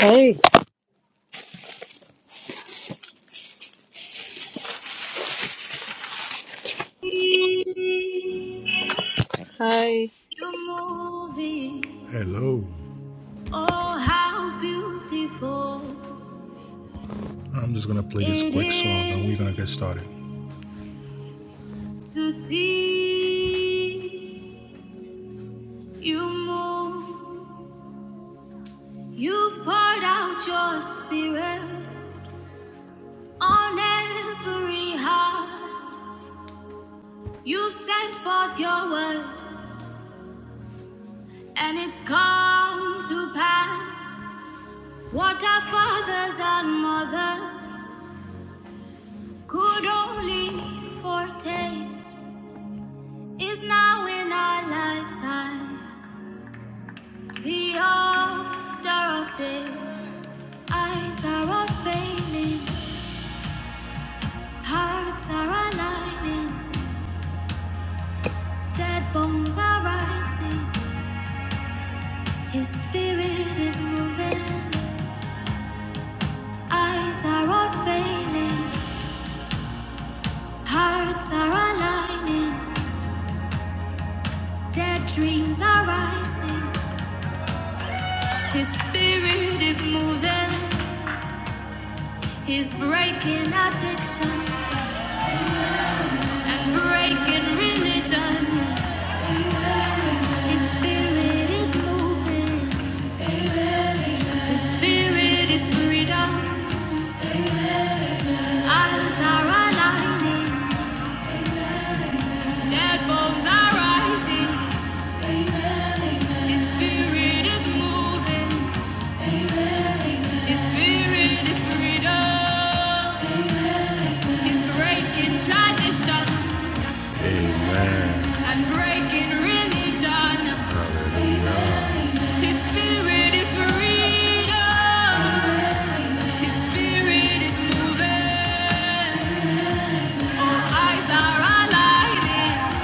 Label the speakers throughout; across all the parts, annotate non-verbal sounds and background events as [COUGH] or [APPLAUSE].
Speaker 1: Hey, Hi.
Speaker 2: Hello. Oh, how beautiful. I'm just gonna play this quick song and we're gonna get started. To see you move, you've poured out your spirit on every heart. You've sent forth your word and it's come to pass. What our fathers and mothers Good only for taste is now in our lifetime. The order of day, eyes are unveiling, hearts are aligning, dead bones are rising. His spirit is moving, eyes are unveiling, hearts are aligning, dead dreams are rising. His spirit is moving, he's breaking addictions. And breaking religion, His spirit is moving. His spirit is freedom. Eyes are aligning. Dead bones are rising. His spirit is moving. His spirit is freedom. He's breaking tradition. Amen. And breaking religion. His spirit is freedom. His spirit is moving. Eyes are aligning,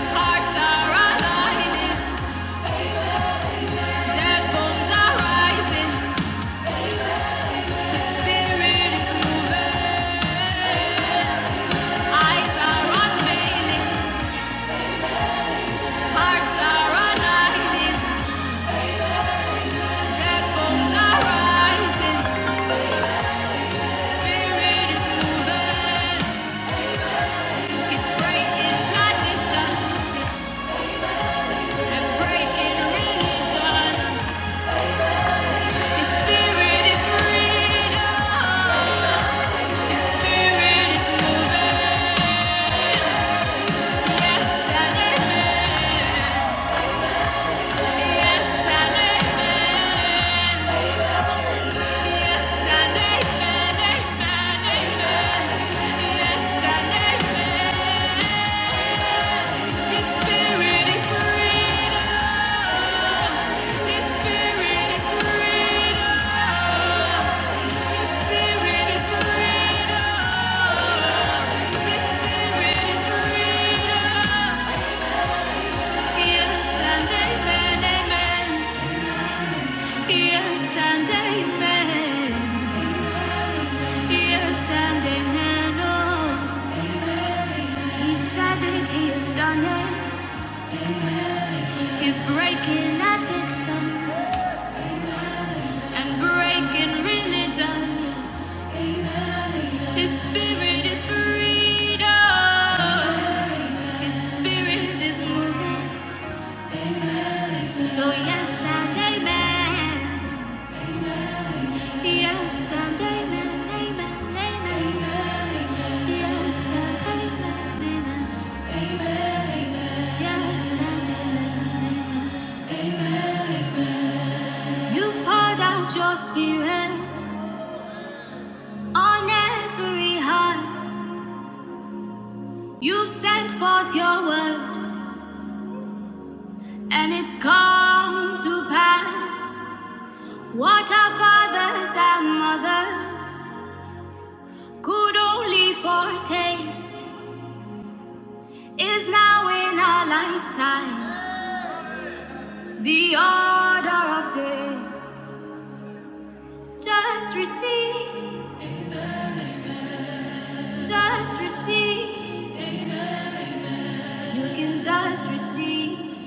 Speaker 2: hearts are aligning, dead bones are rising, the spirit is moving. Eyes are unveiling, hearts are aligning, dead bones are rising, spirit is moving. It's breaking tradition, and breaking religion. The spirit is freedom, the spirit is moving. Amen, amen. Yes and amen. Yes and amen. Oh, he said it, he done it. He's breaking addictions and breaking religions. His spirit is freedom. His spirit is moving. So yes and amen. Yes, and amen, amen, amen. Yes, and amen, amen. Yes, and amen, amen. You've poured out your spirit on every heart. You've sent forth your word, and it's come to pass. What our fathers and mothers could only foretaste is now in our lifetime. The order of day. Just receive, just receive. You can just receive,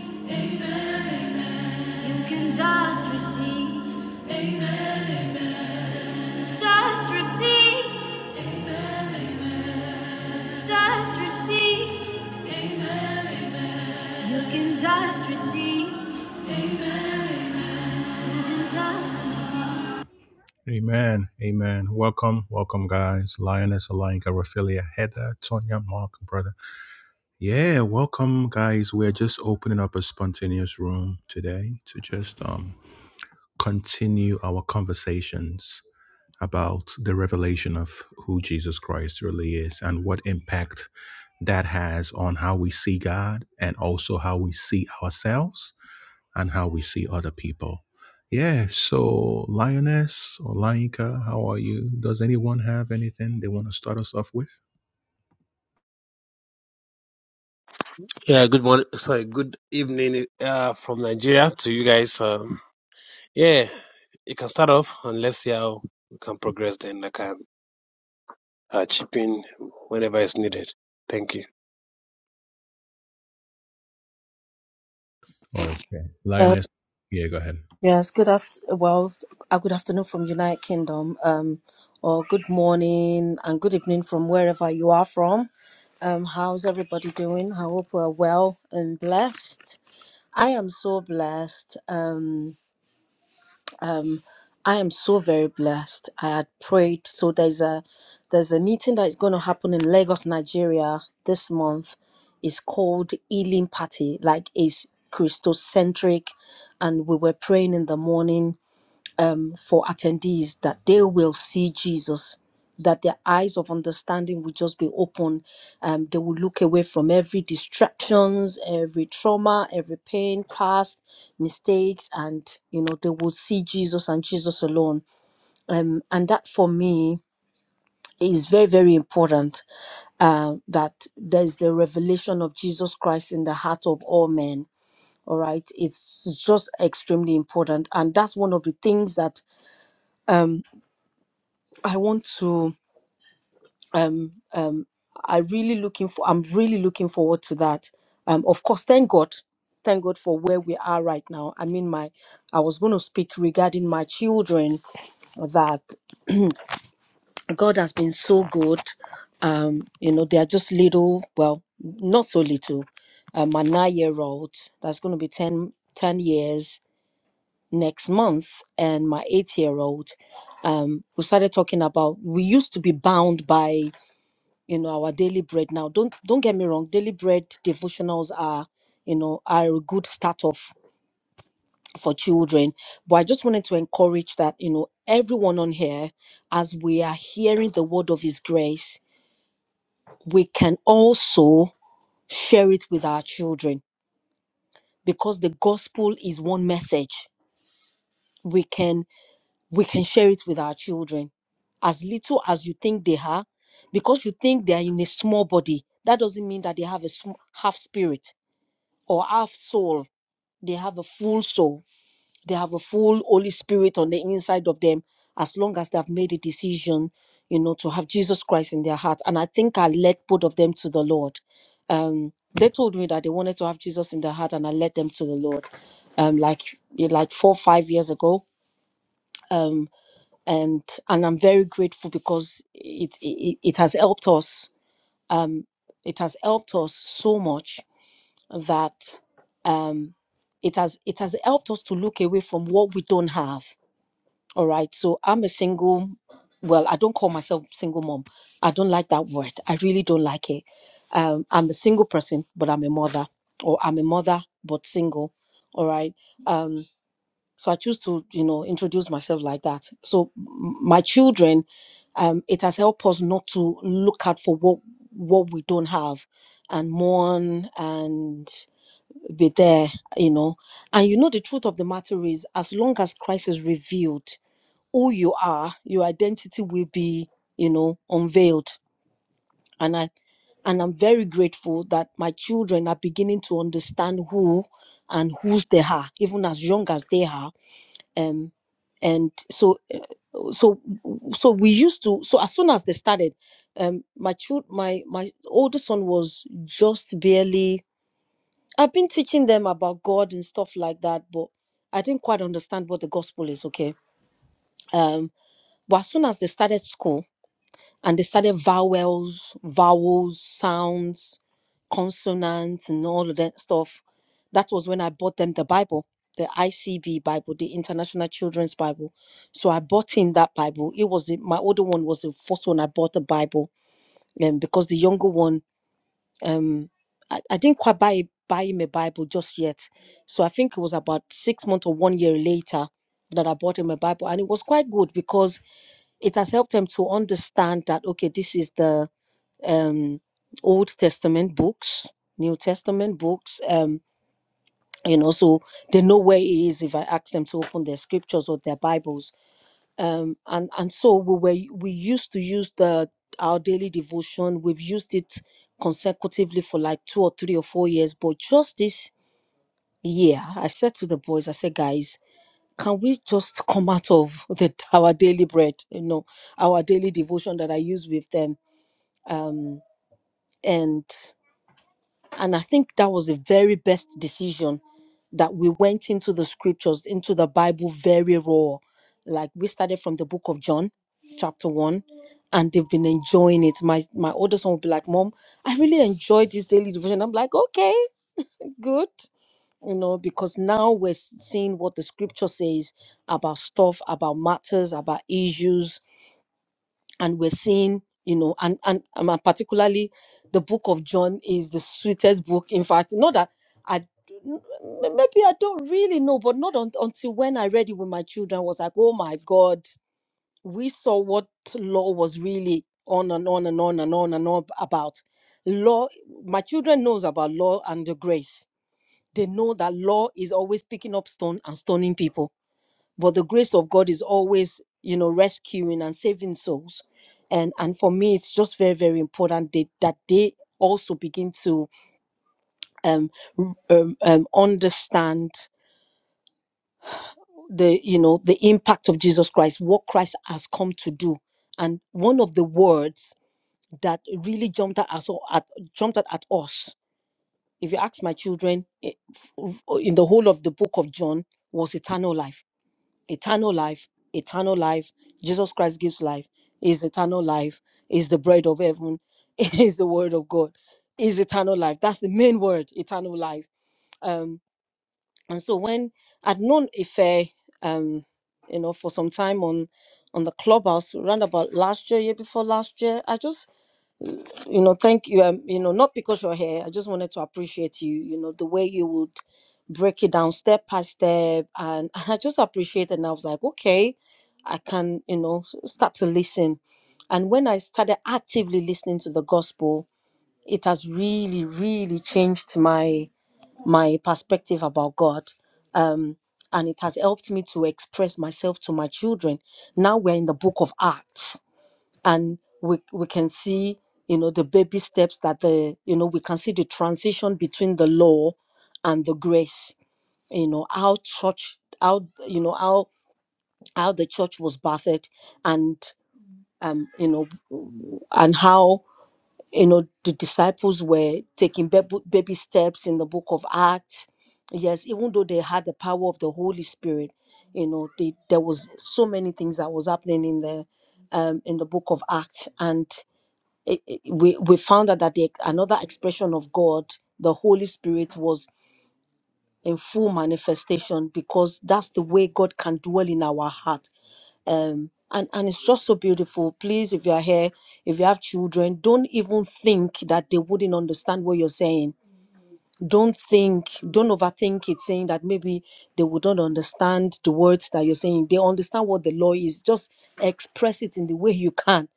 Speaker 2: you can just receive. Just receive, just receive. You can just receive, Amen. Amen. just receive. Amen. Amen. Welcome, welcome, guys. Lioness, Alanka, Raphaelia, Heather, Tonya, Mark, brother. Yeah, welcome, guys. We're just opening up a spontaneous room today to just um, continue our conversations about the revelation of who Jesus Christ really is and what impact that has on how we see God and also how we see ourselves and how we see other people. Yeah, so Lioness or Lionka, how are you? Does anyone have anything they want to start us off with?
Speaker 3: Yeah, good morning. Sorry, good evening uh, from Nigeria to you guys. Um, yeah, you can start off and let's see how we can progress. Then I can uh, chip in whenever it's needed. Thank you.
Speaker 2: Okay.
Speaker 1: uh,
Speaker 2: Lioness. Yeah, go ahead.
Speaker 1: yes, good after well, uh, good afternoon from United Kingdom, um, or good morning and good evening from wherever you are from. Um, how's everybody doing? I hope we're well and blessed. I am so blessed. Um, I am so very blessed. I had prayed. So there's a there's a meeting that is going to happen in Lagos, Nigeria this month. It's called Healing Party. Like it's Christocentric, and we were praying in the morning um, for attendees that they will see Jesus. That their eyes of understanding will just be open. Um, they will look away from every distractions, every trauma, every pain, past mistakes, and you know they will see Jesus and Jesus alone um, and that for me is very very important uh, that there is the revelation of jesus christ in the heart of all men all right it's just extremely important and that's one of the things that i want to um um i really looking for i'm really looking forward to that um of course thank god thank god for where we are right now i mean my i was going to speak regarding my children that God has been so good. Um, you know, they are just little, well, not so little, um, my nine year old, that's going to be 10, 10 years next month, and my eight year old, um, who started talking about we used to be bound by, you know, our daily bread. Now, don't don't get me wrong, daily bread devotionals are, you know, are a good start off for children. But I just wanted to encourage that, you know, everyone on here, as we are hearing the word of his grace, we can also share it with our children because the gospel is one message we can we can share it with our children as little as you think they are because you think they are in a small body that doesn't mean that they have a sm- half spirit or half soul they have a full soul they have a full holy spirit on the inside of them as long as they have made a decision you know to have jesus christ in their heart and i think i led both of them to the lord um they told me that they wanted to have jesus in their heart and i led them to the lord um like like four or five years ago um and and i'm very grateful because it it, it has helped us um it has helped us so much that um it has it has helped us to look away from what we don't have all right. So I'm a single, well, I don't call myself single mom. I don't like that word. I really don't like it. Um, I'm a single person, but I'm a mother, or I'm a mother, but single. All right. Um, so I choose to, you know, introduce myself like that. So m- my children, um, it has helped us not to look out for what what we don't have and mourn and be there, you know. And you know the truth of the matter is as long as Christ is revealed, who you are, your identity will be, you know, unveiled. And I and I'm very grateful that my children are beginning to understand who and whose they are, even as young as they are. Um, and so, uh, so, so we used to. So as soon as they started, um, my child, my my oldest son was just barely. I've been teaching them about God and stuff like that, but I didn't quite understand what the gospel is. Okay, um, but as soon as they started school and they started vowels, vowels, sounds, consonants, and all of that stuff. That was when I bought them the Bible, the ICB Bible, the International Children's Bible. So I bought him that Bible. It was the, my older one was the first one I bought the Bible, and because the younger one um I, I didn't quite buy buy him a Bible just yet. So I think it was about six months or one year later that I bought him a Bible. And it was quite good because it has helped them to understand that okay, this is the um Old Testament books, New Testament books, um, you know, so they know where it is if I ask them to open their scriptures or their Bibles um, and and so we were we used to use the our daily devotion. We've used it consecutively for like two or three or four years, but just this year, I said to the boys, I said, guys, can we just come out of the [LAUGHS] our daily bread, you know, our daily devotion that I use with them, um, and and I think that was the very best decision that we went into the scriptures, into the Bible very raw. Like we started from the book of John, chapter one, and they've been enjoying it. My my older son will be like, Mom, I really enjoyed this daily devotion. I'm like, okay, good. You know, because now we're seeing what the scripture says about stuff, about matters, about issues, and we're seeing you know and and um, and particularly the book of john is the sweetest book in fact not that i d- m- maybe i don't really know but not un- until when i read it with my children was like oh my god we saw what law was really on and on and on and on and on about law my children knows about law and the grace they know that law is always picking up stone and stoning people but the grace of God is always, you know, rescuing and saving souls. And and for me, it's just very, very important that, that they also begin to um, r- um, um, understand the, you know, the impact of Jesus Christ, what Christ has come to do. And one of the words that really jumped at us, at, jumped out at us, if you ask my children, eh, f- in the whole of the book of John, was eternal life eternal life, eternal life. Jesus Christ gives life, is eternal life, is the bread of heaven, [LAUGHS] is the word of God, is eternal life. That's the main word, eternal life. Um, and so when I'd known Ife, um, you know, for some time on on the clubhouse, around about last year, year before last year, I just you know thank you um, you know not because you're here i just wanted to appreciate you you know the way you would break it down step by step and, [LAUGHS] and i just appreciated and i was like okay i can you know s- start to listen and when i started actively listening to the gospel it has really really changed my my perspective about god um and it has helped me to express myself to my children now we're in the book of acts and we we can see you know the baby steps that the you know we can see the transition between the law and the grace you know how church how you know how how the church was bathed and um you know and how you know the disciples were taking bab- baby steps in the book of acts yes even though they had the power of the holy spirit you know they, there was so many things that was happening in the um in the book of acts and it, it- we, we found out that the, another expression of God, the Holy Spirit, was in full manifestation because that's the way God can dwell in our heart. Um, and, and it's just so beautiful. Please, if you are here, if you have children, don't even think that they wouldn't understand what you're saying don't think don't overthink it saying that maybe they would not understand the words that you're saying they understand what the law is just express it in the way you can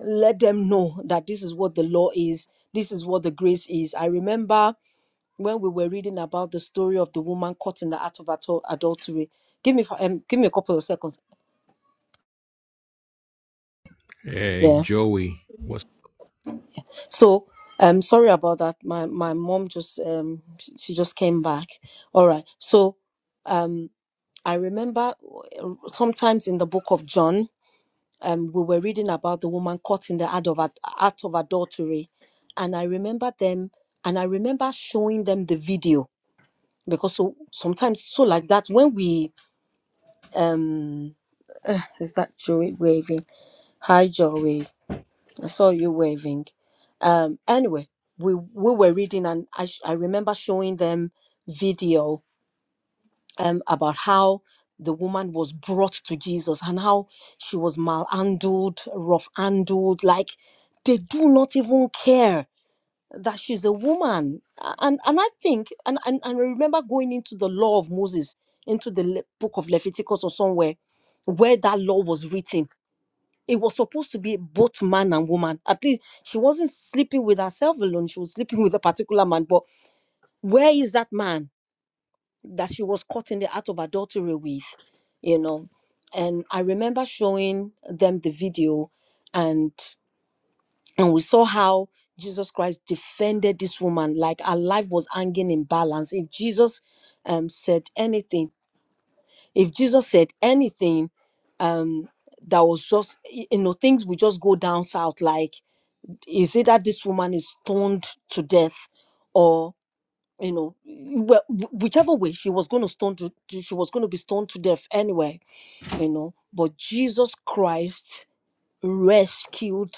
Speaker 1: let them know that this is what the law is this is what the grace is i remember when we were reading about the story of the woman caught in the act of adul- adultery give me fi- um, give me a couple of seconds
Speaker 2: Hey,
Speaker 1: yeah
Speaker 2: Joey. What's
Speaker 1: so um sorry about that my my mom just um she she just came back all right so um I remember uh, sometimes in the book of John, um, we were reading about the woman caught in the act of, ad- act of adultery. And I remember them, and I remember showing them the video because so sometimes so like that when we um is that Joey waving? Hi Joey, I saw you waving. Um, anyway, we we were reading, and I sh- I remember showing them video um, about how the woman was brought to Jesus and how she was malhandled, rough handled. Like they do not even care that she's a woman. A- And and I think and, and, and I remember going into the law of Moses, into the Le- book of Leviticus or somewhere where that law was written. It was supposed to be both man and woman. At least she wasn't sleeping with herself alone. She was sleeping with a particular man. But where is that man? that she was caught in the act of adultery with, you know. And I remember showing them the video and and we saw how Jesus Christ defended this woman like her life was hanging in balance. If Jesus um said anything, if Jesus said anything, um that was just y- you know things would just go down south like is it that this woman is stoned to death you know well wh- whichever way she was going to stone to to- she was going to be stoned to death anyway you know but jesus christ rescued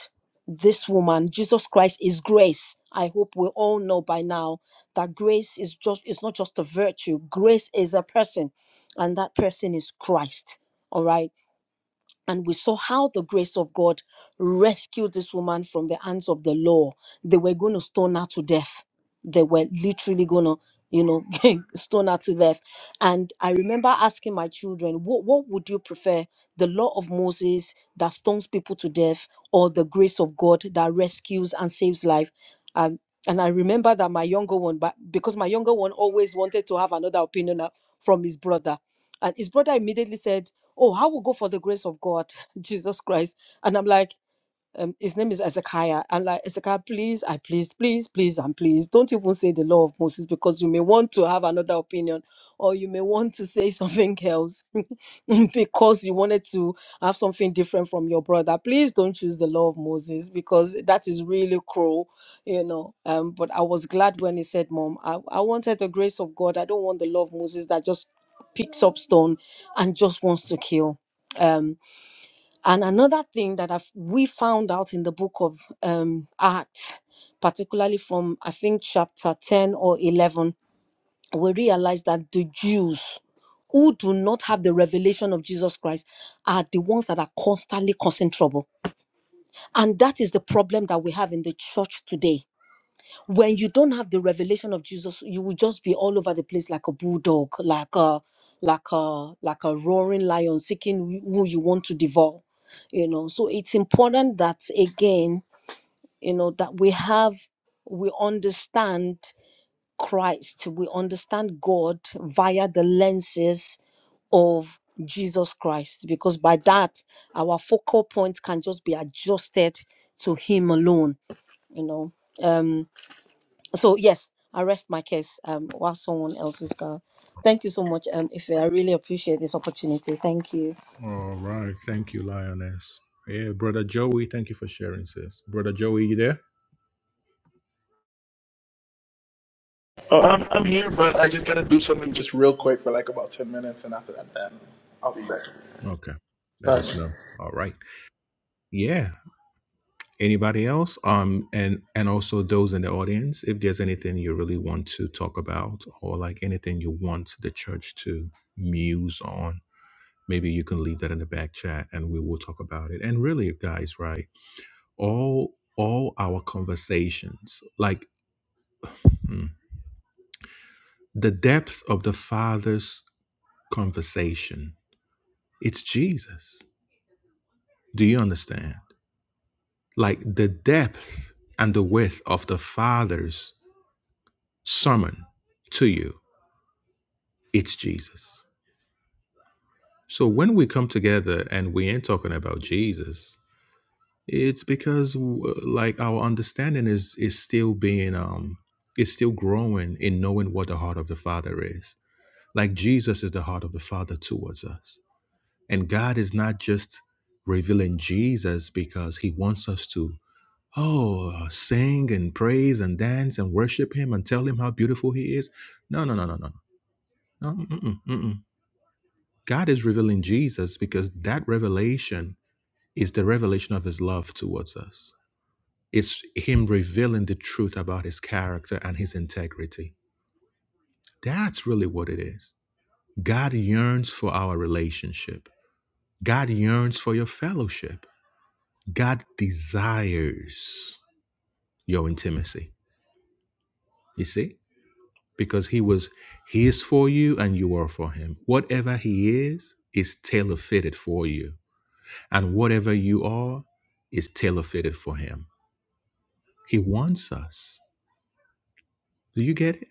Speaker 1: this woman jesus christ is grace i hope we all know by now that grace is just it's not just a virtue grace is a person and that person is christ all right and we saw how the grace of God rescued this woman from the hands of the law. They were going to stone her to death. They were literally going to, you know, [LAUGHS] stone her to death. And I remember asking my children, what, what would you prefer, the law of Moses that stones people to death or the grace of God that rescues and saves life? Um, and I remember that my younger one, but because my younger one always wanted to have another opinion uh, from his brother. And his brother immediately said, oh, I will go for the grace of God, [LAUGHS] Jesus Christ. And I'm like, um, his name is Ezekiah. I'm like, Ezekiah, please, I please, please, please, and please don't even say the law of Moses because you may want to have another opinion or you may want to say something else [LAUGHS] because you wanted to have something different from your brother. Please don't choose the law of Moses because that is really cruel, you know. Um, but I was glad when he said, Mom, I, I wanted the grace of God. I don't want the law of Moses that just picks up stone and just wants to kill. Um. And another thing that I've, we found out in the book of um, Acts, particularly from I think chapter 10 or 11, we realize that the Jews who do not have the revelation of Jesus Christ are the ones that are constantly causing trouble. And that is the problem that we have in the church today when you don't have the revelation of Jesus, you will just be all over the place like a bulldog, like a like a like a roaring lion seeking wh- who you want to devour. You know, so it's important that again, you know, that we have we understand Christ, we understand God via the lenses of Jesus Christ, because by that our focal point can just be adjusted to Him alone. You know. Um, so yes i rest my case um while someone else's girl. thank you so much um if i really appreciate this opportunity thank you
Speaker 2: All right. Thank you, Lioness. Yeah, Brother Joey, thank you for sharing, sis. Brother Joey, you there?
Speaker 4: Oh, I'm, I'm here, but I just gotta do something just real quick for like about 10 minutes, and after that, then I'll be back.
Speaker 2: Okay. Let us
Speaker 4: Sorry.
Speaker 2: know. All right. Yeah. anybody else um and and also those in the audience if there's anything you really want to talk about or like anything you want the church to muse on maybe you can leave that in the back chat and we will talk about it and really guys right all all our conversations like mm, the depth of the father's conversation it's jesus do you understand like the depth and the width of the father's sermon to you It's Jesus. So when we come together and we ain't talking about Jesus, it's because w- like our understanding is is still being um is still growing in knowing what the heart of the Father is. Like Jesus is the heart of the Father towards us. And God is not just revealing Jesus because he wants us to oh uh, sing and praise and dance and worship him and tell him how beautiful he is. No, no, no, no, no. No, No, mm-mm, mm-mm. God is revealing Jesus because that revelation is the revelation of his love towards us. It's him revealing the truth about his character and his integrity. That's really what it is. God yearns for our relationship. God yearns for your fellowship. God desires your intimacy. You see? Because he was he is for you and you are for him. Whatever he is is tailor-fitted for you. And whatever you are is tailor fitted for Him. He wants us. Do you get it?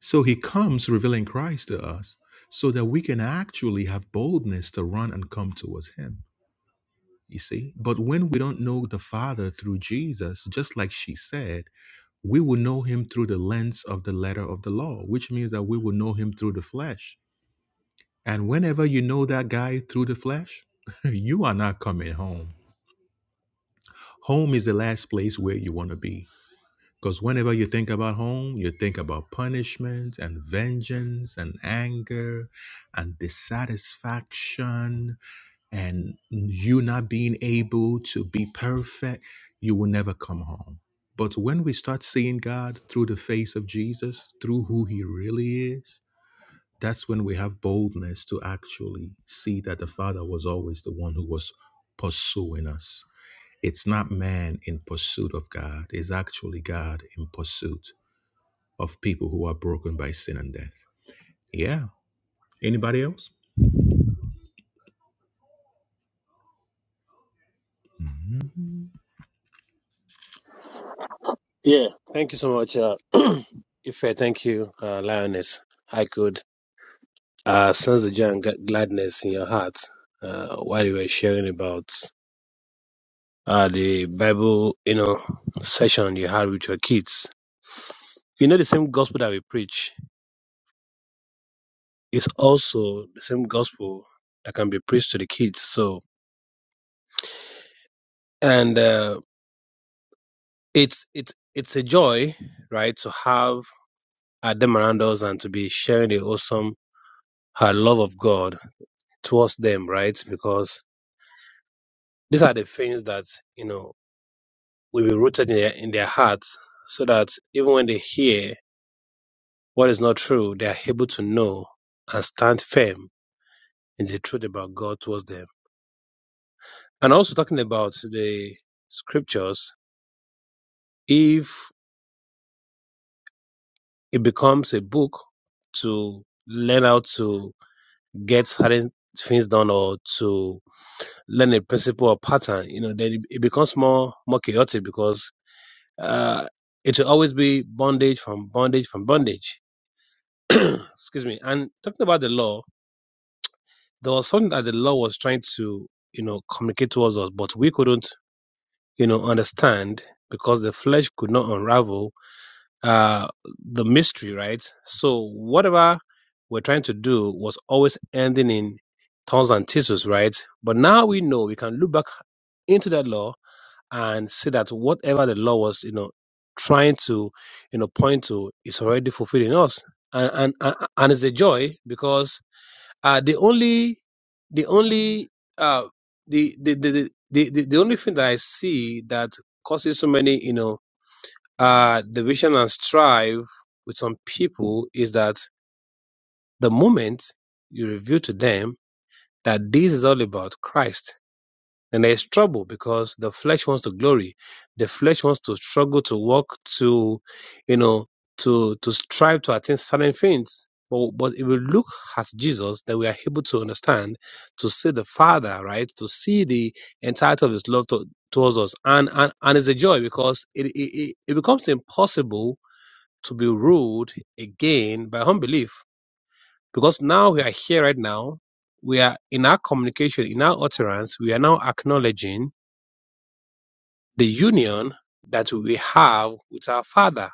Speaker 2: So He comes revealing Christ to us so that we can actually have boldness to run and come towards Him. You see? But when we don't know the Father through Jesus, just like she said, we will know Him through the lens of the letter of the law, which means that we will know Him through the flesh. And whenever you know that guy through the flesh, [LAUGHS] you are not coming home. Home is the last place where you want to be Because whenever you think about home, you think about punishment and vengeance and anger and dissatisfaction and you not being able to be perfect. You will never come home. But when we start seeing God through the face of Jesus, through who he really is, that's when we have boldness to actually see that the Father was always the one who was pursuing us. It's not man in pursuit of God, it's actually God in pursuit of people who are broken by sin and death. Yeah. Anybody else?
Speaker 3: Yeah, thank you so much. Uh, [CLEARS THROAT] if I thank you, uh, Lioness, I could uh, sense the joy and gl- gladness in your heart uh, while you were sharing about uh, the Bible, you know, session you had with your kids. You know the same gospel that we preach it's also the same gospel that can be preached to the kids. So, and uh, it's it's it's a joy, right, to have uh, them around us and to be sharing the awesome uh, love of God towards them, right? Because these are the things that you know will be rooted in their in their hearts, so that even when they hear what is not true, they are able to know and stand firm in the truth about God towards them. And also talking about the scriptures, if It becomes a book to learn how to get certain things done or to learn a principle or pattern. You know, then it it becomes more more chaotic because uh, it will always be bondage from bondage from bondage. [CLEARS THROAT] Excuse me. And talking about the law, there was something that the law was trying to you know communicate towards us, but we couldn't you know understand because the flesh could not unravel uh, the mystery, right? So whatever we're trying to do was always ending in tons and tissues, right? But now we know we can look back into that law and see that whatever the law was, you know, trying to, you know, point to is already fulfilled in us. And and and and it's a joy because uh the only the only uh the the the the, the, the only thing that I see that causes so many, you know, uh, the vision and strive with some people is that the moment you reveal to them that this is all about Christ, then there is trouble because the flesh wants to glory. The flesh wants to struggle to walk to, you know, to, to strive to attain certain things. But, but if we look at Jesus, then we are able to understand, to see the Father, right? To see the entirety of His love to, towards us. And, and, and it's a joy because it, it, it it becomes impossible to be ruled again by unbelief. Because now we are here right now, we are in our communication, in our utterance, we are now acknowledging the union that we have with our Father.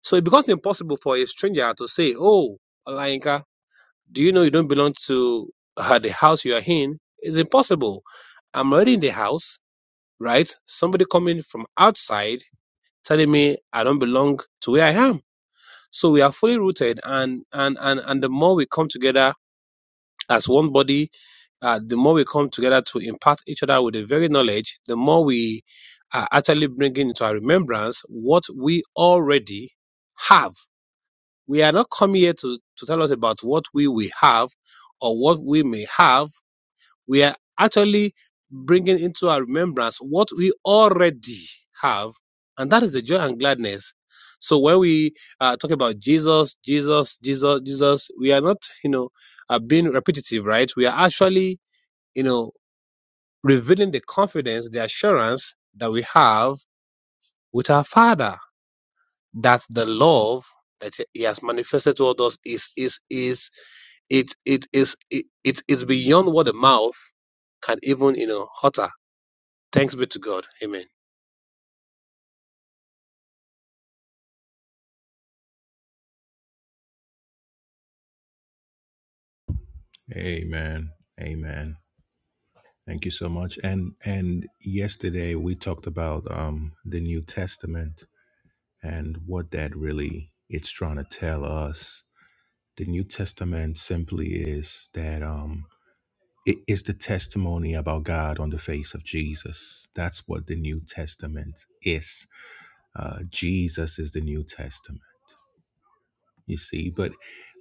Speaker 3: So it becomes impossible for a stranger to say, Oh, Olainka, do you know you don't belong to uh, the house you are in? It's impossible. I'm already in the house, right? Somebody coming from outside telling me I don't belong to where I am So we are fully rooted, and and and and the more we come together as one body, uh, the more we come together to impart each other with the very knowledge, the more we are actually bringing into our remembrance what we already have. We are not coming here to, to tell us about what we will have or what we may have we are actually bringing into our remembrance what we already have, and that is the joy and gladness. So when we uh, talk about Jesus, Jesus, Jesus, Jesus, we are not, you know, uh, being repetitive, right? We are actually, you know, revealing the confidence, the assurance that we have with our Father that the love that He has manifested toward us is is is it it is it, it is beyond what the mouth can even you know utter Thanks be to God. Amen.
Speaker 2: Amen. Amen. Thank you so much. And and yesterday we talked about um the New Testament and what that really it's trying to tell us. The New Testament simply is that um it is the testimony about God on the face of Jesus. That's what the New Testament is. Uh, Jesus is the New Testament. you see but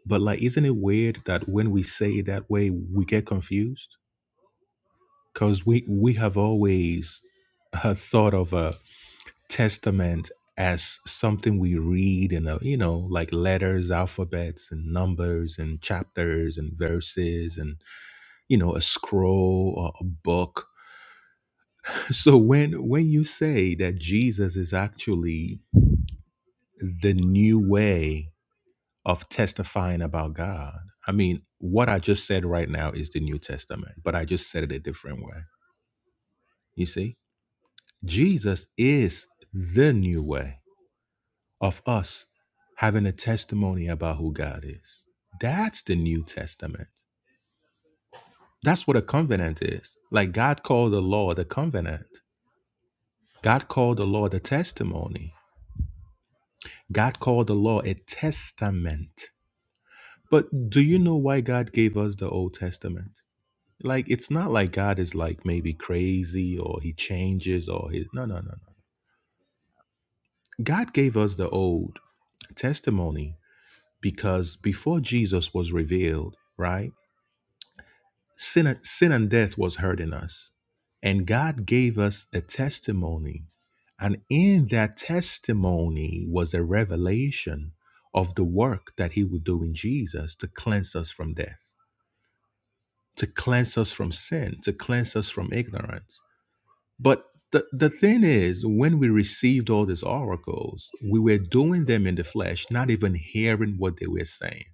Speaker 2: but like isn't it weird that when we say it that way we get confused because we we have always uh, thought of a testament as something we read in a you know like letters alphabets and numbers and chapters and verses and you know a scroll or a book [LAUGHS] so when when you say that jesus is actually the new way of testifying about God. I mean, what I just said right now is the New Testament, but I just said it a different way. You see, Jesus is the new way of us having a testimony about who God is. That's the New Testament. That's what a covenant is. Like God called the law the covenant, God called the law the testimony, God called the law a testament. But do you know why God gave us the Old Testament? Like it's not like God is like maybe crazy or he changes or he no no no no. God gave us the old testimony because before Jesus was revealed, right? Sin sin and death was hurting us. And God gave us a testimony. And in that testimony was a revelation of the work that he would do in Jesus to cleanse us from death, to cleanse us from sin, to cleanse us from ignorance But the, the thing is, when we received all these oracles, we were doing them in the flesh, not even hearing what they were saying,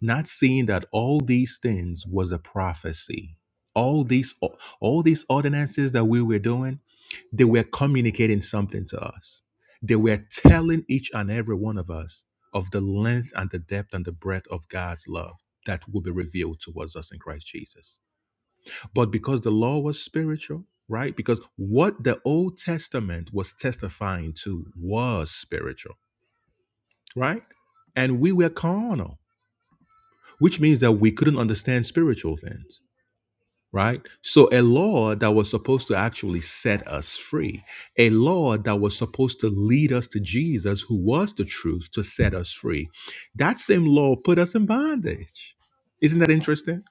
Speaker 2: not seeing that all these things was a prophecy. All these all these ordinances that we were doing, they were communicating something to us. They were telling each and every one of us of the length and the depth and the breadth of God's love that will be revealed towards us in Christ Jesus but because the law was spiritual, right? Because what the Old Testament was testifying to was spiritual, right? And we were carnal, which means that we couldn't understand spiritual things, right? So a law that was supposed to actually set us free, a law that was supposed to lead us to Jesus, who was the truth, to set us free, that same law put us in bondage. Isn't that interesting?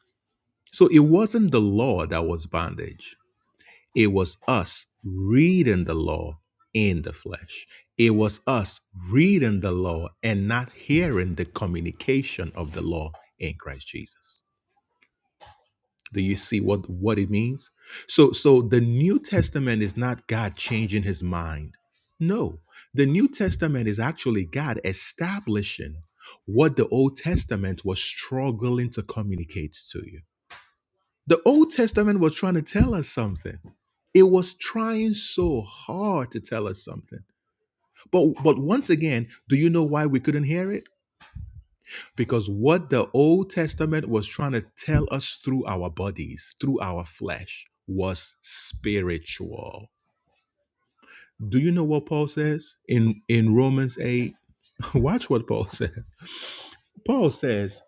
Speaker 2: So it wasn't the law that was bondage It was us reading the law in the flesh. It was us reading the law and not hearing the communication of the law in Christ Jesus. Do you see what, what it means? So, so the New Testament is not God changing his mind. No, the New Testament is actually God establishing what the Old Testament was struggling to communicate to you. The Old Testament was trying to tell us something. It was trying so hard to tell us something. But but once again, do you know why we couldn't hear it? Because what the Old Testament was trying to tell us through our bodies, through our flesh, was spiritual. Do you know what Paul says in in Romans 8? [LAUGHS] Watch what Paul says. Paul says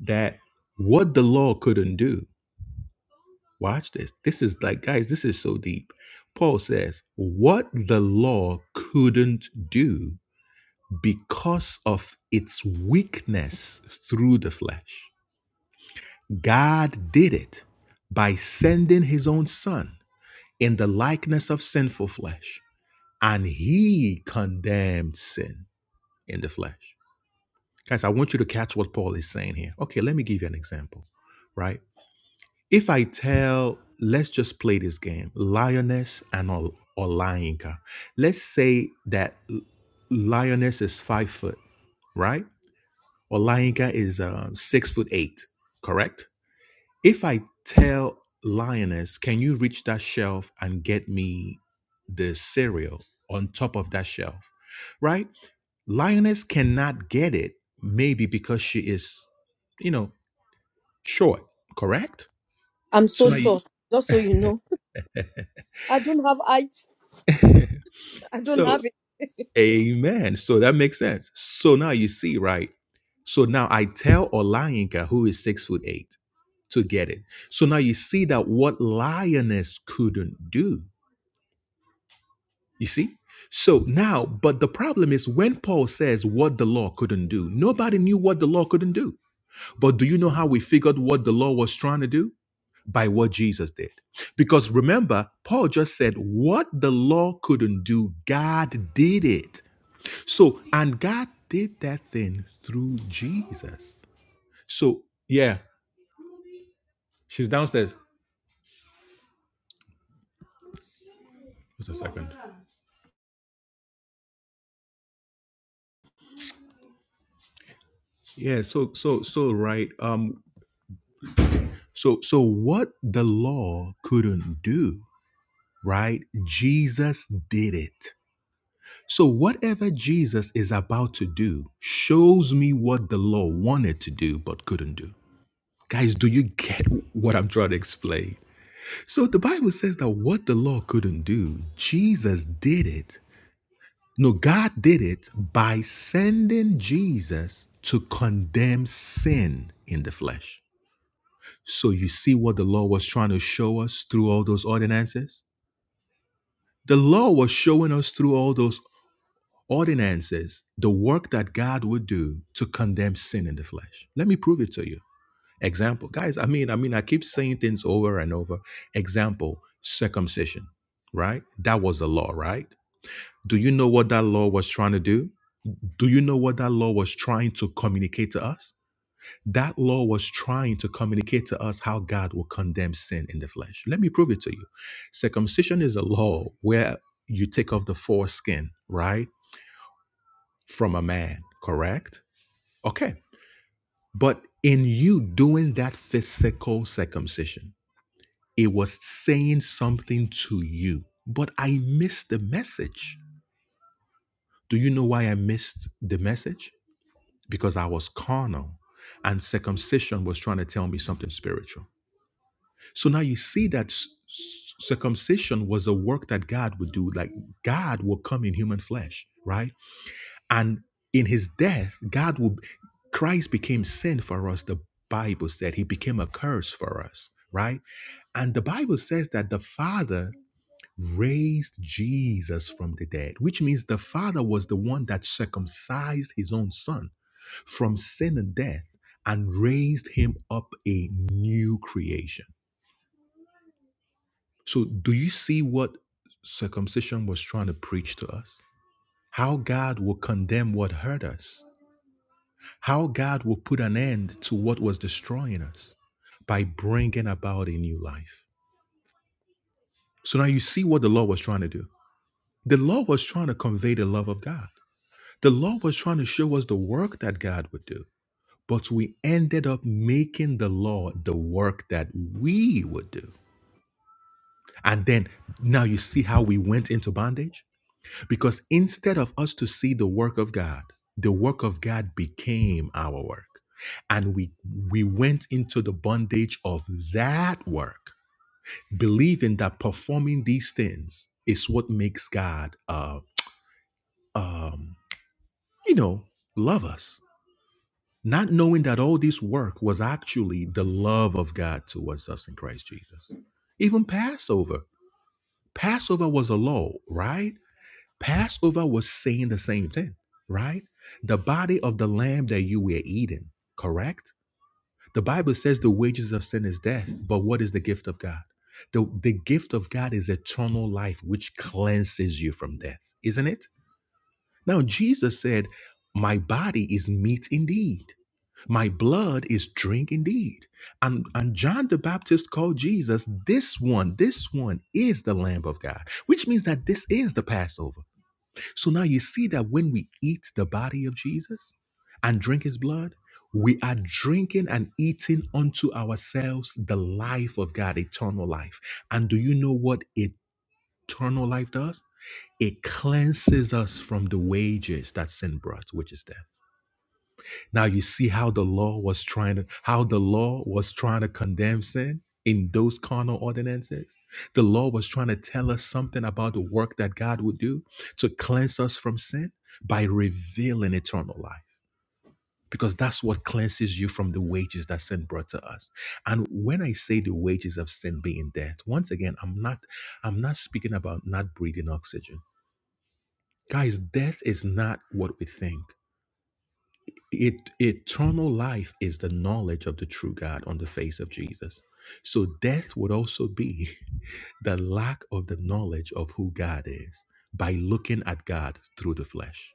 Speaker 2: that what the law couldn't do. Watch this. This is like, guys, this is so deep. Paul says, What the law couldn't do because of its weakness through the flesh, God did it by sending his own son in the likeness of sinful flesh, and he condemned sin in the flesh. Guys, I want you to catch what Paul is saying here. Okay, let me give you an example, right? If I tell, let's just play this game, Lioness and or, or Lion King. Let's say that L- Lioness is five foot, right? Or Lion King is um, six foot eight, correct? If I tell Lioness, can you reach that shelf and get me the cereal on top of that shelf, right? Lioness cannot get it, maybe because she is, you know, short, correct?
Speaker 1: i'm
Speaker 2: So
Speaker 1: so
Speaker 2: now you,
Speaker 1: short just so you know i don't have height i
Speaker 2: [LAUGHS]
Speaker 1: don't
Speaker 2: so
Speaker 1: have it
Speaker 2: Amen. So that makes sense. So now you see, right? So now I tell Olayinka, who is six foot eight, to get it. So now you see that what lioness couldn't do. You see? So now, but the problem is when Paul says what the law couldn't do, nobody knew what the law couldn't do. But do you know how we figured what the law was trying to do? By what Jesus did. Because remember, Paul just said what the law couldn't do, God did it. So, and God did that thing through Jesus. So, yeah, she's downstairs. Just a second. Yeah, so, so, so, right. Um, so, so what the law couldn't do, right? Jesus did it. So, whatever Jesus is about to do shows me what the law wanted to do but couldn't do. Guys, do you get what I'm trying to explain? So, the Bible says that what the law couldn't do, Jesus did it No, God did it by sending Jesus to condemn sin in the flesh. So you see what the law was trying to show us through all those ordinances? The law was showing us through all those ordinances the work that God would do to condemn sin in the flesh. Let me prove it to you. Example, guys, I mean, I mean, I keep saying things over and over. Example, circumcision, right? That was the law, right? Do you know what that law was trying to do? Do you know what that law was trying to communicate to us? That law was trying to communicate to us how God will condemn sin in the flesh. Let me prove it to you. Circumcision is a law where you take off the foreskin, right? From a man, correct? Okay. But in you doing that physical circumcision, it was saying something to you. But I missed the message. Do you know why I missed the message? because I was carnal and circumcision was trying to tell me something spiritual. So now you see that s- s- circumcision was a work that God would do. Like God will come in human flesh, right? And in his death, God will, Christ became sin for us. The Bible said he became a curse for us, right? And the Bible says that the Father raised Jesus from the dead, which means the Father was the one that circumcised his own son from sin and death and raised him up a new creation. So, do you see what circumcision was trying to preach to us? How God will condemn what hurt us, how God will put an end to what was destroying us by bringing about a new life. So, now you see what the law was trying to do. The law was trying to convey the love of God, the law was trying to show us the work that God would do. but we ended up making the law the work that we would do. And then now you see how we went into bondage? Because instead of us to see the work of God, the work of God became our work. And we we went into the bondage of that work, believing that performing these things is what makes God uh um you know love us not knowing that all this work was actually the love of God towards us in Christ Jesus. Even Passover. Passover was a law, right? Passover was saying the same thing, right? The body of the lamb that you were eating, correct? The Bible says the wages of sin is death, but what is the gift of God? The, the gift of God is eternal life, which cleanses you from death, isn't it? Now, Jesus said, My body is meat indeed. My blood is drink indeed. And, and John the Baptist called Jesus, this one, this one is the Lamb of God, which means that this is the Passover. So now you see that when we eat the body of Jesus and drink his blood, we are drinking and eating unto ourselves the life of God, eternal life. And do you know what eternal life does? It cleanses us from the wages that sin brought, which is death. Now you see how the law was trying to how the law was trying to condemn sin in those carnal ordinances. The law was trying to tell us something about the work that God would do to cleanse us from sin by revealing eternal life. Because that's what cleanses you from the wages that sin brought to us. And when I say the wages of sin being death, once again, I'm not I'm not speaking about not breathing oxygen. Guys, death is not what we think. It, eternal life is the knowledge of the true God on the face of Jesus. So death would also be [LAUGHS] the lack of the knowledge of who God is by looking at God through the flesh.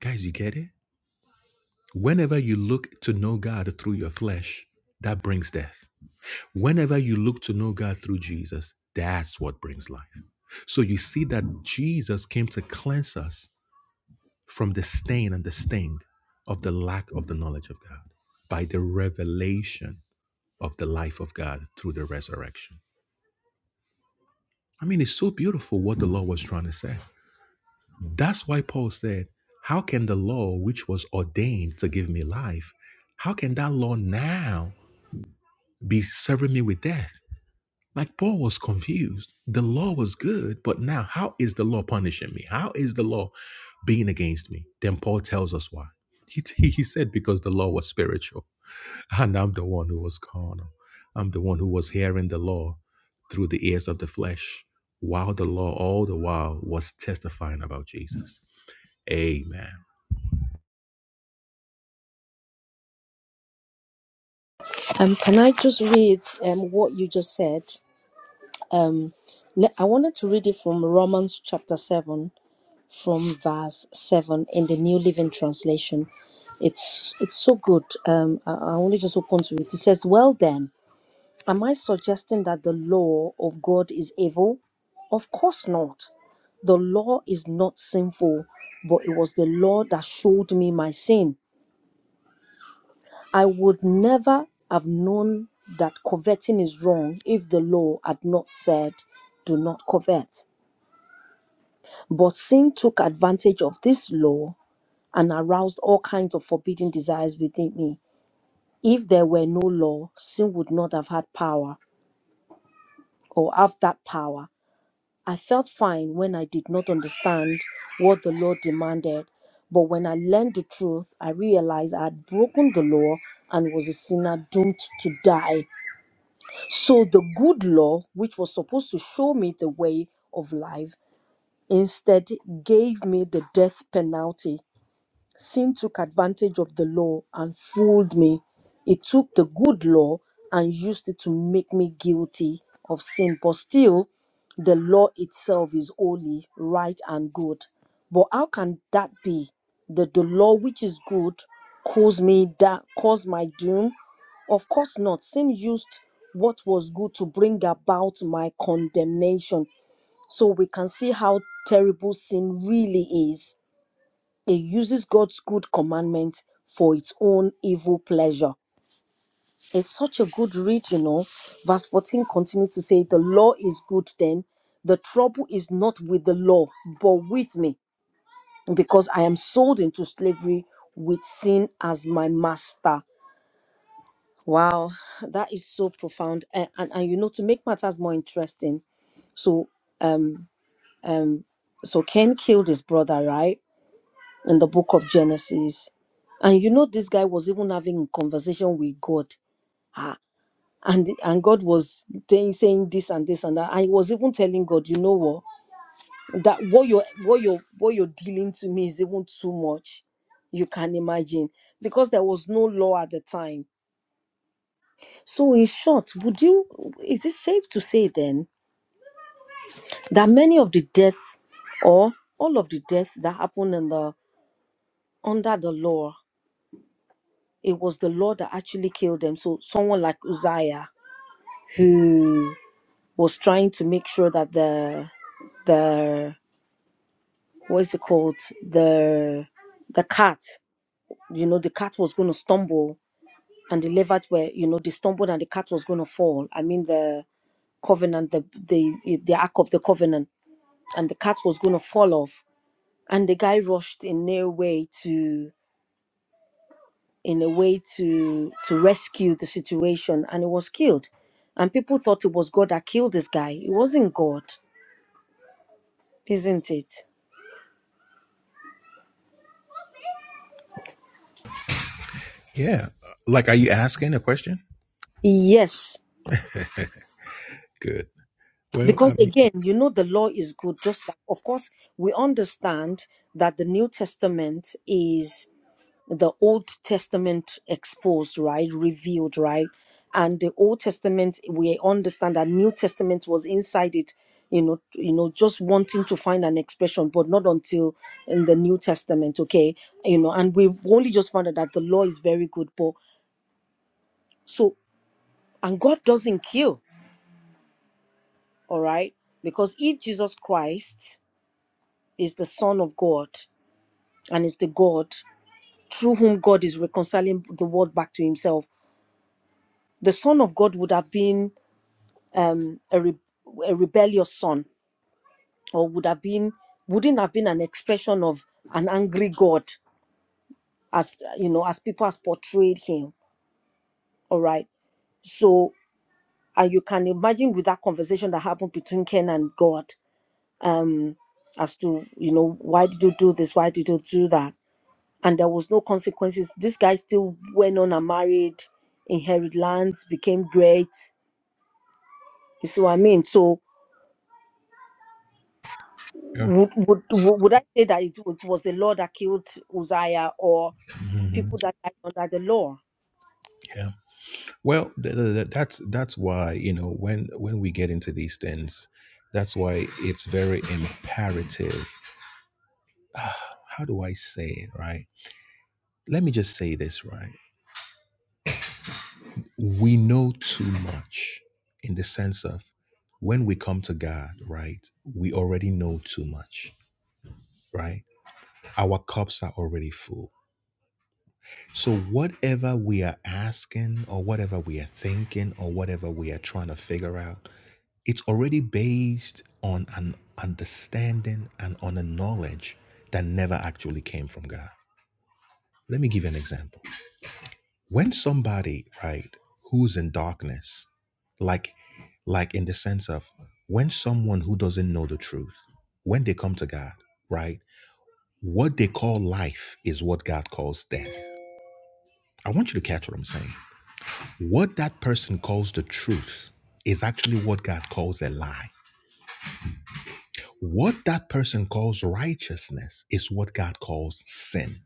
Speaker 2: Guys, you get it? Whenever you look to know God through your flesh, that brings death. Whenever you look to know God through Jesus, that's what brings life. So you see that Jesus came to cleanse us from the stain and the sting of the lack of the knowledge of God by the revelation of the life of God through the resurrection. I mean, it's so beautiful what the law was trying to say. That's why Paul said, How can the law, which was ordained to give me life, how can that law now be serving me with death? Like Paul was confused. The law was good, but now how is the law punishing me? How is the law being against me? Then Paul tells us why. He, t- [LAUGHS] he said, because the law was spiritual, [LAUGHS] and I'm the one who was carnal. I'm the one who was hearing the law through the ears of the flesh, while the law all the while was testifying about Jesus. Amen.
Speaker 1: [LAUGHS] um can i just read um what you just said um le- i wanted to read it from romans chapter 7 from verse 7 in the new living translation it's it's so good um i, I only just open to it it says well then Am I suggesting that the law of God is evil? Of course not. The law is not sinful, but it was the law that showed me my sin. I would never have known that coveting is wrong if the law had not said, do not covet. But sin took advantage of this law and aroused all kinds of forbidden desires within me. If there were no law, sin would not have had power or have that power I felt fine when I did not understand what the law demanded, but when I learned the truth, I realized I had broken the law and was a sinner doomed to die. So the good law, which was supposed to show me the way of life, instead gave me the death penalty. Sin took advantage of the law and fooled me. It took the good law and used it to make me guilty of sin. But still, the law itself is holy, right, and good. But how can that be? That the law which is good caused me that caused my doom? Of course not. Sin used what was good to bring about my condemnation. So we can see how terrible sin really is it uses God's good commandment for its own evil pleasure. It's such a good read, you know. Verse 14 continues to say, The law is good then. The trouble is not with the law, but with me, because I am sold into slavery with sin as my master. Wow, that is so profound. And, and, and you know, to make matters more interesting, so um um so Ken killed his brother, right? in the book of Genesis. And you know, this guy was even having a conversation with God. Ah, and, and God was saying, saying this and this and that. I was even telling God, you know what? That what you're what you're what you're dealing to me is even too much. You can imagine. Because there was no law at the time. So in short, would you is it safe to say then that many of the deaths or all of the deaths that happened in the under the law it was the Lord that actually killed them. So someone like Uzziah who was trying to make sure that the the what is it called the the cat you know the cat was going to stumble and the Levites were you know they stumbled and the cat was going to fall. I mean the covenant the the the ark of the covenant and the cat was going to fall off and the guy rushed in no way to. in a way to to rescue the situation and he was killed and people thought it was god that killed this guy it wasn't god isn't it
Speaker 2: Yeah. Like, are you asking a question?
Speaker 1: yes
Speaker 2: Good. Well,
Speaker 1: because
Speaker 2: I mean,
Speaker 1: again you know the law is good just like of course we understand that the new testament is the old testament exposed right revealed right and the old testament we understand that new testament was inside it you know you know just wanting to find an expression but not until in the new testament okay you know and we've only just found out that the law is very good but so and god doesn't kill all right because if jesus christ is the son of god and is the god through whom god is reconciling the world back to himself the son of god would have been um, a, re- a rebellious son, or would have been wouldn't have been an expression of an angry God, as you know, as people has portrayed him. All right, so and you can imagine with that conversation that happened between Cain and God, um, as to you know why did you do this, why did you do that, and there was no consequences. This guy still went on and married, inherited lands, became great. You see what I mean? So
Speaker 2: yeah.
Speaker 1: would would would would I say that it, was- it was the law that killed Uzziah or
Speaker 2: Mhm.
Speaker 1: people that died under the law?
Speaker 2: Yeah. Well, th- th- th- that's that's why you know when when we get into these things, that's why it's very imperative. [SIGHS] How do I say it right? Let me just say this right. We know too much in the sense of when we come to God, right? We already know too much, right? Our cups are already full So, whatever we are asking, or whatever we are thinking, or whatever we are trying to figure out, it's already based on an understanding and on a knowledge that never actually came from God. Let me give you an example. When somebody, right, who's in darkness, like like in the sense of when someone who doesn't know the truth, when they come to God, right, what they call life is what God calls death. I want you to catch what I'm saying. What that person calls the truth is actually what God calls a lie. What that person calls righteousness is what God calls sin.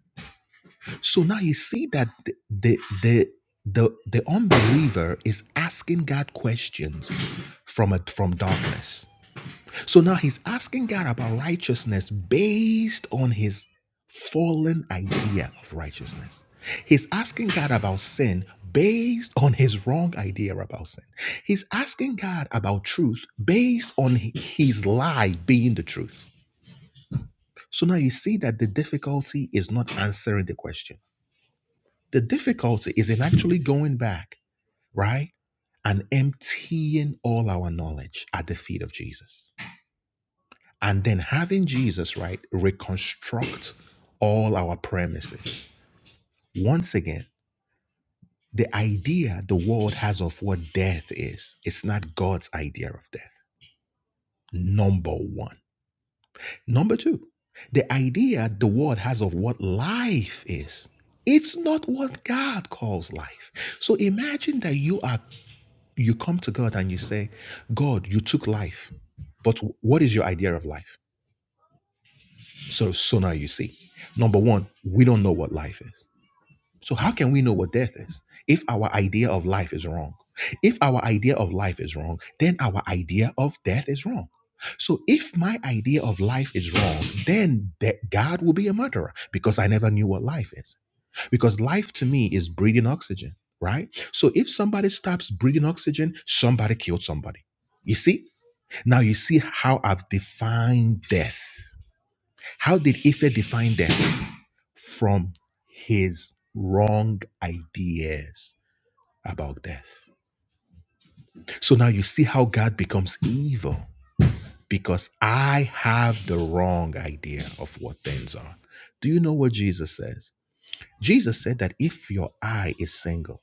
Speaker 2: So now you see that the the the the, the unbeliever is asking God questions from a, from darkness. So now he's asking God about righteousness based on his fallen idea of righteousness. He's asking God about sin based on his wrong idea about sin. He's asking God about truth based on his lie being the truth. So now you see that the difficulty is not answering the question. The difficulty is in actually going back, right? And emptying all our knowledge at the feet of Jesus. and then having Jesus, right, reconstruct all our premises. Once again, the idea the world has of what death is, it's not God's idea of death. Number one. Number two, the idea the world has of what life is, it's not what God calls life. So imagine that you are you come to God and you say, God, you took life. But what is your idea of life? So, so now you see. Number one, we don't know what life is. So how can we know what death is if our idea of life is wrong? If our idea of life is wrong, then our idea of death is wrong. So if my idea of life is wrong, then de- God will be a murderer because I never knew what life is. Because life to me is breathing oxygen, right? So if somebody stops breathing oxygen, somebody killed somebody. You see? Now you see how I've defined death. How did Ife define death? from his wrong ideas about death. So now you see how God becomes evil because I have the wrong idea of what things are. Do you know what Jesus says? Jesus said that if your eye is single,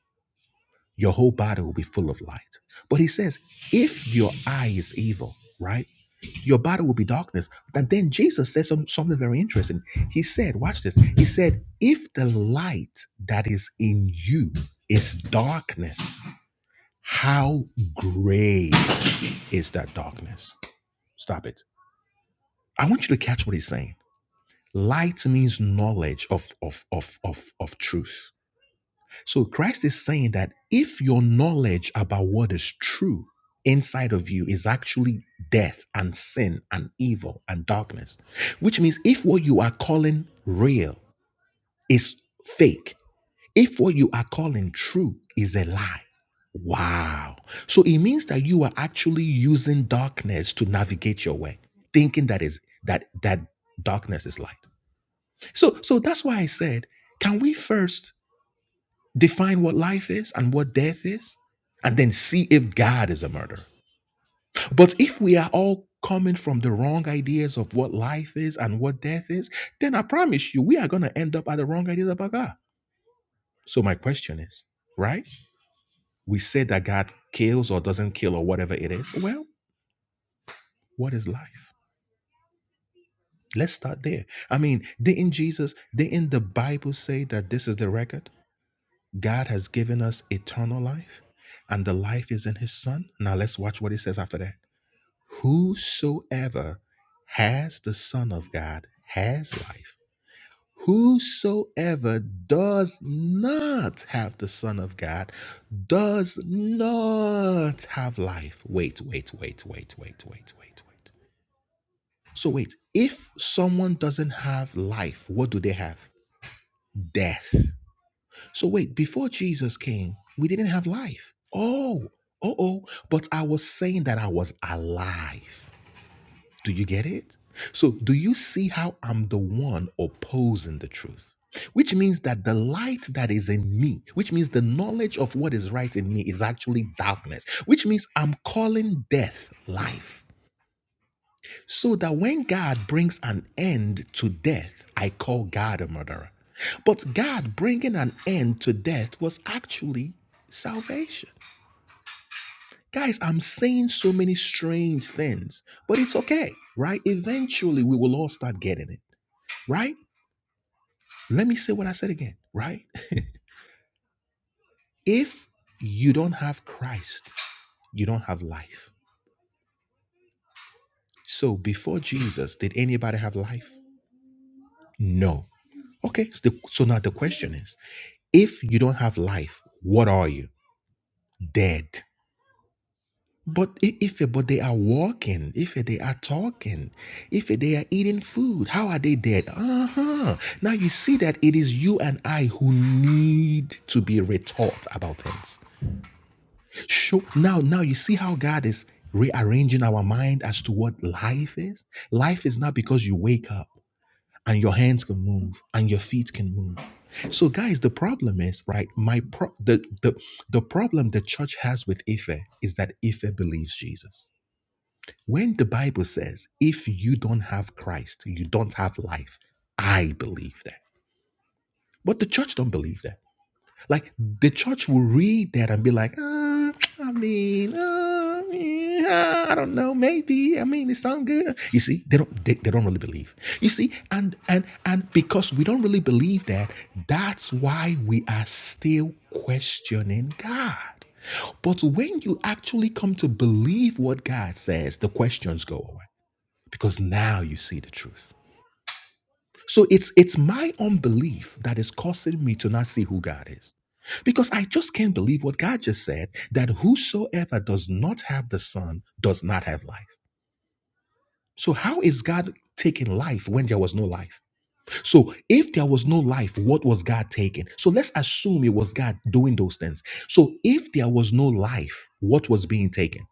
Speaker 2: your whole body will be full of light. But he says, if your eye is evil, right, your body will be darkness. And then Jesus said some, something very interesting. He said, watch this. He said, if the light that is in you is darkness, how great is that darkness? Stop it. I want you to catch what he's saying. Light means knowledge of, of, of, of, of truth So Christ is saying that if your knowledge about what is true inside of you is actually death and sin and evil and darkness, which means if what you are calling real is fake, if what you are calling true is a lie. Wow. So it means that you are actually using darkness to navigate your way, thinking that is that that darkness is light. So so that's why I said, can we first define what life is and what death is, and then see if God is a murderer. But if we are all coming from the wrong ideas of what life is and what death is, then I promise you, we are going to end up at the wrong ideas about God. So, my question is, right? We say that God kills or doesn't kill or whatever it is. Well, what is life? Let's start there. I mean, didn't Jesus, didn't the Bible say that this is the record? God has given us eternal life and the life is in his son. Now let's watch what he says after that. Whosoever has the Son of God has life. Whosoever does not have the Son of God does not have life. Wait, wait, wait, wait, wait, wait, wait, wait. So, wait, if someone doesn't have life, what do they have? Death. So, wait, before Jesus came, we didn't have life. Oh, oh, oh. But I was saying that I was alive. Do you get it? So, do you see how I'm the one opposing the truth? Which means that the light that is in me, which means the knowledge of what is right in me, is actually darkness, which means I'm calling death life. So that when God brings an end to death, I call God a murderer. But God bringing an end to death was actually salvation. Guys, I'm saying so many strange things, but it's okay, right? Eventually, we will all start getting it, right? Let me say what I said again, right? [LAUGHS] if you don't have Christ, you don't have life. So before Jesus, did anybody have life? No. Okay, so so now the question is if you don't have life, what are you? Dead. But i- if eh, but they are walking, if eh, they are talking, if eh, they are eating food, how are they dead? Uh-huh. Now you see that it is you and I who need to be retaught about things. Show now, now you see how God is rearranging our mind as to what life is. Life is not because you wake up and your hands can move and your feet can move. So, guys, the problem is right. My pro- the the the problem the church has with Ife is that Ife believes Jesus. When the Bible says, if you don't have Christ, you don't have life, I believe that. But the church don't believe that. Like the church will read that and be like, uh, I mean, uh, yeah, I don't know, maybe. I mean, it sounds good. You see, they don't they, they don't really believe. You see, and and and because we don't really believe that, that's why we are still questioning God. But when you actually come to believe what God says, the questions go away because now you see the truth. So it's it's my unbelief that is causing me to not see who God is. Because I just can't believe what God just said that whosoever does not have the son does not have life. So how is God taking life when there was no life? So if there was no life, what was God taking? So let's assume it was God doing those things. So if there was no life, what was being taken?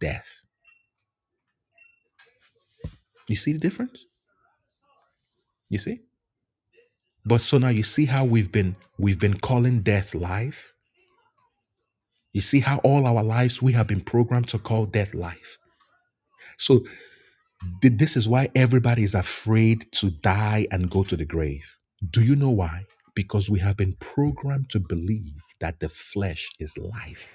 Speaker 2: Death. You see the difference? You see? But so now you see how we've been we've been calling death life. You see how all our lives we have been programmed to call death life. So th- this is why everybody is afraid to die and go to the grave. Do you know why? Because we have been programmed to believe that the flesh is life.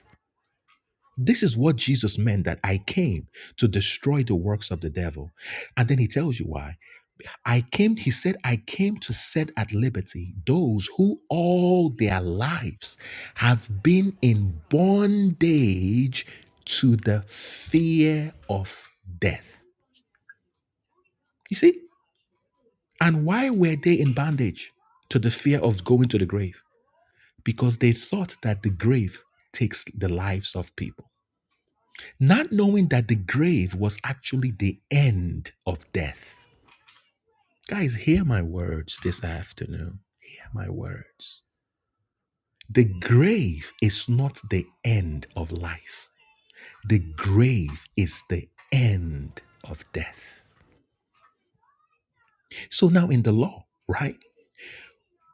Speaker 2: This is what Jesus meant that I came to destroy the works of the devil. And then he tells you why. I came, he said, I came to set at liberty those who all their lives have been in bondage to the fear of death. You see? And why were they in bondage? To the fear of going to the grave. Because they thought that the grave takes the lives of people. Not knowing that the grave was actually the end of death. Guys, hear my words this afternoon. Hear my words. The grave is not the end of life. The grave is the end of death. So now in the law, right?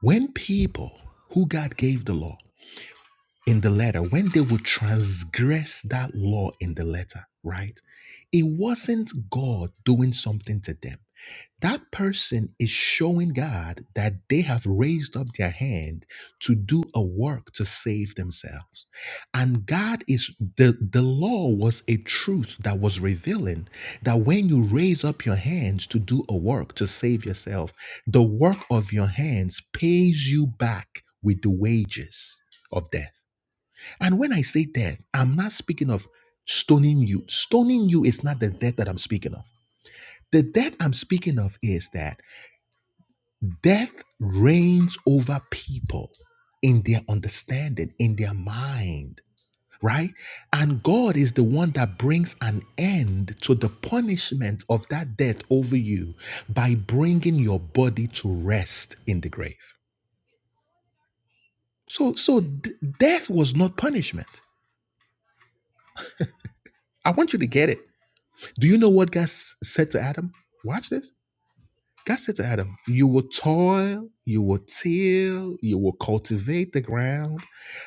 Speaker 2: When people who God gave the law in the letter, when they would transgress that law in the letter, right? It wasn't God doing something to them. that person is showing God that they have raised up their hand to do a work to save themselves. And God is the, the law was a truth that was revealing that when you raise up your hands to do a work to save yourself, the work of your hands pays you back with the wages of death. And when I say death, I'm not speaking of stoning you. Stoning you is not the death that I'm speaking of. The death I'm speaking of is that Death reigns over people in their understanding, in their mind, right? And God is the one that brings an end to the punishment of that death over you by bringing your body to rest in the grave. So, so d- death was not punishment. I want you to get it. Do you know what God s- said to Adam? Watch this. God said to Adam, You will toil, you will till, you will cultivate the ground,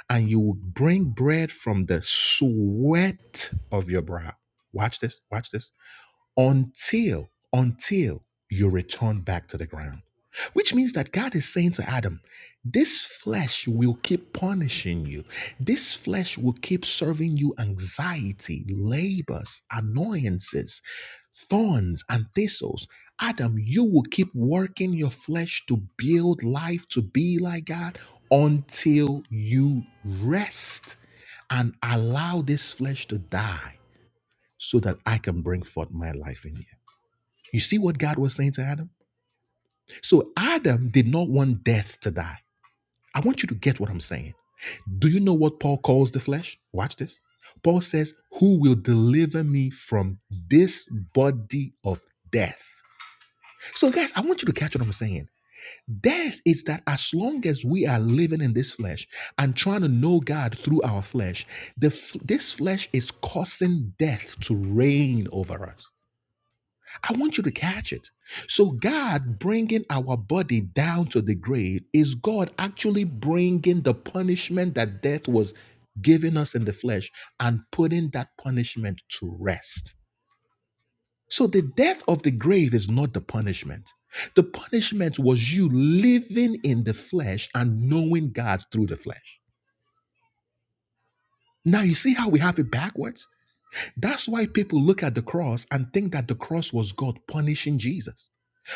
Speaker 2: and you will bring bread from the sweat of your brow. Watch this, watch this. Until, until you return back to the ground. Which means that God is saying to Adam, This flesh will keep punishing you. This flesh will keep serving you anxiety, labors, annoyances thorns and thistles. Adam, you will keep working your flesh to build life to be like God until you rest and allow this flesh to die so that I can bring forth my life in you. You see what God was saying to Adam? So Adam did not want death to die. I want you to get what I'm saying. Do you know what Paul calls the flesh? Watch this. Paul says, Who will deliver me from this body of death? So, guys, I want you to catch what I'm saying. Death is that as long as we are living in this flesh and trying to know God through our flesh, the f- this flesh is causing death to reign over us. I want you to catch it. So, God bringing our body down to the grave is God actually bringing the punishment that death was giving us in the flesh and putting that punishment to rest. So the death of the grave is not the punishment. The punishment was you living in the flesh and knowing God through the flesh. Now you see how we have it backwards? That's why people look at the cross and think that the cross was God punishing Jesus.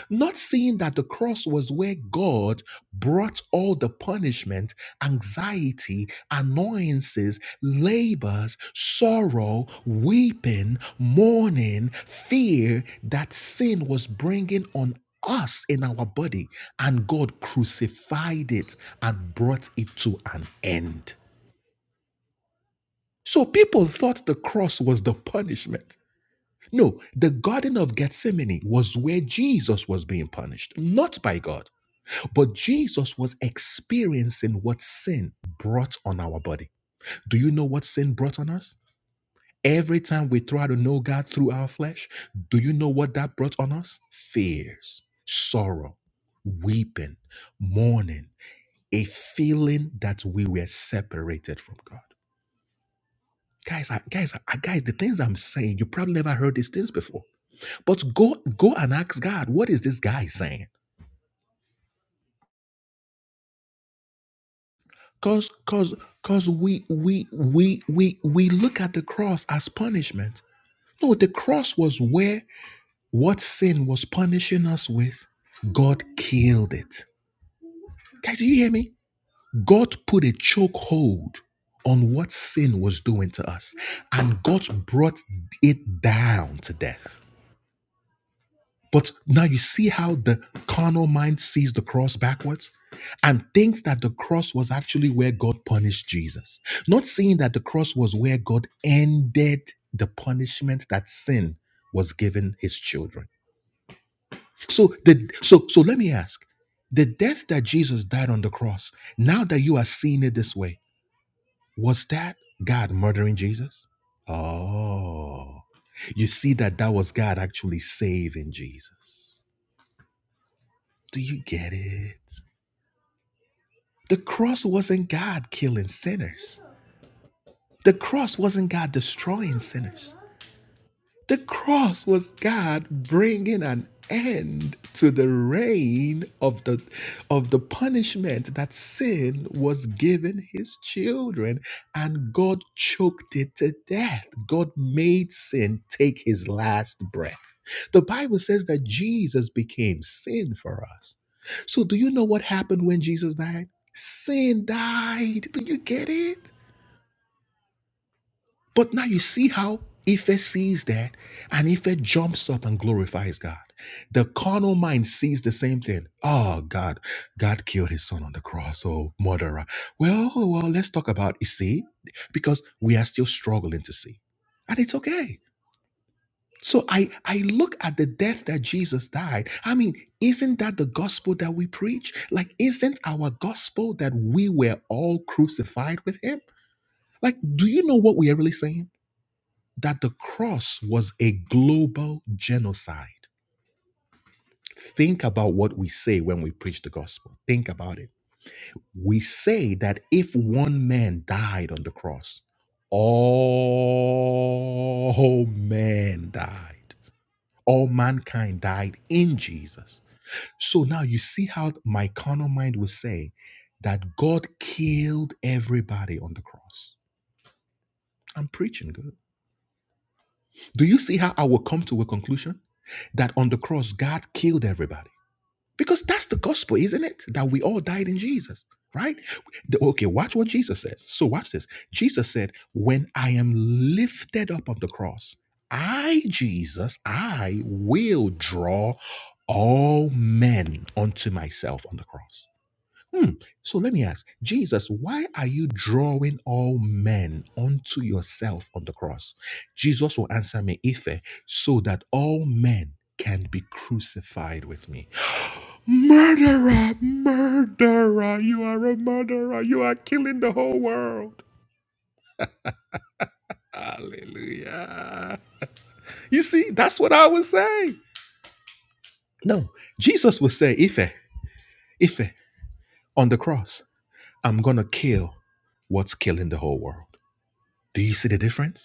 Speaker 2: Not seeing that the cross was where God brought all the punishment, anxiety, annoyances, labors, sorrow, weeping, mourning, fear that sin was bringing on us in our body, and God crucified it and brought it to an end. So people thought the cross was the punishment. No, the Garden of Gethsemane was where Jesus was being punished, not by God. But Jesus was experiencing what sin brought on our body. Do you know what sin brought on us? Every time we try to know God through our flesh, do you know what that brought on us? Fears, sorrow, weeping, mourning, a feeling that we were separated from God. Guys, I, guys, I, guys, the things I'm saying, you probably never heard these things before. But go, go and ask God, what is this guy saying? Cause, cause, cause we we we we we look at the cross as punishment. No, the cross was where what sin was punishing us with. God killed it. Guys, do you hear me? God put a chokehold on what sin was doing to us, and God brought it down to death. But now you see how the carnal mind sees the cross backwards and thinks that the cross was actually where God punished Jesus. Not seeing that the cross was where God ended the punishment that sin was given his children. So the so so let me ask. The death that Jesus died on the cross, now that you are seeing it this way, was that God murdering Jesus? Oh. You see that that was God actually saving Jesus. Do you get it? The cross wasn't God killing sinners. The cross wasn't God destroying sinners. The cross was God bringing an end to the reign of the of the punishment that sin was giving his children and God choked it to death. God made sin take his last breath. The Bible says that Jesus became sin for us. So do you know what happened when Jesus died? Sin died. Do you get it? But now you see how Ife sees that, and Ife jumps up and glorifies God. The carnal mind sees the same thing. Oh, God, God killed his son on the cross. Oh, murderer. Well, oh, well, let's talk about you see, because we are still struggling to see. And it's okay. So I, I look at the death that Jesus died. I mean, isn't that the gospel that we preach? Like, isn't our gospel that we were all crucified with him? Like, do you know what we are really saying? that the cross was a global genocide. Think about what we say when we preach the gospel. Think about it. We say that if one man died on the cross, all men died. All mankind died in Jesus. So now you see how my carnal mind would say that God killed everybody on the cross. I'm preaching good. Do you see how I will come to a conclusion? That on the cross, God killed everybody. Because that's the gospel, isn't it? That we all died in Jesus, right? The- Okay, watch what Jesus says. So, watch this. Jesus said, When I am lifted up on the cross, I, Jesus, I will draw all men unto myself on the cross. Hmm. So let me ask Jesus, why are you drawing all men unto yourself on the cross? Jesus will answer me, Ife, so that all men can be crucified with me. Murderer, murderer, you are a murderer. You are killing the whole world. Hallelujah. You see, that's what I would say. No, Jesus would say, Ife, Ife, on the cross, I'm going to kill what's killing the whole world. Do you see the difference?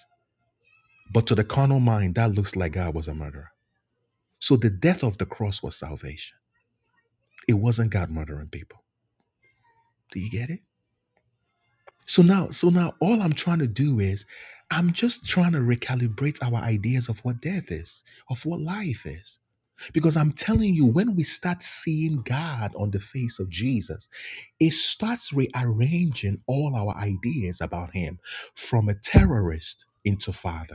Speaker 2: But to the carnal mind, that looks like God was a murderer. So the death of the cross was salvation. It wasn't God murdering people. Do you get it? So now, so now all I'm trying to do is I'm just trying to recalibrate our ideas of what death is, of what life is. Because I'm telling you, when we start seeing God on the face of Jesus, it starts rearranging all our ideas about him from a terrorist into father.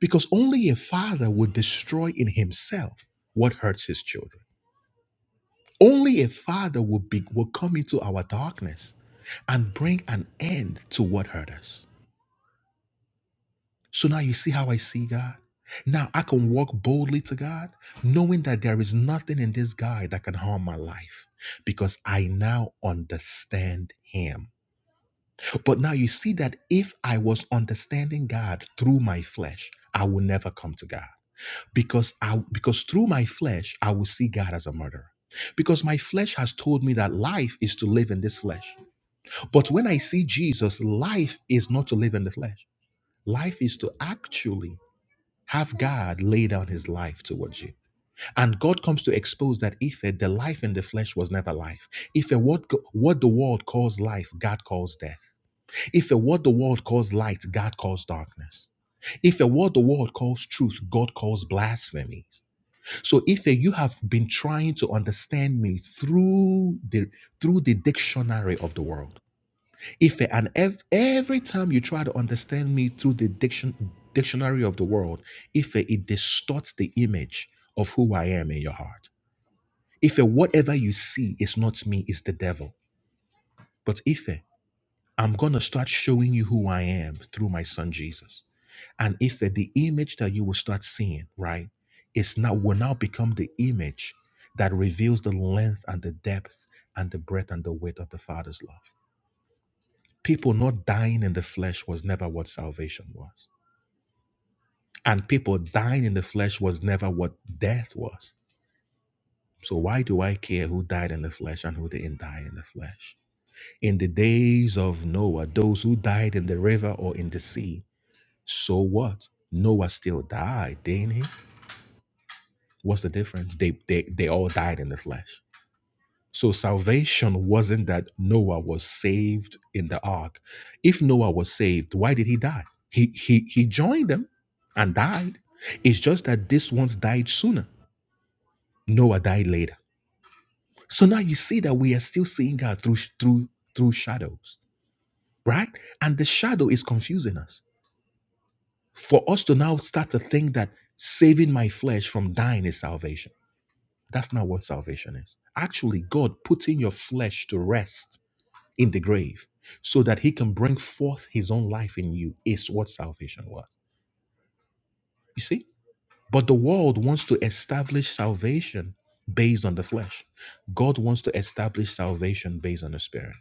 Speaker 2: Because only a father would destroy in himself what hurts his children. Only a father will, be, will come into our darkness and bring an end to what hurt us. So now you see how I see God? Now I can walk boldly to God, knowing that there is nothing in this guy that can harm my life because I now understand him. But now you see that if I was understanding God through my flesh, I would never come to God. because I because through my flesh I will see God as a murderer. Because my flesh has told me that life is to live in this flesh. But when I see Jesus, life is not to live in the flesh. Life is to actually have God lay down his life towards you. And God comes to expose that if the life in the flesh was never life. If what, go- what the world calls life, God calls death. If what the world calls light, God calls darkness. If what the world calls truth, God calls blasphemy. So if eh, you have been trying to understand me through the through the dictionary of the world, if eh, and ev- every time you try to understand me through the diction, dictionary of the world, if eh, it distorts the image of who I am in your heart. If eh, whatever you see is not me, is the devil. But if eh, I'm gonna start showing you who I am through my son Jesus. And if the image that you will start seeing, right, is now will now become the image that reveals the length and the depth and the breadth and the width of the Father's love. People not dying in the flesh was never what salvation was. And people dying in the flesh was never what death was. So why do I care who died in the flesh and who didn't die in the flesh? In the days of Noah, those who died in the river or in the sea, so what? Noah still died, didn't he? What's the difference? They they they all died in the flesh. So salvation wasn't that Noah was saved in the ark. If Noah was saved, why did he die? He he he joined them and died. It's just that this one's died sooner. Noah died later. So now you see that we are still seeing God through through through shadows, right? And the shadow is confusing us. For us to now start to think that saving my flesh from dying is salvation That's not what salvation is. Actually, God putting your flesh to rest in the grave so that he can bring forth his own life in you is what salvation was. You see? But the world wants to establish salvation based on the flesh. God wants to establish salvation based on the spirit.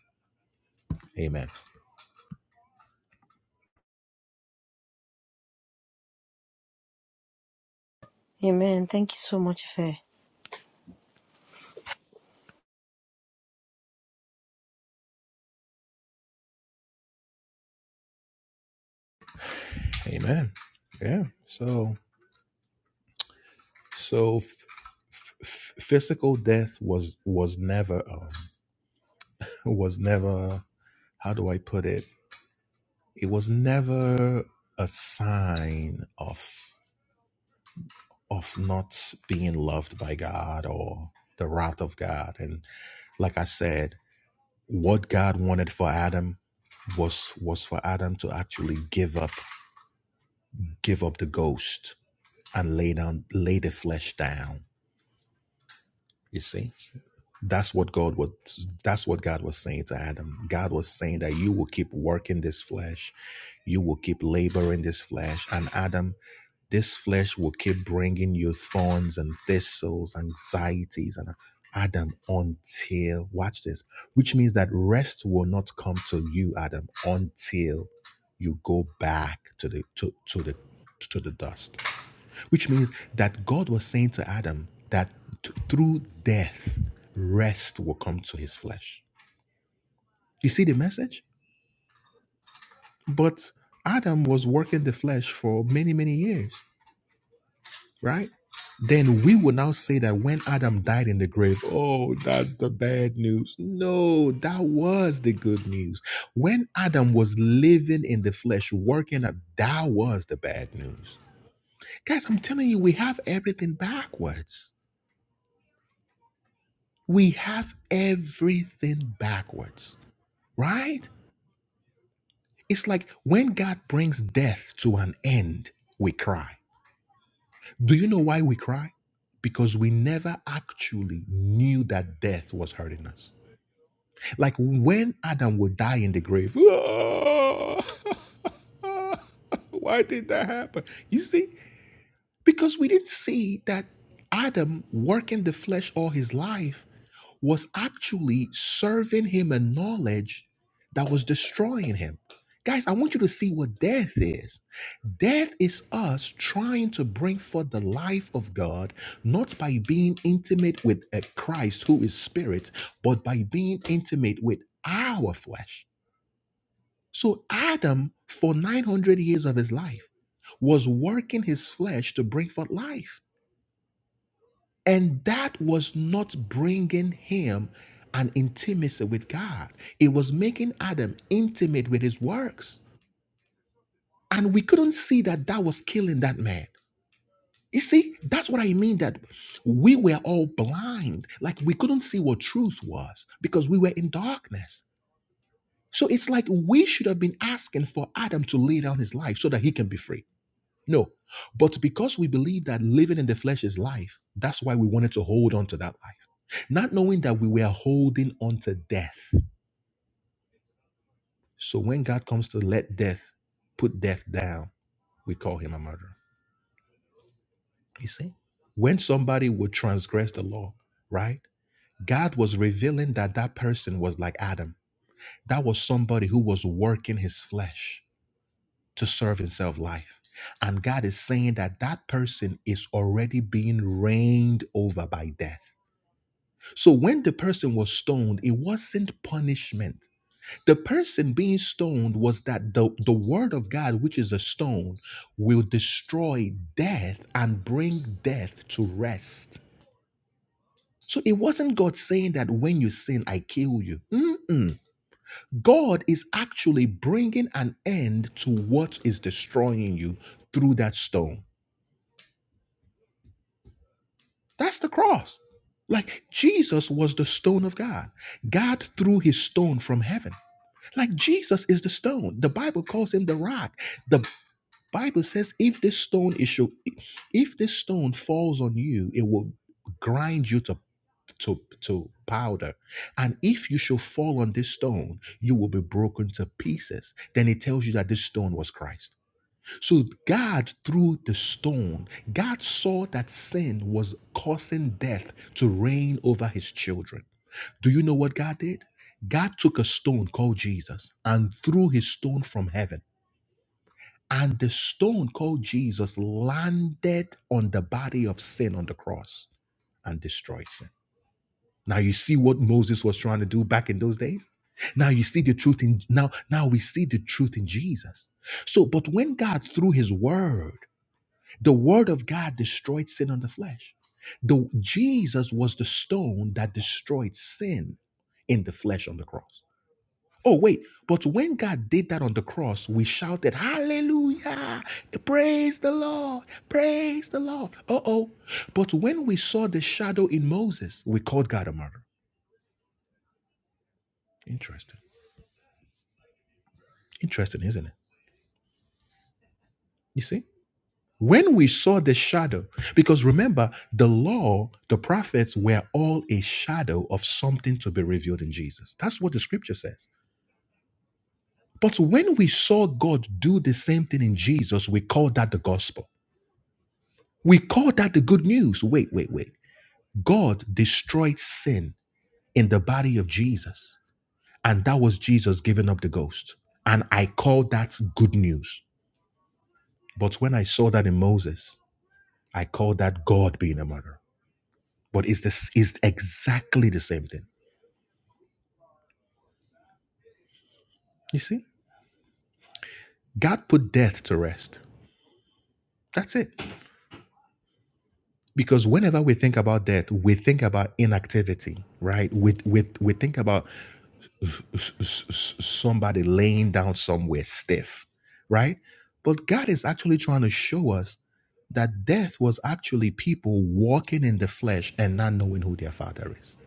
Speaker 2: Amen.
Speaker 1: Amen. Thank you so much, fair.
Speaker 2: Amen. Yeah. So, so f- f- f- physical death was was never um, was never how do I put it? It was never a sign of of not being loved by God or the wrath of God. And like I said, what God wanted for Adam was was for Adam to actually give up give up the ghost and lay down lay the flesh down. You see? That's what God was that's what God was saying to Adam. God was saying that you will keep working this flesh. You will keep laboring this flesh. And Adam, this flesh will keep bringing you thorns and thistles, anxieties and Adam until watch this, which means that rest will not come to you, Adam, until you go back to the to, to the to the dust which means that God was saying to Adam that t- through death, rest will come to his flesh. You see the message? But Adam was working the flesh for many, many years, right? Then we will now say that when Adam died in the grave, oh, that's the bad news. No, that was the good news. When Adam was living in the flesh, working up, that was the bad news. Guys, I'm telling you, we have everything backwards. we have everything backwards, right? It's like when God brings death to an end, we cry. Do you know why we cry? Because we never actually knew that death was hurting us. Like when Adam would die in the grave, "Oh, [LAUGHS] why did that happen? You see, because we didn't see that Adam working the flesh all his life was actually serving him a knowledge that was destroying him. Guys, I want you to see what death is. Death is us trying to bring forth the life of God, not by being intimate with a Christ who is spirit, but by being intimate with our flesh. So Adam, for 900 years of his life, was working his flesh to bring forth life. And that was not bringing him an intimacy with God. It was making Adam intimate with his works. And we couldn't see that that was killing that man. You see, that's what I mean that we were all blind. Like we couldn't see what truth was because we were in darkness. So it's like we should have been asking for Adam to lay down his life so that he can be free. No. But because we believe that living in the flesh is life, that's why we wanted to hold on to that life. not knowing that we were holding on to death. So when God comes to let death put death down, we call him a murderer. You see, when somebody would transgress the law, right? God was revealing that that person was like Adam. That was somebody who was working his flesh to serve himself life. And God is saying that that person is already being reigned over by death. So when the person was stoned, it wasn't punishment the person being stoned was that the, the word of God, which is a stone, will destroy death and bring death to rest. So it wasn't God saying that when you sin, I kill you. Mm-mm. God is actually bringing an end to what is destroying you through that stone. That's the cross. Like Jesus was the stone of God. God threw his stone from heaven. Like Jesus is the stone. The Bible calls him the rock. The Bible says if this stone it should if this stone falls on you, it will grind you to to to powder. And if you shall fall on this stone, you will be broken to pieces. Then it tells you that this stone was Christ. So God through the stone, God saw that sin was causing death to reign over his children. Do you know what God did? God took a stone called Jesus and threw his stone from heaven and the stone called Jesus landed on the body of sin on the cross and destroyed sin. Now you see what Moses was trying to do back in those days? Now you see the truth in now now we see the truth in Jesus. So but when God through his word, the word of God destroyed sin on the flesh. The Jesus was the stone that destroyed sin in the flesh on the cross. Oh, wait. But when God did that on the cross, we shouted, Hallelujah! Praise the Lord! Praise the Lord! Uh oh. But when we saw the shadow in Moses, we called God a murderer. Interesting. Interesting, isn't it? You see? When we saw the shadow, because remember, the law, the prophets were all a shadow of something to be revealed in Jesus. That's what the scripture says. But when we saw God do the same thing in Jesus, we called that the gospel. We call that the good news. Wait, wait, wait. God destroyed sin in the body of Jesus, and that was Jesus giving up the ghost. And I call that good news. But when I saw that in Moses, I call that God being a murderer. But it's this is exactly the same thing. You see? God put death to rest. That's it. Because whenever we think about death, we think about inactivity, right? We, we, we think about s- s- somebody laying down somewhere stiff, right? But God is actually trying to show us that death was actually people walking in the flesh and not knowing who their father is.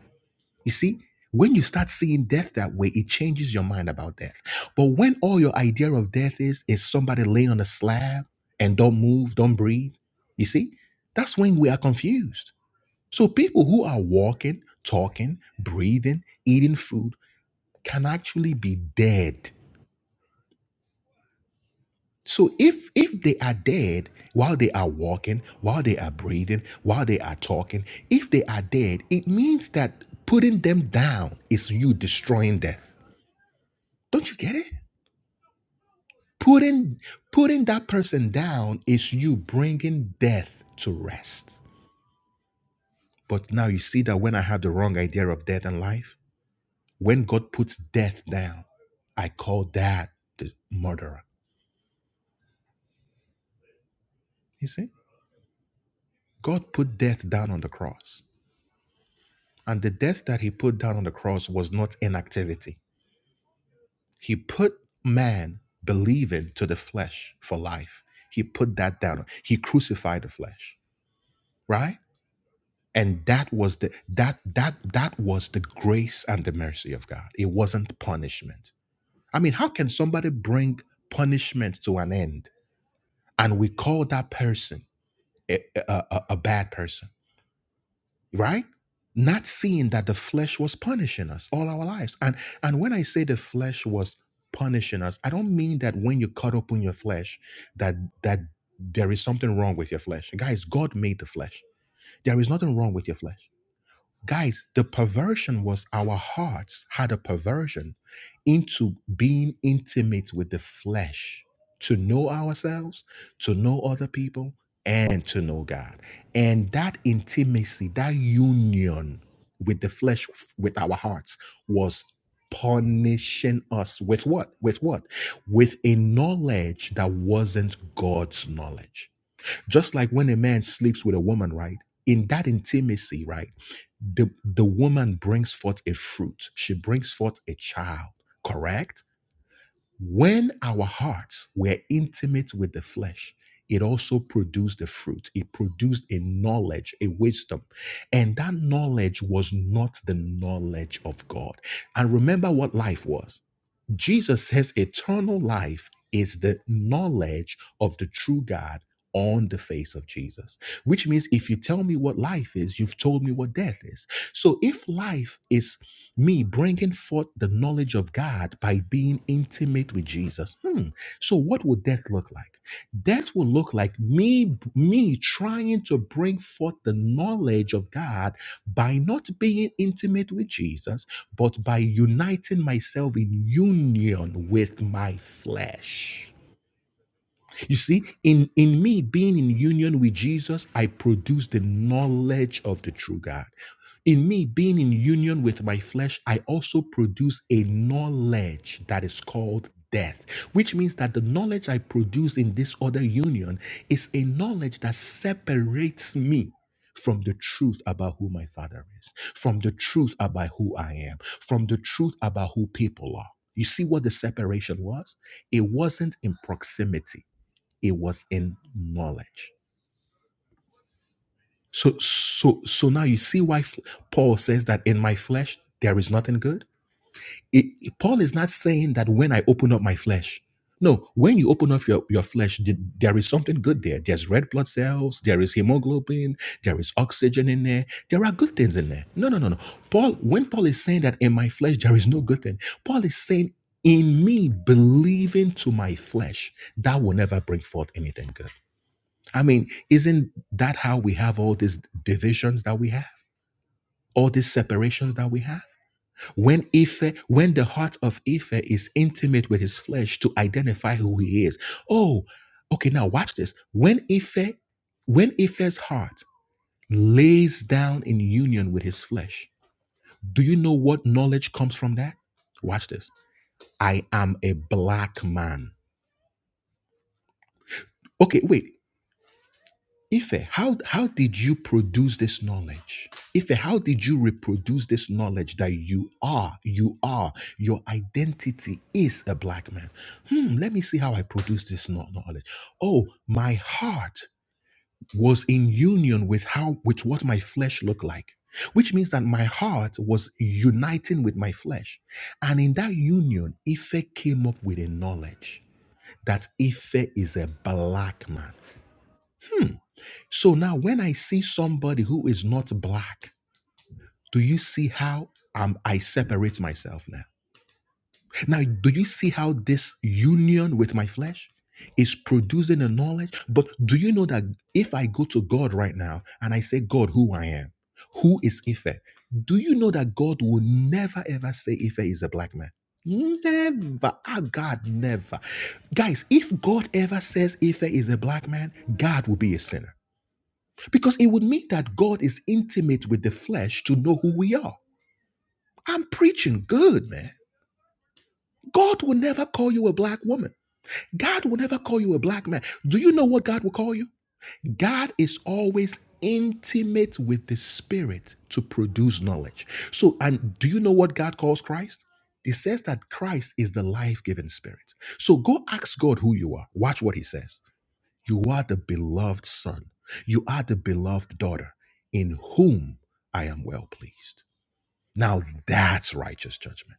Speaker 2: You see, when you start seeing death that way, it changes your mind about death. But when all your idea of death is is somebody laying on a slab and don't move, don't breathe, you see, that's when we are confused. So people who are walking, talking, breathing, eating food can actually be dead. So if if they are dead while they are walking, while they are breathing, while they are talking, if they are dead, it means that putting them down is you destroying death. Don't you get it? Putting putting that person down is you bringing death to rest. But now you see that when I have the wrong idea of death and life, when God puts death down, I call that the murderer. You see? God put death down on the cross. And the death that he put down on the cross was not inactivity. He put man believing to the flesh for life. He put that down. He crucified the flesh, right? And that was the that that that was the grace and the mercy of God. It wasn't punishment. I mean, how can somebody bring punishment to an end and we call that person a, a, a a bad person? right? Not seeing that the flesh was punishing us all our lives. And and when I say the flesh was punishing us, I don't mean that when you cut open your flesh that that there is something wrong with your flesh. Guys, God made the flesh. There is nothing wrong with your flesh. Guys, the perversion was our hearts had a perversion into being intimate with the flesh to know ourselves, to know other people, and to know God. And that intimacy, that union with the flesh, with our hearts, was punishing us with what? With what? With a knowledge that wasn't God's knowledge. Just like when a man sleeps with a woman, right? In that intimacy, right? the the woman brings forth a fruit she brings forth a child correct when our hearts were intimate with the flesh it also produced the fruit it produced a knowledge a wisdom and that knowledge was not the knowledge of god and remember what life was Jesus says eternal life is the knowledge of the true God on the face of Jesus, which means if you tell me what life is, you've told me what death is. So if life is me bringing forth the knowledge of God by being intimate with Jesus, hmm, so what would death look like? Death will look like me me trying to bring forth the knowledge of God by not being intimate with Jesus, but by uniting myself in union with my flesh. You see, in, in me being in union with Jesus, I produce the knowledge of the true God. In me being in union with my flesh, I also produce a knowledge that is called death, which means that the knowledge I produce in this other union is a knowledge that separates me from the truth about who my father is, from the truth about who I am, from the truth about who people are. You see what the separation was? It wasn't in proximity it was in knowledge so so so now you see why f- paul says that in my flesh there is nothing good it, it- paul is not saying that when i open up my flesh no when you open up your, your flesh th- there is something good there there's red blood cells there is hemoglobin there is oxygen in there there are good things in there no no no no paul when paul is saying that in my flesh there is no good thing paul is saying in me believing to my flesh that will never bring forth anything good I mean, isn't that how we have all these divisions that we have? All these separations that we have. When Ife, when the heart of Ife is intimate with his flesh to identify who he is. Oh, okay, now watch this. When Ife, when Ife's heart lays down in union with his flesh, do you know what knowledge comes from that? Watch this. I am a black man. Okay, wait. Ife, how, how did you produce this knowledge? Ife, how did you reproduce this knowledge that you are, you are, your identity is a black man? Hmm, let me see how I produce this kno- knowledge. Oh, my heart was in union with how, with what my flesh looked like, which means that my heart was uniting with my flesh. And in that union, Ife came up with a knowledge that Ife is a black man. So now when I see somebody who is not black, do you see how um, I separate myself now? Now, do you see how this union with my flesh is producing a knowledge? But do you know that if I go to God right now and I say, God, who I am, who is Ife? Do you know that God will never ever say Ife is a black man? Never. Ah, God, never. Guys, if God ever says Ife is a black man, God will be a sinner. Because it would mean that God is intimate with the flesh to know who we are. I'm preaching good, man. God will never call you a black woman. God will never call you a black man. Do you know what God will call you? God is always intimate with the spirit to produce knowledge. So, and do you know what God calls Christ? He says that Christ is the life giving spirit. So go ask God who you are. Watch what he says. You are the beloved son. You are the beloved daughter in whom I am well pleased. Now that's righteous judgment.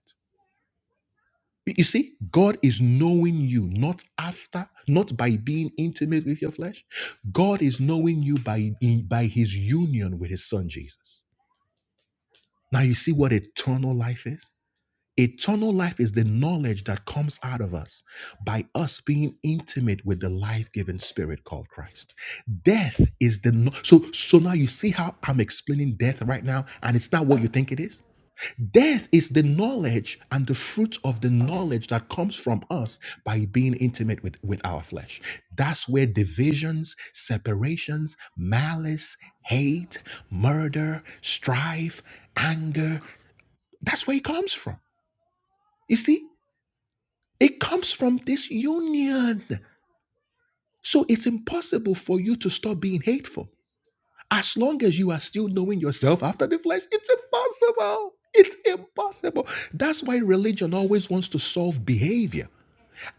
Speaker 2: You see, God is knowing you not after, not by being intimate with your flesh. God is knowing you by, by his union with his son Jesus. Now you see what eternal life is? Eternal life is the knowledge that comes out of us by us being intimate with the life-giving spirit called Christ. Death is the kno- so so now you see how I'm explaining death right now and it's not what you think it is. Death is the knowledge and the fruit of the knowledge that comes from us by being intimate with, with our flesh. That's where divisions, separations, malice, hate, murder, strife, anger, that's where it comes from. You see? It comes from this union. So it's impossible for you to stop being hateful. As long as you are still knowing yourself after the flesh, it's impossible. It's impossible. That's why religion always wants to solve behavior.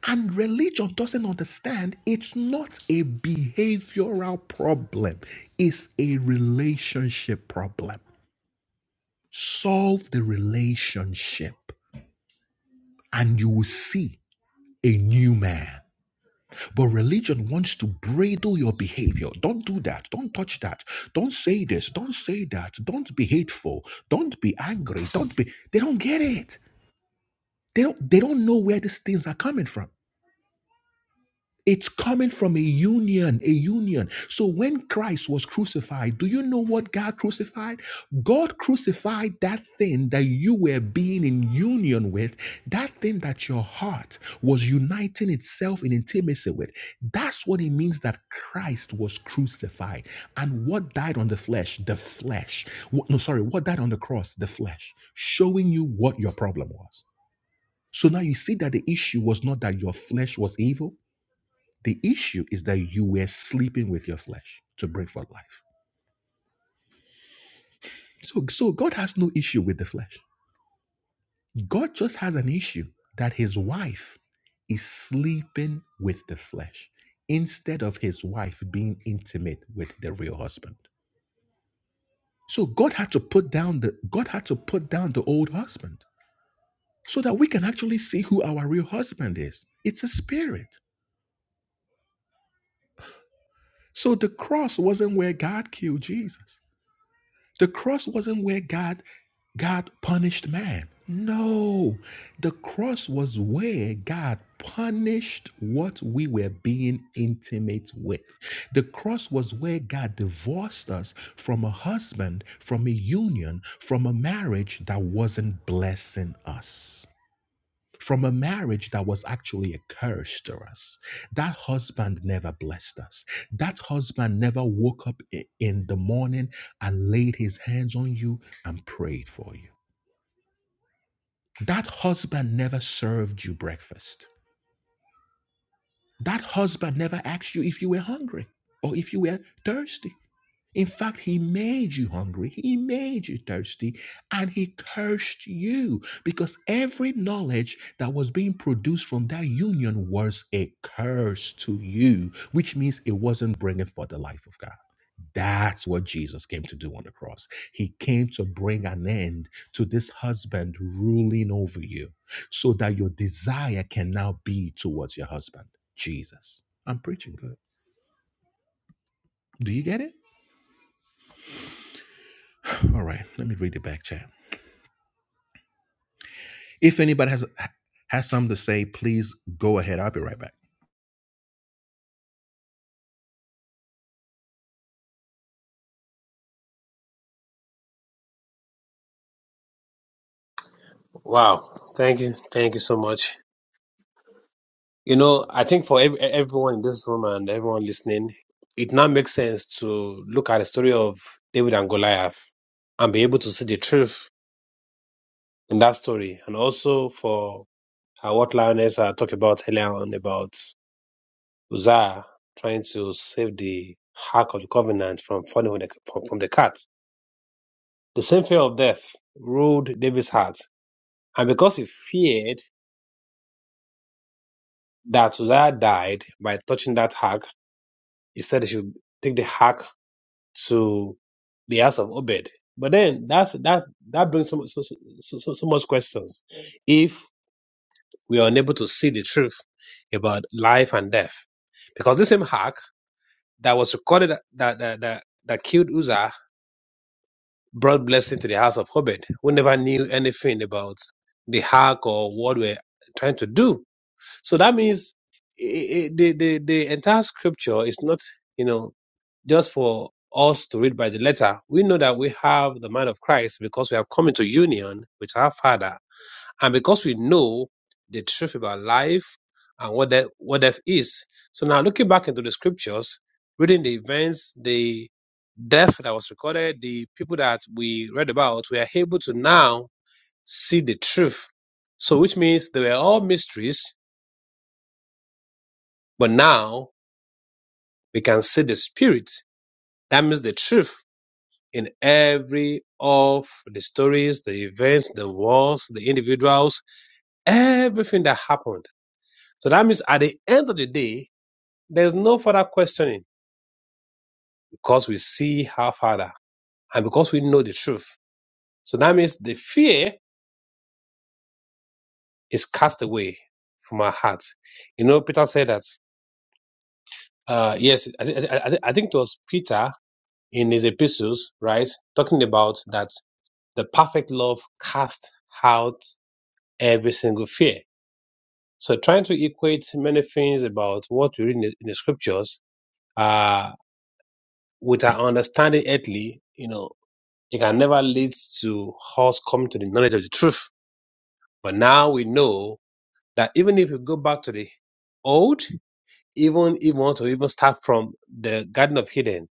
Speaker 2: And religion doesn't understand it's not a behavioral problem, it's a relationship problem. Solve the relationship, and you will see a new man. But religion wants to bridle your behavior. Don't do that. Don't touch that. Don't say this. Don't say that. Don't be hateful. Don't be angry. Don't be. They don't get it. They don't. They don't know where these things are coming from. It's coming from a union, a union. So when Christ was crucified, do you know what God crucified? God crucified that thing that you were being in union with, that thing that your heart was uniting itself in intimacy with. That's what it means that Christ was crucified. And what died on the flesh? The flesh. Wh- No, sorry, what died on the cross? The flesh. Showing you what your problem was. So now you see that the issue was not that your flesh was evil. The issue is that you were sleeping with your flesh to bring forth life. So, so God has no issue with the flesh. God just has an issue that his wife is sleeping with the flesh instead of his wife being intimate with the real husband. So God had to put down the God had to put down the old husband so that we can actually see who our real husband is. It's a spirit. So the cross wasn't where God killed Jesus. The cross wasn't where God God punished man. No, the cross was where God punished what we were being intimate with. The cross was where God divorced us from a husband, from a union, from a marriage that wasn't blessing us from a marriage that was actually a curse to us. That husband never blessed us. That husband never woke up i- in the morning and laid his hands on you and prayed for you. That husband never served you breakfast. That husband never asked you if you were hungry or if you were thirsty. In fact, he made you hungry, he made you thirsty, and he cursed you because every knowledge that was being produced from that union was a curse to you, which means it wasn't bringing forth the life of God. That's what Jesus came to do on the cross. He came to bring an end to this husband ruling over you so that your desire can now be towards your husband, Jesus. I'm preaching good. Do you get it? [CLEARS THROAT] All right, let me read the back chat. If anybody has has something to say, please go ahead. I'll be right back.
Speaker 3: Wow. Thank you. Thank you so much. You know, I think for ev- everyone in this room and everyone listening, it now makes sense to look at the story of David and Goliath and be able to see the truth in that story. And also for uh, what Lioness uh, talked about earlier on about Uzziah trying to save the Ark of the Covenant from falling with the, from, from the cat. The same fear of death ruled David's heart. And because he feared, that Uzziah died by touching that hack. He said he should take the hack to the house of Obed. But then that's that that brings so much- so, so, so, so much questions. If we are unable to see the truth about life and death, because this same hack that was recorded that that that, that killed Uzzah brought blessing to the house of Obed, who never knew anything about the hack or what we're trying to do. So that means i i the, the, the entire scripture is not, you know, just for us to read by the letter. We know that we have the mind of Christ because we have come into union with our Father. And because we know the truth about life and what death, what death is. So now looking back into the scriptures, reading the events, the death that was recorded, the people that we read about, we are able to now see the truth. So which means they were all mysteries, but now We can see the spirit, that means the truth, in every of the stories, the events, the wars, the individuals, everything that happened. So that means at the end of the day, there's no further questioning because we see our Father and because we know the truth. So that means the fear is cast away from our hearts. You know, Peter said that, uh, yes, I, I, I, I think it was Peter in his epistles, right? Talking about that the perfect love casts out every single fear. So trying to equate many things about what we read in the, in the scriptures uh, with our understanding earthly, you know, it can never lead to us coming to the knowledge of the truth. But now we know that even if we go back to the old, even if we want to even start from the Garden of Eden,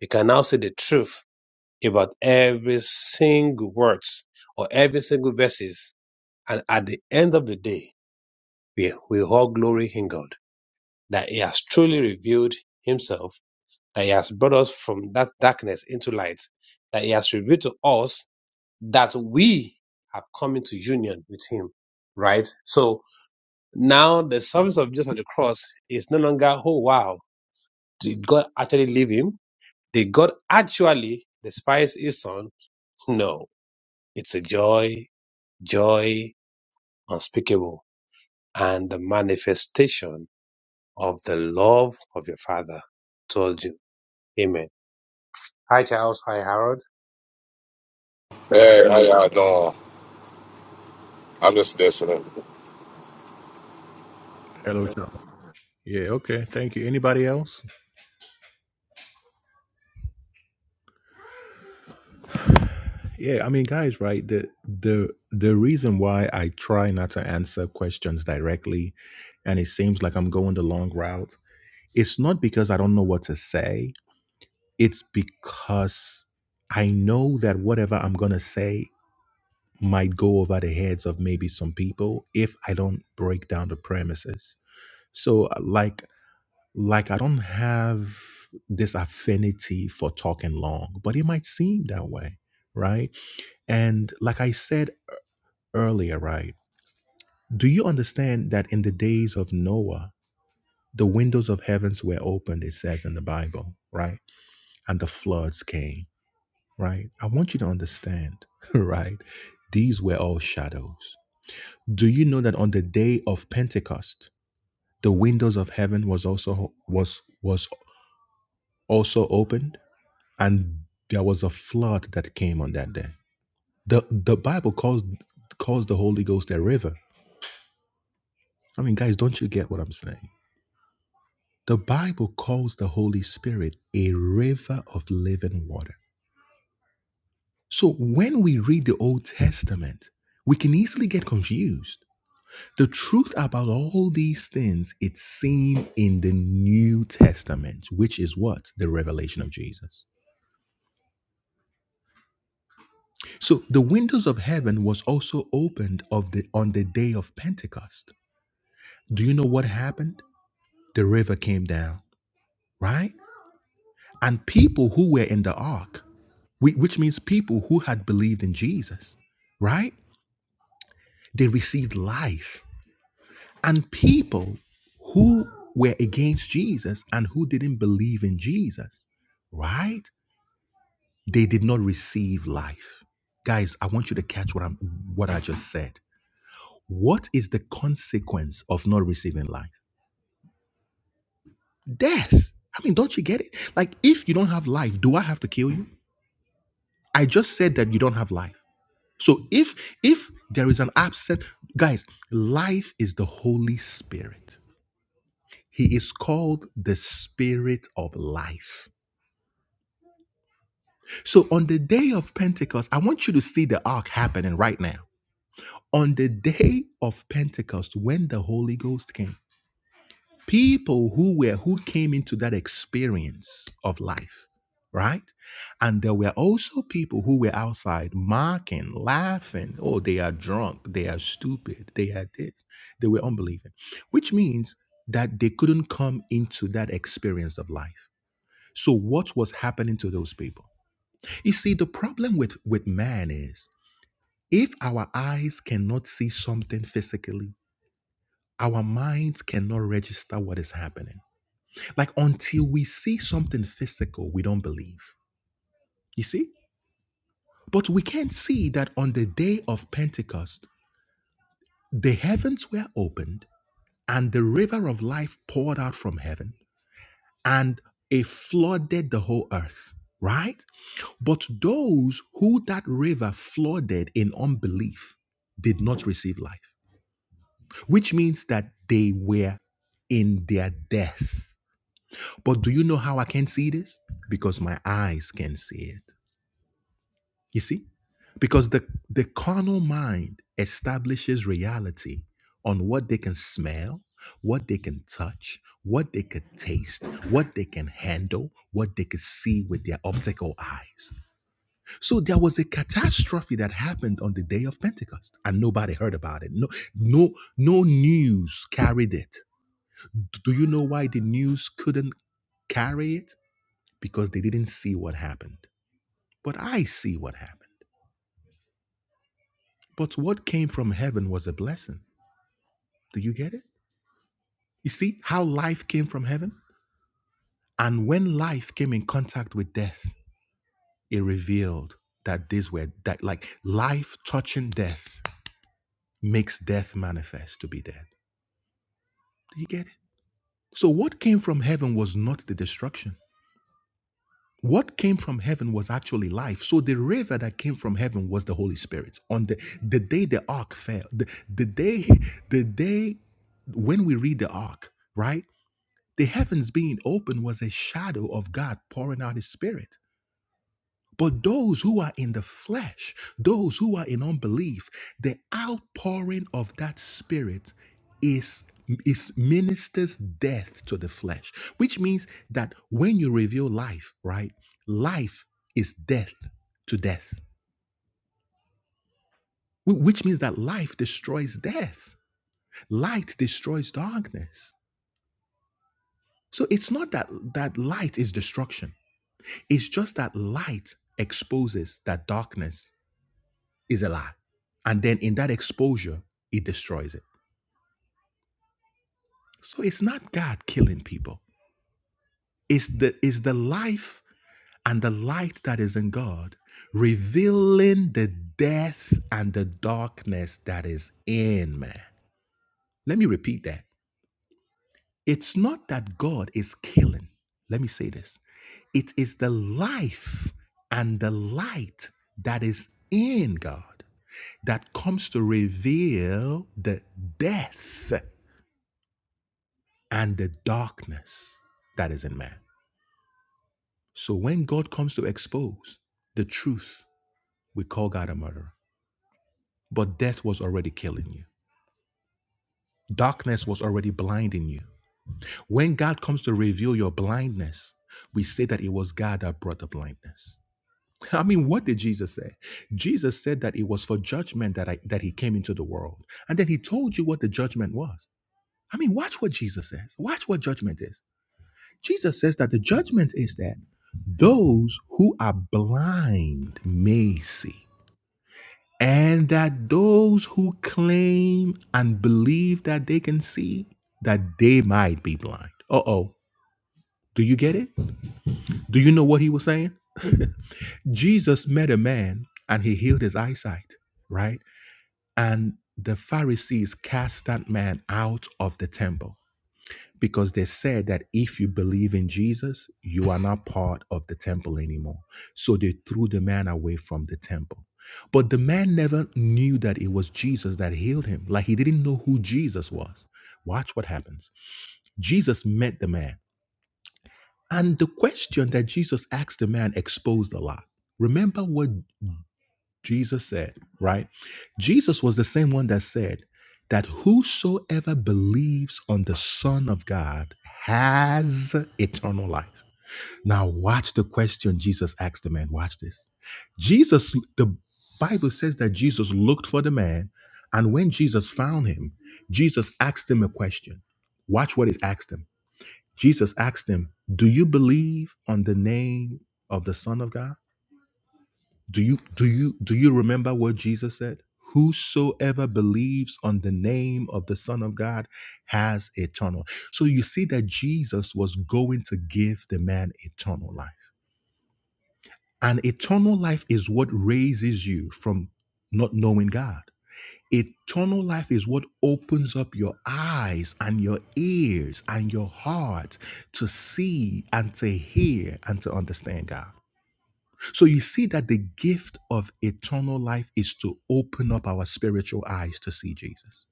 Speaker 3: we can now see the truth about every single words or every single verses. And at the end of the day, We we all glory in God that He has truly revealed Himself, that He has brought us from that darkness into light, that He has revealed to us that we have come into union with Him. Right? So now the service of Jesus on the cross is no longer, oh wow, did God actually leave Him? Did God actually despise His Son? No. It's a joy, joy unspeakable, and the manifestation of the love of your Father told you. Amen. Hi, Charles. Hi, Harold.
Speaker 5: Hey, how y'all doing? I'm just listening.
Speaker 2: Hello, John. Yeah, okay. Thank you. Anybody else? Yeah, I mean, guys, right? The the the reason why I try not to answer questions directly, and it seems like I'm going the long route, it's not because I don't know what to say. It's because I know that whatever I'm gonna say might go over the heads of maybe some people if I don't break down the premises. So, uh, like Like I don't have this affinity for talking long, but it might seem that way, right? And like I said earlier, right? Do you understand that in the days of Noah, the windows of heavens were opened, it says in the Bible, right? And the floods came, right? I want you to understand, [LAUGHS] right? These were all shadows. Do you know that on the day of Pentecost, the windows of heaven was also was was also opened? and there was a flood that came on that day. The the Bible calls calls the Holy Ghost a river. I mean, guys, don't you get what I'm saying? The Bible calls the Holy Spirit a river of living water. So when we read the Old Testament, we can easily get confused. The truth about all these things, it's seen in the New Testament, which is what? The revelation of Jesus. So the windows of heaven was also opened of the on the day of Pentecost. Do you know what happened? The river came down, right? And people who were in the ark, whi- which means people who had believed in Jesus, right? They received life. And people who were against Jesus and who didn't believe in Jesus, right? They did not receive life. Guys, I want you to catch what I'm what I just said. What is the consequence of not receiving life? death. I mean, don't you get it? Like, if you don't have life, do I have to kill you? I just said that you don't have life. So if if there is an absent, guys, life is the Holy Spirit. He is called the Spirit of Life. So on the day of Pentecost, I want you to see the ark happening right now. On the day of Pentecost, when the Holy Ghost came. people who were who came into that experience of life right and there were also people who were outside mocking laughing oh they are drunk they are stupid they are this they were unbelieving which means that they couldn't come into that experience of life so what was happening to those people you see the problem with with man is if our eyes cannot see something physically our minds cannot register what is happening like until we see something physical, we don't believe. You see? But we can't see that on the day of Pentecost, the heavens were opened and the river of life poured out from heaven and it flooded the whole earth, right? But those who that river flooded in unbelief did not receive life, which means that they were in their death. But do you know how I can see this? Because my eyes can see it. You see? Because the, the carnal mind establishes reality on what they can smell, what they can touch, what they could taste, what they can handle, what they could see with their optical eyes. So there was a catastrophe that happened on the day of Pentecost, and nobody heard about it. No, no, no news carried it. Do you know why the news couldn't carry it? Because they didn't see what happened. But I see what happened. But what came from heaven was a blessing. Do you get it? You see how life came from heaven? And when life came in contact with death, it revealed that these were that like life touching death makes death manifest to be dead. Do you get it? So what came from heaven was not the destruction. What came from heaven was actually life. So the river that came from heaven was the Holy Spirit. On the, the day the ark fell, the, the day, [LAUGHS] the day when we read the ark, right? The heavens being open was a shadow of God pouring out his spirit. But those who are in the flesh, those who are in unbelief, the outpouring of that spirit is is ministers death to the flesh, which means that when you reveal life, right? Life is death to death. Wh- Which means that life destroys death. Light destroys darkness. So it's not that that light is destruction. It's just that light exposes that darkness is a lie. And then in that exposure, it destroys it. So it's not God killing people. It's the it's the life and the light that is in God revealing the death and the darkness that is in man. Let me repeat that. It's not that God is killing. Let me say this. It is the life and the light that is in God that comes to reveal the death and the darkness that is in man. So when God comes to expose the truth, we call God a murderer. But death was already killing you, darkness was already blinding you. When God comes to reveal your blindness, we say that it was God that brought the blindness. I mean, what did Jesus say? Jesus said that it was for judgment that I, that he came into the world. And then he told you what the judgment was. I mean, watch what Jesus says. Watch what judgment is. Jesus says that the judgment is that those who are blind may see, and that those who claim and believe that they can see, that they might be blind. Uh oh. Do you get it? Do you know what he was saying? [LAUGHS] Jesus met a man and he healed his eyesight, right? And the Pharisees cast that man out of the temple. because they said that if you believe in Jesus, you are not part of the temple anymore. So they threw the man away from the temple. But the man never knew that it was Jesus that healed him. Like he didn't know who Jesus was. Watch what happens. Jesus met the man. And the question that Jesus asked the man exposed a lot. Remember what Jesus said, right? Jesus was the same one that said that whosoever believes on the Son of God has eternal life. Now, watch the question Jesus asked the man. Watch this. Jesus, the Bible says that Jesus looked for the man, and when Jesus found him, Jesus asked him a question. Watch what he asked him. Jesus asked him, Do you believe on the name of the Son of God? Do you do you do you remember what Jesus said? Whosoever believes on the name of the Son of God has eternal. So you see that Jesus was going to give the man eternal life. And eternal life is what raises you from not knowing God. Eternal life is what opens up your eyes and your ears and your heart to see and to hear and to understand God. So you see that the gift of eternal life is to open up our spiritual eyes to see Jesus.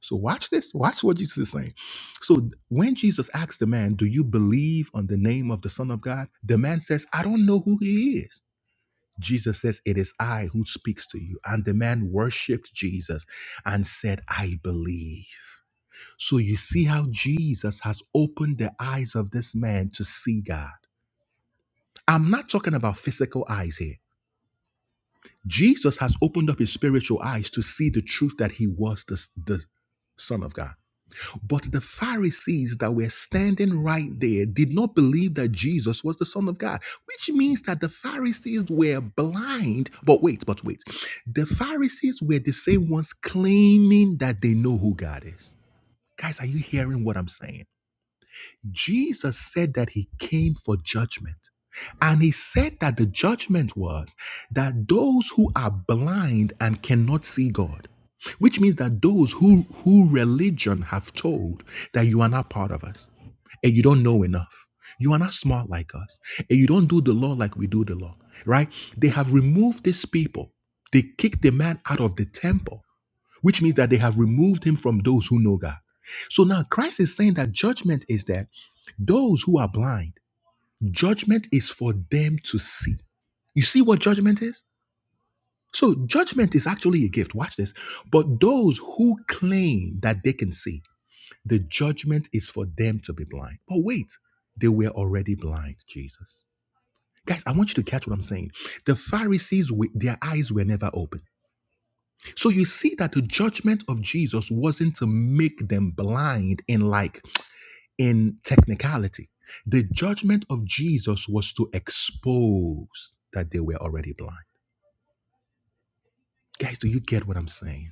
Speaker 2: So watch this. Watch what Jesus is saying. So when Jesus asks the man, Do you believe on the name of the Son of God? The man says, I don't know who he is. Jesus says, It is I who speaks to you. And the man worshiped Jesus and said, I believe. So you see how Jesus has opened the eyes of this man to see God. I'm not talking about physical eyes here. Jesus has opened up his spiritual eyes to see the truth that he was the, the Son of God. But the Pharisees that were standing right there did not believe that Jesus was the Son of God, which means that the Pharisees were blind. But wait, but wait. The Pharisees were the same ones claiming that they know who God is. Guys, are you hearing what I'm saying? Jesus said that he came for judgment. And he said that the judgment was that those who are blind and cannot see God, which means that those who, who religion have told that you are not part of us and you don't know enough, you are not smart like us, and you don't do the law like we do the law, right? They have removed these people. They kicked the man out of the temple, which means that they have removed him from those who know God. So now Christ is saying that judgment is there those who are blind, judgment is for them to see. You see what judgment is? So, judgment is actually a gift. Watch this. But those who claim that they can see, the judgment is for them to be blind. But wait, they were already blind, Jesus. Guys, I want you to catch what I'm saying. The Pharisees, wi- their eyes were never open. So you see that the judgment of Jesus wasn't to make them blind in like in technicality. The judgment of Jesus was to expose that they were already blind. Guys, do you get what I'm saying?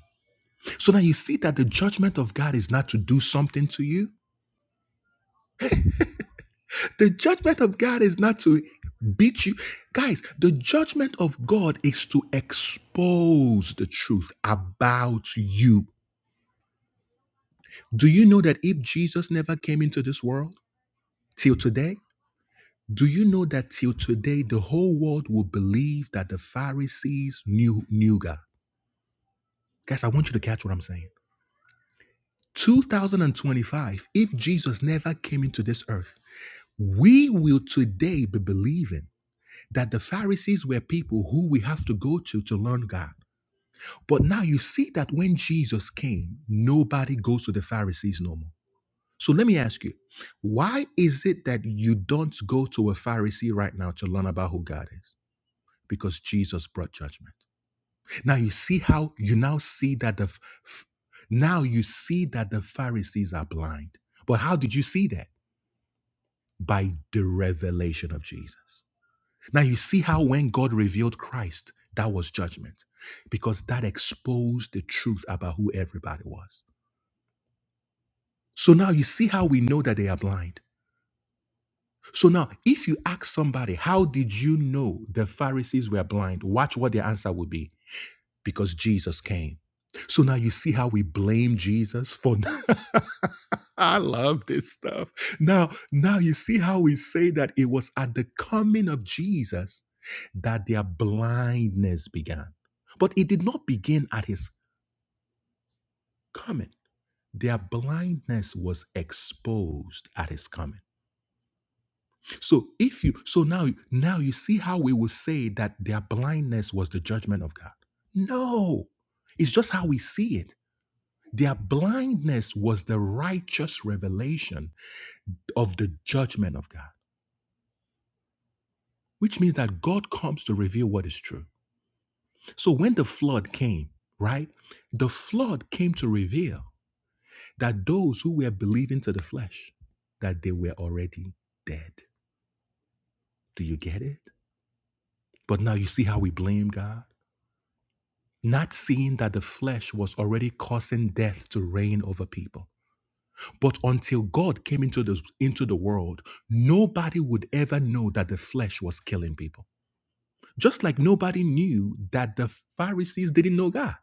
Speaker 2: So now you see that the judgment of God is not to do something to you. The judgment of God is not to beat you. Guys, the judgment of God is to expose the truth about you. Do you know that if Jesus never came into this world till today, Do you know that till today the whole world will believe that the Pharisees knew knew God? Guys, I want you to catch what I'm saying. 2025, if Jesus never came into this earth, we will today be believing that the Pharisees were people who we have to go to to learn God. But now you see that when Jesus came, nobody goes to the Pharisees no more. So let me ask you, why is it that you don't go to a Pharisee right now to learn about who God is? because Jesus brought judgment. Now you see how you now see that the f- now you see that the Pharisees are blind. But how did you see that? By the revelation of Jesus. Now you see how when God revealed Christ, that was judgment because that exposed the truth about who everybody was. So now you see how we know that they are blind. So now if you ask somebody, how did you know the Pharisees were blind? Watch what their answer would be. because Jesus came. So now you see how we blame Jesus for [LAUGHS] I love this stuff. Now, now you see how we say that it was at the coming of Jesus that their blindness began. But it did not begin at his coming. Their blindness was exposed at his coming. So if you so now now you see how we will say that their blindness was the judgment of God. No. It's just how we see it. Their blindness was the righteous revelation of the judgment of God, which means that God comes to reveal what is true. So when the flood came, right, the flood came to reveal that those who were believing to the flesh, that they were already dead. Do you get it? But now you see how we blame God? Not seeing that the flesh was already causing death to reign over people. But until God came into the, into the world, nobody would ever know that the flesh was killing people. Just like nobody knew that the Pharisees didn't know God.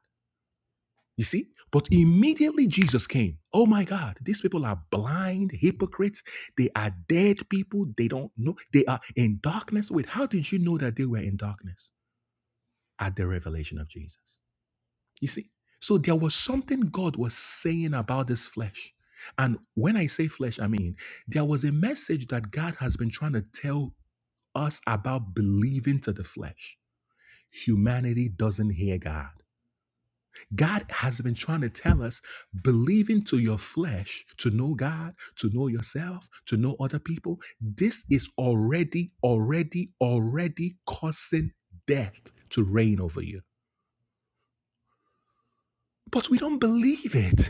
Speaker 2: You see? But immediately Jesus came. Oh my God, these people are blind, hypocrites. They are dead people. They don't know. They are in darkness. Wait, how did you know that they were in darkness? At the revelation of Jesus. You see? So there was something God was saying about this flesh. And when I say flesh, I mean there was a message that God has been trying to tell us about believing to the flesh. Humanity doesn't hear God. God has been trying to tell us believing to your flesh to know God, to know yourself, to know other people. This is already, already, already causing death to reign over you. But we don't believe it.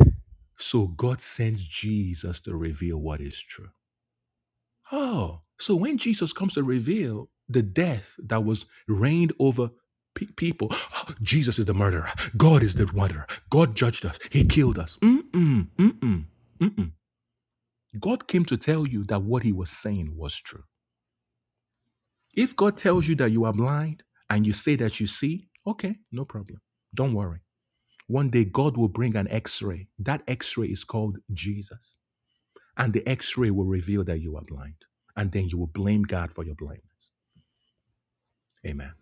Speaker 2: So God sends Jesus to reveal what is true. Oh, so when Jesus comes to reveal the death that was reigned over pe- people, oh, Jesus is the murderer. God is the murderer. God judged us. He killed us. Mm-mm, mm-mm, mm-mm. God came to tell you that what he was saying was true. If God tells you that you are blind and you say that you see, okay, no problem. Don't worry. One day God will bring an x ray. That x ray is called Jesus. and the x-ray will reveal that you are blind and then you will blame god for your blindness amen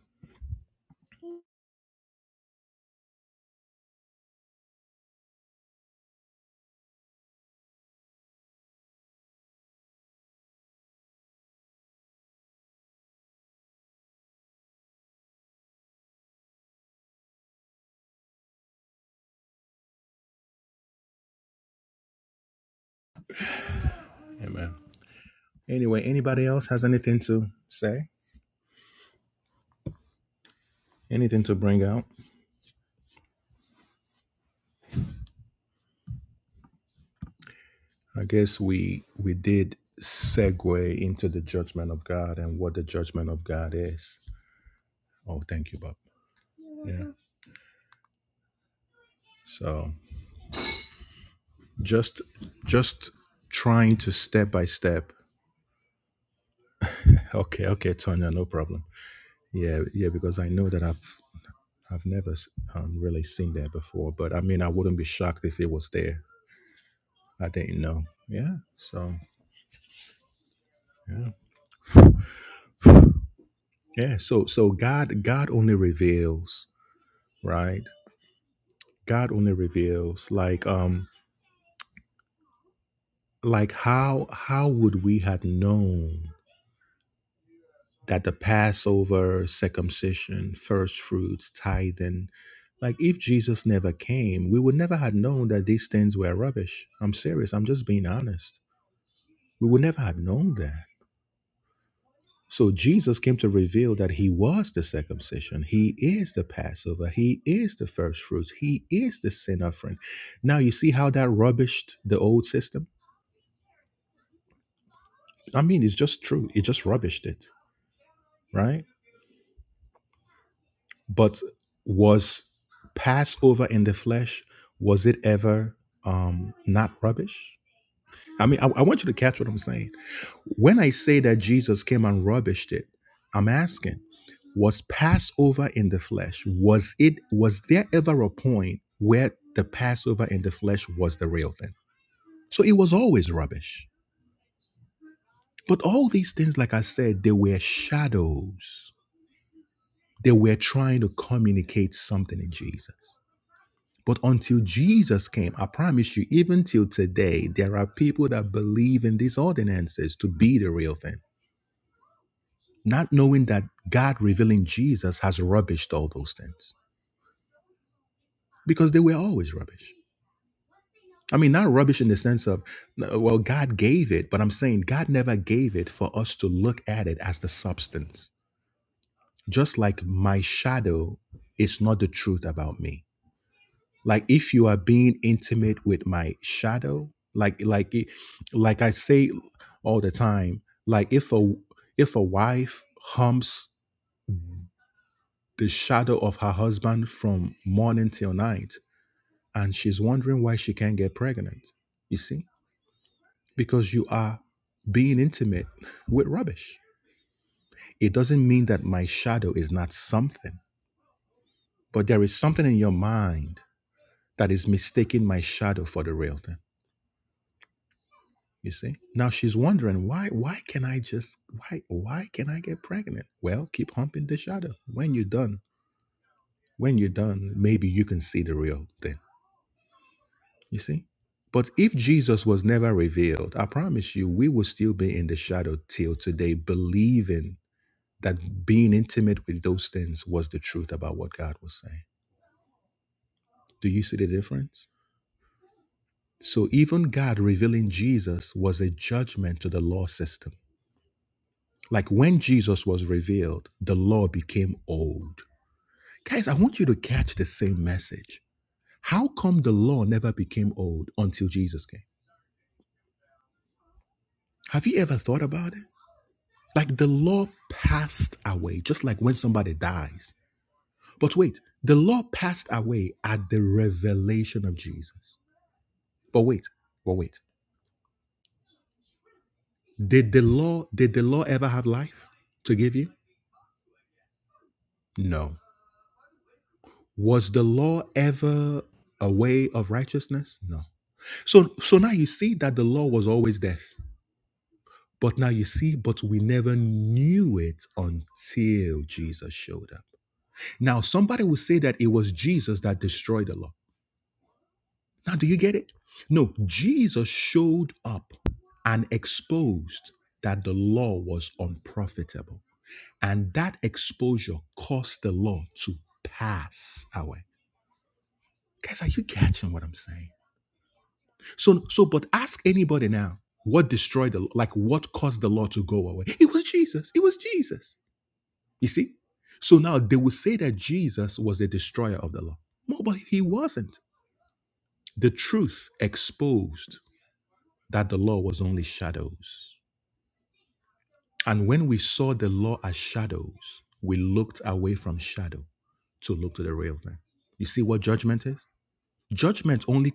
Speaker 2: amen anyway anybody else has anything to say anything to bring out i guess we we did segue into the judgment of god and what the judgment of god is oh thank you bob yeah so just just trying to step by step okay okay tonya no problem yeah yeah because i know that i've I've never s- um, really seen that before, but I mean, I wouldn't be shocked if it was there. I didn't know. Yeah. So yeah, yeah. So so God God only reveals, right? God only reveals. Like um, like how how would we have known that the Passover, circumcision, first fruits, tithing, like if Jesus never came, we would never have known that these things were rubbish. I'm serious. I'm just being honest. We would never have known that So Jesus came to reveal that he was the circumcision. He is the Passover. He is the first fruits. He is the sin offering. Now you see how that rubbished the old system? I mean, it's just true. It just rubbished it, right? But was Passover in the flesh, was it ever um, not rubbish? I mean, I, I want you to catch what I'm saying. When I say that Jesus came and rubbished it, I'm asking. was Passover in the flesh? Was it was there ever a point where the Passover in the flesh was the real thing? So it was always rubbish. But all these things, like I said, they were shadows. They were trying to communicate something in Jesus. But until Jesus came, I promise you, even till today, there are people that believe in these ordinances to be the real thing, not knowing that God revealing Jesus has rubbished all those things because they were always rubbish. I mean, not rubbish in the sense of, uh, well, God gave it, but I'm saying God never gave it for us to look at it as the substance. Just like my shadow is not the truth about me. Like if you are being intimate with my shadow, like like it- like I say all the time, like if a if a wife humps the shadow of her husband from morning till night, and she's wondering why she can't get pregnant, you see because you are being intimate with rubbish. It doesn't mean that my shadow is not something, but there is something in your mind that is mistaking my shadow for the real thing. You see? Now she's wondering why why can I just why why can I get pregnant? Well, keep humping the shadow. When you're done, when you're done, maybe you can see the real thing. You see? But if Jesus was never revealed, I promise you, we will still be in the shadow till today, believing that being intimate with those things was the truth about what God was saying. Do you see the difference? So even God revealing Jesus was a judgment to the law system. Like when Jesus was revealed, the law became old. Guys, I want you to catch the same message. How come the law never became old until Jesus came? Have you ever thought about it? Like the law passed away, just like when somebody dies. But wait, the law passed away at the revelation of Jesus. But wait, but wait. Did the law did the law ever have life to give you? No. Was the law ever a way of righteousness? No. So so now you see that the law was always death. But now you see, but we never knew it until Jesus showed up. Now somebody will say that it was Jesus that destroyed the law. Now do you get it? No, Jesus showed up and exposed that the law was unprofitable. And that exposure caused the law to pass away. Guys, are you catching what I'm saying? So, so, but ask anybody now what destroyed the law, like what caused the law to go away? It was Jesus. It was Jesus. You see? So now they will say that Jesus was the destroyer of the law. No, but he wasn't. The truth exposed that the law was only shadows. And when we saw the law as shadows, we looked away from shadow to look to the real thing. You see what judgment is? Judgment only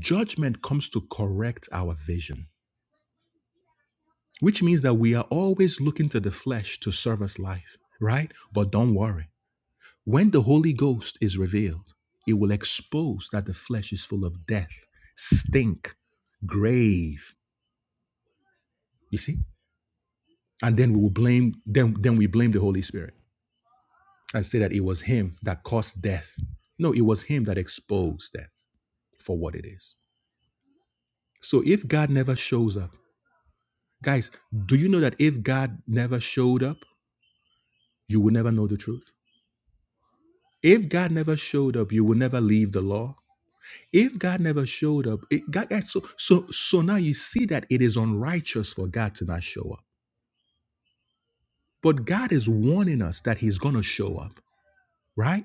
Speaker 2: judgment comes to correct our vision, which means that we are always looking to the flesh to serve us life, right? But don't worry. When the Holy Ghost is revealed, it will expose that the flesh is full of death, stink, grave. You see? And then we will blame then then we blame the Holy Spirit and say that it was him that caused death. No, it was him that exposed death for what it is. So if God never shows up Guys, do you know that if God never showed up, you would never know the truth? If God never showed up, you would never leave the law. If God never showed up, it, God, guys, so so so now you see that it is unrighteous for God to not show up. But God is warning us that He's gonna show up, right?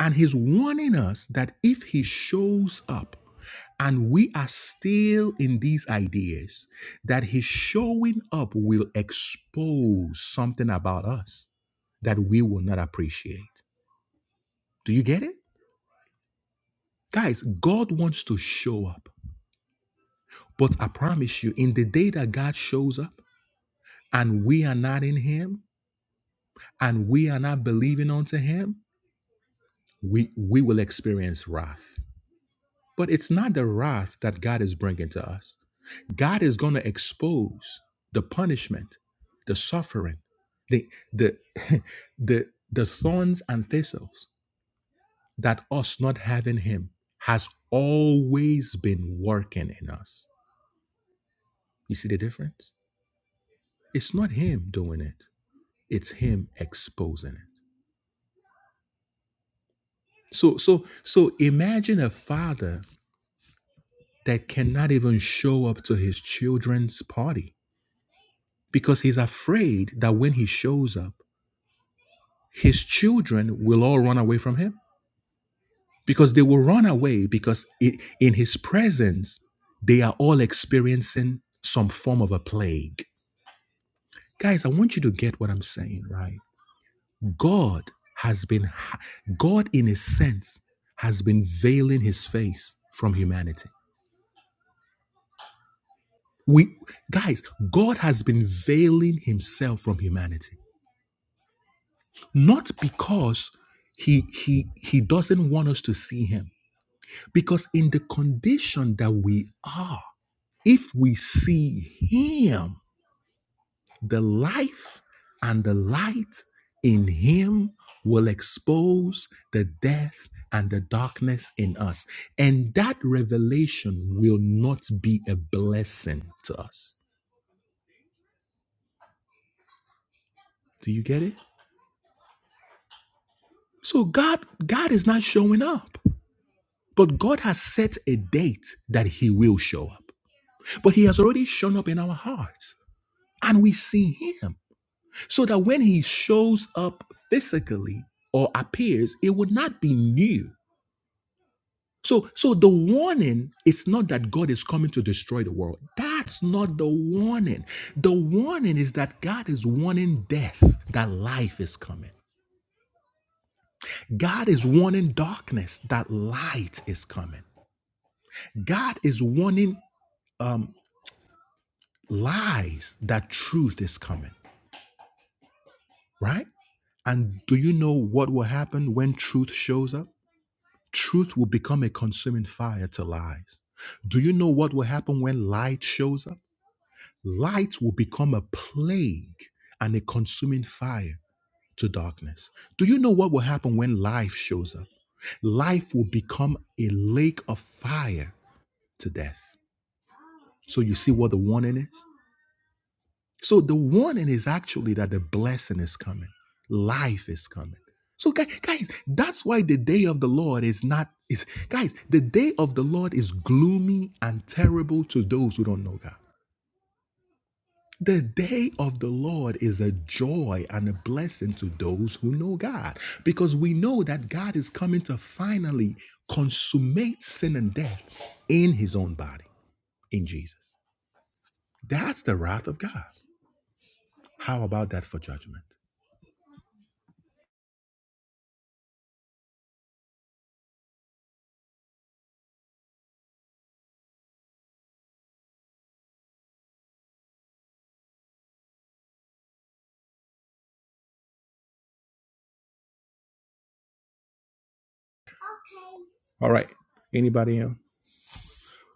Speaker 2: And He's warning us that if He shows up, And we are still in these ideas that his showing up will expose something about us that we will not appreciate. Do you get it? Guys, God wants to show up. But I promise you, in the day that God shows up and we are not in him and we are not believing unto him, we, we will experience wrath. But it's not the wrath that God is bringing to us. God is going to expose the punishment, the suffering, the the [LAUGHS] the the thorns and thistles that us not having him has always been working in us. You see the difference? It's not him doing it. It's him exposing it. So so so imagine a father that cannot even show up to his children's party because he's afraid that when he shows up, his children will all run away from him because they will run away because i- in his presence, they are all experiencing some form of a plague. Guys, I want you to get what I'm saying, right? God has been, God in a sense, has been veiling his face from humanity. We, guys, God has been veiling himself from humanity not because he he he doesn't want us to see him because in the condition that we are if we see him the life and the light in him will expose the death and the darkness in us and that revelation will not be a blessing to us do you get it so god god is not showing up but god has set a date that he will show up but he has already shown up in our hearts and we see him so that when he shows up physically or appears it would not be new so so the warning is not that god is coming to destroy the world that's not the warning the warning is that god is warning death that life is coming god is warning darkness that light is coming god is warning um lies that truth is coming right? And do you know what will happen when truth shows up? Truth will become a consuming fire to lies. Do you know what will happen when light shows up? Light will become a plague and a consuming fire to darkness. Do you know what will happen when life shows up? Life will become a lake of fire to death. So you see what the warning is? So the warning is actually that the blessing is coming, life is coming. So guys, guys, that's why the day of the Lord is not is guys, the day of the Lord is gloomy and terrible to those who don't know God. The day of the Lord is a joy and a blessing to those who know God because we know that God is coming to finally consummate sin and death in his own body in Jesus. That's the wrath of God. How about that for judgment? All right. Anybody else?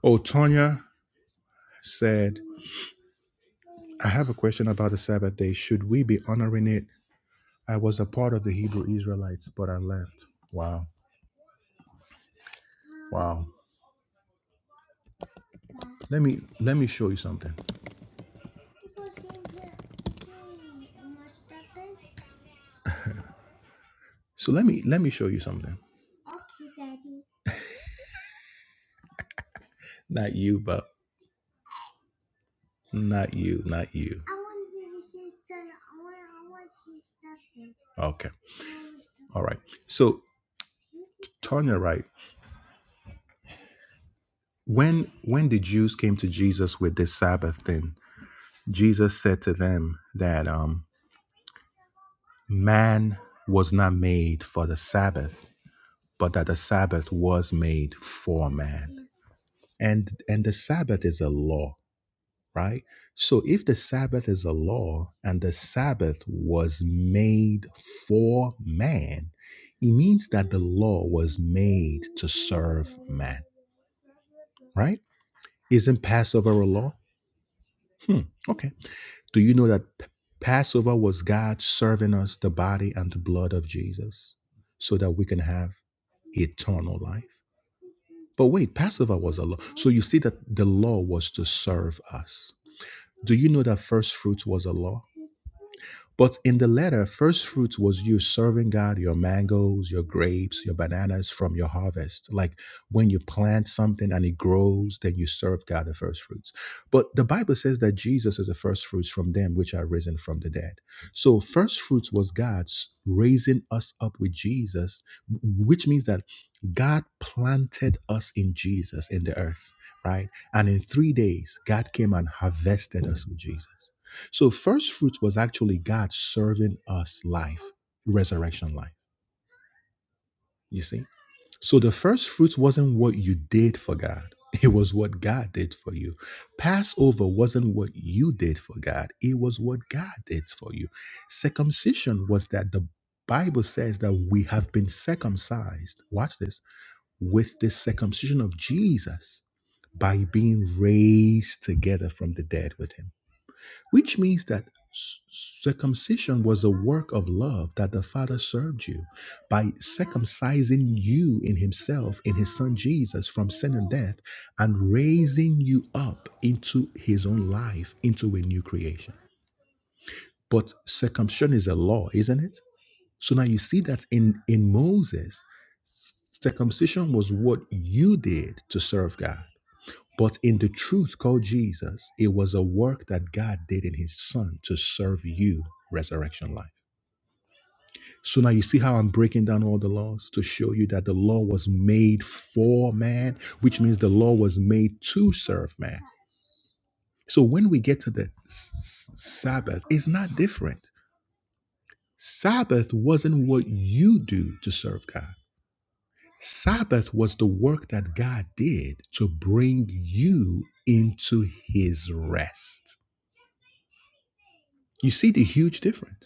Speaker 2: Oh, Tonya said, I have a question about the Sabbath day. Should we be honoring it? I was a part of the Hebrew Israelites, but I left. Wow. Wow. Let me let me show you something. So let me let me show you something. Not you, but not you, not you. Okay. All right. So Tonya, right? When when the Jews came to Jesus with this Sabbath thing, Jesus said to them that um man was not made for the Sabbath, but that the Sabbath was made for man. And and the Sabbath is a law, right? So if the Sabbath is a law and the Sabbath was made for man, it means that the law was made to serve man, right? Isn't Passover a law? Hmm, okay. Do you know that P- Passover was God serving us the body and the blood of Jesus so that we can have eternal life? But wait, Passover was a law. So you see that the law was to serve us. Do you know that first fruits was a law? But in the letter, first fruits was you serving God your mangoes, your grapes, your bananas from your harvest. Like when you plant something and it grows, then you serve God the first fruits. But the Bible says that Jesus is the first fruits from them which are risen from the dead. So first fruits was God's raising us up with Jesus, which means that God planted us in Jesus in the earth, right? And in three days, God came and harvested us with Jesus. So first fruits was actually God serving us life, resurrection life. You see? So the first fruits wasn't what you did for God. [LAUGHS] It was what God did for you. Passover wasn't what you did for God. It was what God did for you. Circumcision was that the Bible says that we have been circumcised. Watch this. With the circumcision of Jesus by being raised together from the dead with him which means that c- circumcision was a work of love that the Father served you by circumcising you in Himself, in His Son Jesus, from sin and death, and raising you up into His own life, into a new creation. But circumcision is a law, isn't it? So now you see that in, in Moses, circumcision was what you did to serve God but in the truth called Jesus, it was a work that God did in his son to serve you resurrection life. So now you see how I'm breaking down all the laws to show you that the law was made for man, which means the law was made to serve man. So when we get to the s- s- Sabbath, it's not different. Sabbath wasn't what you do to serve God. Sabbath was the work that God did to bring you into his rest. You see the huge difference.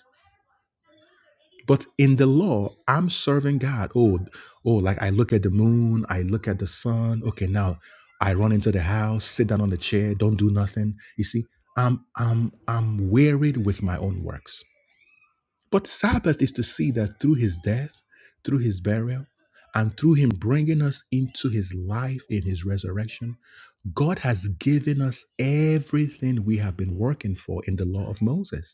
Speaker 2: But in the law, I'm serving God. Oh, oh, like I look at the moon, I look at the sun. Okay, now I run into the house, sit down on the chair, don't do nothing. You see, I'm I'm I'm wearied with my own works. But Sabbath is to see that through his death, through his burial, and through him bringing us into his life in his resurrection, God has given us everything we have been working for in the law of Moses.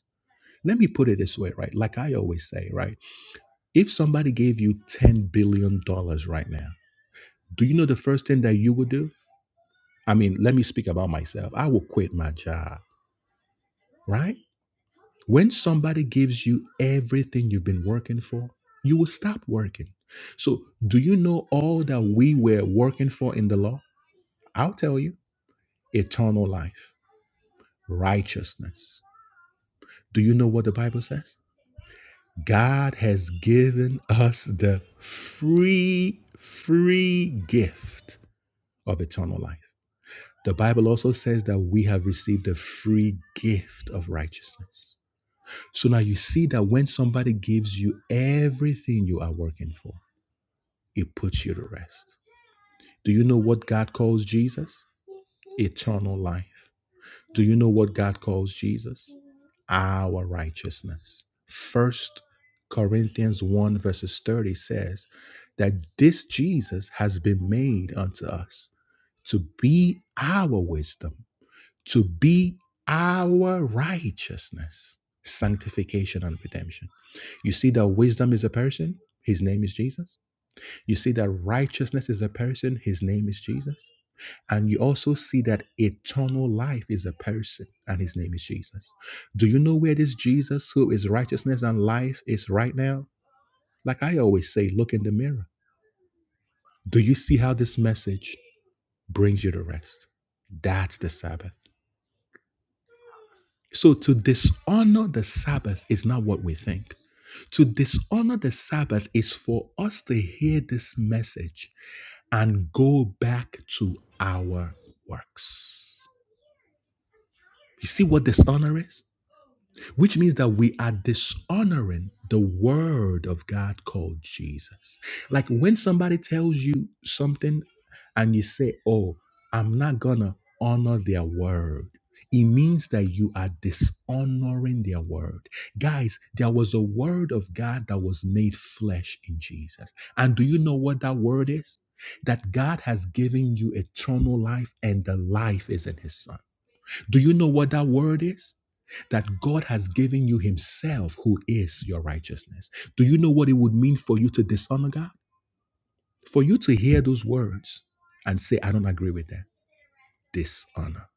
Speaker 2: Let me put it this way, right? Like I always say, right? If somebody gave you $10 billion dollars right now, do you know the first thing that you would do? I mean, let me speak about myself. I will quit my job, right? When somebody gives you everything you've been working for, you will stop working. So, do you know all that we were working for in the law? I'll tell you eternal life, righteousness. Do you know what the Bible says? God has given us the free, free gift of eternal life. The Bible also says that we have received a free gift of righteousness. So now you see that when somebody gives you everything you are working for, it puts you to rest. Do you know what God calls Jesus? Eternal life. Do you know what God calls Jesus? Our righteousness. First Corinthians 1 verses 30 says that this Jesus has been made unto us to be our wisdom, to be our righteousness, sanctification and redemption. You see that wisdom is a person, his name is Jesus. You see that righteousness is a person, his name is Jesus. And you also see that eternal life is a person, and his name is Jesus. Do you know where this Jesus, who is righteousness and life, is right now? Like I always say, look in the mirror. Do you see how this message brings you to rest? That's the Sabbath. So to dishonor the Sabbath is not what we think. To dishonor the Sabbath is for us to hear this message and go back to our works. You see what dishonor is? which means that we are dishonoring the word of God called Jesus. Like when somebody tells you something and you say, Oh, I'm not gonna honor their word. It means that you are dishonoring their word. Guys, there was a word of God that was made flesh in Jesus. And do you know what that word is? That God has given you eternal life and the life is in his son. Do you know what that word is? That God has given you Himself, who is your righteousness. Do you know what it would mean for you to dishonor God? For you to hear those words and say, I don't agree with that. Dishonor.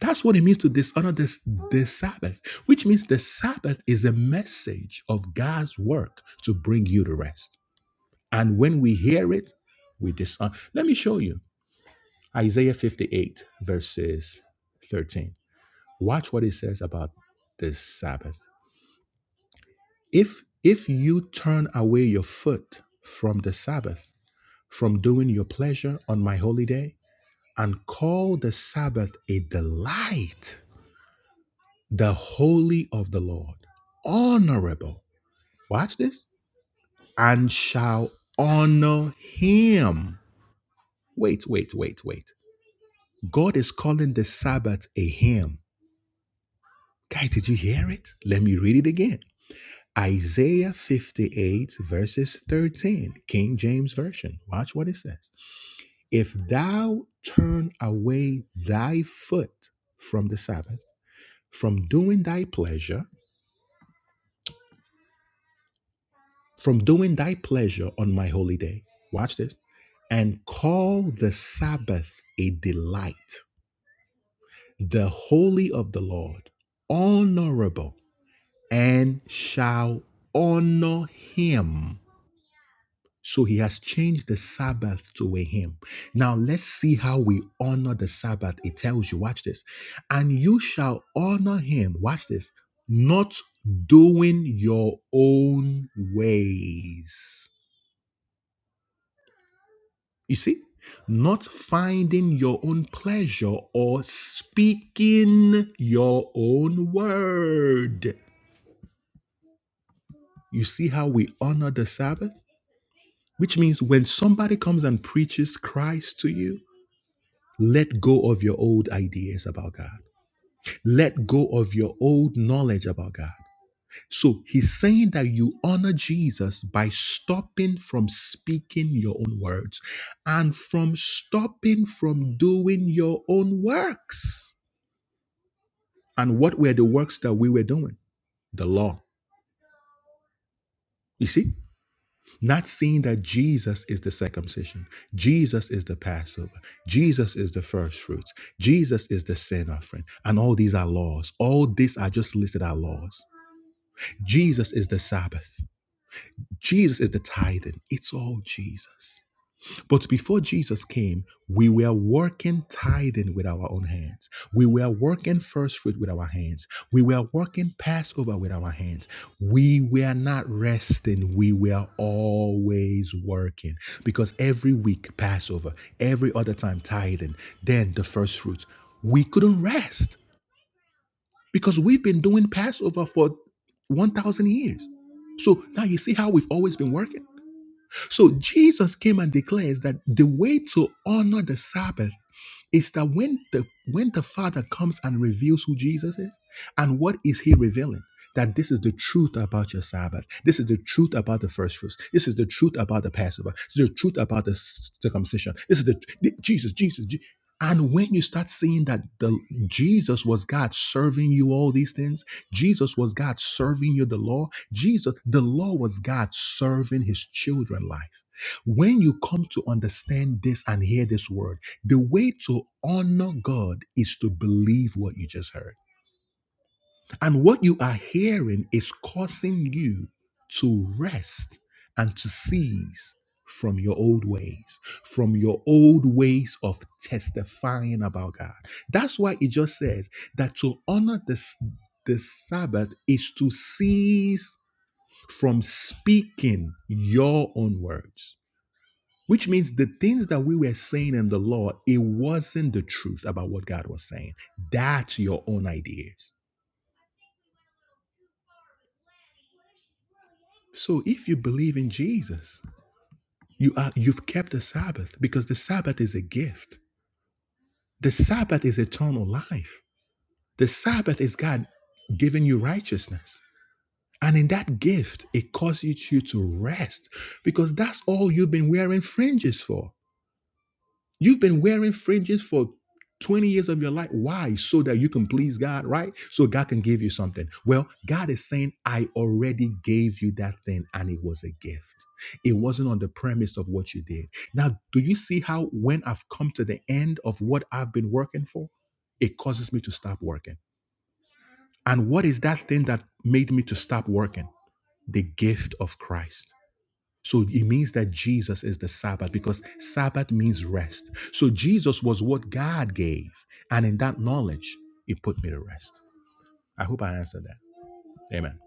Speaker 2: That's what it means to dishonor this, the Sabbath, which means the Sabbath is a message of God's work to bring you to rest. And when we hear it, we dishonor. Let me show you Isaiah 58, verses 13. Watch what it says about this Sabbath. If if you turn away your foot from the Sabbath, from doing your pleasure on my holy day, and call the Sabbath a delight, the holy of the Lord, honorable. Watch this. And shall honor him. Wait, wait, wait, wait. God is calling the Sabbath a hymn. Guy, did you hear it? Let me read it again. Isaiah 58, verses 13, King James Version. Watch what it says. If thou turn away thy foot from the Sabbath, from doing thy pleasure, from doing thy pleasure on my holy day, watch this, and call the Sabbath a delight, the holy of the Lord, honorable, and shall honor him So he has changed the Sabbath to a hymn. Now let's see how we honor the Sabbath. It tells you, watch this. And you shall honor him, watch this, not doing your own ways. You see? Not finding your own pleasure or speaking your own word. You see how we honor the Sabbath? Which means when somebody comes and preaches Christ to you, Let go of your old ideas about God. Let go of your old knowledge about God. So he's saying that you honor Jesus by stopping from speaking your own words and from stopping from doing your own works. And what were the works that we were doing? The law. You see? Not seeing that Jesus is the circumcision, Jesus is the Passover, Jesus is the first fruits, Jesus is the sin offering, and all these are laws. All these are just listed as laws. Jesus is the Sabbath, Jesus is the tithing. It's all Jesus. But before Jesus came, we were working tithing with our own hands. We were working first fruit with our hands. We were working Passover with our hands. We were not resting. We were always working because every week, Passover, every other time, tithing, then the first fruits. We couldn't rest because we've been doing Passover for 1,000 years. So now you see how we've always been working? So Jesus came and declares that the way to honor the Sabbath is that when the when the Father comes and reveals who Jesus is and what is he revealing that this is the truth about your Sabbath. This is the truth about the first fruits. This is the truth about the Passover. This is the truth about the circumcision. This is the, the- Jesus, Jesus, Je- and when you start seeing that the Jesus was God serving you all these things Jesus was God serving you the law. Jesus, the law was God serving his children life. When you come to understand this and hear this word, the way to honor God is to believe what you just heard. And what you are hearing is causing you to rest and to cease from your old ways, from your old ways of testifying about God. That's why it just says that to honor this the Sabbath is to cease from speaking your own words. Which means the things that we were saying in the law, it wasn't the truth about what God was saying. That's your own ideas. So if you believe in Jesus, you are you've kept the Sabbath because the Sabbath is a gift. The Sabbath is eternal life. The Sabbath is God giving you righteousness. And in that gift, it causes you to rest because that's all you've been wearing fringes for. You've been wearing fringes for 20 years of your life. Why? So that you can please God, right? So God can give you something. Well, God is saying, I already gave you that thing and it was a gift. It wasn't on the premise of what you did. Now, do you see how when I've come to the end of what I've been working for, it causes me to stop working? And what is that thing that made me to stop working? The gift of Christ. So it means that Jesus is the Sabbath because Sabbath means rest. So Jesus was what God gave. And in that knowledge, it put me to rest. I hope I answered that. Amen.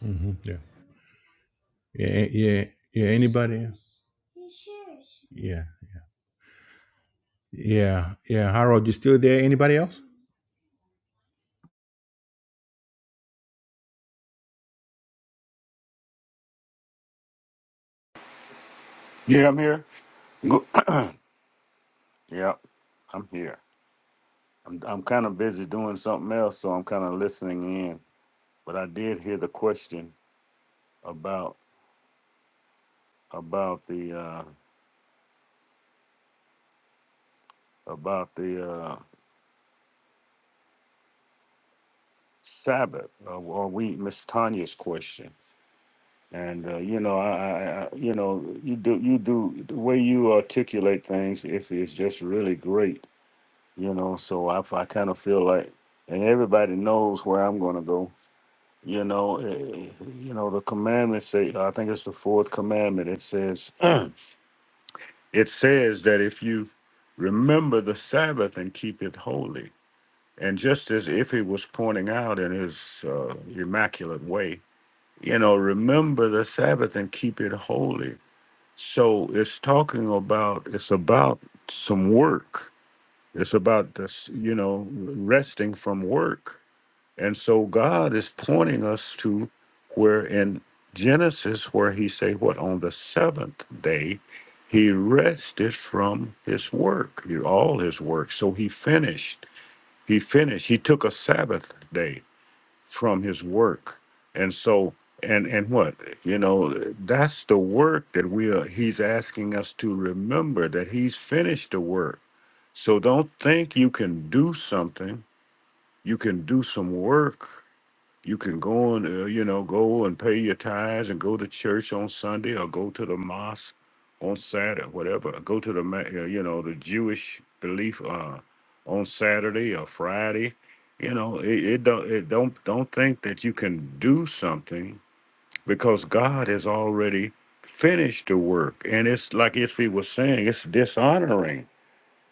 Speaker 2: hmm Yeah. Yeah. Yeah. Yeah. Anybody? Yeah. Yeah. Yeah. Harold, you still there? Anybody else?
Speaker 6: Yeah, I'm here. Go- [CLEARS THROAT] yeah, I'm here. I'm I'm kind of busy doing something else, so I'm kind of listening in. But I did hear the question about about the uh, about the uh, Sabbath, uh, or we Miss Tanya's question. And uh, you know, I, I, I you know, you do you do the way you articulate things. If it's just really great, you know. So I I kind of feel like, and everybody knows where I'm going to go You know, eh, you know the commandments say. I think it's the fourth commandment. It says, [CLEARS THROAT] it says that if you remember the Sabbath and keep it holy, and just as if he was pointing out in his uh, immaculate way, you know, remember the Sabbath and keep it holy. So it's talking about it's about some work. It's about this, you know, resting from work and so God is pointing us to where in Genesis, where he say what on the seventh day he rested from his work, all his work. So he finished. He finished. He took a Sabbath day from his work. And so and and what you know that's the work that we are he's asking us to remember that he's finished the work so don't think you can do something you can do some work you can go and uh, you know go and pay your tithes and go to church on Sunday or go to the mosque on Saturday, whatever. Go to the ma- uh, you know the Jewish belief uh, on Saturday or Friday. You know it, it don't it don't don't think that you can do something because God has already finished the work, and it's like if he was saying it's dishonoring.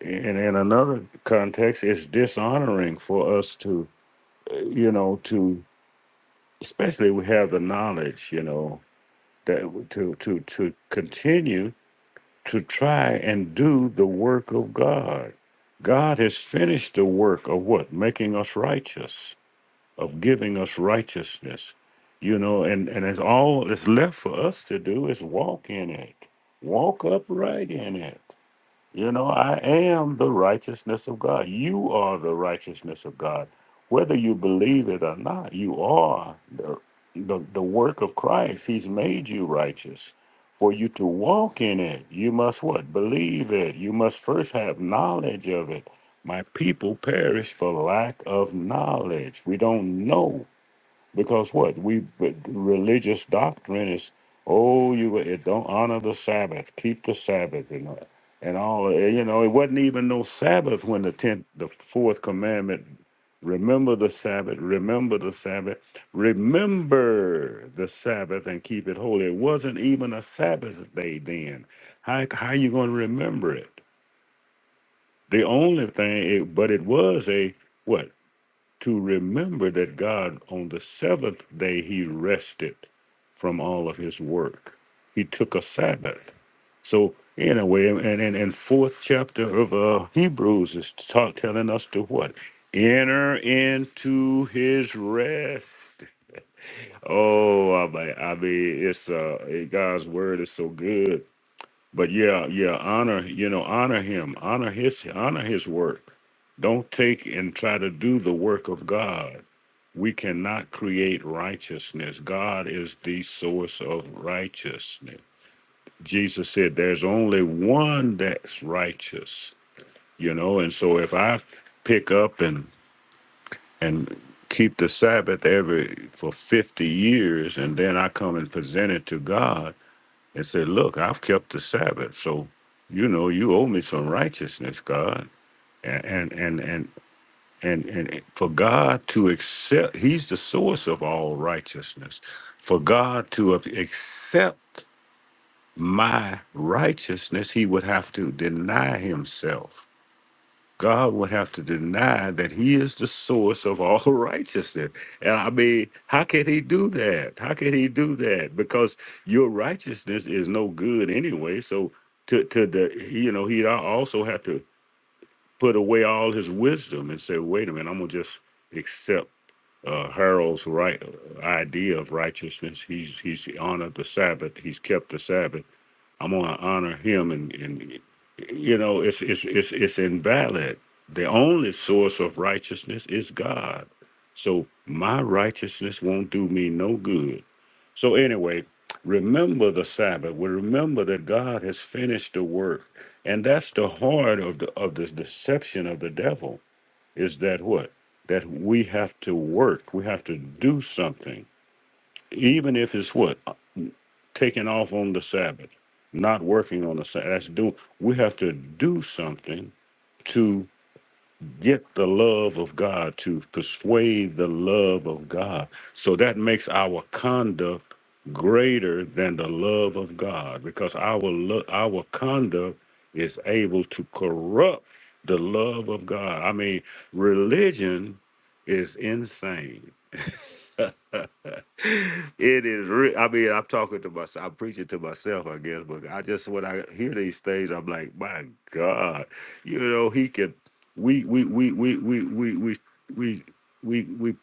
Speaker 6: And in another context, it's dishonoring for us to, uh, you know, to especially we have the knowledge, you know, that to to to continue to try and do the work of God. God has finished the work of what? Making us righteous, of giving us righteousness. You know, and and it's all that's left for us to do is walk in it. Walk upright in it. You know, I am the righteousness of God. You are the righteousness of God. Whether you believe it or not, you are the, the, the work of Christ. He's made you righteous. For you to walk in it, you must what? Believe it. You must first have knowledge of it. My people perish for lack of knowledge. We don't know. Because what we but religious doctrine is, oh, you it don't honor the Sabbath, keep the Sabbath, and all- and all. of You know, it wasn't even no Sabbath when the tenth, the fourth commandment. Remember the Sabbath. Remember the Sabbath. Remember the Sabbath and keep it holy. It wasn't even a Sabbath day then. How how you going to remember it? The only thing, it, but it was a what to remember that God, on the seventh day, he rested from all of his work. He took a Sabbath. So, anyway, and, and, and fourth chapter of uh, Hebrews is ta- telling us to what? Enter into his rest. Oh, I mean, I mean it's uh, God's word is so good but yeah, yeah, honor, you know, honor him, honor his honor his work. Don't take and try to do the work of God. We cannot create righteousness. God is the source of righteousness. Jesus said there's only one that's righteous, you know, and so if I pick up and and keep the Sabbath every for 50 years and then I come and present it to God, and said, Look, I've kept the Sabbath. So, you know, you owe me some righteousness, God. And and and and and, and for God to accept, He's the source of all righteousness. For God to have accept my righteousness, He would have to deny Himself God would have to deny that he is the source of all [LAUGHS] righteousness. And I mean, how can he do that? How can he do that? Because your righteousness is no good anyway. So to to the you know, he also have to put away all his wisdom and say, wait a minute, I'm going to just accept uh, Harold's right uh, idea of righteousness. He's, he's honored the Sabbath, he's kept the Sabbath. I'm going to honor him. And, and you know, it's, it's, it's, it's invalid. The only source of righteousness is God. So my righteousness won't do me no good. So, anyway, remember the Sabbath. We remember that God has finished the work. And that's the heart of the of the deception of the devil is that what? That we have to work, we have to do something, even if it's what taking off on the Sabbath, not working on the Sabbath. That's do. We have to do something to get the love of God, to persuade the love of God. So that makes our conduct greater than the love of God because our lo- our conduct is able to corrupt the love of God. I mean, religion is insane it is re- I mean, I'm talking to myself. I'm preaching to myself, I guess. But I just when I hear these things, I'm like, my God, you know, he can. We we we we we we we we we we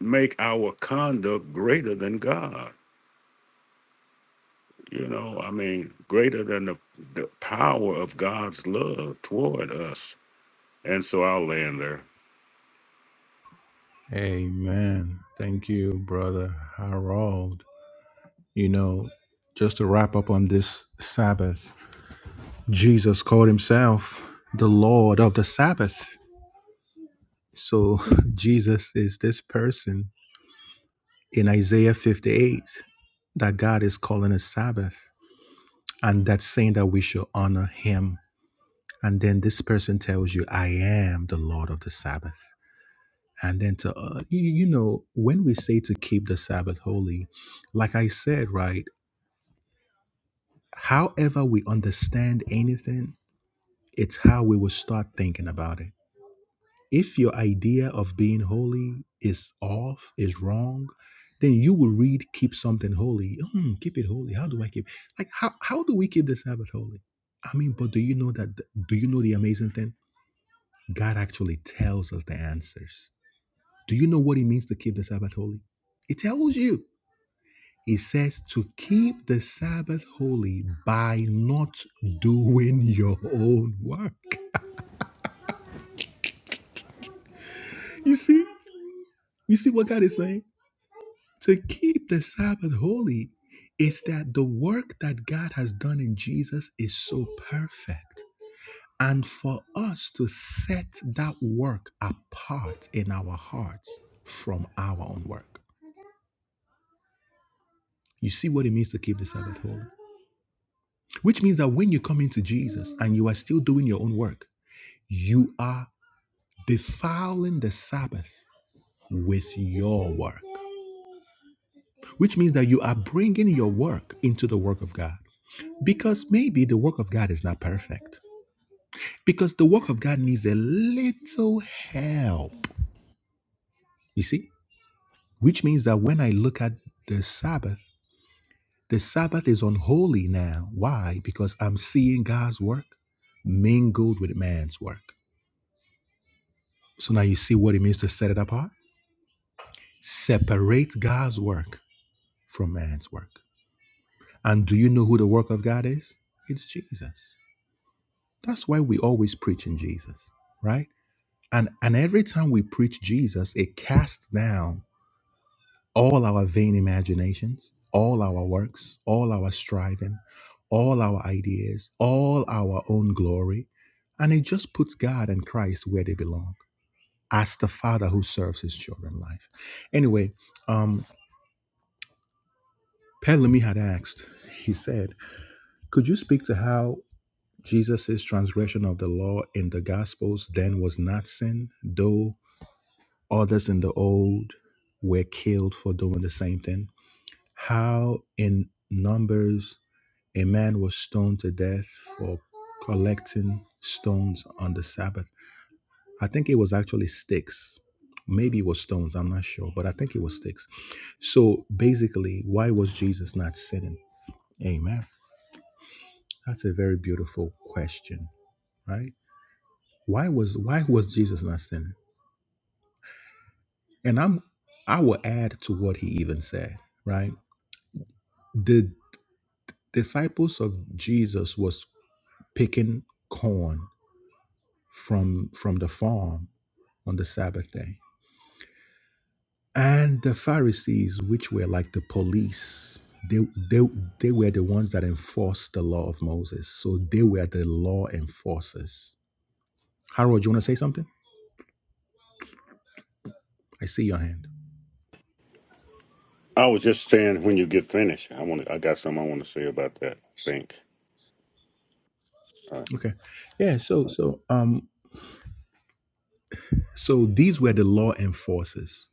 Speaker 6: make our conduct greater than God. You know, I mean, greater than the, the power of God's love toward us. And so I'll land there.
Speaker 2: Amen. Thank you, brother Harold. You know, just to wrap up on this Sabbath, Jesus called himself the Lord of the Sabbath. So [LAUGHS] Jesus is this person in Isaiah 58 that God is calling a Sabbath and that's saying that we should honor him. And then this person tells you, I am the Lord of the Sabbath. And then to, uh, you, you know, when we say to keep the Sabbath holy, like I said, right? However, we understand anything, It's how we will start thinking about it. If your idea of being holy is off, is wrong, then you will read keep something holy. Hmm, keep it holy. How do I keep like how how do we keep the Sabbath holy? I mean, but do you know that do you know the amazing thing? God actually tells us the answers. Do you know what it means to keep the Sabbath holy? He tells you. He says to keep the Sabbath holy by not doing your own work. [LAUGHS] You see? You see what God is saying? To keep the Sabbath holy is that the work that God has done in Jesus is so perfect. And for us to set that work apart in our hearts from our own work. You see what it means to keep the Sabbath holy? Which means that when you come into Jesus and you are still doing your own work, you are defiling the Sabbath with your work, which means that you are bringing your work into the work of God. Because maybe the work of God is not perfect. Because the work of God needs a little help. You see? Which means that when I look at the Sabbath, the Sabbath is unholy now. Why? Because I'm seeing God's work mingled with man's work. So now you see what it means to set it apart? Separate God's work from man's work. And do you know who the work of God is? It's Jesus. That's why we always preach in Jesus, right? And and every time we preach Jesus, it casts down all our vain imaginations, all our works, all our striving, all our ideas, all our own glory, and it just puts God and Christ where they belong, as the Father who serves His children life. Anyway, um, Pelumi had asked. He said, "Could you speak to how?" Jesus' transgression of the law in the Gospels then was not sin, though Others in the old were killed for doing the same thing. How in Numbers a man was stoned to death for collecting stones on the Sabbath. I think it was actually sticks. Maybe it was stones, I'm not sure, but I think it was sticks. So basically, why was Jesus not sinning? Amen. That's a very beautiful question, right? Why was why was Jesus not sinning? And I'm I will add to what he even said, right? The disciples of Jesus was picking corn from from the farm on the Sabbath day. And the Pharisees, which were like the police, they, they, they were the ones that enforced the law of Moses. So they were the law enforcers. Harold, you want to say something? I see your hand.
Speaker 6: I was just saying when you get finished, I want to, I got something I want to say about that. I think. All right.
Speaker 2: Okay. Yeah, so so um so these were the law enforcers.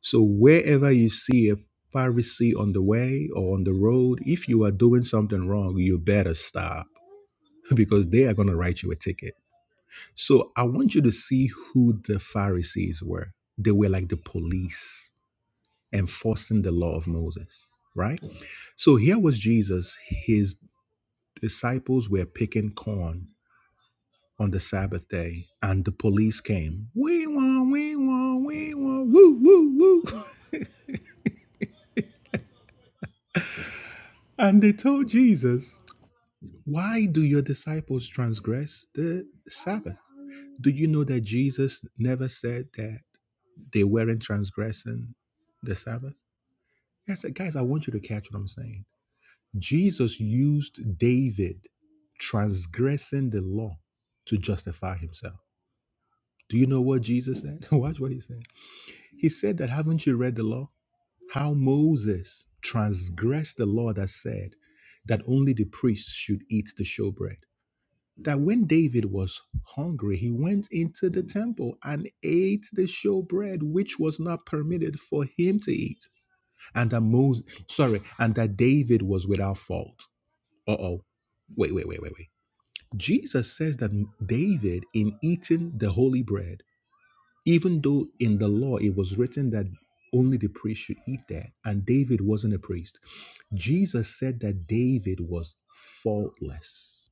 Speaker 2: So wherever you see a Pharisee on the way or on the road, if you are doing something wrong, you better stop [LAUGHS] because they are going to write you a ticket. So I want you to see who the Pharisees were. They were like the police enforcing the law of Moses, right? So here was Jesus. His disciples were picking corn on the Sabbath day, and the police came. We want, we want, we want, woo, woo, woo. [LAUGHS] And they told Jesus, Why do your disciples transgress the Sabbath? Do you know that Jesus never said that they weren't transgressing the Sabbath? Yes, guys, I want you to catch what I'm saying. Jesus used David transgressing the law to justify himself. Do you know what Jesus said? [LAUGHS] Watch what he said. He said that, haven't you read the law? How Moses transgressed the law that said that only the priests should eat the showbread. that when David was hungry, he went into the temple and ate the showbread, which was not permitted for him to eat, and that Moses, sorry, and that David was without fault. Uh oh, wait, wait, wait, wait, wait. Jesus says that David, in eating the holy bread, even though in the law it was written that only the priest should eat that, and David wasn't a priest, Jesus said that David was faultless.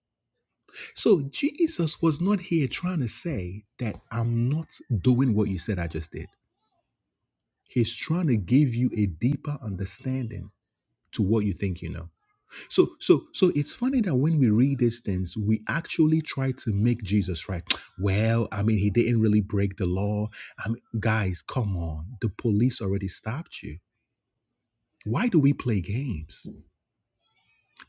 Speaker 2: So Jesus was not here trying to say that I'm not doing what you said I just did. He's trying to give you a deeper understanding to what you think you know. So so so it's funny that when we read these things, we actually try to make Jesus right. Well, I mean, he didn't really break the law. I mean, guys, come on. The police already stopped you. Why do we play games?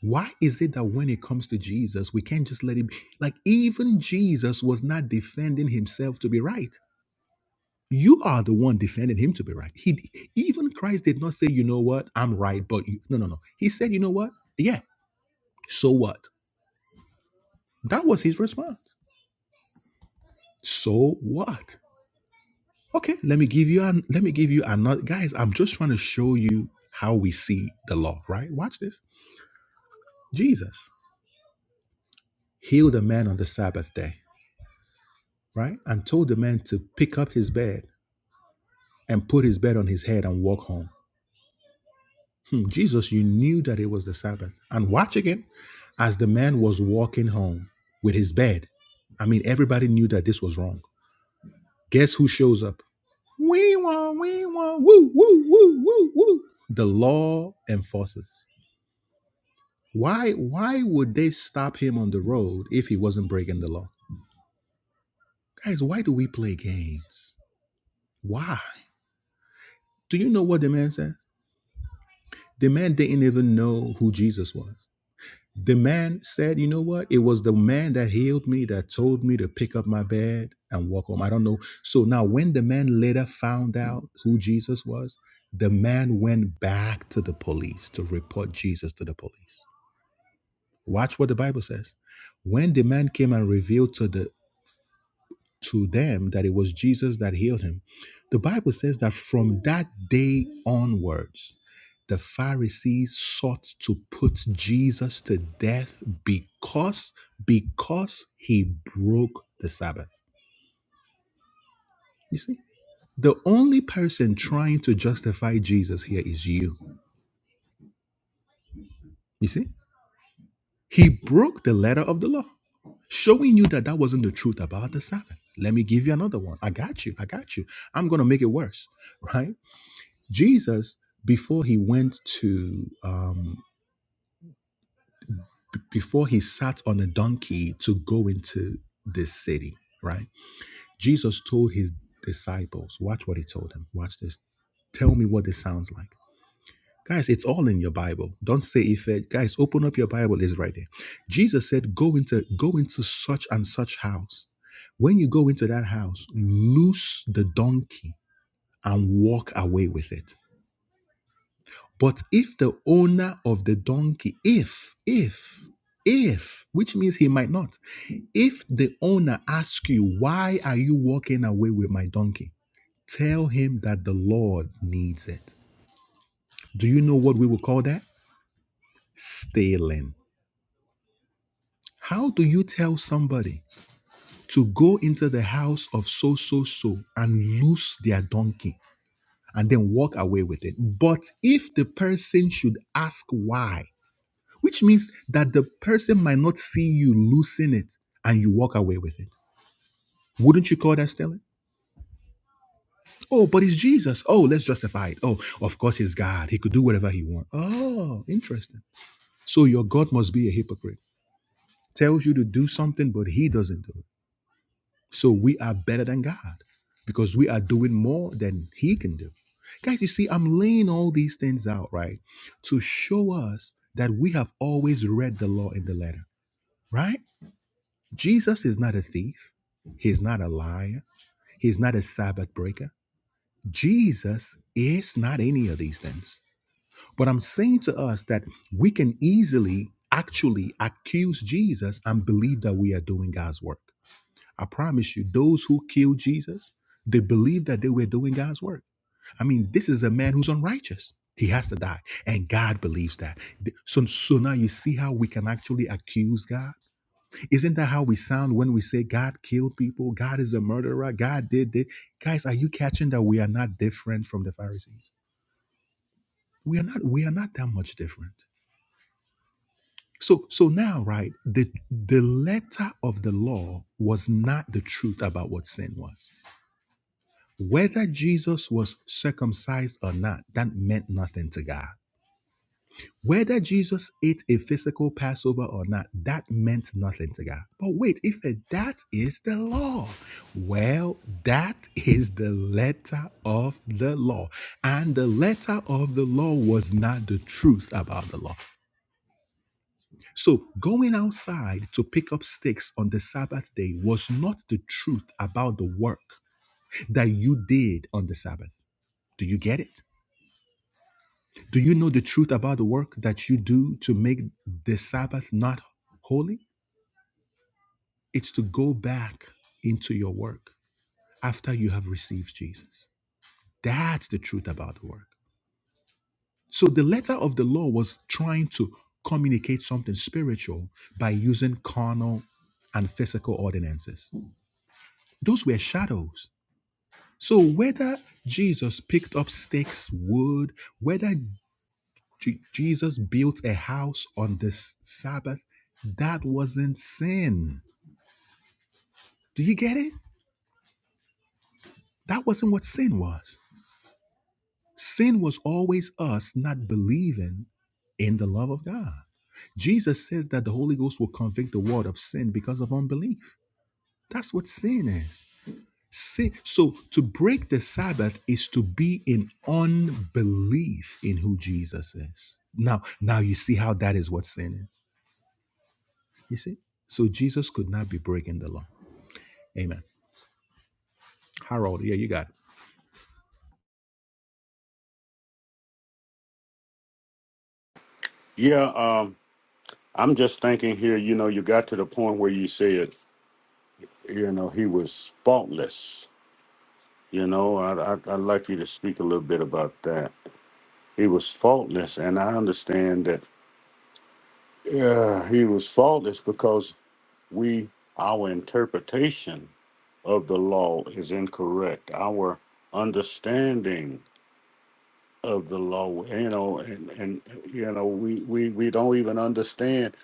Speaker 2: Why is it that when it comes to Jesus, we can't just let him, like, even Jesus was not defending himself to be right? You are the one defending him to be right. He even Christ did not say, you know what, I'm right, but you no no no. He said, you know what? Yeah, so what? That was his response. So what? Okay, let me give you an let me give you another guys. I'm just trying to show you how we see the law, right? Watch this. Jesus healed a man on the Sabbath day, right? And told the man to pick up his bed and put his bed on his head and walk home. Hmm, Jesus, you knew that it was the Sabbath. And watch again, as the man was walking home with his bed, I mean, everybody knew that this was wrong. Guess who shows up? Wee wah, wee wah, woo, woo, woo, woo, woo. The law enforcers. Why, why would they stop him on the road if he wasn't breaking the law? Guys, why do we play games? Why? Do you know what the man said? The man didn't even know who Jesus was. The man said, You know what? It was the man that healed me that told me to pick up my bed and walk home. I don't know. So now, when the man later found out who Jesus was, the man went back to the police to report Jesus to the police. Watch what the Bible says. When the man came and revealed to the to them that it was Jesus that healed him. The Bible says that from that day onwards, the Pharisees sought to put Jesus to death because because he broke the Sabbath. You see? The only person trying to justify Jesus here is you. You see? He broke the letter of the law, showing you that that wasn't the truth about the Sabbath. Let me give you another one. I got you. I got you. I'm going to make it worse, right? Jesus, before he went to, um, b- before he sat on a donkey to go into this city, right? Jesus told his disciples, watch what he told them. Watch this. Tell me what this sounds like. Guys, it's all in your Bible. Don't say if it. Guys, open up your Bible. It's right there. Jesus said, go into, go into such and such house. When you go into that house, loose the donkey and walk away with it But if the owner of the donkey, if, if, if, which means he might not, if the owner asks you, why are you walking away with my donkey? Tell him that the Lord needs it. Do you know what we will call that? Stealing. How do you tell somebody to go into the house of so, so, so and loose their donkey and then walk away with it? But if the person should ask why, which means that the person might not see you loosen it and you walk away with it. Wouldn't you call that stealing? Oh, but it's Jesus. Oh, let's justify it. Oh, of course he's God. He could do whatever he wants. Oh, interesting. So your God must be a hypocrite. Tells you to do something, but he doesn't do it. So we are better than God because we are doing more than he can do. Guys, you see, I'm laying all these things out, right? To show us that we have always read the law in the letter, right? Jesus is not a thief. He's not a liar. He's not a Sabbath breaker. Jesus is not any of these things. But I'm saying to us that we can easily actually accuse Jesus and believe that we are doing God's work. I promise you, those who killed Jesus, they believed that they were doing God's work. I mean, this is a man who's unrighteous. He has to die. And God believes that. So, so now you see how we can actually accuse God? Isn't that how we sound when we say God killed people? God is a murderer. God did this. Guys, are you catching that we are not different from the Pharisees? We are not we are not that much different. So so now, right, the the letter of the law was not the truth about what sin was. Whether Jesus was circumcised or not, that meant nothing to God. Whether Jesus ate a physical Passover or not, that meant nothing to God. But wait, if that is the law, well, that is the letter of the law. And the letter of the law was not the truth about the law. So going outside to pick up sticks on the Sabbath day was not the truth about the work that you did on the Sabbath. Do you get it? Do you know the truth about the work that you do to make the Sabbath not holy? It's to go back into your work after you have received Jesus. That's the truth about the work. So the letter of the law was trying to communicate something spiritual by using carnal and physical ordinances. Those were shadows. So whether Jesus picked up sticks, wood, whether Je- Jesus built a house on this Sabbath. That wasn't sin. Do you get it? That wasn't what sin was. Sin was always us not believing in the love of God. Jesus says that the Holy Ghost will convict the world of sin because of unbelief. That's what sin is. Sin. So to break the Sabbath is to be in unbelief in who Jesus is. Now, now you see how that is what sin is. You see? So Jesus could not be breaking the law. Amen. Harold, yeah, you got it.
Speaker 6: Yeah. um, I'm just thinking here, you know, you got to the point where you said, you know, he was faultless. You know, I, I, I'd like you to speak a little bit about that. He was faultless, and I understand that uh, he was faultless because we, our interpretation of the law is incorrect. Our understanding of the law, you know, and, and you know, we, we, we don't even understand,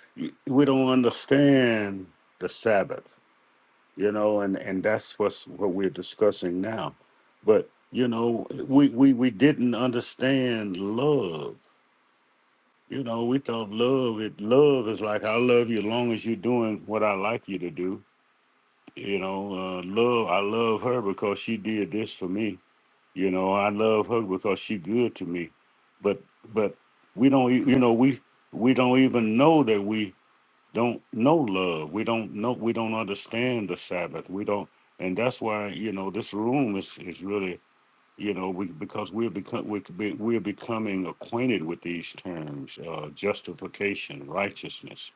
Speaker 6: we don't understand the Sabbath you know and and that's what's what we're discussing now but you know we we we didn't understand love you know we thought love it love is like i love you as long as you're doing what i like you to do you know uh, love i love her because she did this for me you know i love her because she good to me but but we don't e- you know we we don't even know that we don't know love. We don't know. We don't understand the Sabbath. We don't, and that's why you know this room is is really you know we because we're become we're, be- we're becoming acquainted with these terms: uh, justification, righteousness,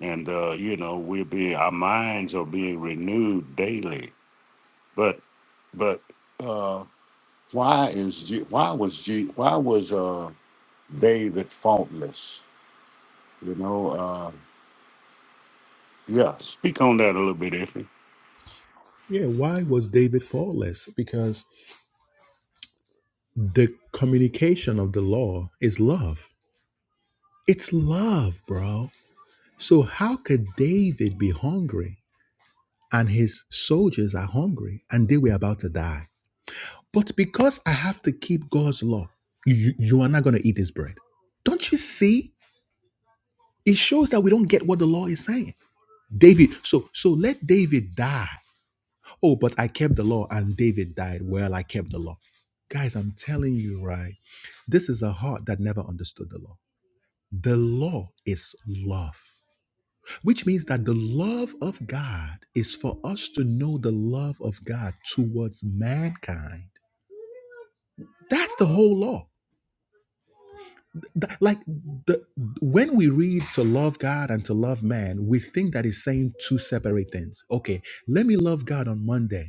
Speaker 6: and uh, you know we're being our minds are being renewed daily. But but uh, why is Je- why was Je- why was uh, David faultless? You know, uh, yeah. Speak on that a little bit, Iffy.
Speaker 2: Yeah, why was David faultless? Because the communication of the law is love. It's love, bro. So how could David be hungry and his soldiers are hungry and they were about to die? But because I have to keep God's law, you, you are not going to eat this bread. Don't you see? It shows that we don't get what the law is saying. David, so so let David die Oh, but I kept the law and David died. Well, I kept the law. Guys, I'm telling you, right? This is a heart that never understood the law. The law is love, which means that the love of God is for us to know the love of God towards mankind. That's the whole law. Th- Like the when we read to love God and to love man, we think that it's saying two separate things. Okay, let me love God on Monday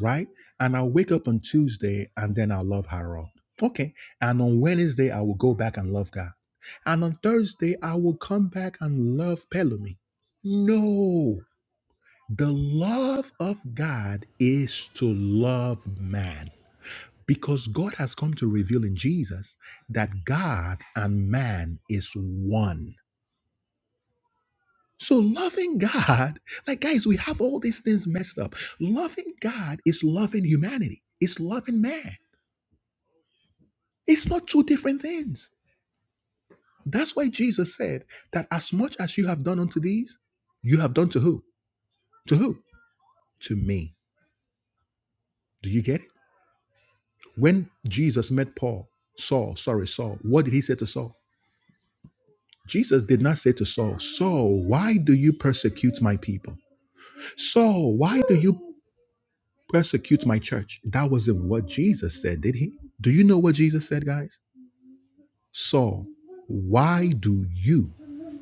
Speaker 2: right? And I'll wake up on Tuesday and then I'll love Harold. Okay. And on Wednesday, I will go back and love God. And on Thursday, I will come back and love Pelumi. No. The love of God is to love man because God has come to reveal in Jesus that God and man is one. So loving God, like guys, we have all these things messed up. Loving God is loving humanity, it's loving man. It's not two different things. That's why Jesus said that as much as you have done unto these, you have done to who? To who? To me. Do you get it? When Jesus met Paul, Saul, sorry, Saul, what did he say to Saul? Jesus did not say to Saul, Saul, why do you persecute my people? Saul, why do you persecute my church? That wasn't what Jesus said, did he? Do you know what Jesus said, guys? Saul, why do you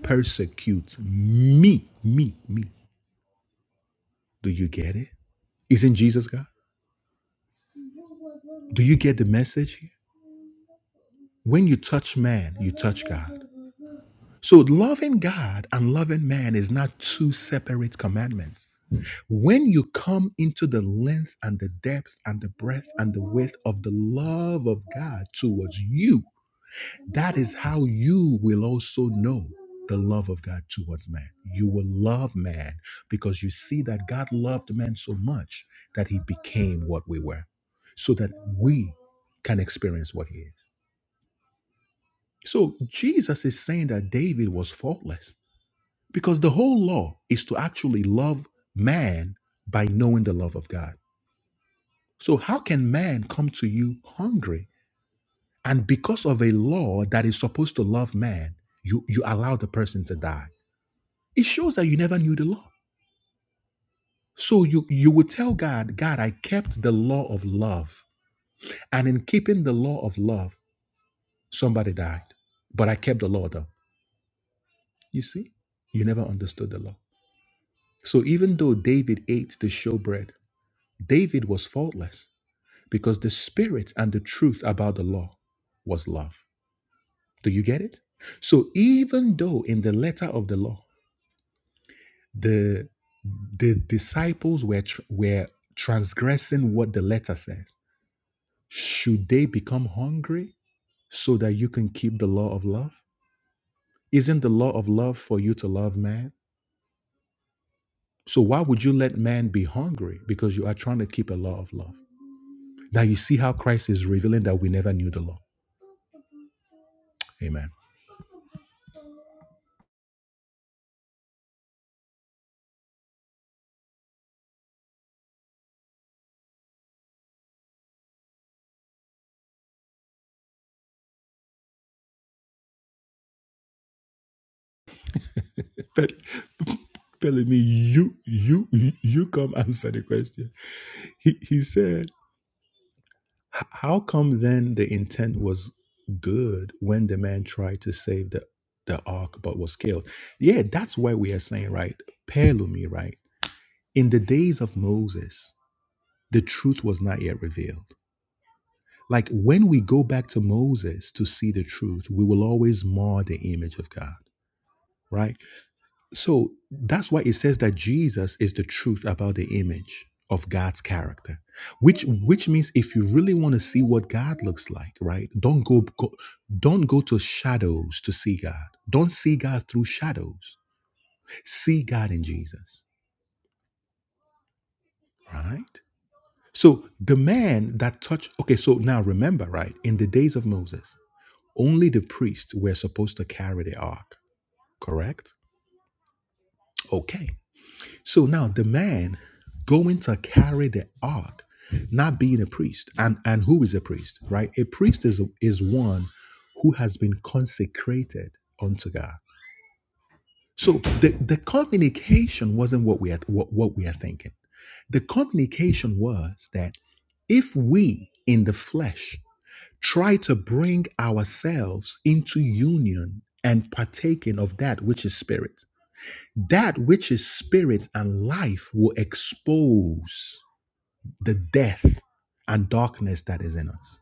Speaker 2: persecute me, me, me? Do you get it? Isn't Jesus God? Do you get the message here? When you touch man, you touch God. So loving God and loving man is not two separate commandments. When you come into the length and the depth and the breadth and the width of the love of God towards you, That is how you will also know the love of God towards man. You will love man because you see that God loved man so much that he became what we were, so that we can experience what he is. So Jesus is saying that David was faultless because the whole law is to actually love man by knowing the love of God. So, how can man come to you hungry? And because of a law that is supposed to love man, you, you allow the person to die. It shows that you never knew the law. So you you would tell God, God, I kept the law of love. And in keeping the law of love, somebody died. But I kept the law though. You see? You never understood the law. So even though David ate the showbread, David was faultless because the spirit and the truth about the law was love. Do you get it? So even though in the letter of the law, the the disciples were tr- were transgressing what the letter says Should they become hungry so that you can keep the law of love? Isn't the law of love for you to love man? So why would you let man be hungry? Because you are trying to keep a law of love. Now you see how Christ is revealing that we never knew the law. Amen. Tell- Telling me you you you come answer the question. He he said, How come then the intent was good when the man tried to save the, the ark but was killed? Yeah, that's why we are saying, right? Pelumi, right? In the days of Moses, the truth was not yet revealed. Like when we go back to Moses to see the truth, we will always mar the image of God, right? So that's why it says that Jesus is the truth about the image of God's character. Which which means if you really want to see what God looks like, right? Don't go, go don't go to shadows to see God. Don't see God through shadows. See God in Jesus, right? So the man that touched, okay, so now remember, right? In the days of Moses, only the priests were supposed to carry the ark, correct? Okay. So now the man going to carry the ark, not being a priest, and and who is a priest, right? A priest is is one who has been consecrated unto God. So the, the communication wasn't what we had what, what we are thinking. The communication was that if we in the flesh try to bring ourselves into union and partaking of that which is spirit. That which is spirit and life will expose the death and darkness that is in us.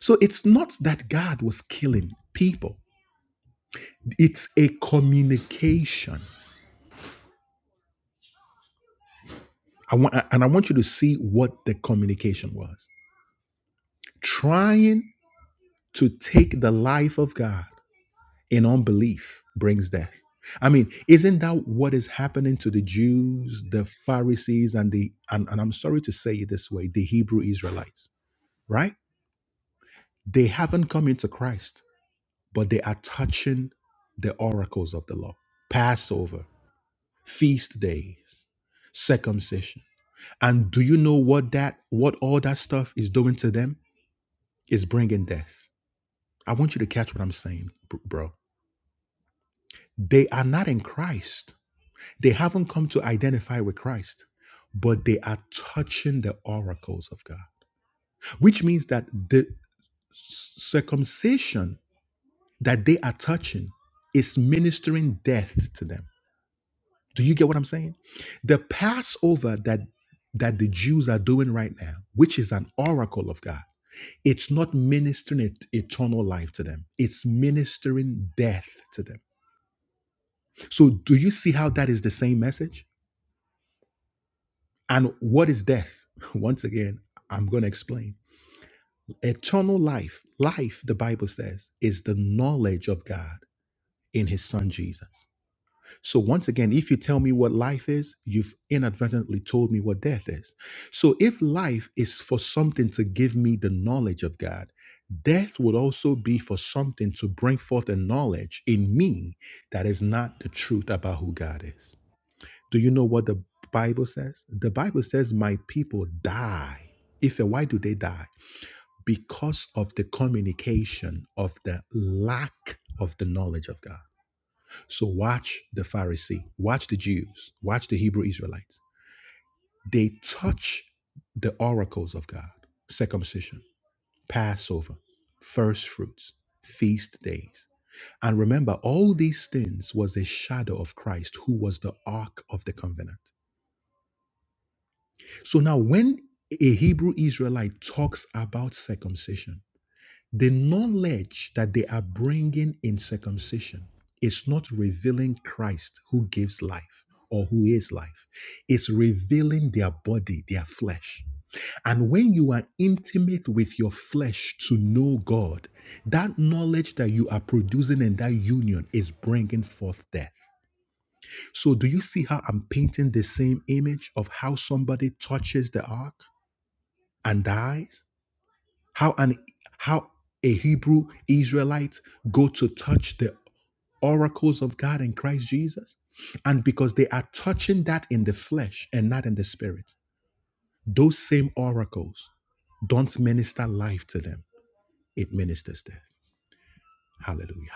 Speaker 2: So it's not that God was killing people, it's a communication. I want, and I want you to see what the communication was trying to take the life of God in unbelief brings death. I mean, isn't that what is happening to the Jews, the Pharisees, and the and, and I'm sorry to say it this way, the Hebrew Israelites, right? They haven't come into Christ, but they are touching the oracles of the law. Passover, feast days, circumcision. And do you know what that what all that stuff is doing to them? Is bringing death. I want you to catch what I'm saying, bro. They are not in Christ They haven't come to identify with Christ, but they are touching the oracles of God, which means that the circumcision that they are touching is ministering death to them. Do you get what I'm saying? The Passover that that the Jews are doing right now, which is an oracle of God, it's not ministering et- eternal life to them. It's ministering death to them. So do you see how that is the same message? And what is death? [LAUGHS] Once again, I'm going to explain. Eternal life, life, the Bible says, is the knowledge of God in his son Jesus. So once again, if you tell me what life is, you've inadvertently told me what death is. So if life is for something to give me the knowledge of God, death would also be for something to bring forth a knowledge in me that is not the truth about who God is. Do you know what the Bible says? The Bible says, My people die. If why do they die? Because of the communication of the lack of the knowledge of God. So watch the Pharisee, watch the Jews, watch the Hebrew Israelites. They touch the oracles of God, circumcision, Passover, first fruits, feast days. And remember, all these things was a shadow of Christ, who was the ark of the covenant. So now, when a Hebrew Israelite talks about circumcision, the knowledge that they are bringing in circumcision is not revealing Christ who gives life or who is life, it's revealing their body, their flesh. And when you are intimate with your flesh to know God, that knowledge that you are producing in that union is bringing forth death. So, do you see how I'm painting the same image of how somebody touches the ark? and dies how an how a hebrew israelite go to touch the oracles of god in christ jesus and because they are touching that in the flesh and not in the spirit those same oracles don't minister life to them it ministers death hallelujah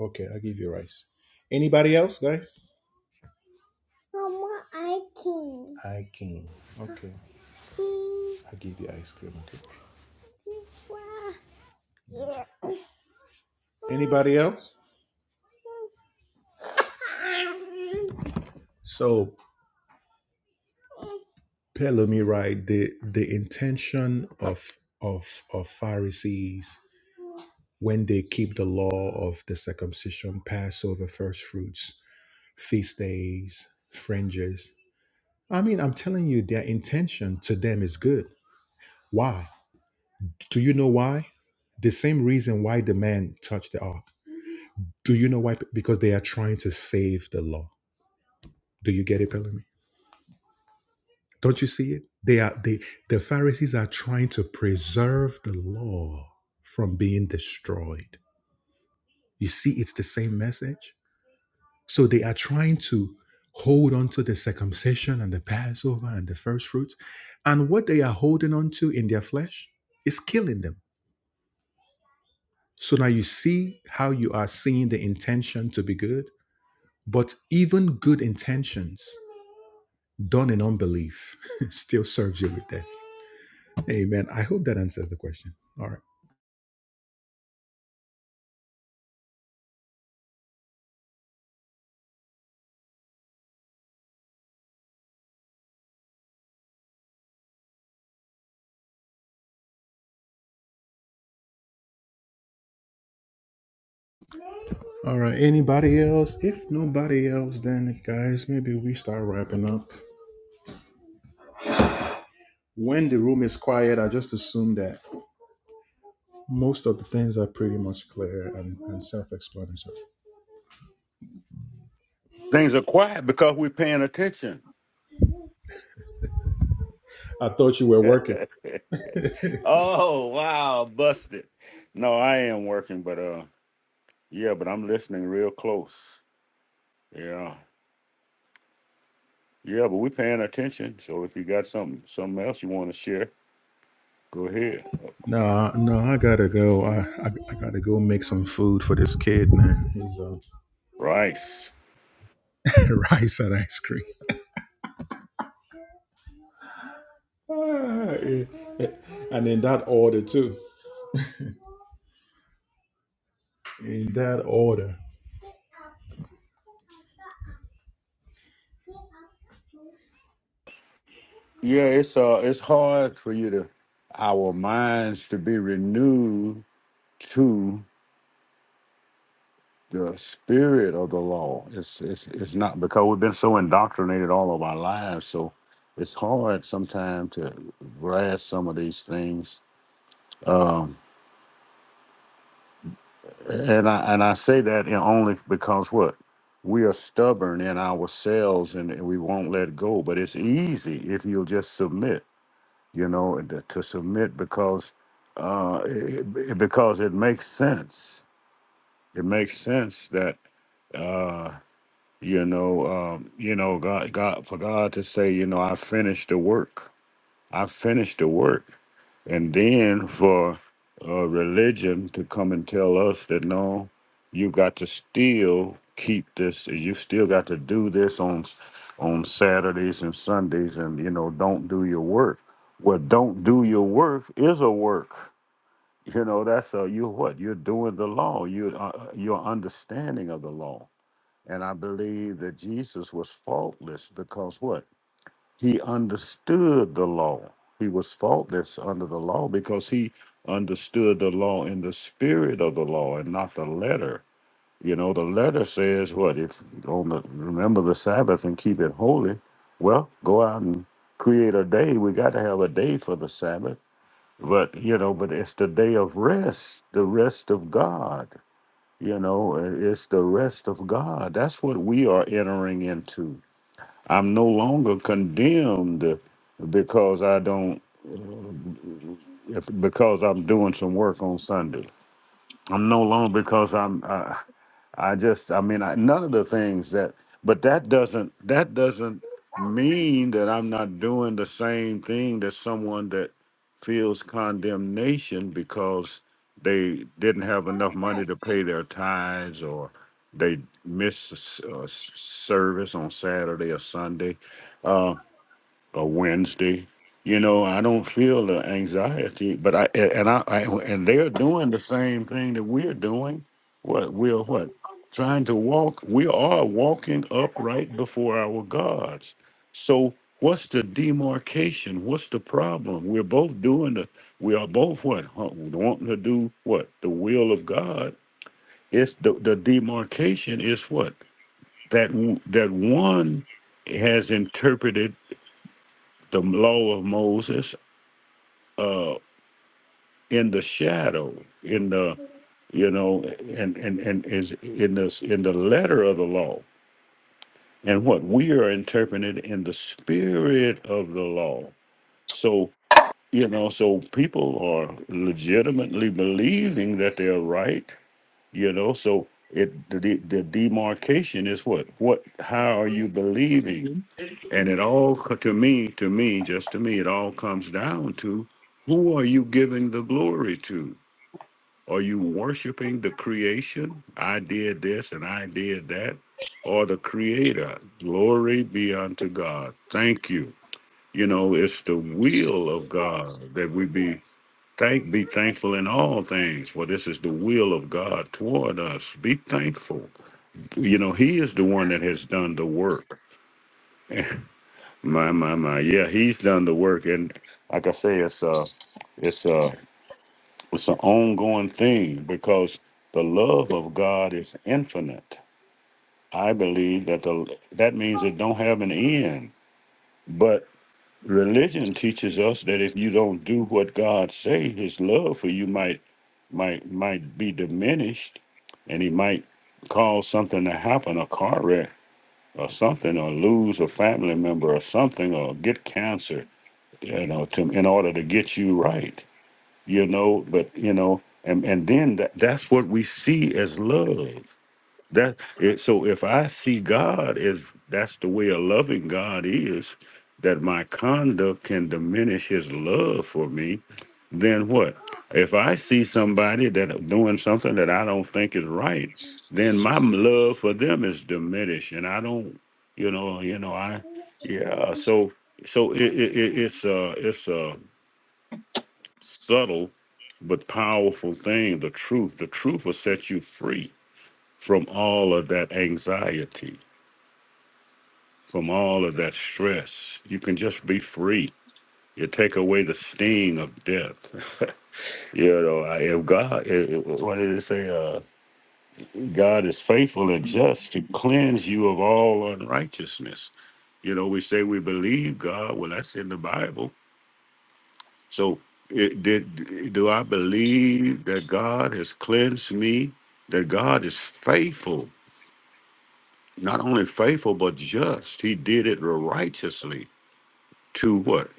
Speaker 2: okay i give you rice anybody else guys i can okay i give you ice cream okay anybody else so Pat, right. The the intention of of of Pharisees when they keep the law of the circumcision, Passover, first fruits, feast days, fringes. I mean, I'm telling you, their intention to them is good. Why? Do you know why? The same reason why the man touched the ark. Do you know why? Because they are trying to save the law. Do you get it, Pelumi? Don't you see it? They are they the Pharisees are trying to preserve the law from being destroyed. You see, it's the same message. So they are trying to hold on to the circumcision and the Passover and the first fruits. And what they are holding on to in their flesh is killing them. So now you see how you are seeing the intention to be good, but even good intentions done in unbelief [LAUGHS] still serves you with death. Amen. I hope that answers the question. All right. All right. Anybody else? If nobody else, then guys, maybe we start wrapping up. When the room is quiet, I just assume that most of the things are pretty much clear and, and self-explanatory.
Speaker 6: Things are quiet because we're paying attention.
Speaker 2: I thought you were
Speaker 6: [LAUGHS]
Speaker 2: working.
Speaker 6: Oh wow, busted. No, I am working, but uh yeah, but I'm listening real close. Yeah. Yeah, but we're paying attention. So if you got something something else you want to share, go ahead.
Speaker 2: No, no, I gotta go. I, I, I gotta go make some food for this kid, man. He's
Speaker 6: Rice.
Speaker 2: uh, [LAUGHS] rice and ice cream. Ah, eh, eh, and in that order too. In that order.
Speaker 6: Yeah, it's uh it's hard for you to our minds to be renewed to. the spirit of the law. It's it's it's not because we've been so indoctrinated all of our lives, so it's hard sometimes to grasp some of these things. Um, and I and I say that in only because what we are stubborn in ourselves and and we won't let go. But it's easy if you'll just submit, you know, and to to submit because uh, it, it- because it makes sense. It makes sense that. uh, You know, um, you know, God, God, for God to say, you know, I finished the work. I finished the work, and then for uh, religion to come and tell us that no, you got to still keep this. You still got to do this on on Saturdays and Sundays, and you know, don't do your work. Well, don't do your work is a work. You know, that's a you what you're doing the law. You uh, your understanding of the law and I believe that Jesus was faultless because what? He understood the law. He was faultless under the law because he understood the law in the spirit of the law and not the letter. You know, the letter says what? If on the remember the Sabbath and keep it holy, well, go out and create a day. We got to have a day for the Sabbath. But you know, but it's the day of rest, the rest of God. You know, uh, it's the rest of God. That's what we are entering into. I'm no longer condemned because I don't, uh, if, because I'm doing some work on Sunday. I'm no longer because I'm. I, I just, I mean, I, none of the things that, but that doesn't, that doesn't mean that I'm not doing the same thing that someone that feels condemnation because they didn't have enough money to pay their tithes or they miss a s- a s- service on Saturday or Sunday. Uh, or Wednesday. You know, I don't feel the anxiety, but I and I, I and they're doing the same thing that we're doing. What we're what trying to walk. We are walking upright before our gods. So what's the demarcation? What's the problem? We're both doing the. We are both what huh, wanting to do what the will of God. It's the the demarcation is what that w- that one has interpreted the law of Moses uh, in the shadow, in the you know, and and and is in this in the letter of the law, and what we are interpreted in the spirit of the law. So you know, so people are legitimately believing that they're right. You know, so it the the demarcation is what what how are you believing? And it all, co- to me, to me, just to me, it all comes down to who are you giving the glory to? Are you worshiping the creation? I did this and I did that. Or the creator? Glory be unto God. Thank you. You know, it's the will of God that we be thank be thankful in all things, for this is the will of God toward us. Be thankful. You know, He is the one that has done the work. My my my. Yeah, he's done the work and like I say, it's uh it's uh it's an ongoing thing because the love of God is infinite. I believe that the that means it don't have an end. But religion teaches us that if you don't do what God say, his love for you might might might be diminished and he might cause something to happen, a car wreck or something, or lose a family member or something, or get cancer you know to in order to get you right you know but you know and and then that, that's what we see as love that it, so if I see God as that's the way a loving God is, that my conduct can diminish His love for me, then what? If I see somebody that doing something that I don't think is right, then my love for them is diminished, and I don't, you know, you know, I, yeah. So so it, it, it- it's a it's a subtle but powerful thing. The truth, the truth will set you free from all of that anxiety, from all of that stress. You can just be free. You take away the sting of death. [LAUGHS] you know, I- if God, i- i- what did it say? Uh, God is faithful and just to cleanse you of all unrighteousness. You know, we say we believe God. Well, that's in the Bible. So, it, did, do I believe that God has cleansed me? That God is faithful not only faithful but just. He did it righteously to what?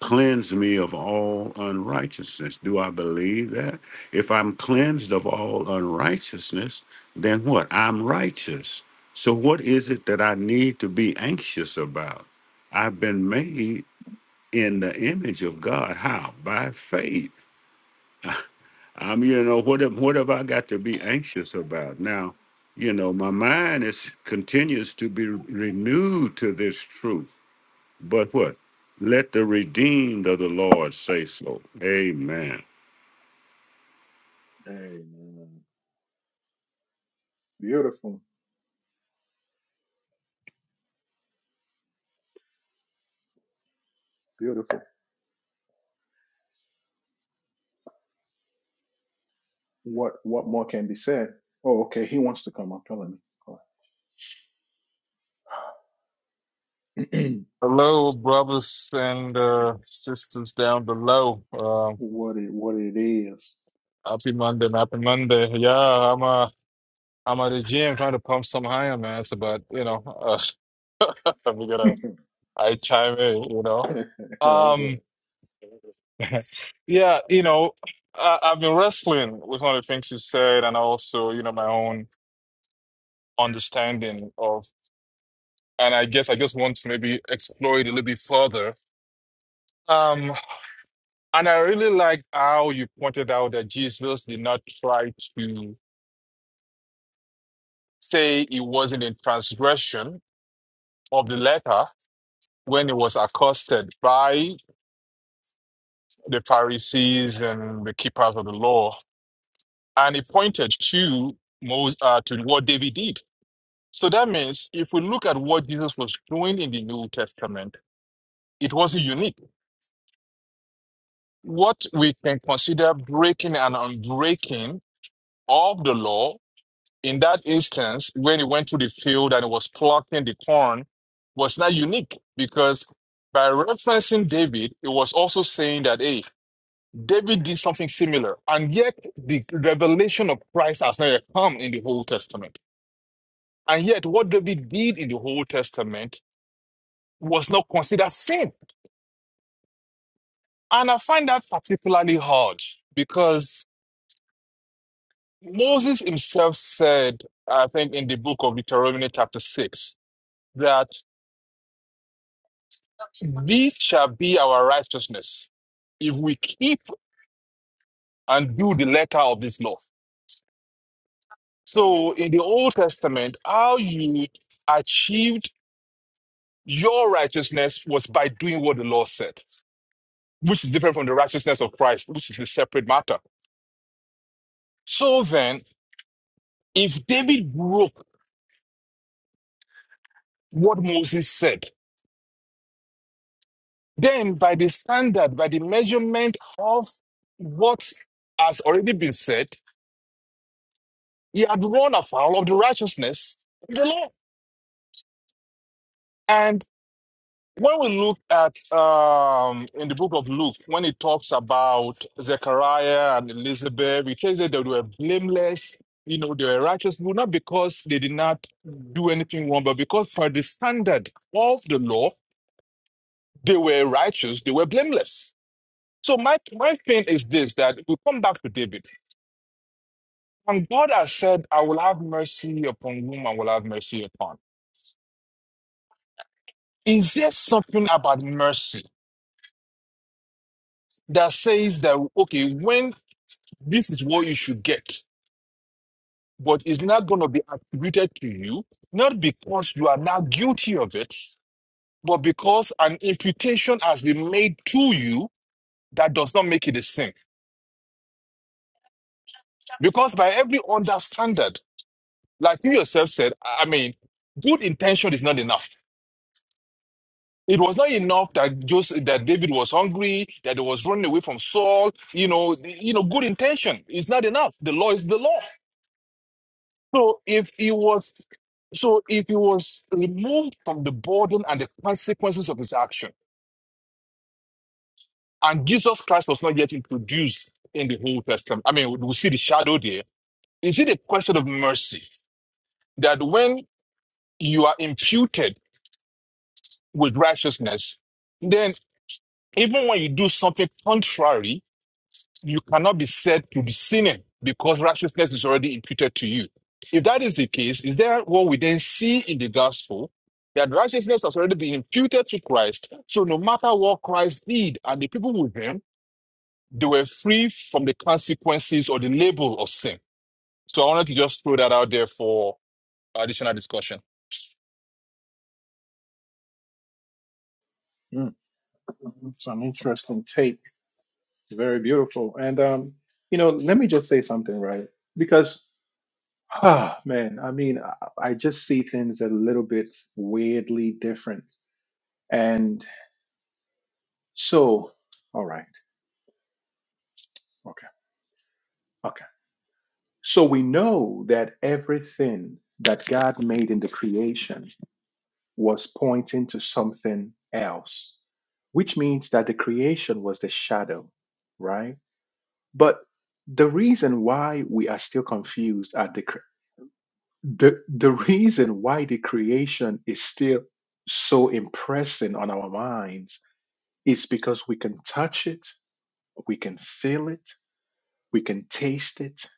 Speaker 6: Cleanse me of all unrighteousness. Do I believe that? If I'm cleansed of all unrighteousness, then what? I'm righteous. So, what is it that I need to be anxious about? I've been made in the image of God. How? By faith. I'm, you know, what have, what have I got to be anxious about? Now, you know, my mind is continues to be renewed to this truth. But what? Let the redeemed of the Lord say so. Amen.
Speaker 2: Hey man, beautiful, beautiful. what what more can be said? Oh, okay, he wants to come. I'm telling you All right.
Speaker 7: Hello, brothers and uh, sisters down below. Um,
Speaker 2: what it what it is.
Speaker 7: happy Monday, happy Monday. Yeah, I'm uh, I'm at the gym trying to pump some iron, man. It's about you know, uh, [LAUGHS] we gotta I chime in, you
Speaker 2: [LAUGHS]
Speaker 7: know.
Speaker 2: All right.
Speaker 7: Um, [LAUGHS] yeah, you know, I, I've been wrestling with one of the things you said, and also you know my own understanding of, and I guess I just want to maybe explore it a little bit further. Um. And I really like how you pointed out that Jesus did not try to say he wasn't in transgression of the letter when he was accosted by the Pharisees and the keepers of the law. And he pointed to Moses, uh, to what David did. So that means if we look at what Jesus was doing in the New Testament, it wasn't unique. What we can consider breaking and unbreaking of the law in that instance, when he went to the field and he was plucking the corn, was not unique because by referencing David, it was also saying that, hey, David did something similar. And yet, the revelation of Christ has not yet come in the Old Testament. And yet, what David did in the Old Testament was not considered sin. And I find that particularly hard because Moses himself said, I think in the book of Deuteronomy, chapter 6, that. This shall be our righteousness if we keep and do the letter of this law. So, in the Old Testament, how you achieved your righteousness was by doing what the law said, which is different from the righteousness of Christ, which is a separate matter. So, then, if David broke what Moses said, then by the standard, by the measurement of what has already been said, he had run afoul of the righteousness of the law. and. When we look at um, in the book of Luke, when it talks about Zechariah and Elizabeth, it says that they were blameless, you know, they were righteous, but not because they did not do anything wrong, but because for the standard of the law, they were righteous, they were blameless. So my my thing is this that we come back to David, and God has said, "I will have mercy upon whom I will have mercy upon." Is there something about mercy that says that okay when this is what you should get. But it's not going to be attributed to you, not because you are now guilty of it, but because an imputation has been made to you that does not make it a sin. Because by every other standard, like you yourself said, I I mean, good intention is not enough. It was not enough that Joseph, that David was hungry, that he was running away from Saul. You know, the- you know, good intention is not enough. The law is the law. So if he was so if he was removed from the burden and the consequences of his action, and Jesus Christ was not yet introduced in the Old Testament, I mean, we see the shadow there. Is it a question of mercy that when you are imputed with righteousness, then even when you do something contrary you cannot be said to be sinning because righteousness is already imputed to you. If that is the case, is there what we then see in the gospel that righteousness has already been imputed to Christ? So no matter what Christ did and the people with him, they were free from the consequences or the label of sin. So I wanted to just throw that out there for additional discussion.
Speaker 2: Mm. Some interesting take. Very beautiful. And um, you know, let me just say something, right? Because ah, man, I mean, I, I just see things a little bit weirdly different. And so, all right, okay, okay. So we know that everything that God made in the creation was pointing to something else, which means that the creation was the shadow, right? But the reason why we are still confused at the cre- the the reason why the creation is still so impressing on our minds is because we can touch it, we can feel it, we can taste it,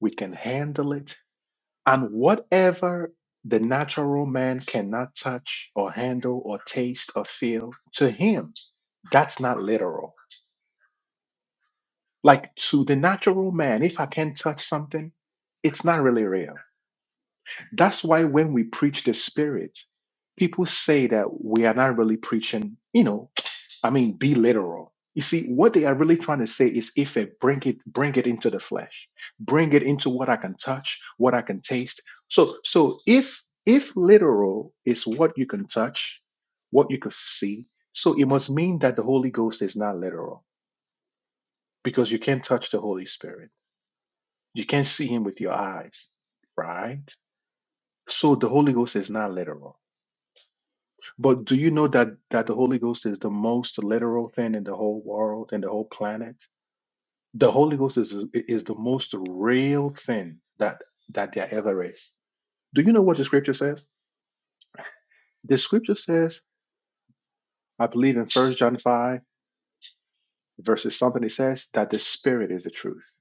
Speaker 2: we can handle it, and whatever the natural man cannot touch or handle or taste or feel, to him, that's not literal. Like to the natural man, if I can not touch something, it's not really real. That's why when we preach the spirit, people say that we are not really preaching, you know, I mean, be literal. You see, what they are really trying to say is if I bring it, bring it into the flesh, bring it into what I can touch, what I can taste. So, so if if literal is what you can touch, what you could see, so it must mean that the Holy Ghost is not literal because you can't touch the Holy Spirit. You can't see him with your eyes, right? So the Holy Ghost is not literal. But do you know that that the Holy Ghost is the most literal thing in the whole world, in the whole planet? the Holy Ghost is is the most real thing that that there ever is. Do you know what the scripture says? The scripture says, I believe in First John 5, verses something, it says that the spirit is the truth.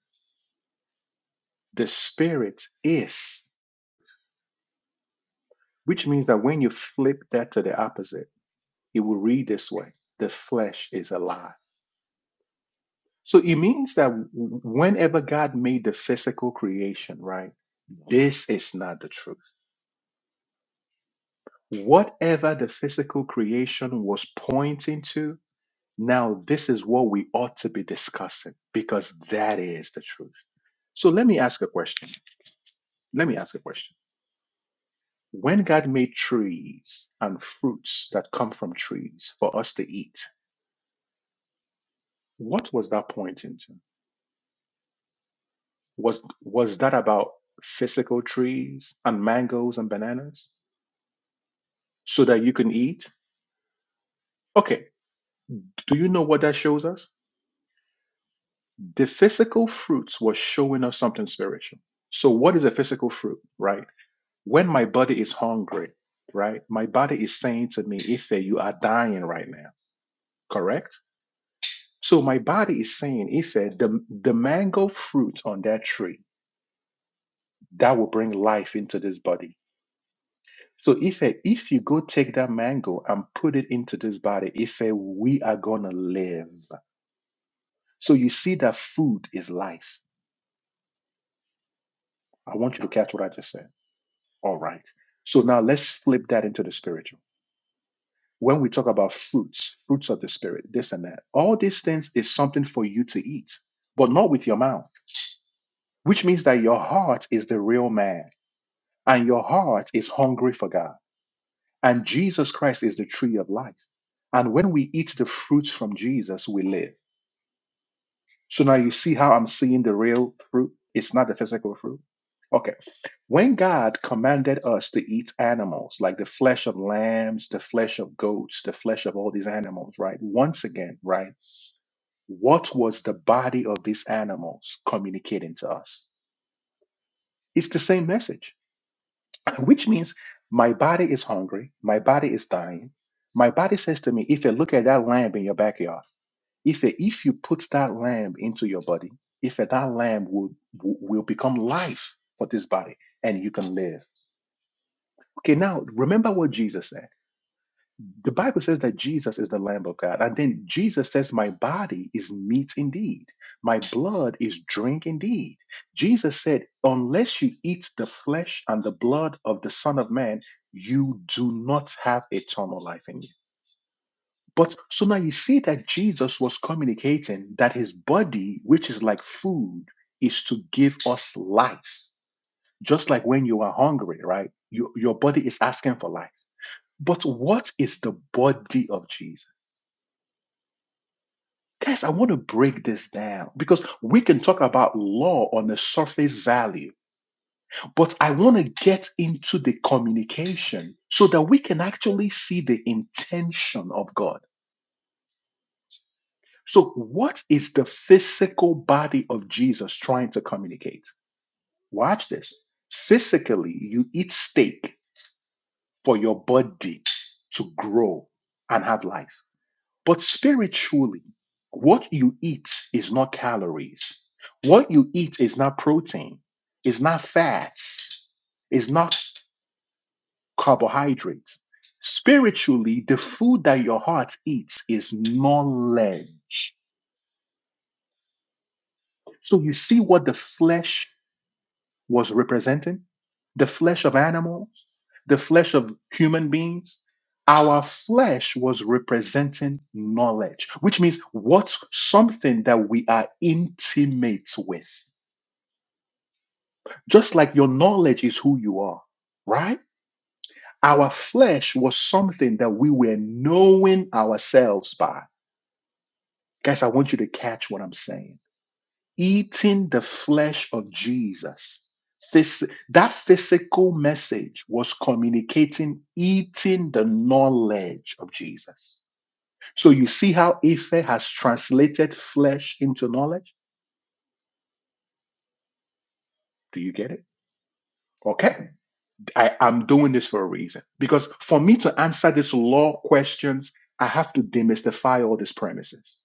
Speaker 2: The spirit is, which means that when you flip that to the opposite, it will read this way the flesh is a lie. So it means that whenever God made the physical creation, right, this is not the truth Whatever the physical creation was pointing to, now this is what we ought to be discussing because that is the truth. So let me ask a question. Let me ask a question. When God made trees and fruits that come from trees for us to eat, what was that pointing to? Was was that about physical trees and mangoes and bananas so that you can eat? Okay, do you know what that shows us? the physical fruits were showing us something spiritual. So, what is a physical fruit, right? When my body is hungry, right? My body is saying to me, Ife, you are dying right now, correct? So, my body is saying, Ife, the, the mango fruit on that tree, that will bring life into this body. So, Ife, if you go take that mango and put it into this body, Ife, we are going to live. So, you see that food is life. I want you to catch what I just said. All right. So now let's flip that into the spiritual. When we talk about fruits, fruits of the spirit, this and that, all these things is something for you to eat, but not with your mouth, which means that your heart is the real man and your heart is hungry for God. And Jesus Christ is the tree of life. And when we eat the fruits from Jesus, we live. So now you see how I'm seeing the real fruit. It's not the physical fruit. Okay. When God commanded us to eat animals, like the flesh of lambs, the flesh of goats, the flesh of all these animals, right? Once again, right? What was the body of these animals communicating to us? It's the same message, [CLEARS THROAT] which means my body is hungry, my body is dying. My body says to me, if you look at that lamb in your backyard, if you, if you put that lamb into your body, if that lamb will will become life for this body and you can live Okay, now remember what Jesus said. The Bible says that Jesus is the Lamb of God. And then Jesus says, My body is meat indeed, my blood is drink indeed. Jesus said, Unless you eat the flesh and the blood of the Son of Man, you do not have eternal life in you. But so now you see that Jesus was communicating that his body, which is like food, is to give us life. Just like when you are hungry, right? You, your body is asking for life but what is the body of Jesus? Guys, I want to break this down because we can talk about law on the surface value, but I want to get into the communication so that we can actually see the intention of God. So, what is the physical body of Jesus trying to communicate? Watch this. Physically, you eat steak for your body to grow and have life But spiritually, what you eat is not calories. What you eat is not protein, is not fats, is not carbohydrates. Spiritually, the food that your heart eats is knowledge. So you see what the flesh was representing the flesh of animals, the flesh of human beings. Our flesh was representing knowledge, which means what's something that we are intimate with. Just like your knowledge is who you are, right? Our flesh was something that we were knowing ourselves by. Guys, I want you to catch what I'm saying eating the flesh of Jesus. Phys- that physical message was communicating eating the knowledge of Jesus. So you see how Ife has translated flesh into knowledge? Do you get it? Okay. I am doing this for a reason. Because for me to answer these law questions, I have to demystify all these premises.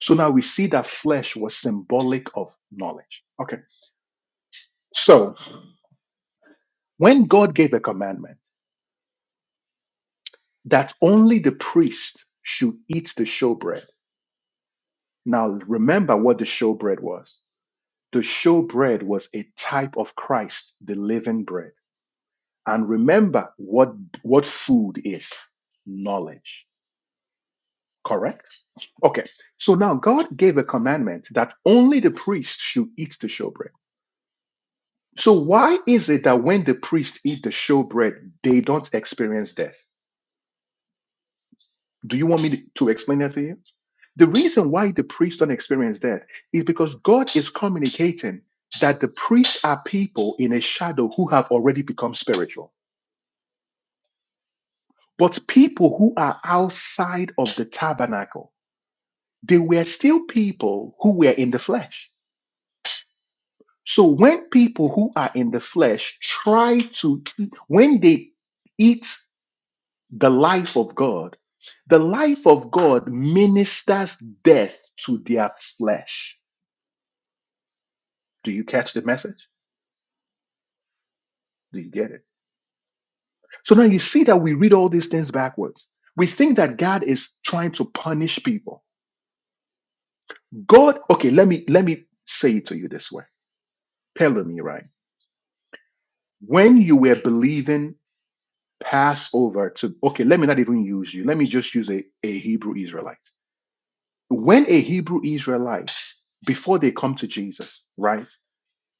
Speaker 2: So now we see that flesh was symbolic of knowledge. Okay. So when God gave a commandment, that only the priest should eat the showbread. Now, remember what the showbread was. The showbread was a type of Christ, the living bread. And remember what, what food is knowledge. Correct? Okay. So now God gave a commandment that only the priest should eat the showbread. So why is it that when the priests eat the showbread, they don't experience death? Do you want me to explain that to you? The reason why the priests don't experience death is because God is communicating that the priests are people in a shadow who have already become spiritual. But people who are outside of the tabernacle, they were still people who were in the flesh. So when people who are in the flesh try to, eat- when they eat the life of God, the life of God ministers death to their flesh. Do you catch the message? Do you get it? So now you see that we read all these things backwards. We think that God is trying to punish people. God, okay, let me let me say it to you this way. Pardon me, right? When you were believing Passover to okay, let me not even use you. Let me just use a, a Hebrew Israelite. When a Hebrew Israelite, before they come to Jesus, right?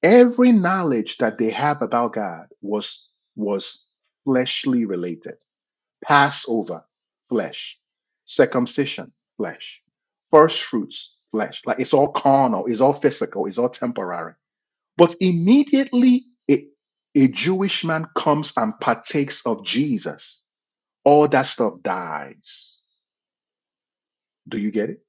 Speaker 2: Every knowledge that they have about God was was fleshly related Passover, flesh. Circumcision, flesh. First fruits, flesh. Like it's all carnal, it's all physical, it's all temporary. But immediately a, a Jewish man comes and partakes of Jesus, all that stuff dies. Do you get it?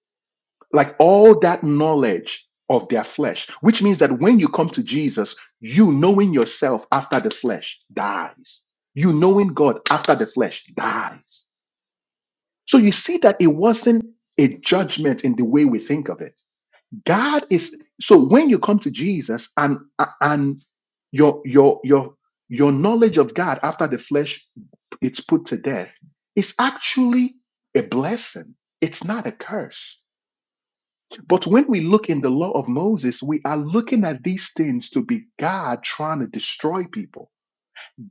Speaker 2: Like all that knowledge of their flesh, which means that when you come to Jesus, you knowing yourself after the flesh dies. You knowing God after the flesh dies So you see that it wasn't a judgment in the way we think of it. God is so when you come to Jesus and and your your your your knowledge of God after the flesh it's put to death is actually a blessing. It's not a curse. But when we look in the law of Moses, we are looking at these things to be God trying to destroy people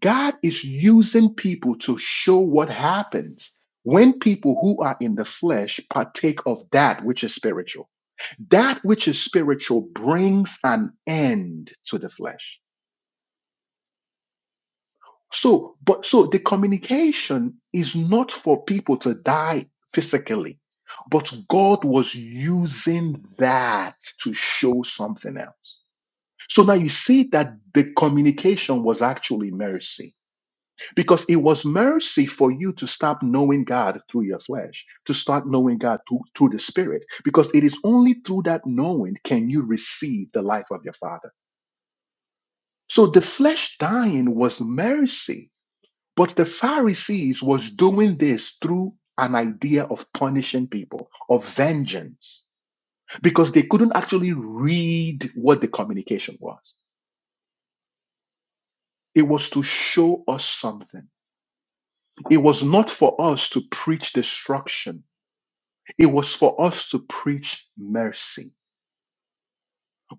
Speaker 2: God is using people to show what happens when people who are in the flesh partake of that which is spiritual. That which is spiritual brings an end to the flesh. So, but so the communication is not for people to die physically, but God was using that to show something else. So now you see that the communication was actually mercy because it was mercy for you to stop knowing God through your flesh, to start knowing God through, through the Spirit, because it is only through that knowing can you receive the life of your Father. So the flesh dying was mercy, but the Pharisees was doing this through an idea of punishing people, of vengeance, because they couldn't actually read what the communication was. It was to show us something. It was not for us to preach destruction It was for us to preach mercy.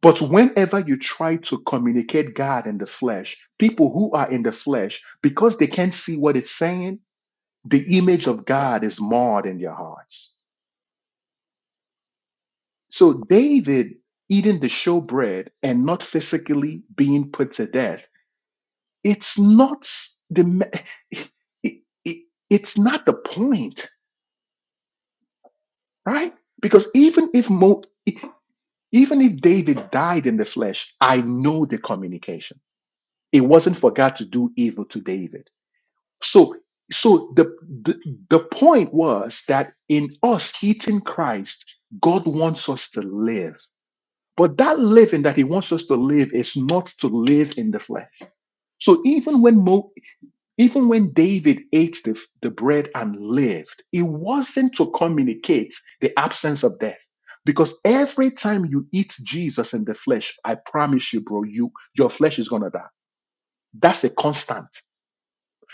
Speaker 2: But whenever you try to communicate God in the flesh, people who are in the flesh, because they can't see what it's saying, the image of God is marred in their hearts. So David eating the showbread and not physically being put to death, it's not the it, it, it's not the point, right? Because even if Mo, even if David died in the flesh, I know the communication. It wasn't for God to do evil to David. So, so the, the the point was that in us eating Christ, God wants us to live. But that living that He wants us to live is not to live in the flesh. So even when Mo, even when David ate the, the bread and lived, it wasn't to communicate the absence of death. Because every time you eat Jesus in the flesh, I promise you, bro, you your flesh is gonna die. That's a constant.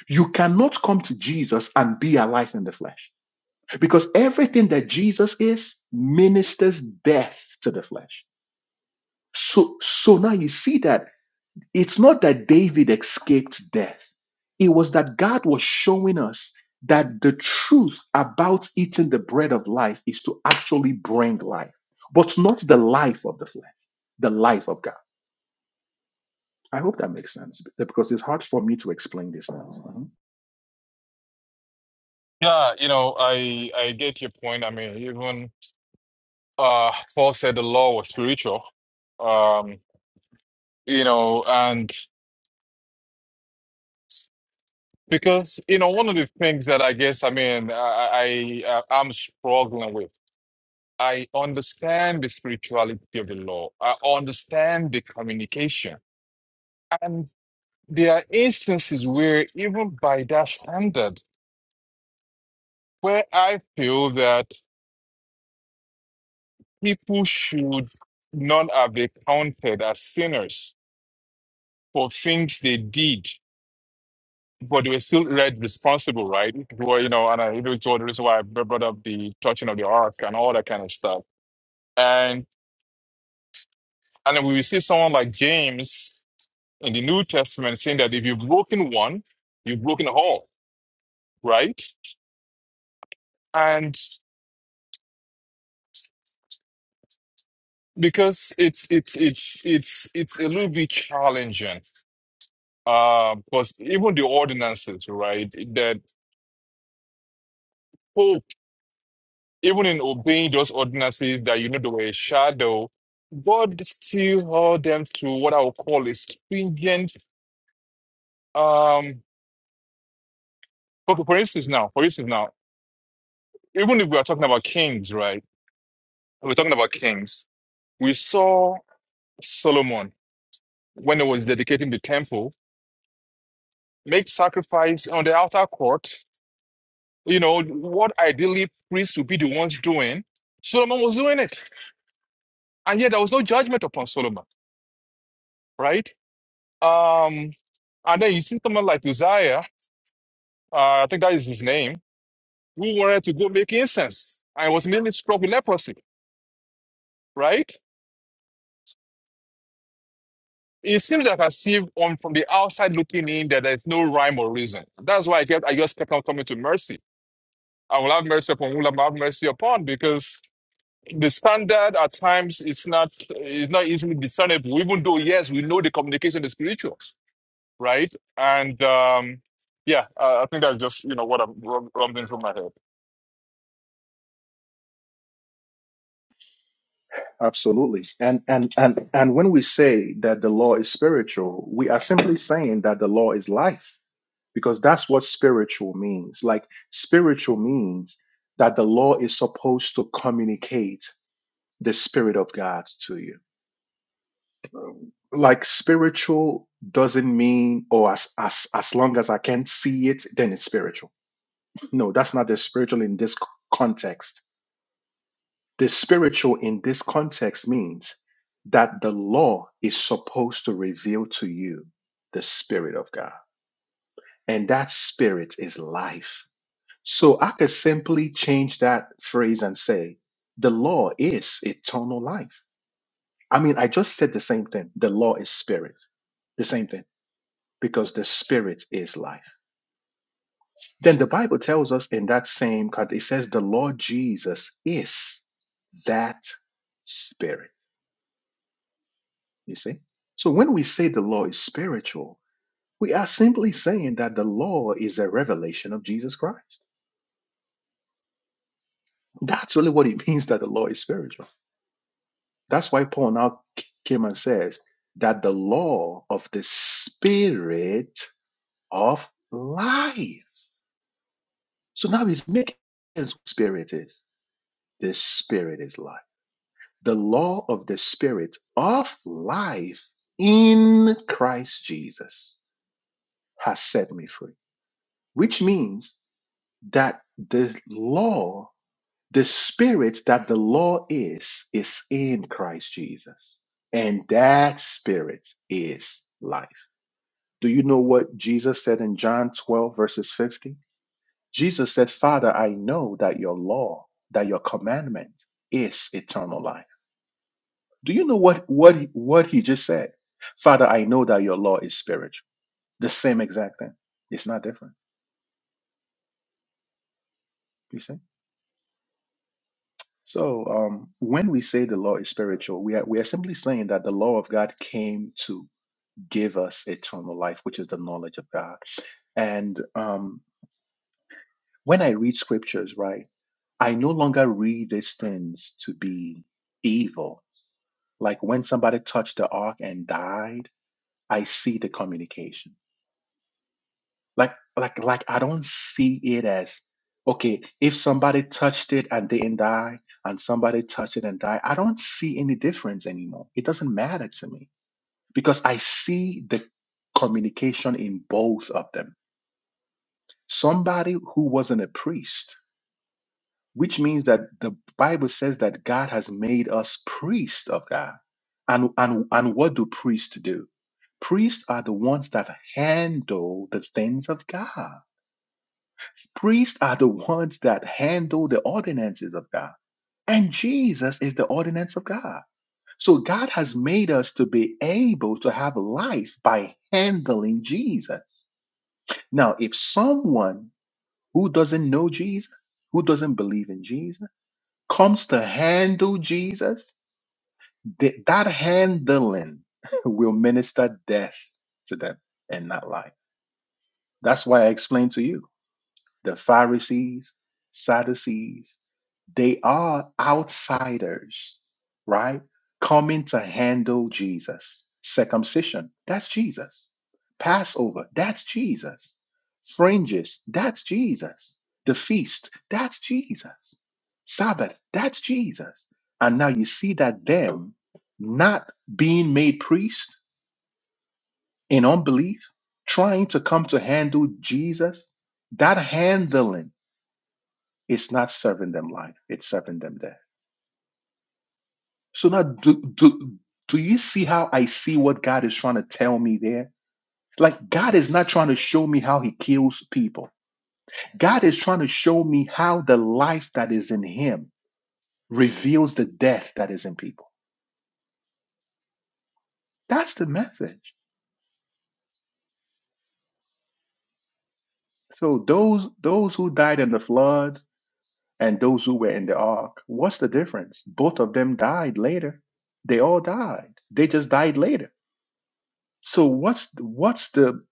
Speaker 2: You cannot come to Jesus and be alive in the flesh because everything that Jesus is ministers death to the flesh. So, so now you see that it's not that David escaped death. It was that God was showing us that the truth about eating the bread of life is to actually bring life, but not the life of the flesh, the life of God. I hope that makes sense because it's hard for me to explain this now.
Speaker 7: Yeah, you know, I I get your point. I mean, even uh Paul said the law was spiritual. Um, you know, and. Because, you know, one of the things that I guess, I mean, I, I, I- uh, I'm struggling with, I understand the spirituality of the law. I understand the communication. And there are instances where, even by that standard, where I feel that people should not have been counted as sinners for things they did, but they were still led responsible, right? Well, you know, and I, it was all the reason why I brought up the touching of the ark and all that kind of stuff. And then we will see someone like James in the New Testament saying that if you've broken one, you've broken all, right? And because it's it's it's it's it's a little bit challenging. Uh, because even the ordinances, right? That hope, even in obeying those ordinances that you know they were a shadow, God still held them to what I would call a stringent um okay, for instance now, for instance now, even if we are talking about kings, right? We're talking about kings We saw Solomon, when he was dedicating the temple, make sacrifice on the outer court. You know, what ideally priests would be the ones doing, Solomon was doing it. And yet there was no judgment upon Solomon, right? Um, and then you see someone like Uzziah, uh, I think that is his name, who wanted to go make incense and was immediately struck with leprosy, right? It seems that I see on from the outside looking in that there's no rhyme or reason. That's why I, kept, I just kept on coming to mercy I will have mercy upon whom I will have mercy upon because the standard at times it's not it's not easily discernible. Even though yes, we know the communication is spiritual, right? And um, yeah, uh, I think that's just you know what I'm rum- rumbling through my head.
Speaker 2: Absolutely. And and and and when we say that the law is spiritual, we are simply saying that the law is life because that's what spiritual means. Like spiritual means that the law is supposed to communicate the spirit of God to you. Like spiritual doesn't mean oh as as as long as I can see it then it's spiritual. No, that's not the spiritual in this c- context. The spiritual in this context means that the law is supposed to reveal to you the Spirit of God, and that Spirit is life. So I could simply change that phrase and say, the law is eternal life. I mean, I just said the same thing. The law is spirit, the same thing, because the Spirit is life. Then the Bible tells us in that same, cut, it says, the Lord Jesus is that Spirit. You see? So when we say the law is spiritual, we are simply saying that the law is a revelation of Jesus Christ. That's really what it [LAUGHS] means that the law is spiritual. That's why Paul now c- came and says that the law of the spirit of life. So now he's making sense what spirit is. The spirit is life. The law of the spirit of life in Christ Jesus has set me free, which means that the law, the spirit that the law is, is in Christ Jesus. And that spirit is life. Do you know what Jesus said in John 12, verses 50? Jesus said, Father, I know that your law, that your commandment is eternal life. Do you know what, what, what he just said? Father, I know that your law is spiritual. The same exact thing. It's not different. You see? So, um, when we say the law is spiritual, we are, we are simply saying that the law of God came to give us eternal life, which is the knowledge of God. And um, when I read scriptures, right, I no longer read these things to be evil. Like when somebody touched the ark and died, I see the communication Like, like, like, I don't see it as okay. If somebody touched it and they didn't die, and somebody touched it and died, I don't see any difference anymore. It doesn't matter to me because I see the communication in both of them. Somebody who wasn't a priest, which means that the Bible says that God has made us priests of God. And, and, and what do priests do? Priests are the ones that handle the things of God Priests are the ones that handle the ordinances of God. And Jesus is the ordinance of God. So God has made us to be able to have life by handling Jesus. Now, if someone who doesn't know Jesus, who doesn't believe in Jesus, comes to handle Jesus, th- that handling [LAUGHS] will minister death to them and not life. That's why I explained to you the Pharisees, Sadducees, They are outsiders, right? Coming to handle Jesus. Circumcision, that's Jesus. Passover, that's Jesus. Fringes, that's Jesus. The feast, that's Jesus. Sabbath, that's Jesus. And now you see that them not being made priests in unbelief, trying to come to handle Jesus, that handling is not serving them life, it's serving them death. So now, do, do, do you see how I see what God is trying to tell me there? Like, God is not trying to show me how he kills people. God is trying to show me how the life that is in him reveals the death that is in people. That's the message. So those those who died in the floods and those who were in the ark, what's the difference? Both of them died later. They all died. They just died later. So what's what's the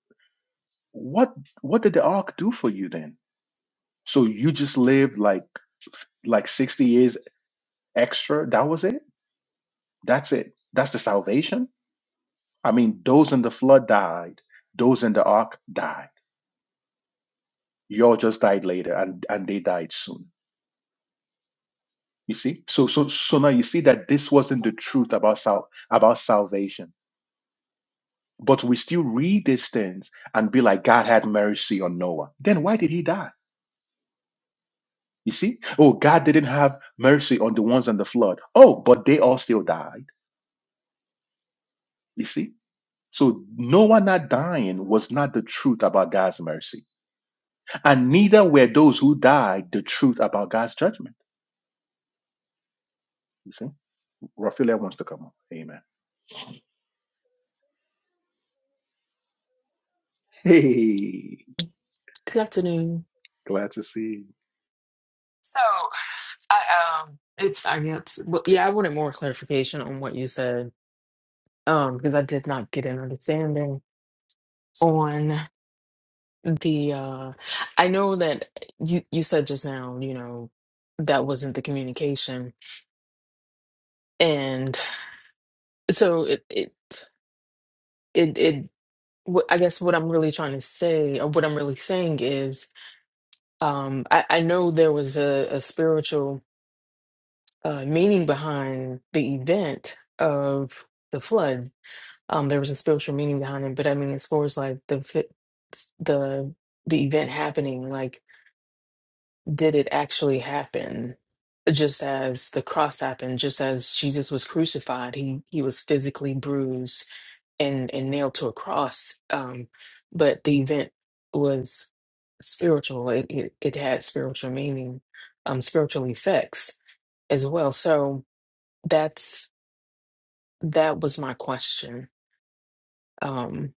Speaker 2: what what did the ark do for you then? So you just lived like like 60 years extra. That was it. That's it. That's the salvation. I mean, those in the flood died. Those in the ark died. Y'all just died later and, and they died soon. You see? So so so now you see that this wasn't the truth about sal- about salvation. But we still read these things and be like, God had mercy on Noah. Then why did he die? You see? Oh, God didn't have mercy on the ones on the flood. Oh, but they all still died. You see? So Noah not dying was not the truth about God's mercy. And neither were those who died the truth about God's judgment. You see? Raphael wants to come up. Amen. Hey,
Speaker 8: Good afternoon.
Speaker 2: glad to see you.
Speaker 8: So, I um, it's I guess, well, yeah, I wanted more clarification on what you said, um, because I did not get an understanding on the uh, I know that you you said just now, you know, that wasn't the communication, and so it it it it. wh- I guess what I'm really trying to say, or what I'm really saying is, um, I, I know there was a, a spiritual. uh, meaning behind the event of the flood. Um, there was a spiritual meaning behind it, but I mean, as far as like the fi- s- the the event happening, like did it actually happen? Just as the cross happened, just as Jesus was crucified, he he was physically bruised and and nailed to a cross. Um, but the event was spiritual. It it, it had spiritual meaning, um, spiritual effects as well. So that's That was my question. Um,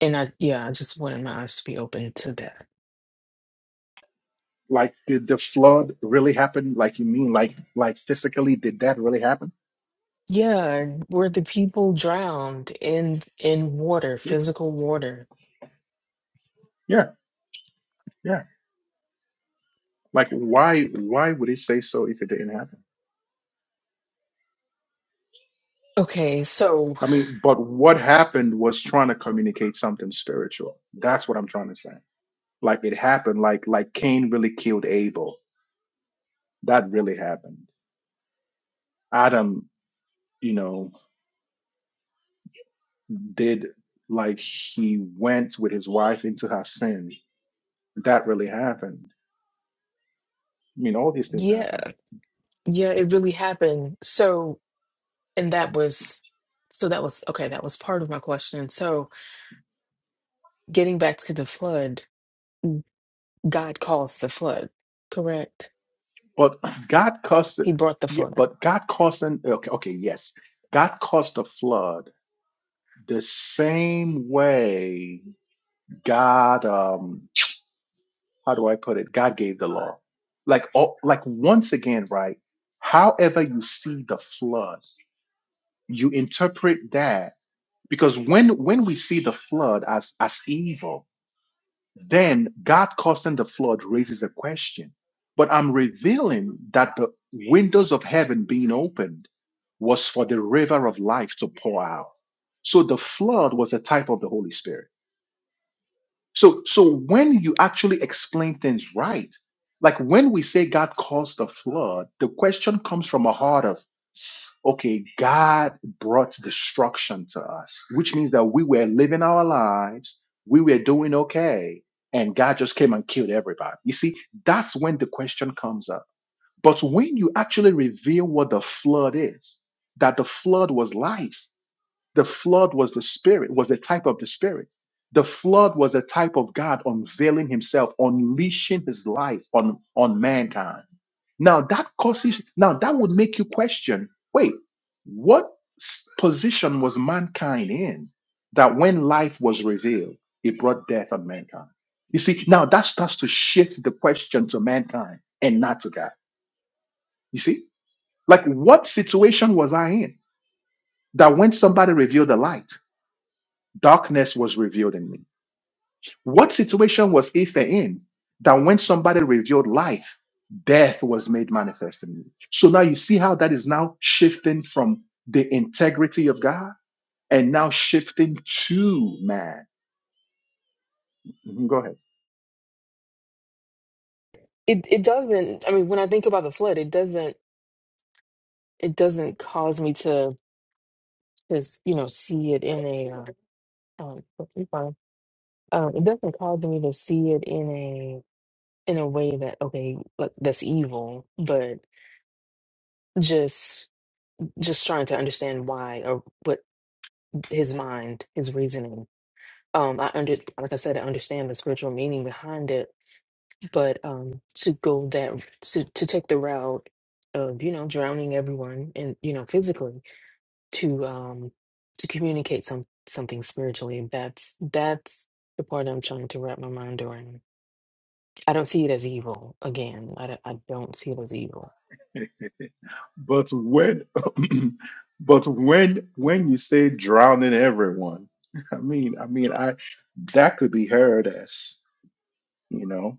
Speaker 8: and I, yeah, I just wanted my eyes to be open to that.
Speaker 2: Like, did the flood really happen? Like you mean like like physically, did that really happen?
Speaker 8: Yeah, were the people drowned in in water,
Speaker 2: Yeah.
Speaker 8: physical water?
Speaker 2: Yeah. Yeah. Like why why would it say so if it didn't happen?
Speaker 8: Okay, so
Speaker 2: I mean, but what happened was trying to communicate something spiritual. That's what I'm trying to say. Like it happened, like like Cain really killed Abel that really happened. Adam, you know, did like he went with his wife into her sin. That really happened. I mean, all these things
Speaker 8: yeah,
Speaker 2: happened.
Speaker 8: yeah, it really happened. So, and that was, so that was, okay, that was part of my question. So, getting back to the flood, God caused the flood, correct?
Speaker 2: But God caused it.
Speaker 8: He brought the
Speaker 2: Yeah,
Speaker 8: flood.
Speaker 2: but God caused an okay, okay, yes. God caused the flood the same way God um how do I put it? God gave the law. Like oh, like once again, right? However you see the flood, you interpret that because when when we see the flood as as evil then god causing the flood raises a question but i'm revealing that the windows of heaven being opened was for the river of life to pour out so the flood was a type of the holy spirit so so when you actually explain things right, like when we say God caused the flood, the question comes from a heart of okay, God brought destruction to us, which means that we were living our lives, we were doing okay, and God just came and killed everybody. You see, that's when the question comes up. But when you actually reveal what the flood is, that the flood was life, the flood was the spirit, was a type of the spirit. The flood was a type of God unveiling himself, unleashing his life on, on mankind. Now that causes, now that would make you question, wait, what s- position was mankind in that when life was revealed, it brought death on mankind? You see, now that starts to shift the question to mankind and not to God. You see, like what situation was I in that when somebody revealed the light? Darkness was revealed in me. What situation was Ife in that when somebody revealed life, death was made manifest in me? So now you see how that is now shifting from the integrity of God and now shifting to man. Mhm, Go ahead.
Speaker 8: It it doesn't, I mean, when I think about the flood, it doesn't it doesn't cause me to just you know see it in a uh, um, but you're fine. Um, it doesn't cause me to see it in a in a way that okay like that's evil, but just just trying to understand why or what his mind his reasoning. Um, I under like I said, I understand the spiritual meaning behind it, but um, to go that to to take the route of you know drowning everyone and you know physically to um to communicate some something spiritually that's that's the part i'm trying to wrap my mind around i don't see it as evil again i don't, I don't see it as evil
Speaker 2: [LAUGHS] but when [CLEARS THROAT] but when when you say drowning everyone, [LAUGHS] I mean, I mean, I that could be heard as, you know,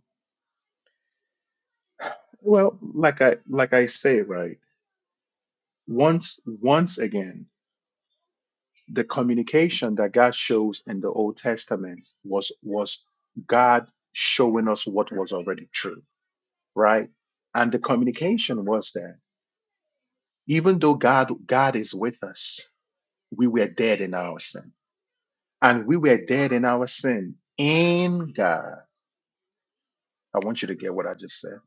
Speaker 2: well, like I like I say, right. Once, once again, the communication that God shows in the Old Testament was was God showing us what was already true, right? And the communication was that even though God God is with us, we were dead in our sin, and we were dead in our sin in God. I want you to get what I just said.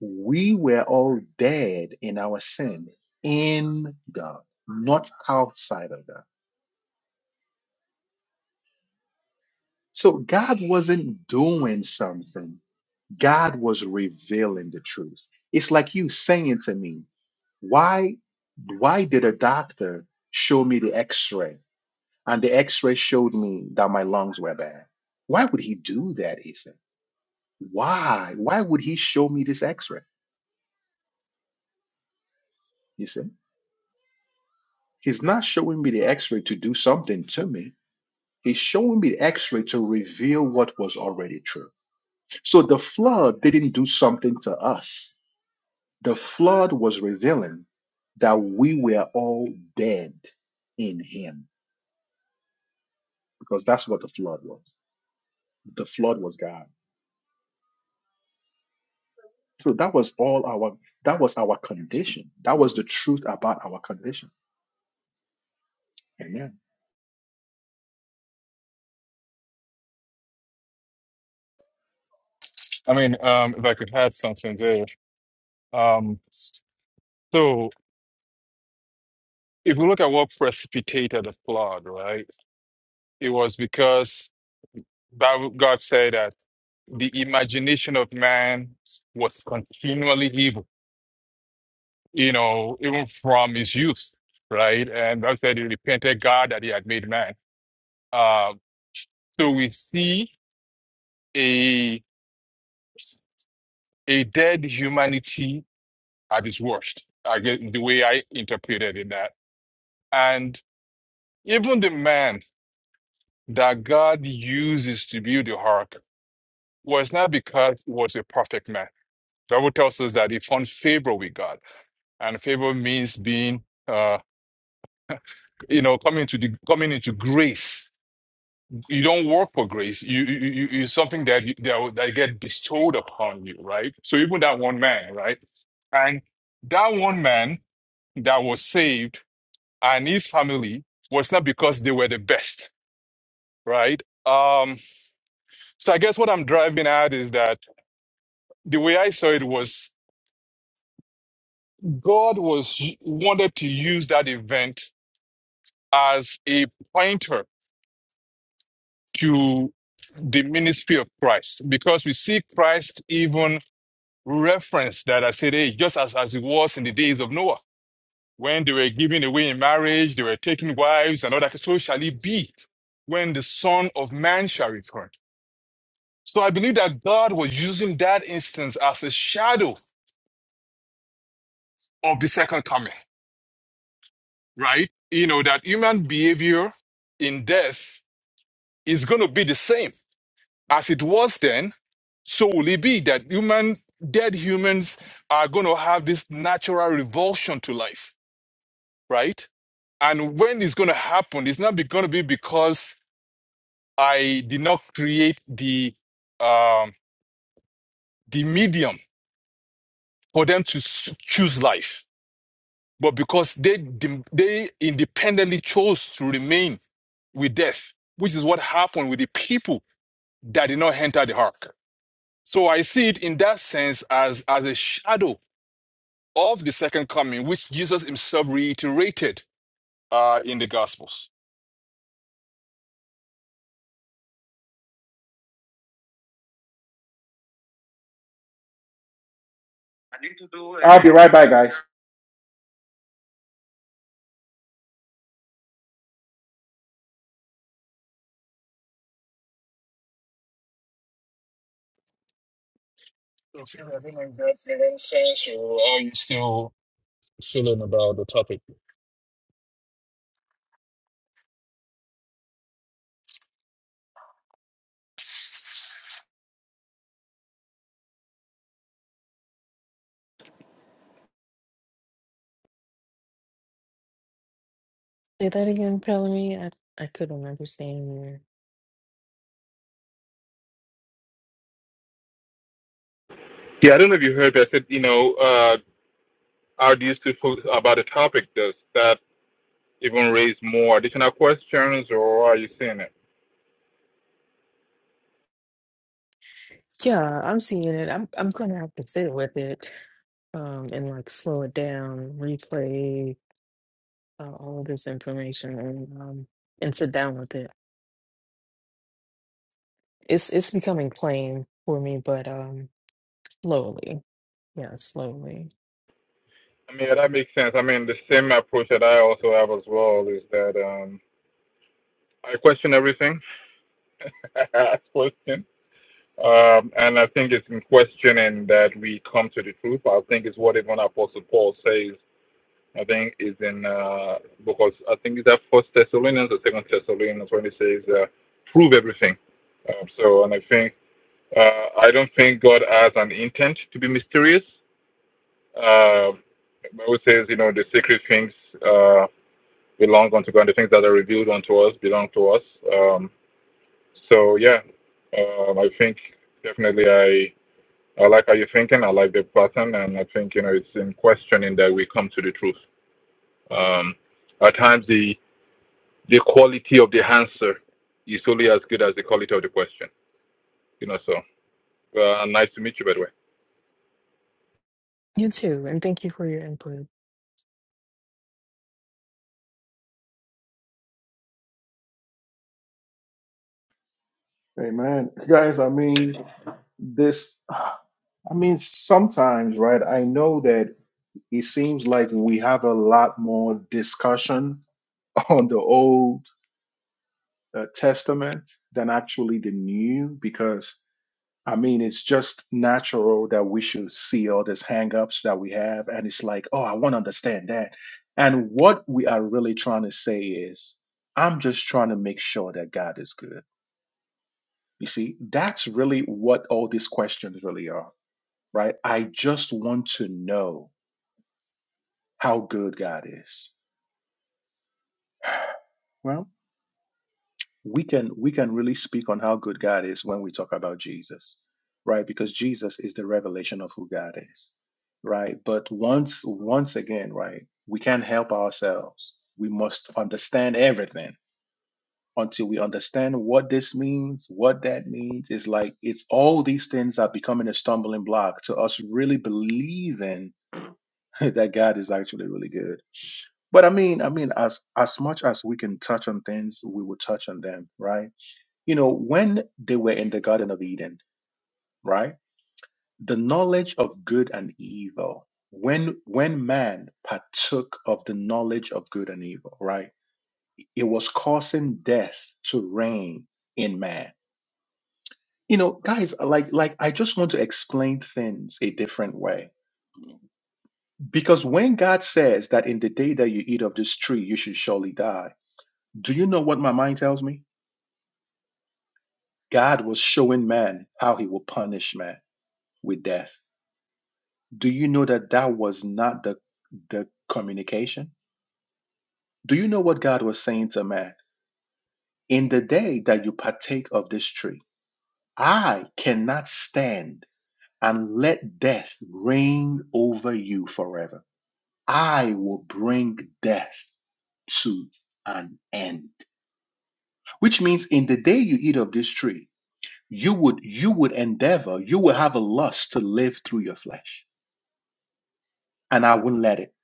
Speaker 2: We were all dead in our sin in God, not outside of God So God wasn't doing something. God was revealing the truth. It's like you saying to me, why why did a doctor show me the x-ray and the x-ray showed me that my lungs were bad? Why would he do that, Ethan? Why? Why would he show me this x-ray? You see? He's not showing me the x-ray to do something to me. He's showing me the x-ray to reveal what was already true. So the flood didn't do something to us The flood was revealing that we were all dead in him because that's what the flood was. The flood was God. So that was all our that was our condition. That was the truth about our condition. Amen.
Speaker 7: I mean, um, if I could add something there. Um, so if we look at what precipitated the flood, right? It was because Bible- God said that the imagination of man was continually evil you know, even from his youth, right? And God said he repented God that he had made man. Uh, so we see a a dead humanity at its worst, I guess the way I interpreted in that. And even the man that God uses to build the ark was not because he was a perfect man. The Bible tells us that he found favor with God, and favor means being, uh, you know, coming to the coming into grace you don't work for grace. You you you you- it's something that you, that will- that get bestowed upon you, right? So even that one man, right, and that one man that was saved and his family was not because they were the best, right? Um, so I guess what I'm driving at is that the way I saw it was God was wanted to use that event as a pointer to the ministry of Christ because we see Christ even reference that I said, hey, just as, as it was in the days of Noah, when they were giving away in marriage, they were taking wives and all that, so shall it be when the Son of Man shall return. So I believe that God was using that instance as a shadow of the second coming, right? You know, that human behavior in death is going to be the same as it was then. So will it be that human, dead humans are going to have this natural revulsion to life right? And when it's going to happen, it's not going to be because I did not create the um, the medium for them to s- choose life, but because they dem- they independently chose to remain with death, which is what happened with the people that did not enter the ark. So I see it in that sense as as a shadow of the second coming, which Jesus Himself reiterated uh, in the Gospels. So Phil, I don't sense or are you still
Speaker 8: say that again Pelamy. i i couldn't understand you
Speaker 7: Yeah, I don't know if you heard, but I said, you know, uh, are these two folks about the topic? Does that even raise more additional questions, or are you seeing it?
Speaker 8: yeah i'm seeing it i'm i'm gonna have to sit with it um and like slow it down replay uh, all of this information and um and sit down with it it's it's becoming plain for me but um slowly yeah slowly
Speaker 7: I mean, yeah, that makes sense. I mean, the same approach that I also have as well is that um, I question everything. [LAUGHS] I ask question. Um, and I think it's in questioning that we come to the truth. I think it's what even Apostle Paul says. I think is in uh, because I think it's that First Thessalonians or Second Thessalonians when it says uh, prove everything. Um, so, and I think uh, I don't think God has an intent to be mysterious. Uh, Bible says, you know, the secret things uh, belong unto God. and The things that are revealed unto us belong to us. Um, so, yeah, um, I think definitely I I like how you're thinking. I like the pattern, and I think you know it's in questioning that we come to the truth. Um, at times the the quality of the answer is only as good as the quality of the question. You know, so uh, nice to meet you, by the way.
Speaker 8: You too, and thank you for your input.
Speaker 2: Amen. Guys, I mean, this, I mean, sometimes, right? I know that it seems like we have a lot more discussion [LAUGHS] on the Old uh, Testament than actually the New, because I mean, it's just natural that we should see all these hangups that we have. And it's like, oh, I want to understand that. And what we are really trying to say is, I'm just trying to make sure that God is good. You see, that's really what all these questions really are, right? I just want to know how good God is. Well, we can we can really speak on how good God is when we talk about Jesus, right? Because Jesus is the revelation of who God is, right? But once once again, right, we can't help ourselves. We must understand everything until we understand what this means, what that means. It's like it's all these things are becoming a stumbling block to us really believing [LAUGHS] that God is actually really good. But I mean, I mean, as as much as we can touch on things, we will touch on them, right? You know, when they were in the Garden of Eden, right? The knowledge of good and evil. When when man partook of the knowledge of good and evil, right? It was causing death to reign in man you know guys like like i just want to explain things a different way because when god says that in the day that you eat of this tree you should surely die do you know what my mind tells me god was showing man how he will punish man with death do you know that that was not the the communication do you know what god was saying to man in the day that you partake of this tree i cannot stand and let death reign over you forever I will bring death to an end. Which means in the day you eat of this tree, you would you would endeavor, you will have a lust to live through your flesh. And I wouldn't let it.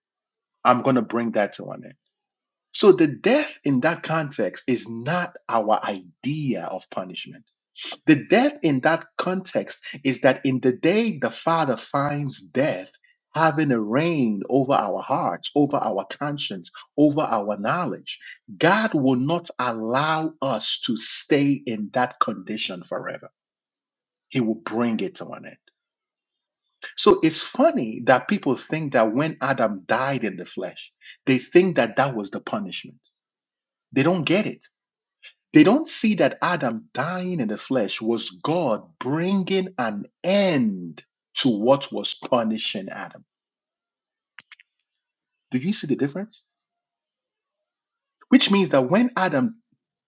Speaker 2: I'm gonna bring that to an end. So the death in that context is not our idea of punishment The death in that context is that in the day the Father finds death having a reign over our hearts, over our conscience, over our knowledge, God will not allow us to stay in that condition forever. He will bring it to an end. So it's funny that people think that when Adam died in the flesh, they think that that was the punishment. They don't get it They don't see that Adam dying in the flesh was God bringing an end to what was punishing Adam. Do you see the difference? Which means that when Adam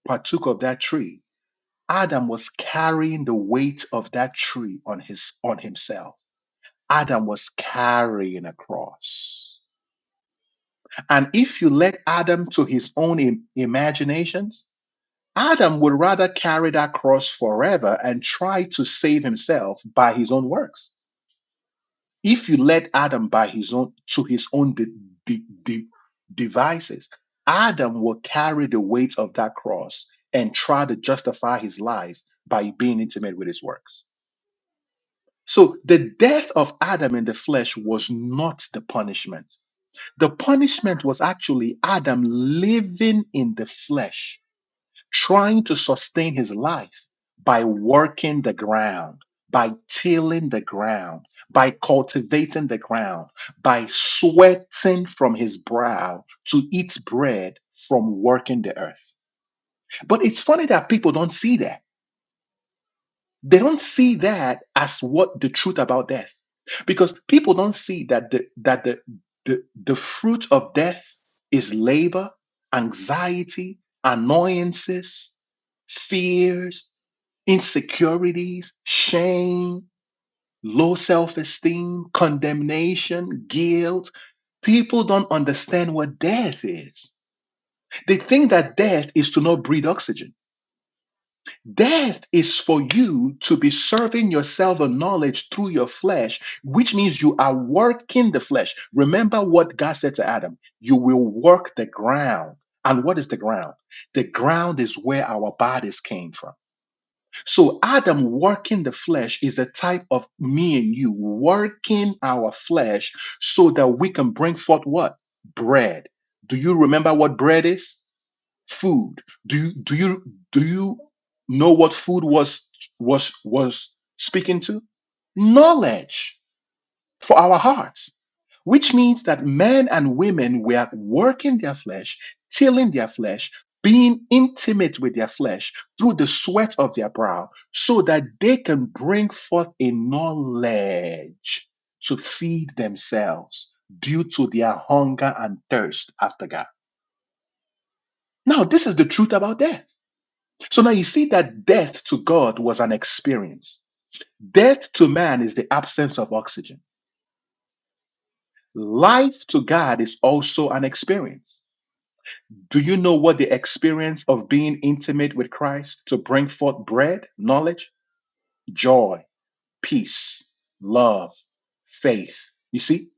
Speaker 2: partook of that tree, Adam was carrying the weight of that tree on his on himself. Adam was carrying a cross. And if you let Adam to his own im- imaginations, Adam would rather carry that cross forever and try to save himself by his own works If you led Adam by his own to his own de- de- de- devices, Adam will carry the weight of that cross and try to justify his life by being intimate with his works. So the death of Adam in the flesh was not the punishment. The punishment was actually Adam living in the flesh trying to sustain his life by working the ground, by tilling the ground, by cultivating the ground, by sweating from his brow to eat bread from working the earth. But it's funny that people don't see that they don't see that as what the truth about death. Because people don't see that the that the the, the fruit of death is labor, anxiety, annoyances, fears, insecurities, shame, low self esteem, condemnation, guilt. People don't understand what death is. They think that death is to not breathe oxygen. Death is for you to be serving yourself a knowledge through your flesh, which means you are working the flesh. Remember what God said to Adam you will work the ground. And what is the ground? The ground is where our bodies came from. So, Adam working the flesh is a type of me and you working our flesh so that we can bring forth what? Bread. Do you remember what bread is? Food. Do you do you do you know what food was was was speaking to? Knowledge for our hearts. Which means that men and women were working their flesh, tilling their flesh, being intimate with their flesh through the sweat of their brow, so that they can bring forth a knowledge to feed themselves due to their hunger and thirst after God. Now, this is the truth about death. So now you see that death to God was an experience. Death to man is the absence of oxygen. Life to God is also an experience. Do you know what the experience of being intimate with Christ to bring forth bread, knowledge, joy, peace, love, faith? You see?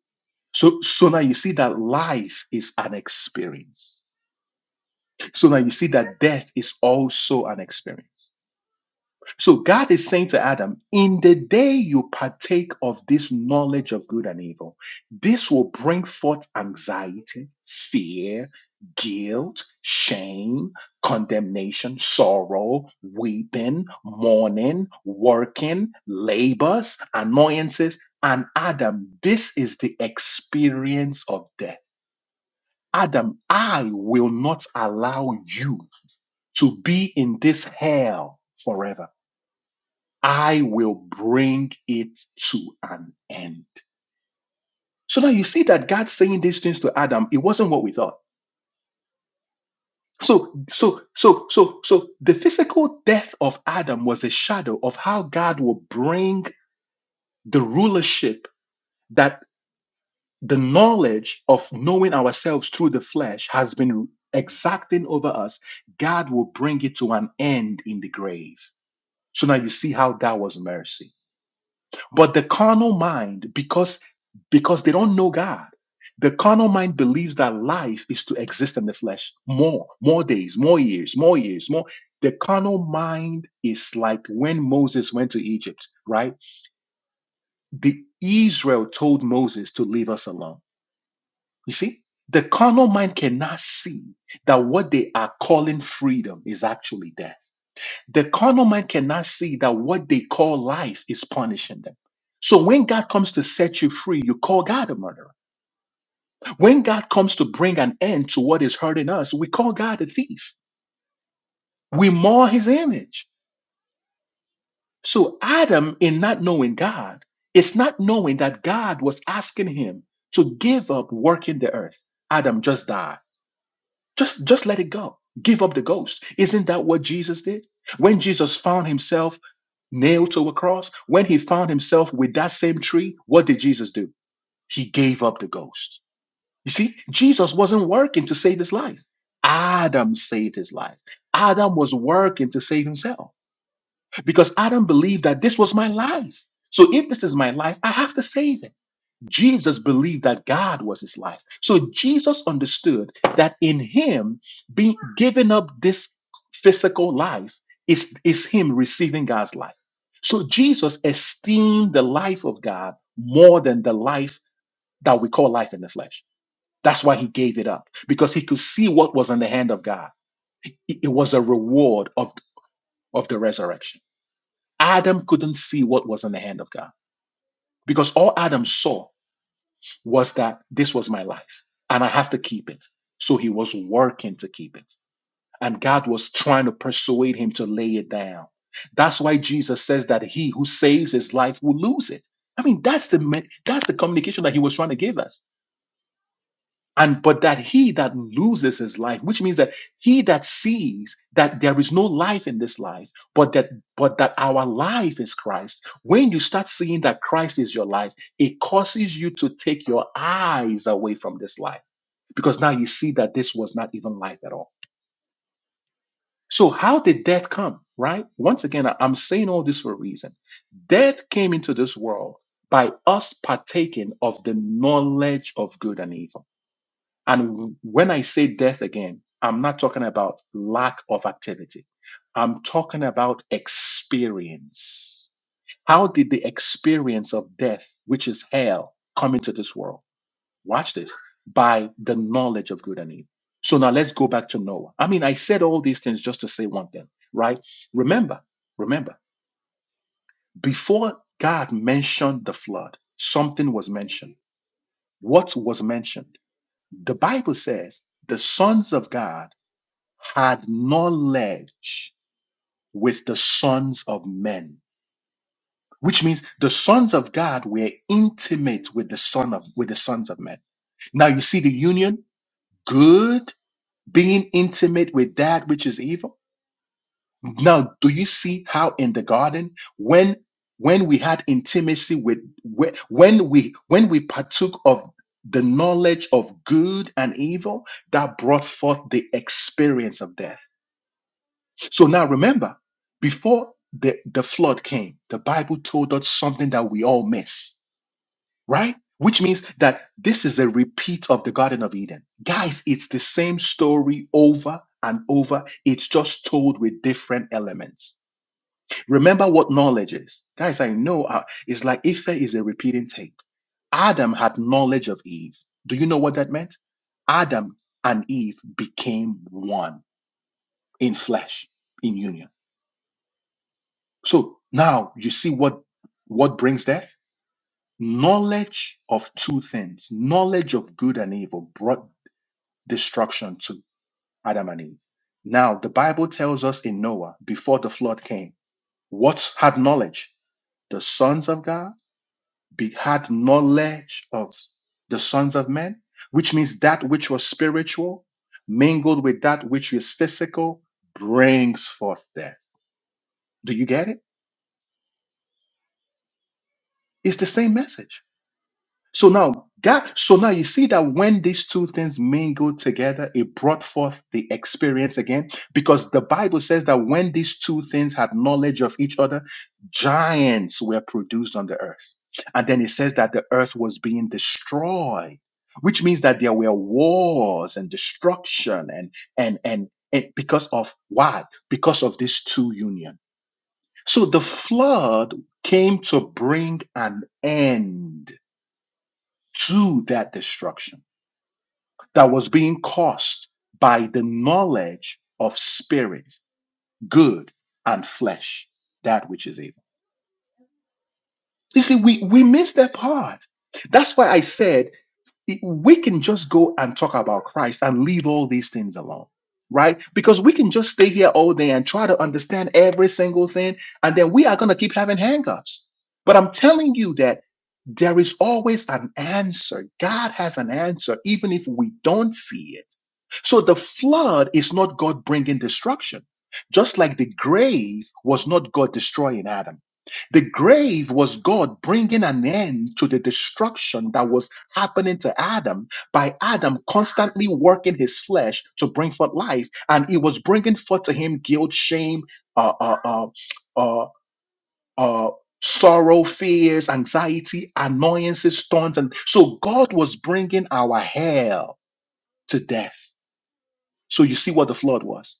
Speaker 2: So, so now you see that life is an experience. So now you see that death is also an experience. So God is saying to Adam, in the day you partake of this knowledge of good and evil, this will bring forth anxiety, fear, guilt, shame, condemnation, sorrow, weeping, mourning, working, labors, annoyances. And Adam, this is the experience of death. Adam, I will not allow you to be in this hell forever. I will bring it to an end. So now you see that God saying these things to Adam, it wasn't what we thought. So, so, so, so, so the physical death of Adam was a shadow of how God will bring the rulership that the knowledge of knowing ourselves through the flesh has been exacting over us. God will bring it to an end in the grave. So now you see how that was mercy. But the carnal mind, because because they don't know God, the carnal mind believes that life is to exist in the flesh. More, more days, more years, more years, more. The carnal mind is like when Moses went to Egypt, right? The Israel told Moses to leave us alone. You see? The carnal mind cannot see that what they are calling freedom is actually death. The carnal mind cannot see that what they call life is punishing them. So when God comes to set you free, you call God a murderer. When God comes to bring an end to what is hurting us, we call God a thief. We mar his image. So Adam, in not knowing God, is not knowing that God was asking him to give up working the earth. Adam just die. Just just let it go. Give up the ghost. Isn't that what Jesus did? When Jesus found himself nailed to a cross, when he found himself with that same tree, what did Jesus do? He gave up the ghost. You see, Jesus wasn't working to save his life. Adam saved his life. Adam was working to save himself because Adam believed that this was my life. So if this is my life, I have to save it. Jesus believed that God was his life. So Jesus understood that in him being giving up this physical life is, is him receiving God's life. So Jesus esteemed the life of God more than the life that we call life in the flesh. That's why he gave it up because he could see what was in the hand of God. It it was a reward of, of the resurrection. Adam couldn't see what was in the hand of God because all Adam saw was that this was my life and I have to keep it. So he was working to keep it. And God was trying to persuade him to lay it down. That's why Jesus says that he who saves his life will lose it. I mean, that's the me- that's the communication that he was trying to give us and but that he that loses his life which means that he that sees that there is no life in this life but that but that our life is christ when you start seeing that christ is your life it causes you to take your eyes away from this life because now you see that this was not even life at all so how did death come right once again I- i'm saying all this for a reason death came into this world by us partaking of the knowledge of good and evil and when I say death again, I'm not talking about lack of activity. I'm talking about experience. How did the experience of death, which is hell, come into this world? Watch this by the knowledge of good and evil. So now let's go back to Noah. I mean, I said all these things just to say one thing, right? Remember, remember, before God mentioned the flood, something was mentioned. What was mentioned? The Bible says the sons of God had knowledge with the sons of men which means the sons of god were intimate with the son of with the sons of men now you see the union good being intimate with that which is evil now do you see how in the garden when when we had intimacy with whe- when we when we partook of the knowledge of good and evil that brought forth the experience of death So now remember, before the, the flood came, the Bible told us something that we all miss, right? Which means that this is a repeat of the Garden of Eden. Guys, it's the same story over and over. It's just told with different elements. Remember what knowledge is. Guys, I know uh, it's like Ife is a repeating tape. Adam had knowledge of Eve. Do you know what that meant? Adam and Eve became one in flesh, in union. So now you see what what brings death? Knowledge of two things. Knowledge of good and evil brought destruction to Adam and Eve. Now the Bible tells us in Noah, before the flood came, what had knowledge? The sons of God be, had knowledge of the sons of men, which means that which was spiritual mingled with that which is physical brings forth death. Do you get it? It's the same message. So now that so now you see that when these two things mingle together, it brought forth the experience again, because the Bible says that when these two things had knowledge of each other, giants were produced on the earth. And then it says that the earth was being destroyed, which means that there were wars and destruction and and and, and because of what? Because of this two union. So the flood came to bring an end to that destruction that was being caused by the knowledge of spirit, good, and flesh, that which is evil. You see, we, we miss that part. That's why I said i- we can just go and talk about Christ and leave all these things alone, right? Because we can just stay here all day and try to understand every single thing, and then we are going to keep having hangups. But I'm telling you that. There is always an answer. God has an answer, even if we don't see it. So the flood is not God bringing destruction, just like the grave was not God destroying Adam. The grave was God bringing an end to the destruction that was happening to Adam by Adam constantly working his flesh to bring forth life, and it was bringing forth to him guilt, shame, uh, uh, uh, uh uh, sorrow, fears, anxiety, annoyances, storms. And so God was bringing our hell to death. So you see what the flood was.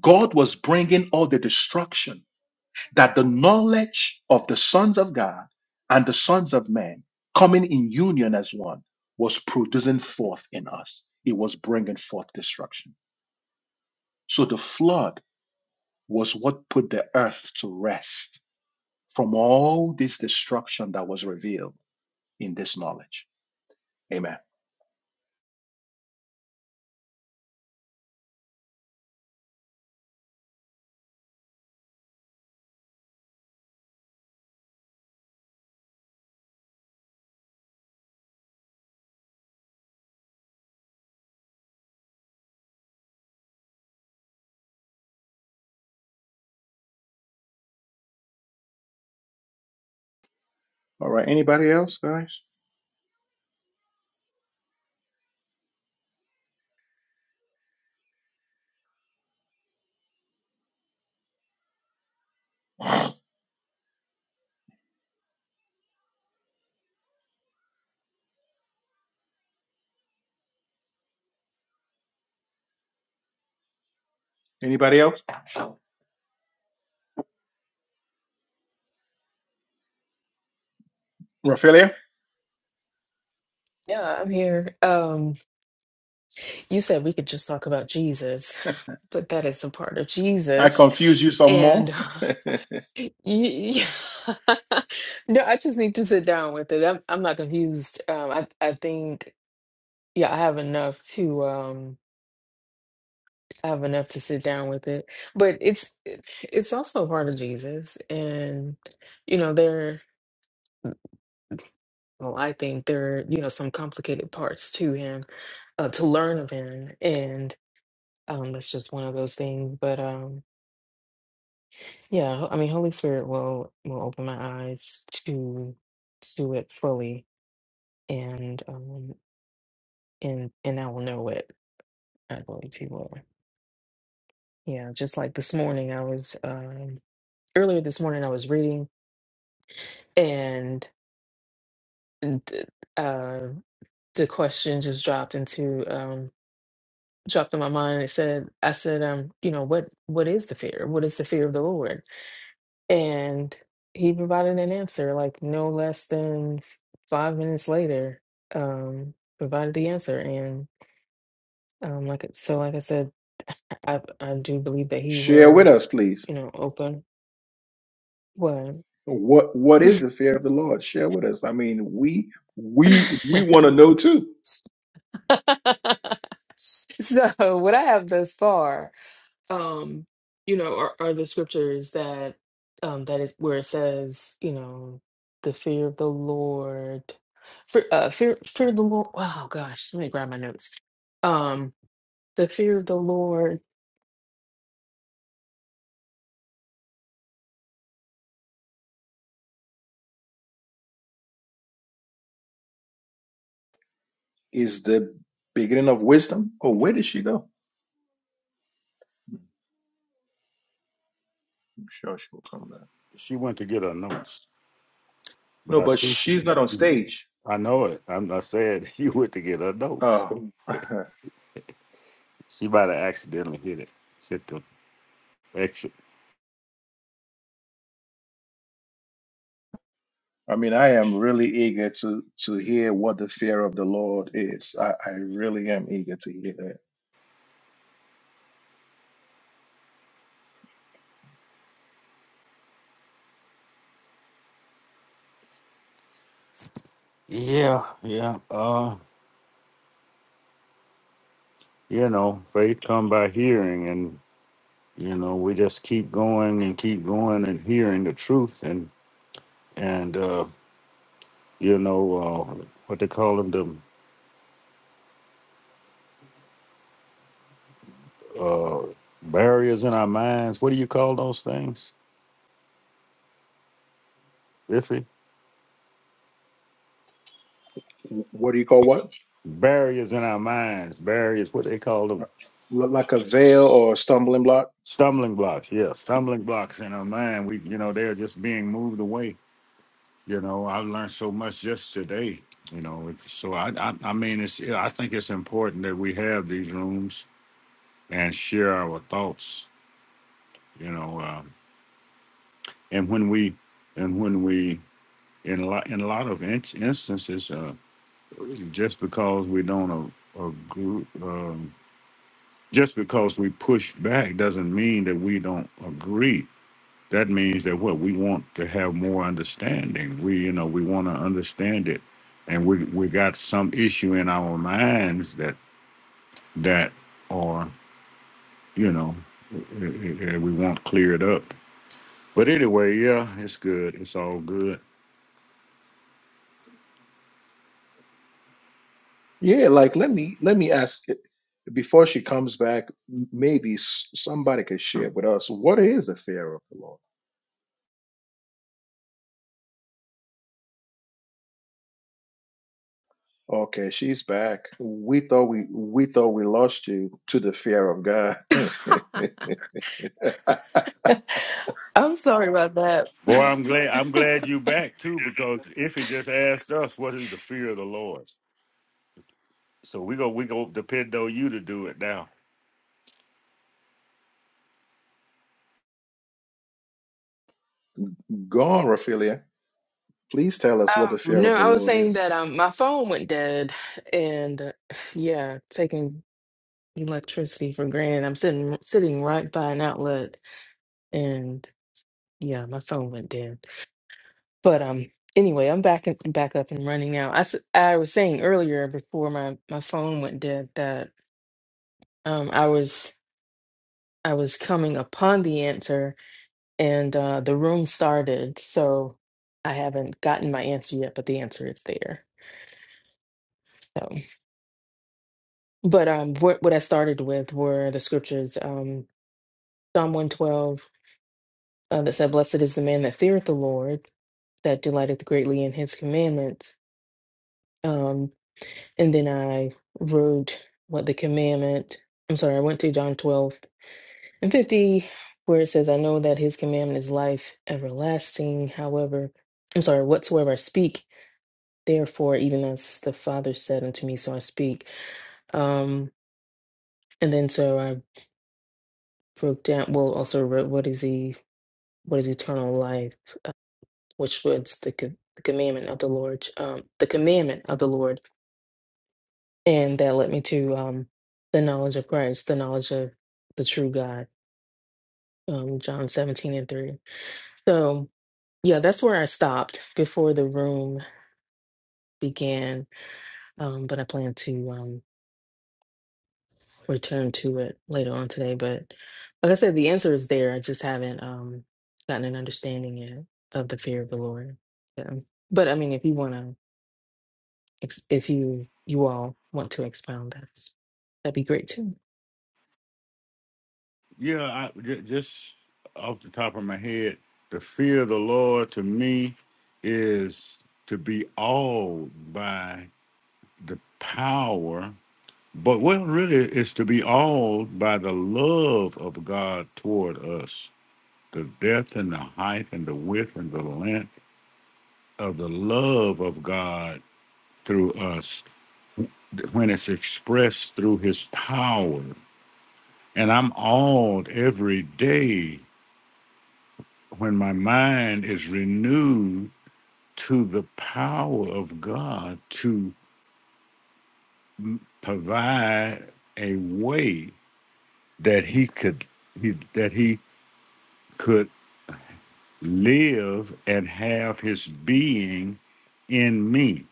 Speaker 2: God was bringing all the destruction that the knowledge of the sons of God and the sons of man coming in union as one was producing forth in us. It was bringing forth destruction. So the flood was what put the earth to rest from all this destruction that was revealed in this knowledge. Amen.
Speaker 8: Yeah, I'm here. Um, you said we could just talk about Jesus, [LAUGHS] but that is a part of
Speaker 2: I
Speaker 8: Jesus.
Speaker 2: confuse you some more.
Speaker 8: And
Speaker 2: [LAUGHS]
Speaker 8: [SIGHS] [LAUGHS] you, [LAUGHS] no, I just need to sit down with it. I'm I'm not confused. Um, I I think yeah, I have enough to um, I have enough to sit down with it. But it's it- it's also a part of Jesus, and you know there. Well, I think there are, you know, some complicated parts to him, uh, to learn of him, and um, that's just one of those things. But um, yeah, I mean, Holy Spirit will will open my eyes to to it fully, and um, and and I will know it. I believe He will. Yeah, just like this morning, I was um, earlier this morning I was reading, and th- uh, the question just dropped into. um, dropped in my mind. I said, I said, um, you know, what what is the fear? What is the fear of the Lord? And he provided an answer, like no less than f- five minutes later, um, provided the answer. And um, like it- so, like I said, I I do believe that he
Speaker 2: Share with
Speaker 8: will,
Speaker 2: us, please.
Speaker 8: you know, open what. [LAUGHS]
Speaker 2: What what is the fear of the Lord? Share with us. I mean, we we we want
Speaker 8: [LAUGHS]
Speaker 2: to know too.
Speaker 8: so what I have thus far. um you know are, are the scriptures that um that it where it says you know the fear of the lord for uh fear fear of the lord wow gosh let me grab my notes um the fear of the lord
Speaker 2: Is the beginning of wisdom? Oh, where did she go? I'm sure she will come back.
Speaker 6: She went to get her notes, but
Speaker 2: No,
Speaker 6: I
Speaker 2: but
Speaker 6: see she.
Speaker 2: she's not on stage.
Speaker 6: I know it. I'm, I said [LAUGHS] you went to get her notes.
Speaker 2: Oh. [LAUGHS] I
Speaker 6: She might have accidentally hit it. Hit the exit.
Speaker 2: mean, I am really eager to to hear what the fear of the Lord is. I, I really am eager to hear that.
Speaker 6: Yeah, yeah. Uh, you know, faith come by hearing, You know, we just keep going and keep going and hearing the truth and and uh, you know uh, what they call them the uh, barriers in our minds. What do you call those things? Iffy
Speaker 2: What do you call what?
Speaker 6: barriers in our minds. Barriers. What they call them?
Speaker 2: Look like a veil or a stumbling block.
Speaker 6: Stumbling blocks. Yeah, stumbling blocks in our mind. We you know they're just being moved away. You know, I learned so much just today. You know, it's- so I I, I mean it's I think it's important that we have these rooms and share our thoughts you know um, and when we and when we in a lot in a lot of in- instances uh, just because we don't a- agree um, just because we push back doesn't mean that we don't agree that means that what we want to have more understanding we you know we want to understand it and we we got some issue in our minds that that are you know eh, eh, eh, we want cleared up but anyway yeah it's good it's all good
Speaker 2: Yeah, like let me let me ask it before she comes back. m- Maybe s- somebody could share with us what is the fear of the Lord. Okay, she's back. We thought we we thought we lost you to the fear of God.
Speaker 8: [LAUGHS]
Speaker 2: [LAUGHS]
Speaker 8: i'm sorry about that
Speaker 6: Boy, I'm glad I'm glad you back too, because if he just asked us, what is the fear of the Lord? So we go we go depend on you to do it now.
Speaker 2: Gone, Raphaelia. Please tell us what the fear
Speaker 8: no
Speaker 2: of the
Speaker 8: i was
Speaker 2: Lord
Speaker 8: saying
Speaker 2: is.
Speaker 8: that um my phone went dead and uh, yeah taking electricity for granted i'm sitting sitting right by an outlet and yeah my phone went dead But um, anyway, I'm back and back up and running now. I, s- I was saying earlier before my my phone went dead that um I was I was coming upon the answer and uh the room started, so I haven't gotten my answer yet, but the answer is there. So, but um, what what I started with were the scriptures, um, Psalm one twelve, uh, that said, "Blessed is the man that feareth the Lord, that delighteth greatly in His commandments." Um, And then I wrote what the commandment, I'm sorry, I went to John 12 and 50, where it says, I know that his commandment is life everlasting. However, I'm sorry, whatsoever I speak, therefore, even as the Father said unto me, so I speak. Um, and then so I broke down, well, also wrote, what is he, what is eternal life, uh, which was the, co- the commandment of the Lord, um, the commandment of the Lord and that led me to um the knowledge of Christ, the knowledge of the true God, um, John 17 and 3. So yeah, that's where I stopped before the room began. Um, but I plan to um return to it later on today. But like I said, the answer is there. I just haven't um gotten an understanding yet of the fear of the Lord. Yeah. But I mean, if you want to, ex- if you you all want to expound, that's that'd be great too.
Speaker 6: Yeah, I j- just off the top of my head, the fear of the Lord to me is to be awed by the power, but well really is to be awed by the love of God toward us. The depth and the height and the width and the length of the love of God through us when it's expressed through his power. And I'm awed every day when my mind is renewed to the power of God to m- provide a way that he could he, that he could live and have his being in me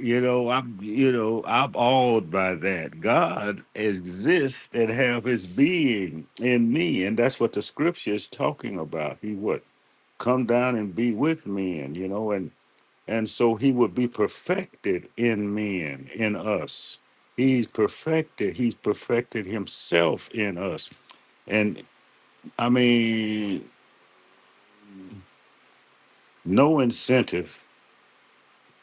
Speaker 6: You know, I'm you know, I'm awed by that. God exists and have his being in me. And that's what the scripture is talking about. He would come down and be with men, you know, and and so he would be perfected in men, in us. He's perfected, he's perfected himself in us. And I mean, no incentive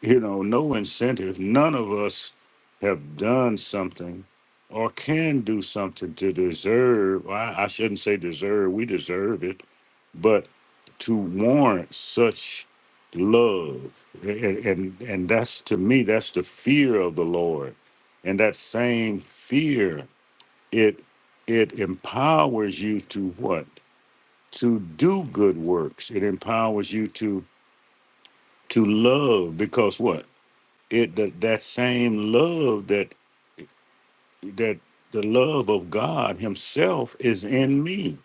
Speaker 6: you know, no incentive. None of us have done something or can do something to deserve. well, I, I shouldn't say deserve, we deserve it, but to warrant such love. And, and, and that's to me, that's the fear of the Lord. And that same fear, it it empowers you to what? To do good works. It empowers you to to love because what? it that, that same love that that the love of God Himself is in me.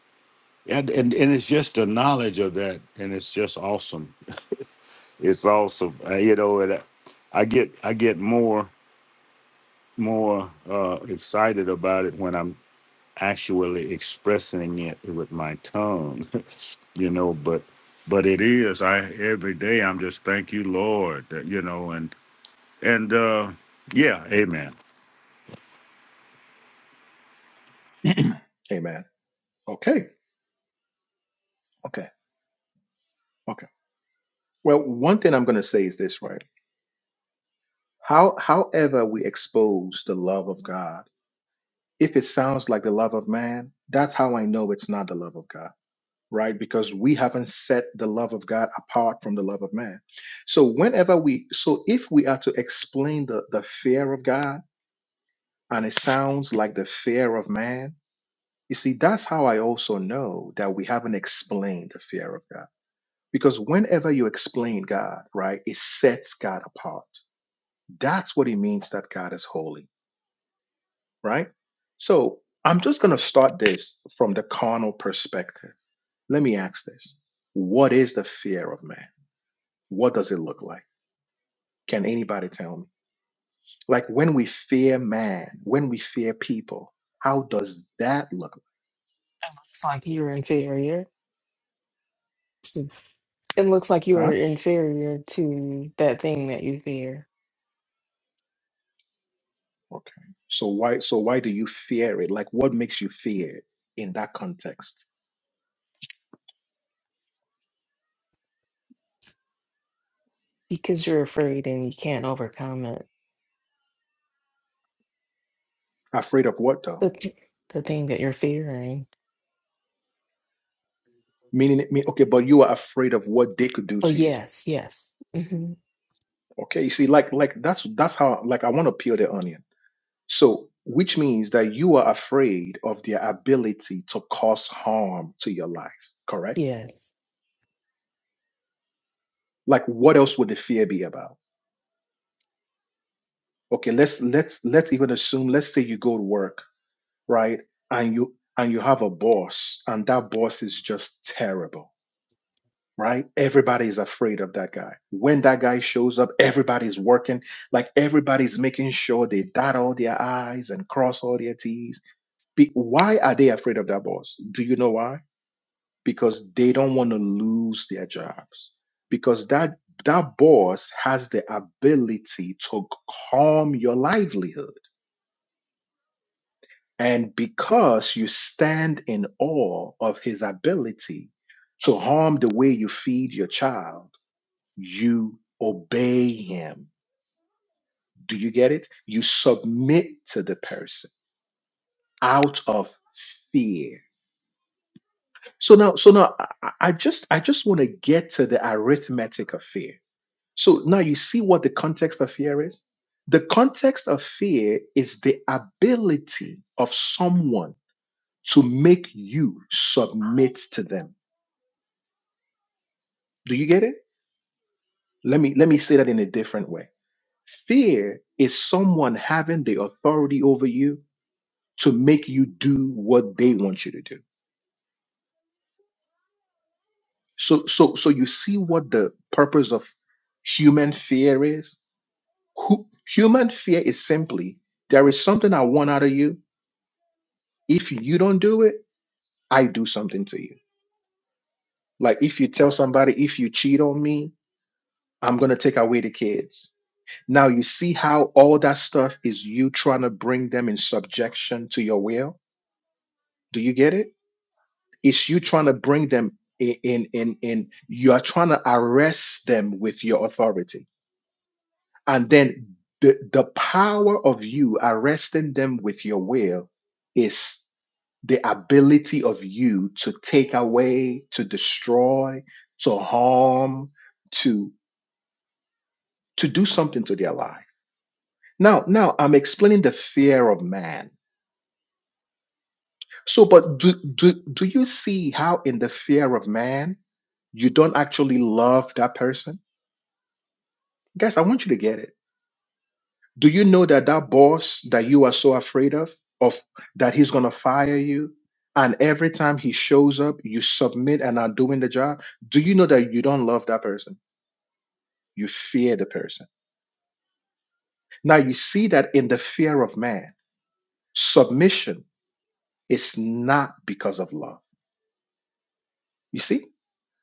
Speaker 6: And, and and it's just the knowledge of that, and it's just awesome. It's awesome, Uh, you know. And I I get I get more more uh, excited about it when I'm actually expressing it with my tongue, [LAUGHS] you know. But but it is. I every day I'm just thank you, Lord, that, you know. And and uh, yeah, Amen.
Speaker 2: [CLEARS THROAT] Amen. Okay. Okay. Okay. Well, one thing I'm going to say is this, right? How, however, we expose the love of God, if it sounds like the love of man, that's how I know it's not the love of God, right? Because we haven't set the love of God apart from the love of man. So, whenever we, so if we are to explain the, the fear of God and it sounds like the fear of man, you see, that's how I also know that we haven't explained the fear of God Because whenever you explain God, right, it sets God apart. That's what it means that God is holy, right? So I'm just going to start this from the carnal perspective. Let me ask this What is the fear of man? What does it look like? Can anybody tell me? Like when we fear man, when we fear people, how does that look
Speaker 8: It's like you're inferior. It looks like you
Speaker 2: like?
Speaker 8: are
Speaker 2: Huh?
Speaker 8: inferior to that thing that you fear
Speaker 2: Okay. So why so why do you fear it? Like what makes you fear it in that context?
Speaker 8: because you're afraid and you can't overcome it.
Speaker 2: Afraid of what though?
Speaker 8: The, th- the thing that you're fearing.
Speaker 2: meaning it mean okay but you are afraid of what they could do
Speaker 8: Oh,
Speaker 2: to you
Speaker 8: yes, yes. hmm
Speaker 2: okay you see like like that's that's how like i want to peel the onion so which means that you are afraid of their ability to cause harm to your life correct
Speaker 8: Yes.
Speaker 2: like what else would the fear be about okay let's let's let's even assume let's say you go to work right and you and you have a boss and that boss is just terrible right? Everybody's afraid of that guy. When that guy shows up, everybody's working, like everybody's making sure they dot all their I's and cross all their T's. Be- why are they afraid of that boss? Do you know why? Because they don't want to lose their jobs. Because that that boss has the ability to harm your livelihood. And because you stand in awe of his ability to harm the way you feed your child, you obey him. Do you get it? You submit to the person out of fear. So now, so now I, I just I just want to get to the arithmetic of fear. So now you see what the context of fear is? The context of fear is the ability of someone to make you submit to them. Do you get it? Let me let me say that in a different way. Fear is someone having the authority over you to make you do what they want you to do. So so so you see what the purpose of human fear is? Hu- Human fear is simply there is something I want out of you. If you don't do it, I do something to you. Like if you tell somebody if you cheat on me, I'm going to take away the kids. Now you see how all that stuff is you trying to bring them in subjection to your will? Do you get it? It's you trying to bring them in, in, in, in you are trying to arrest them with your authority. And then the, the power of you arresting them with your will is the ability of you to take away, to destroy, to harm, to to do something to their life. Now, now I'm explaining the fear of man. So, but do do do you see how in the fear of man you don't actually love that person? Guys, I want you to get it. Do you know that that boss that you are so afraid of, of that he's going to fire you, and every time he shows up, you submit and are doing the job? Do you know that you don't love that person? You fear the person. Now you see that in the fear of man, submission is not because of love. You see,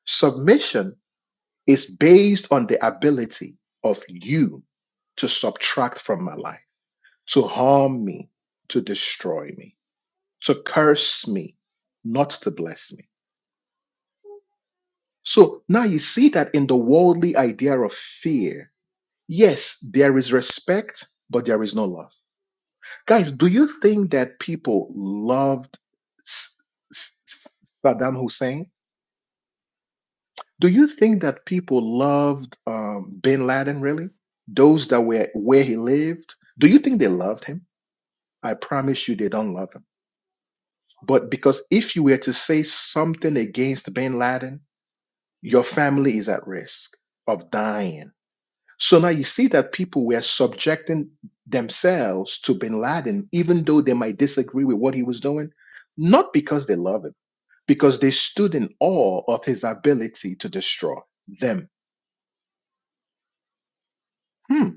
Speaker 2: submission is based on the ability of you to subtract from my life, to harm me, to destroy me. to curse me, not to bless me. So now you see that in the worldly idea of fear, yes, there is respect, but there is no love. Guys, do you think that people loved S- S- S- Saddam Hussein? Do you think that people loved um, bin Laden really? Those that were where he lived? Do you think they loved him? I promise you they don't love him. But because if you were to say something against bin Laden, Your family is at risk of dying. So now you see that people were subjecting themselves to bin Laden, even though they might disagree with what he was doing, not because they love him, because they stood in awe of his ability to destroy them. Hmm.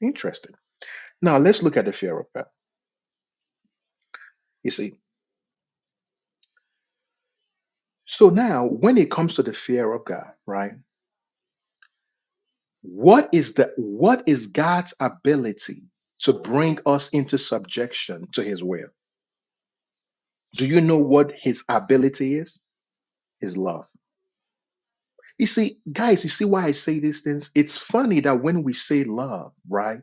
Speaker 2: Interesting. Now let's look at the fear of God. You see, so now when it comes to the fear of God, right? What is the what is God's ability to bring us into subjection to His will? Do you know what his ability is? His love. You see, guys, you see why I say these things? It's funny that when we say love, right,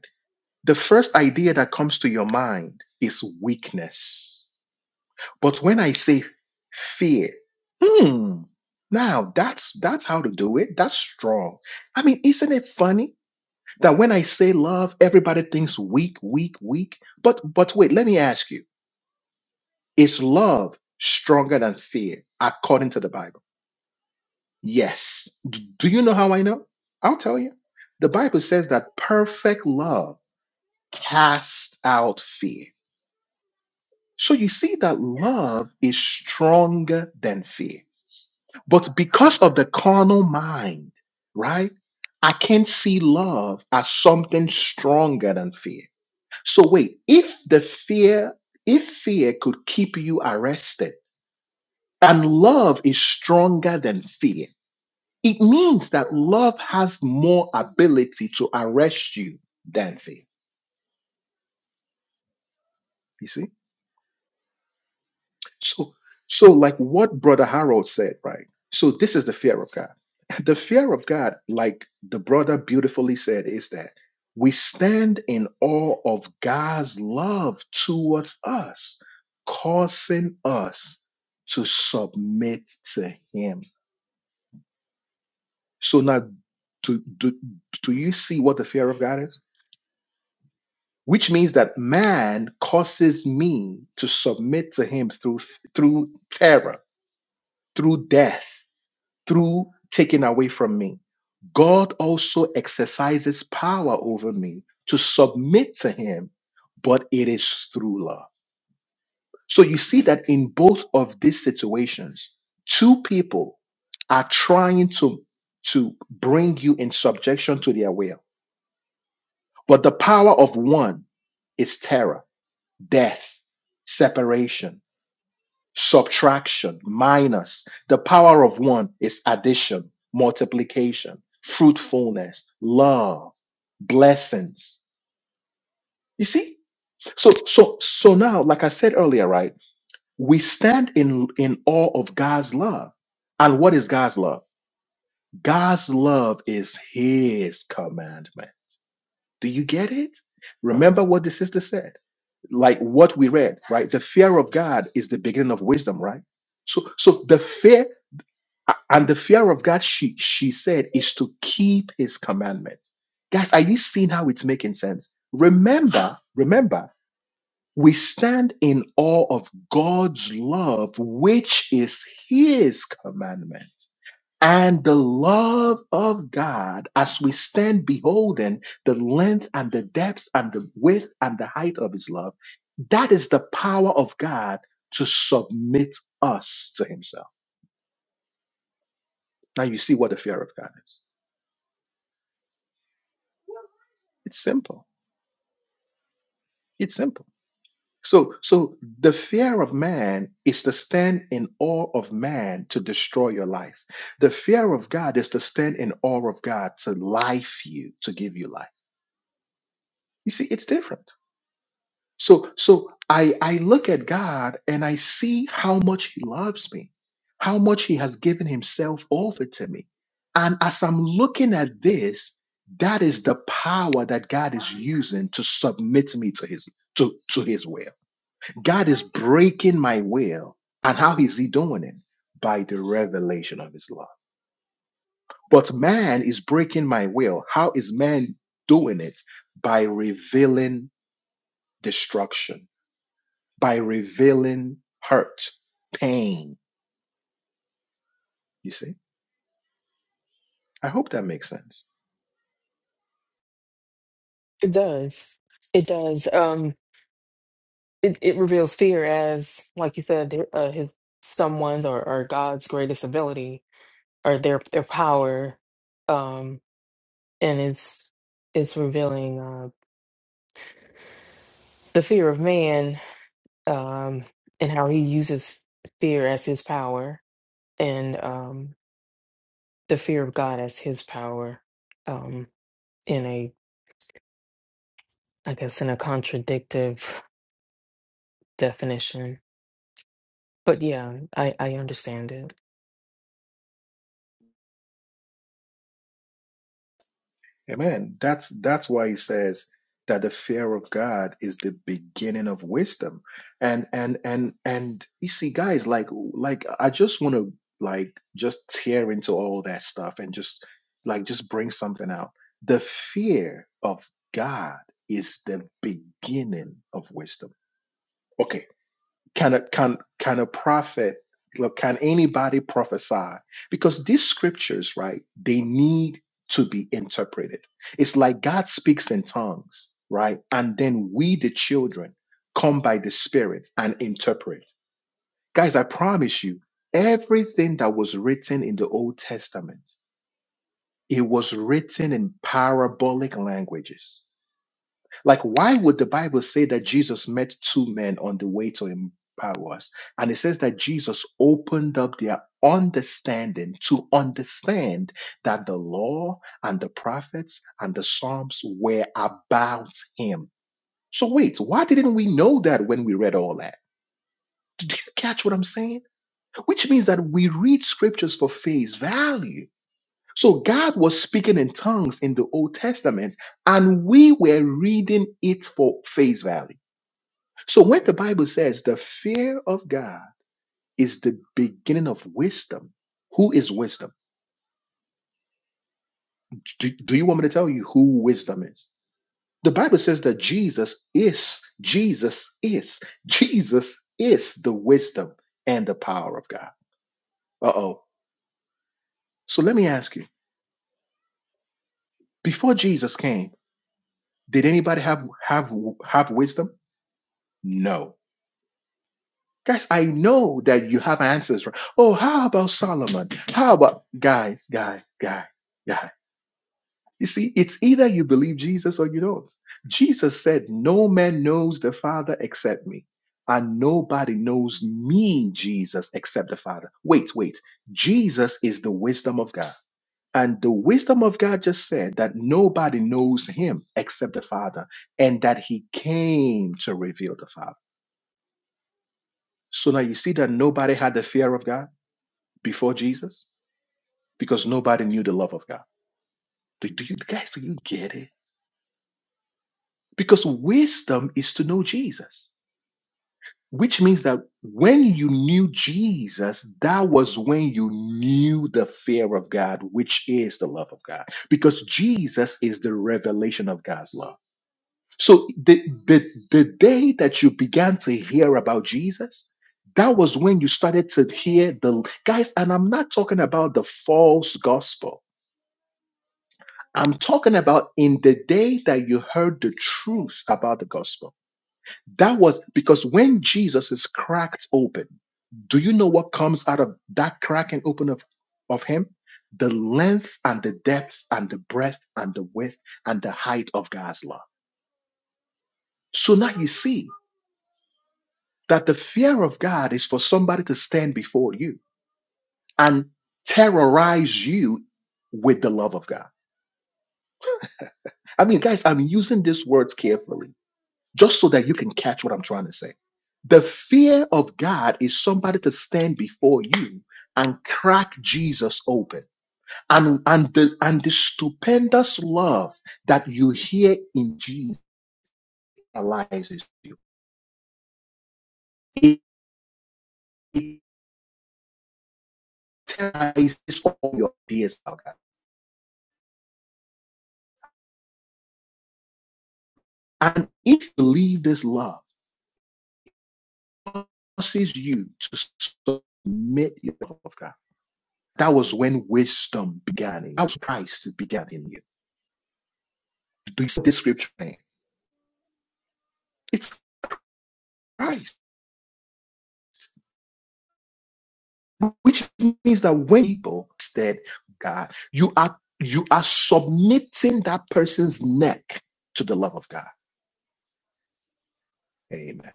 Speaker 2: the first idea that comes to your mind is weakness. But when I say fear, hmm, now that's that's how to do it. That's strong. I mean, isn't it funny that when I say love, everybody thinks weak, weak, weak? But but wait, let me ask you, is love stronger than fear according to the Bible? Yes. D- Do you know how I know? I'll tell you. The Bible says that perfect love casts out fear. So you see that love is stronger than fear. But because of the carnal mind, right? I can not see love as something stronger than fear. So wait, if the fear, if fear could keep you arrested and love is stronger than fear, It means that love has more ability to arrest you than fear. You see? So, so like what Brother Harold said, right? So this is the fear of God. [LAUGHS] The fear of God, like the brother beautifully said, is that we stand in awe of God's love towards us, causing us to submit to Him. So now, do, do, do you see what the fear of God is? which means that man causes me to submit to him through through terror, through death, through taken away from me. God also exercises power over me to submit to him, but it is through love. So you see that in both of these situations, two people are trying to to bring you in subjection to their will, but the power of one is terror death, separation, subtraction, minus. The power of one is addition, multiplication, fruitfulness, love, blessings. You see? So so so now, like I said earlier, right? We stand in in awe of God's love. And what is God's love? God's love is his commandment. Do you get it? Remember what the sister said. like what we read, right? The fear of God is the beginning of wisdom, right? So, so the fear and the fear of God, she she said, is to keep His commandments. Guys, are you seeing how it's making sense? Remember, remember, we stand in awe of God's love, which is His commandment. And the love of God, as we stand beholding the length and the depth and the width and the height of his love, that is the power of God to submit us to himself. Now you see what the fear of God is. It's simple. It's simple. So, so the fear of man is to stand in awe of man to destroy your life. The fear of God is to stand in awe of God to life you, to give you life. You see, it's different. So so I I look at God and I see how much he loves me, how much he has given himself over to me. And as I'm looking at this, that is the power that God is using to submit me to his to, to his will. God is breaking my will. And how is he doing it? By the revelation of his love. But man is breaking my will. How is man doing it? By revealing destruction by revealing hurt, pain. You see? I hope that makes sense.
Speaker 8: It does. It does. Um, it, it reveals fear as, like you said, their- uh, his someone's or, or God's greatest ability or their their power. Um, and it's it's revealing uh, the fear of man um, and how he uses fear as his power and um, the fear of God as his power um, in a, I guess, in a contradictive [LAUGHS] definition. But yeah, I, I understand it.
Speaker 2: Amen. That's that's why he says that the fear of God is the beginning of wisdom. And and and and you see, guys, like like I just want to like just tear into all that stuff and just like just bring something out. The fear of God is the beginning of wisdom. Okay. Can a, can can a prophet look? Can anybody prophesy? Because these scriptures, right? They need to be interpreted. It's like God speaks in tongues, right? And then we, the children, come by the Spirit and interpret. Guys, I promise you, everything that was written in the Old Testament, it was written in parabolic languages like, why would the Bible say that Jesus met two men on the way to empower us? And it says that Jesus opened up their understanding to understand that the law and the prophets and the Psalms were about him. So, wait, why didn't we know that when we read all that? Do you catch what I'm saying? Which means that we read scriptures for face value. So, God was speaking in tongues in the Old Testament, and we were reading it for face value. So when the Bible says the fear of God is the beginning of wisdom, who is wisdom? Do, do you want me to tell you who wisdom is? The Bible says that Jesus is, Jesus is, Jesus is the wisdom and the power of God. Uh-oh. So let me ask you, before Jesus came, did anybody have have have wisdom? No. Guys, I know that you have answers. right? Oh, how about Solomon? How about guys, guys, guys, guys? You see, it's either you believe Jesus or you don't. Jesus said, No man knows the Father except me. And nobody knows me, Jesus, except the Father. Wait, wait. Jesus is the wisdom of God. And the wisdom of God just said that nobody knows him except the Father, and that he came to reveal the Father. So now you see that nobody had the fear of God before Jesus because nobody knew the love of God. Do do you guys do you get it? Because wisdom is to know Jesus, which means that when you knew Jesus, that was when you knew the fear of God, which is the love of God, because Jesus is the revelation of God's love. So the, the, the day that you began to hear about Jesus, that was when you started to hear the guys, and I'm not talking about the false gospel. I'm talking about in the day that you heard the truth about the gospel That was because when Jesus is cracked open, do you know what comes out of that crack and open of, of him? The length and the depth and the breadth and the width and the height of God's law. So now you see that the fear of God is for somebody to stand before you and terrorize you with the love of God. I mean, guys, I'm using these words carefully just so that you can catch what I'm trying to say. The fear of God is somebody to stand before you and crack Jesus open. And, and, the, and the stupendous love that you hear in Jesus paralyzes you. It, it terrorizes all your ideas about God. And if you believe this love, it forces you to submit yourself to God. That was when wisdom began in you. That was Christ began in you. Do you see this scripture? it's? Christ, which means that when people said God, you are you are submitting that person's neck to the love of God. Amen.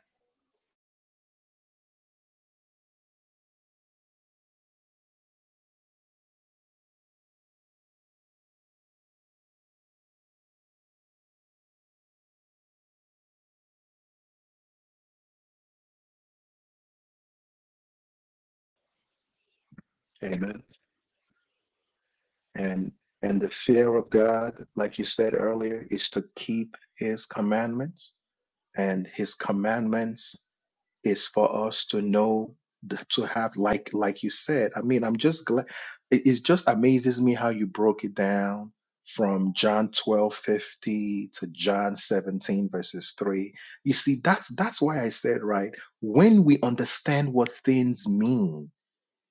Speaker 2: Amen. And and the fear of God, like you said earlier, is to keep his commandments. And his commandments is for us to know th- to have like like you said i mean i'm just glad it, it just amazes me how you broke it down from john twelve fifty to john 17 verses 3 you see that's that's why i said right when we understand what things mean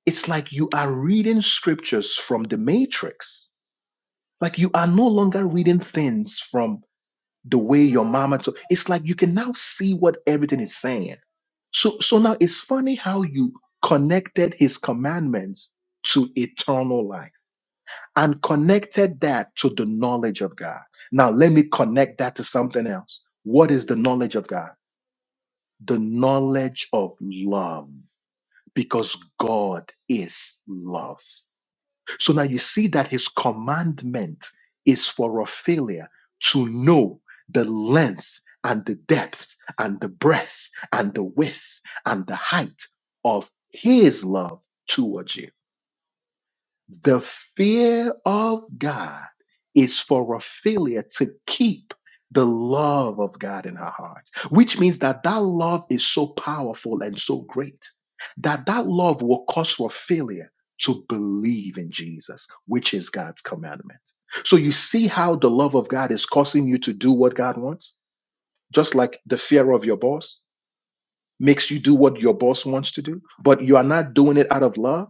Speaker 2: it's like you are reading scriptures from the matrix like you are no longer reading things from the way your mama took. It's like you can now see what everything is saying. So so now it's funny how you connected his commandments to eternal life and connected that to the knowledge of God. Now let me connect that to something else. What is the knowledge of God? The knowledge of love because God is love. So now you see that his commandment is for Ophelia to know the length and the depth and the breadth and the width and the height of his love towards you. The fear of God is for Ophelia to keep the love of God in her heart, which means that that love is so powerful and so great that that love will cause Ophelia to believe in Jesus, which is God's commandment. So you see how the love of God is causing you to do what God wants, just like the fear of your boss makes you do what your boss wants to do, but you are not doing it out of love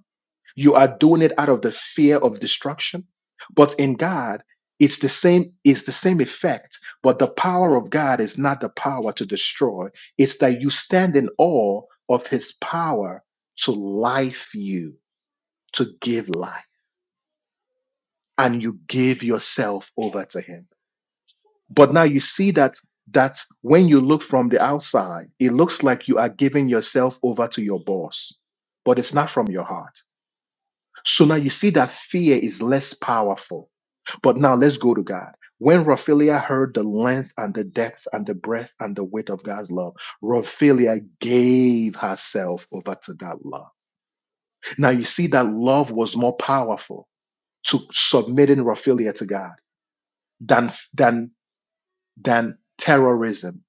Speaker 2: you are doing it out of the fear of destruction. But in God, it's the same, it's the same effect, but the power of God is not the power to destroy. It's that you stand in awe of his power to life you, to give life, and you give yourself over to him. But now you see that that when you look from the outside, it looks like you are giving yourself over to your boss, but it's not from your heart. So now you see that fear is less powerful But now let's go to God. When Raphaelia heard the length and the depth and the breadth and the width of God's love, Raphaelia gave herself over to that love. Now you see that love was more powerful to submitting Raphaelia to God than than than terrorism,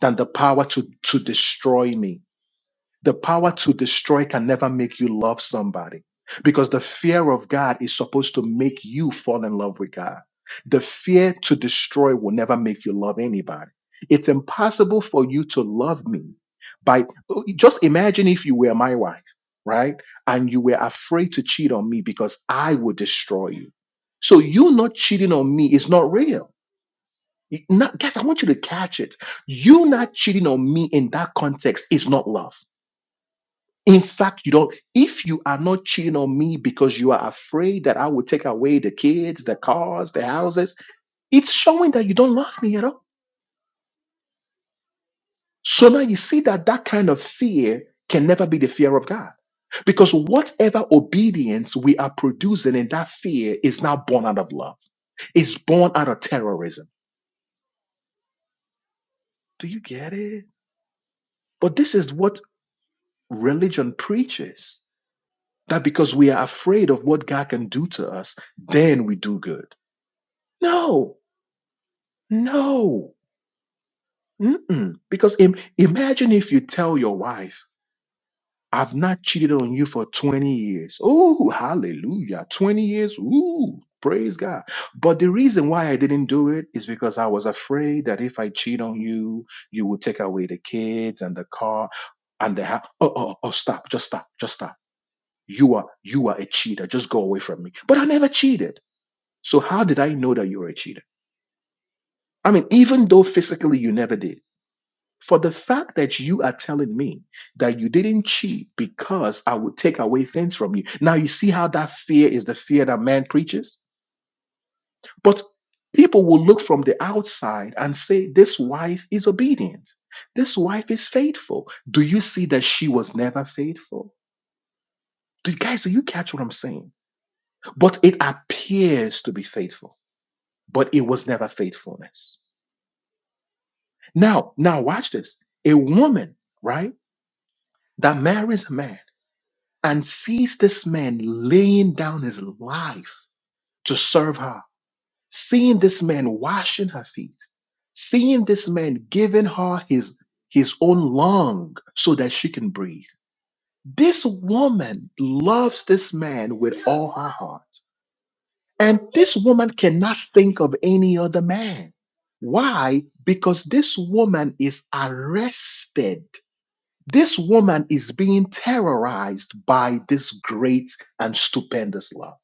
Speaker 2: than the power to to destroy me The power to destroy can never make you love somebody because the fear of God is supposed to make you fall in love with God. The fear to destroy will never make you love anybody. It's impossible for you to love me by just imagine if you were my wife, right? And you were afraid to cheat on me because I would destroy you. So you not cheating on me is not real. It- Not, guys, I want you to catch it. You not cheating on me in that context is not love in fact, you don't, if you are not cheating on me because you are afraid that I will take away the kids, the cars, the houses, it's showing that you don't love me at all. So now you see that that kind of fear can never be the fear of God. Because whatever obedience we are producing in that fear is now born out of love, is born out of terrorism. Do you get it? But this is what religion preaches that because we are afraid of what God can do to us, then we do good. No, No. Mm-mm. Because im- imagine if you tell your wife, I've not cheated on you for 20 years. Oh, hallelujah. 20 years. Ooh, praise God. But the reason why I didn't do it is because I was afraid that if I cheat on you, you will take away the kids and the car and the house. Oh, oh, oh, stop. Just stop. Just stop. You are you are a cheater. Just go away from me. But I never cheated. So how did I know that you were a cheater? I mean, even though physically you never did. For the fact that you are telling me that you didn't cheat because I would take away things from you. Now you see how that fear is the fear that man preaches? But people will look from the outside and say, This wife is obedient. This wife is faithful. Do you see that she was never faithful? Do you guys, do you catch what I'm saying? But it appears to be faithful, but it was never faithfulness. Now, now watch this. A woman, right, that marries a man. and sees this man laying down his life to serve her, seeing this man washing her feet, seeing this man giving her his, his own lung so that she can breathe. This woman loves this man with all her heart. And this woman cannot think of any other man. Why? Because this woman is arrested this woman is being terrorized by this great and stupendous love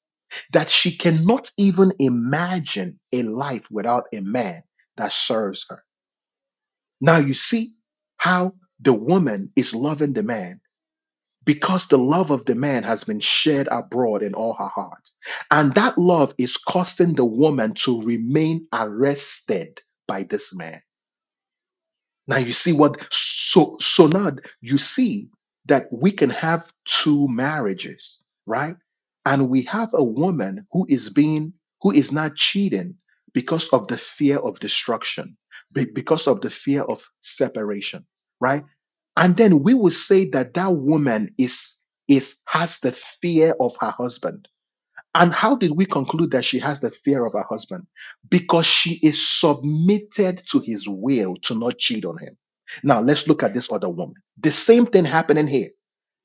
Speaker 2: that she cannot even imagine a life without a man that serves her. Now you see how the woman is loving the man because the love of the man has been shared abroad in all her heart. And that love is causing the woman to remain arrested by this man. Now you see what so so now you see that we can have two marriages, right? And we have a woman who is being who is not cheating because of the fear of destruction, be- because of the fear of separation, right? And then we will say that that woman is is has the fear of her husband and how did we conclude that she has the fear of her husband? Because she is submitted to his will to not cheat on him. Now let's look at this other woman. The same thing happening here.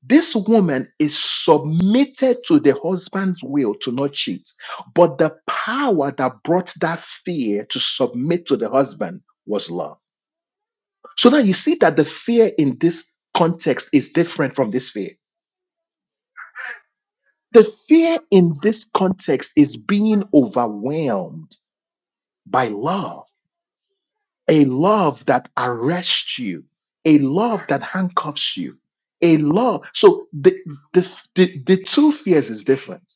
Speaker 2: This woman is submitted to the husband's will to not cheat. But the power that brought that fear to submit to the husband was love. So now you see that the fear in this context is different from this fear. The fear in this context is being overwhelmed by love, a love that arrests you, a love that handcuffs you, a love. So the, the, the, the two fears is different.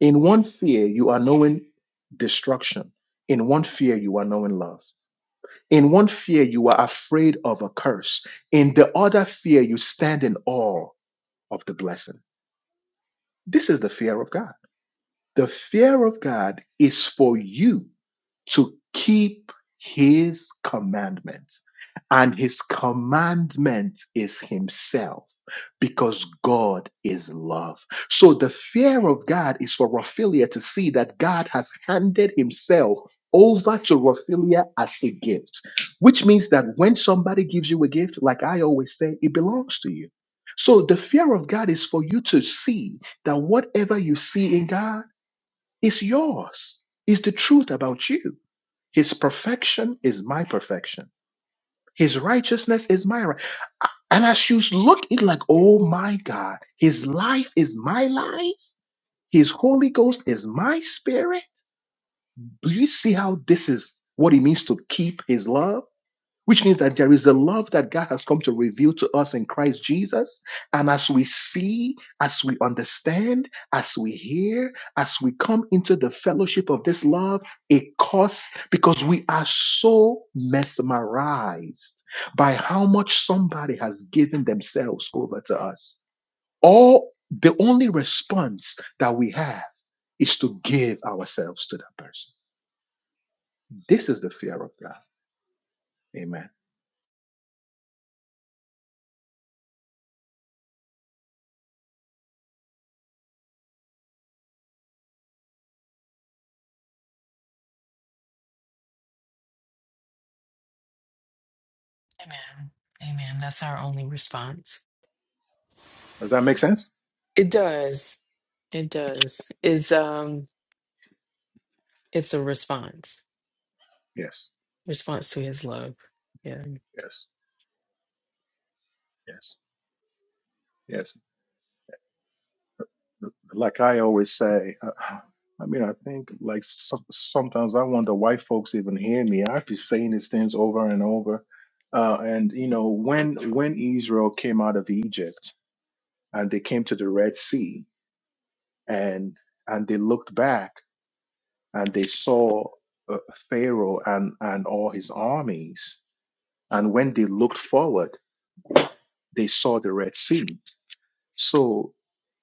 Speaker 2: In one fear, you are knowing destruction. In one fear, you are knowing love. In one fear, you are afraid of a curse. In the other fear, you stand in awe of the blessing. This is the fear of God. The fear of God is for you to keep his commandments. And his commandment is himself because God is love. So the fear of God is for Raphaelia to see that God has handed himself over to Raphaelia as a gift, which means that when somebody gives you a gift, like I always say, it belongs to you. So the fear of God is for you to see that whatever you see in God is yours, is the truth about you. His perfection is my perfection. His righteousness is my right. And as you look, it's like, oh my God, his life is my life. His Holy Ghost is my spirit. Do you see how this is what it means to keep his love? which means that there is a love that God has come to reveal to us in Christ Jesus. And as we see, as we understand, as we hear, as we come into the fellowship of this love, it costs because we are so mesmerized by how much somebody has given themselves over to us. All the only response that we have is to give ourselves to that person. This is the fear of God. Amen.
Speaker 8: Amen. Amen. That's our only response.
Speaker 2: Does that make sense?
Speaker 8: It does. It does. It's um it's a response.
Speaker 2: Yes,
Speaker 8: Response to his love. Yeah.
Speaker 2: yes, yes, yes. Like I always say, uh, I mean, I think like so- sometimes I wonder why folks even hear me. I be saying these things over and over. Uh, and you know, when when Israel came out of Egypt and they came to the Red Sea and and they looked back and they saw uh, Pharaoh and, and all his armies. And when they looked forward, they saw the Red Sea. So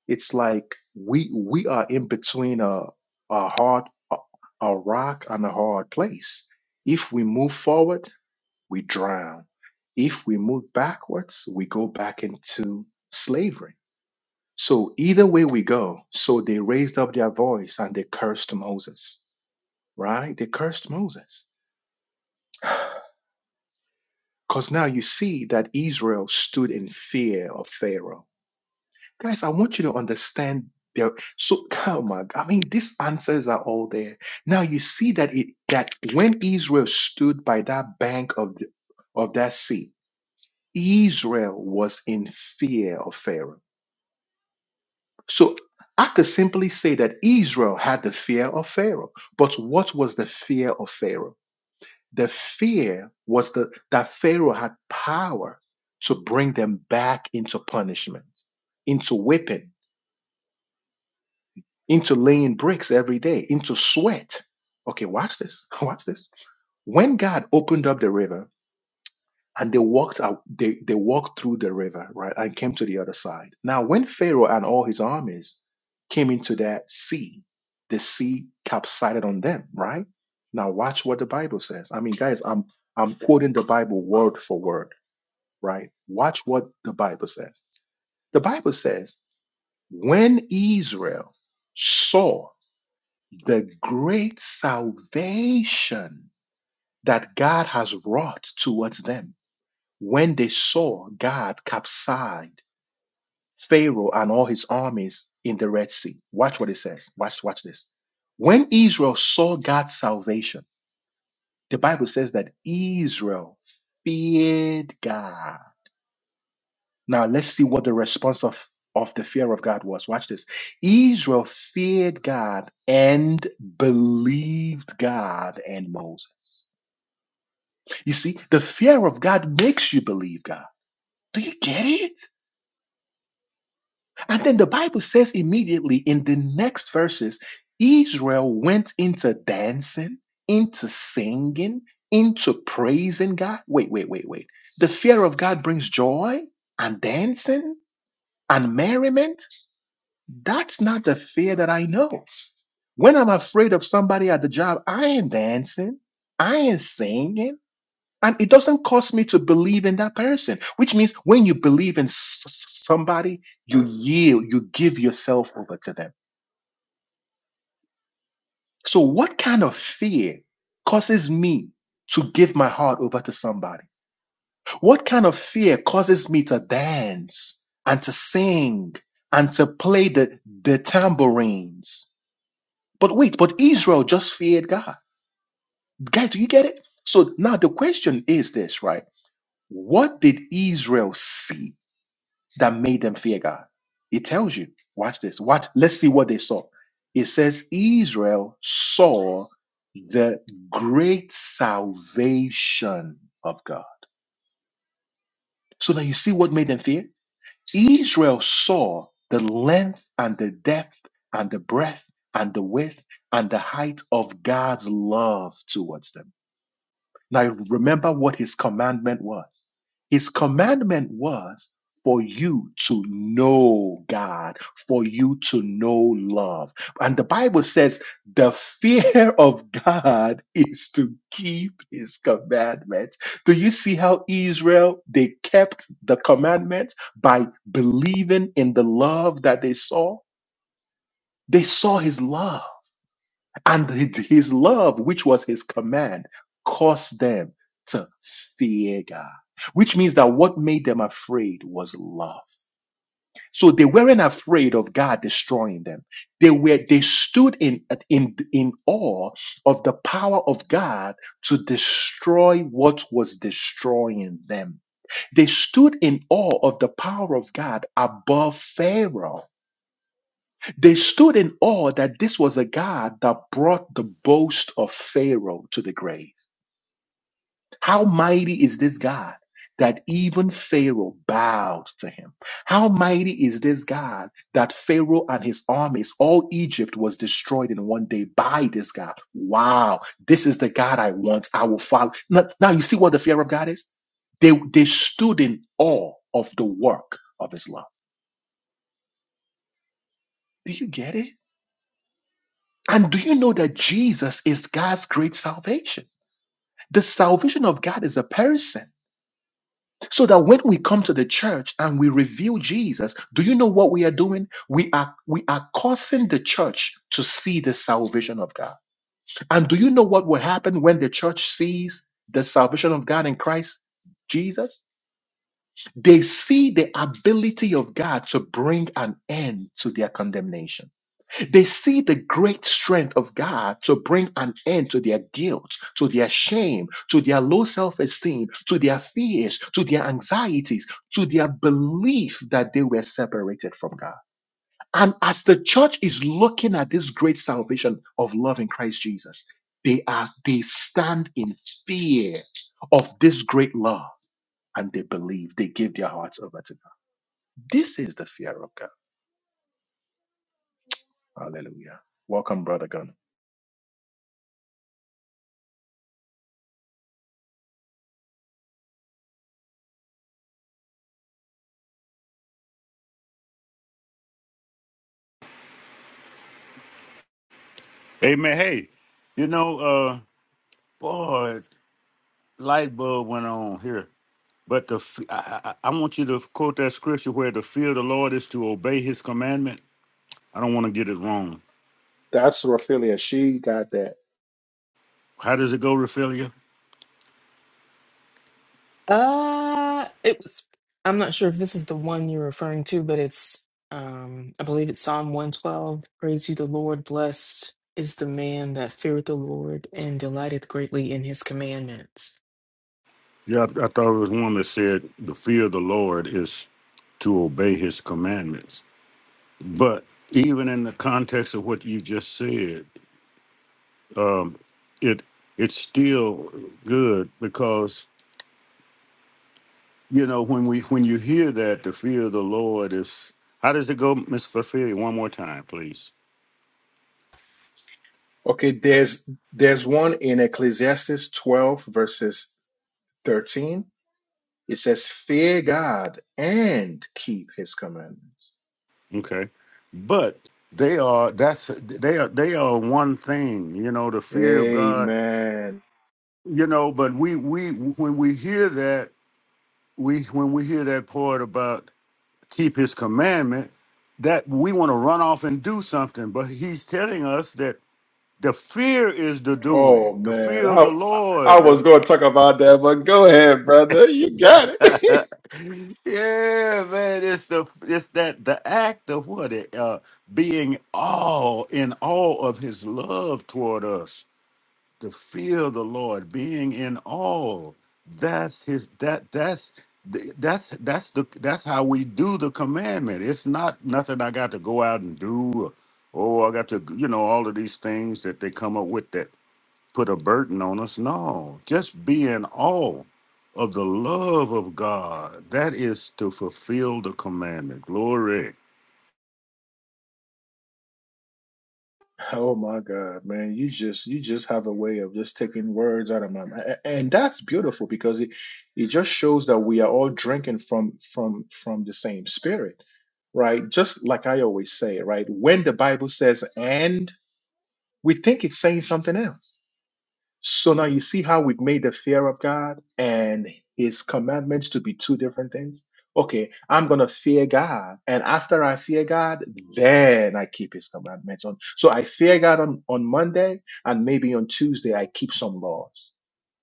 Speaker 2: it's like we we are in between a a hard a a rock and a hard place. If we move forward, we drown. If we move backwards, we go back into slavery. So either way we go, so they raised up their voice and they cursed Moses, right? They cursed Moses. [SIGHS] Because now you see that Israel stood in fear of Pharaoh. Guys, I want you to understand there. So come on. I mean, these answers are all there. Now you see that it that when Israel stood by that bank of the, of that sea, Israel was in fear of Pharaoh. So I could simply say that Israel had the fear of Pharaoh. But what was the fear of Pharaoh? The fear was the, that Pharaoh had power to bring them back into punishment, into whipping, into laying bricks every day, into sweat. Okay, watch this. [LAUGHS] Watch this. When God opened up the river, and they walked out they, they walked through the river right and came to the other side now when pharaoh and all his armies came into that sea the sea capsided on them right now watch what the bible says i mean guys i'm i'm quoting the bible word for word right watch what the bible says the bible says when israel saw the great salvation that god has wrought towards them when they saw God capsized Pharaoh and all his armies in the Red Sea. Watch what it says. Watch, watch this. When Israel saw God's salvation, the Bible says that Israel feared God. Now let's see what the response of, of the fear of God was. Watch this. Israel feared God and believed God and Moses. You see, the fear of God makes you believe God. Do you get it? And then the Bible says immediately in the next verses, Israel went into dancing, into singing, into praising God. Wait, wait, wait, wait. The fear of God brings joy and dancing and merriment. That's not the fear that I know. When I'm afraid of somebody at the job, I ain't dancing, I ain't singing and it doesn't cause me to believe in that person which means when you believe in s- s- somebody you yield you give yourself over to them so what kind of fear causes me to give my heart over to somebody what kind of fear causes me to dance and to sing and to play the the tambourines but wait but israel just feared god guys do you get it so now the question is this right what did israel see that made them fear God. It tells you, watch this. Watch, let's see what they saw. It says Israel saw the great salvation of God. So now you see what made them fear? Israel saw the length and the depth and the breadth and the width and the height of God's love towards them. Now remember what his commandment was. His commandment was for you to know God, for you to know love. And the Bible says the fear [LAUGHS] of God is to keep his commandments. Do you see how Israel they kept the commandments by believing in the love that they saw? They saw his love and his his love, which was his command, caused them to fear God, which means that what made them afraid was love. So they weren't afraid of God destroying them. They were, they stood in, in, in awe of the power of God to destroy what was destroying them. They stood in awe of the power of God above Pharaoh. They stood in awe that this was a God that brought the boast of Pharaoh to the grave. How mighty is this God that even Pharaoh bowed to him? How mighty is this God that Pharaoh and his armies, all Egypt was destroyed in one day by this God? Wow, this is the God I want. I will follow. Now, now you see what the fear of God is? They, they stood in awe of the work of his love. Do you get it? And do you know that Jesus is God's great salvation? The salvation of God is a person. So that when we come to the church and we reveal Jesus, do you know what we are doing? We are we are causing the church to see the salvation of God. And do you know what will happen when the church sees the salvation of God in Christ Jesus? They see the ability of God to bring an end to their condemnation They see the great strength of God to bring an end to their guilt, to their shame, to their low self esteem, to their fears, to their anxieties, to their belief that they were separated from God. And as the church is looking at this great salvation of love in Christ Jesus, they are they stand in fear of this great love and they believe they give their hearts over to God. This is the fear of God. Hallelujah. Welcome, brother Gunner.
Speaker 6: Hey man, hey, you know, uh, boy, light bulb went on here. But the f- I, I- I want you to quote that scripture where the fear of the Lord is to obey His commandment. I don't want to get it wrong.
Speaker 2: That's Raphaelia. She got that.
Speaker 6: How does it go, Raphaelia?
Speaker 8: Uh it was I'm not sure if this is the one you're referring to, but it's um I believe it's Psalm 112. Praise you the Lord, blessed is the man that feareth the Lord and delighteth greatly in his commandments.
Speaker 6: Yeah, I, I thought it was one that said the fear of the Lord is to obey His commandments. But even in the context of what you just said, um, it it's still good because You know, when we when you hear that, the fear of the Lord is how does it go, Miss Fafiri? One more time, please.
Speaker 2: Okay, there's there's one in Ecclesiastes 12 verses 13. It says, "Fear God and keep His commandments."
Speaker 6: Okay. But they are that's they are they are one thing, you know, the fear of God,
Speaker 2: Amen.
Speaker 6: you know, but we we when we hear that, we when we hear that part about keep his commandment, that we want to run off and do something, but he's telling us that the fear is the
Speaker 2: Oh
Speaker 6: doing, the
Speaker 2: man,
Speaker 6: fear of
Speaker 2: I
Speaker 6: the
Speaker 2: I was
Speaker 6: Lord.
Speaker 2: going to talk about that, but go ahead, brother. You got
Speaker 6: [LAUGHS]
Speaker 2: it. [LAUGHS]
Speaker 6: yeah, man, it's the it's that the act of what it uh being all in awe of his love toward us, to fear the Lord, being in awe. That's his that that's the- that's that's the that's how we do the commandment. It's not nothing I got to go out and do. Or, oh, I got to you know all of these things that they come up with that put a burden on us. No, just be in awe of the love of God. That is to fulfill the commandment. Glory.
Speaker 2: Oh my God, man! You just you just have a way of just taking words out of my mouth, A- and that's beautiful because it it just shows that we are all drinking from from from the same spirit, right? Just like I always say, right? When the Bible says "and," we think it's saying something else. So now you see how we've made the fear of God and his commandments to be two different things. Okay, I'm going to fear God. And after I fear God, then I keep his commandments on. So I fear God on, on Monday and maybe on Tuesday I keep some laws.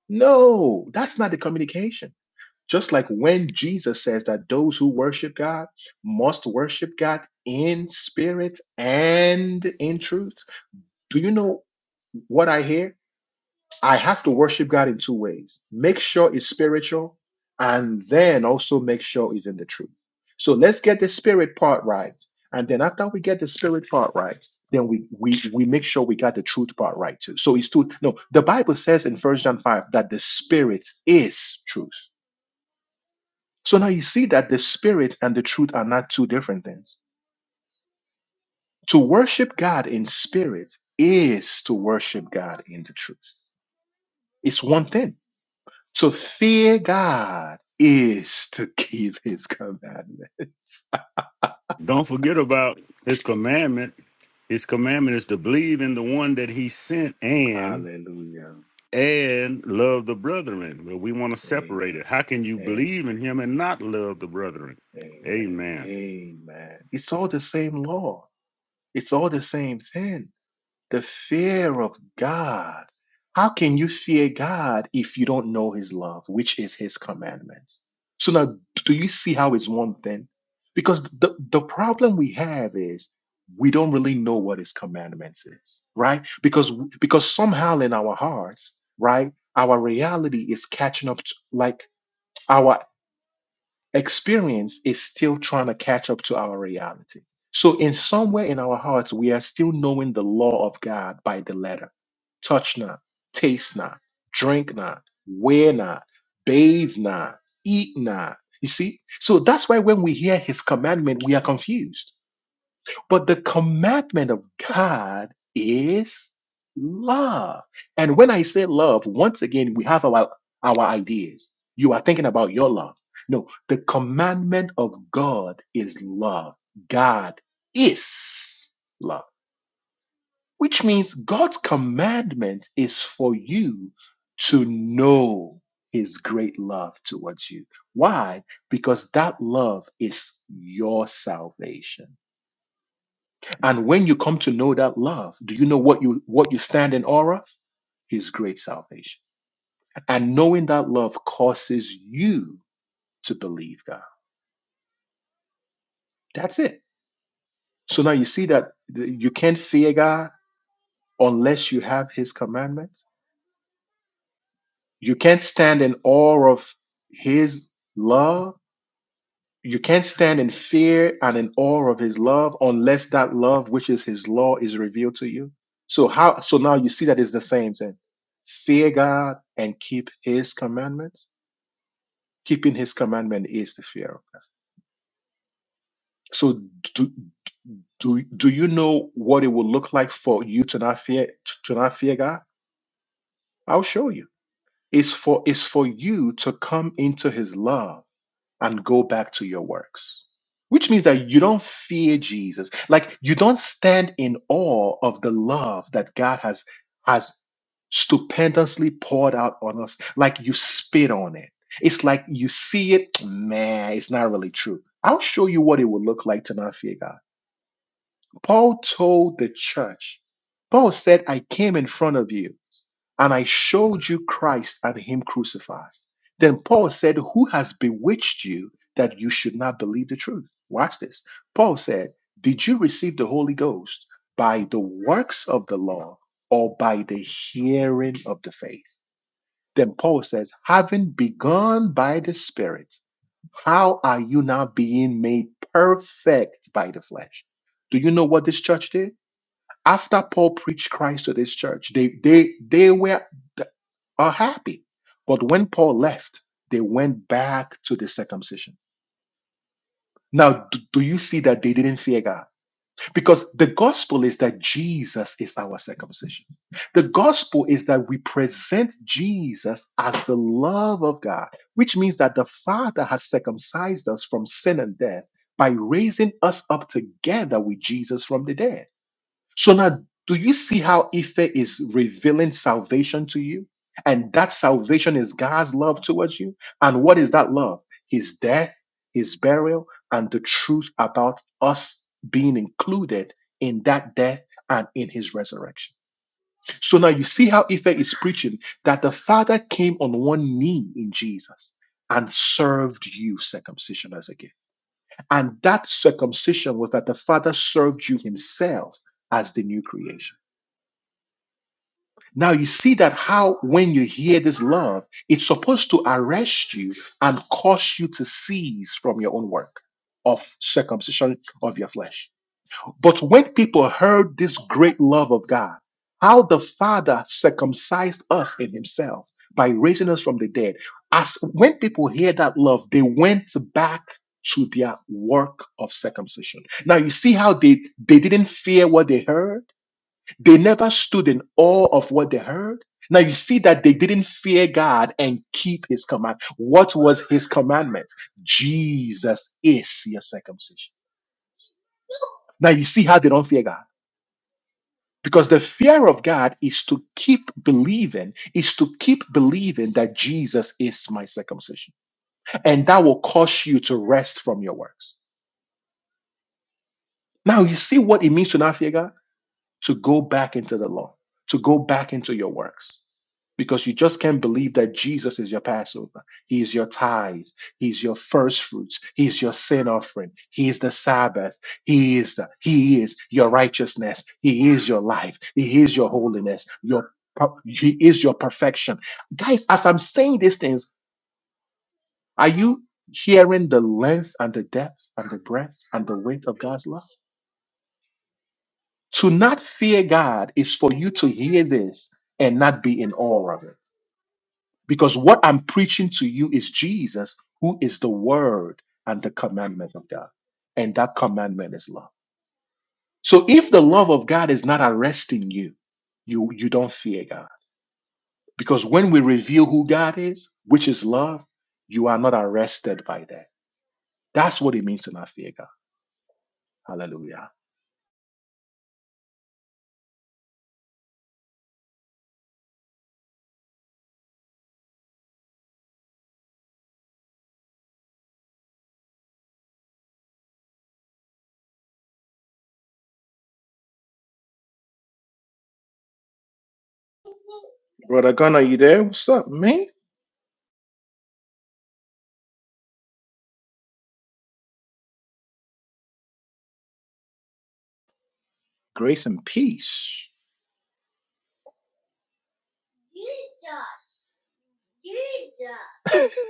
Speaker 2: No, that's not the communication. Just like when Jesus says that those who worship God must worship God in spirit and in truth. Do you know what I hear? I have to worship God in two ways. Make sure it's spiritual and then also make sure it's in the truth. So let's get the spirit part right. And then after we get the spirit part right, then we, we, we make sure we got the truth part right too. So it's two. No, the Bible says in First John 5 that the spirit is truth. So now you see that the spirit and the truth are not two different things. To worship God in spirit is to worship God in the truth. It's one thing. To fear God is to keep his commandments.
Speaker 6: Don't forget about his commandment. His commandment is to believe in the one that he sent
Speaker 2: [LAUGHS]
Speaker 6: and
Speaker 2: Hallelujah.
Speaker 6: and love the brethren. Well, we want to
Speaker 2: Amen.
Speaker 6: separate it. How can you
Speaker 2: Amen.
Speaker 6: believe in him and not love the brethren?
Speaker 2: Amen.
Speaker 6: Amen.
Speaker 2: Amen. It's all the same law. It's all the same thing. The fear of God. How can you fear God if you don't know his love, which is his commandments? So now, do you see how it's one thing? Because the, the problem we have is we don't really know what his commandments is, right? Because because somehow in our hearts, right, our reality is catching up to like our Experience is still trying to catch up to our reality. So, in somewhere in our hearts, we are still knowing the law of God by the letter touch not, taste not, drink not, wear not, bathe not, eat not. You see? So, that's why when we hear his commandment, we are confused but the commandment of God is love. And when I say love, once again, we have our, our ideas. You are thinking about your love. No, the commandment of God is love. God is love, which means God's commandment is for you to know his great love towards you. Why? Because that love is your salvation. And when you come to know that love, do you know what you what you stand in awe of? His great salvation. And knowing that love causes you to believe God. That's it. So now you see that th- you can't fear God unless you have His commandments. You can't stand in awe of His love You can't stand in fear and in awe of his love unless that love, which is his law, is revealed to you. So how so now you see that it's the same thing. Fear God and keep his commandments. Keeping his commandment is the fear of God. So do do, do you know what it will look like for you to not fear to not fear God? I'll show you. It's for it's for you to come into his love and go back to your works. Which means that you don't fear Jesus. Like you don't stand in awe of the love that God has has stupendously poured out on us. Like you spit on it. It's like you see it, man, it's not really true. I'll show you what it would look like to not fear God. Paul told the church, Paul said, I came in front of you and I showed you Christ and Him crucified. Then Paul said, Who has bewitched you that you should not believe the truth? Watch this. Paul said, Did you receive the Holy Ghost by the works of the law or by the hearing of the faith? Then Paul says, having begun by the Spirit, how are you now being made perfect by the flesh? Do you know what this church did? After Paul preached Christ to this church, they they they were th- are happy. But when Paul left, they went back to the circumcision. Now, do, do you see that they didn't fear God? Because the gospel is that Jesus is our circumcision. The gospel is that we present Jesus as the love of God, which means that the Father has circumcised us from sin and death by raising us up together with Jesus from the dead. So now, do you see how Ife is revealing salvation to you? And that salvation is God's love towards you. And what is that love? His death, his burial, and the truth about us being included in that death and in his resurrection. So now you see how Ife is preaching that the Father came on one knee in Jesus and served you circumcision as a gift. And that circumcision was that the Father served you himself as the new creation. Now you see that how when you hear this love, it's supposed to arrest you and cause you to cease from your own work of circumcision of your flesh. But when people heard this great love of God, how the Father circumcised us in himself by raising us from the dead. As when people hear that love, they went back to their work of circumcision. Now you see how they, they didn't fear what they heard they never stood in awe of what they heard. Now you see that they didn't fear God and keep his command. What was his commandment? Jesus is your circumcision. Now you see how they don't fear God. Because the fear of God is to keep believing, is to keep believing that Jesus is my circumcision. And that will cause you to rest from your works. Now you see what it means to not fear God? To go back into the law, to go back into your works. because you just can't believe that Jesus is your Passover. He is your tithe. He is your first fruits. He is your sin offering. He is the Sabbath. He is the, He is your righteousness. He is your life. He is your holiness. Your per- He is your perfection. Guys, as I'm saying these things, are you hearing the length and the depth and the breadth and the weight of God's love? To not fear God is for you to hear this and not be in awe of it Because what I'm preaching to you is Jesus, who is the word and the commandment of God. And that commandment is love. So if the love of God is not arresting you, you, you don't fear God. Because when we reveal who God is, which is love, you are not arrested by that. That's what it means to not fear God. Hallelujah. Brother Gunn, are you there? What's up, man? Grace and peace. [LAUGHS] Do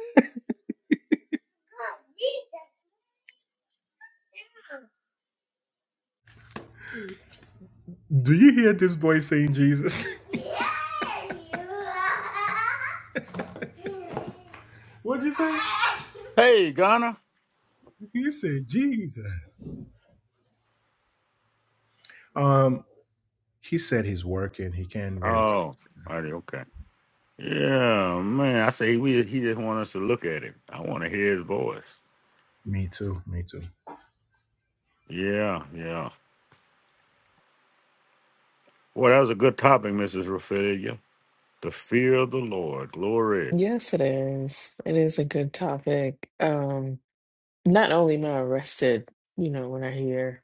Speaker 2: you hear this boy saying Jesus? [LAUGHS] What'd you say?
Speaker 6: Hey, Ghana.
Speaker 2: He said Jesus. He said he's working. He can
Speaker 6: Oh,
Speaker 2: really. T-
Speaker 6: all right, okay. Yeah, man. I say we. He just want us to look at him. I want to hear his voice.
Speaker 2: Me too. Me too.
Speaker 6: Yeah, yeah. Well, that was a good topic, Mrs. Raphaelia. The fear of the Lord. Glory.
Speaker 8: Yes, it is. It is a good topic. Um not only am I arrested, you know, when I hear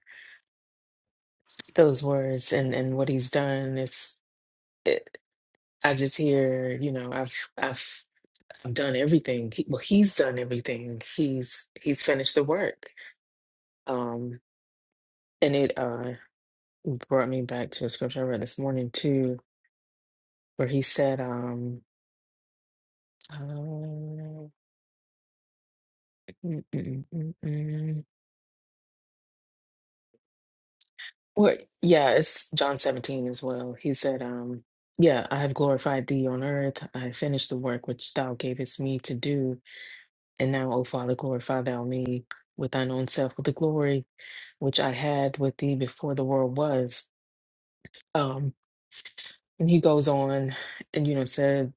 Speaker 8: those words and and what he's done, it's it, I just hear, you know, I've I've I've done everything. He, well, he's done everything. He's he's finished the work. Um, and it uh brought me back to a scripture I read this morning too, where he said, um. uh, mm, mm, mm, mm, mm. Well, yeah, it's John 17 as well. He said, um, Yeah, I have glorified thee on earth. I have finished the work which thou gavest me to do. And now, O Father, glorify thou me with thine own self, with the glory which I had with thee before the world was. Um, and he goes on and, you know, said,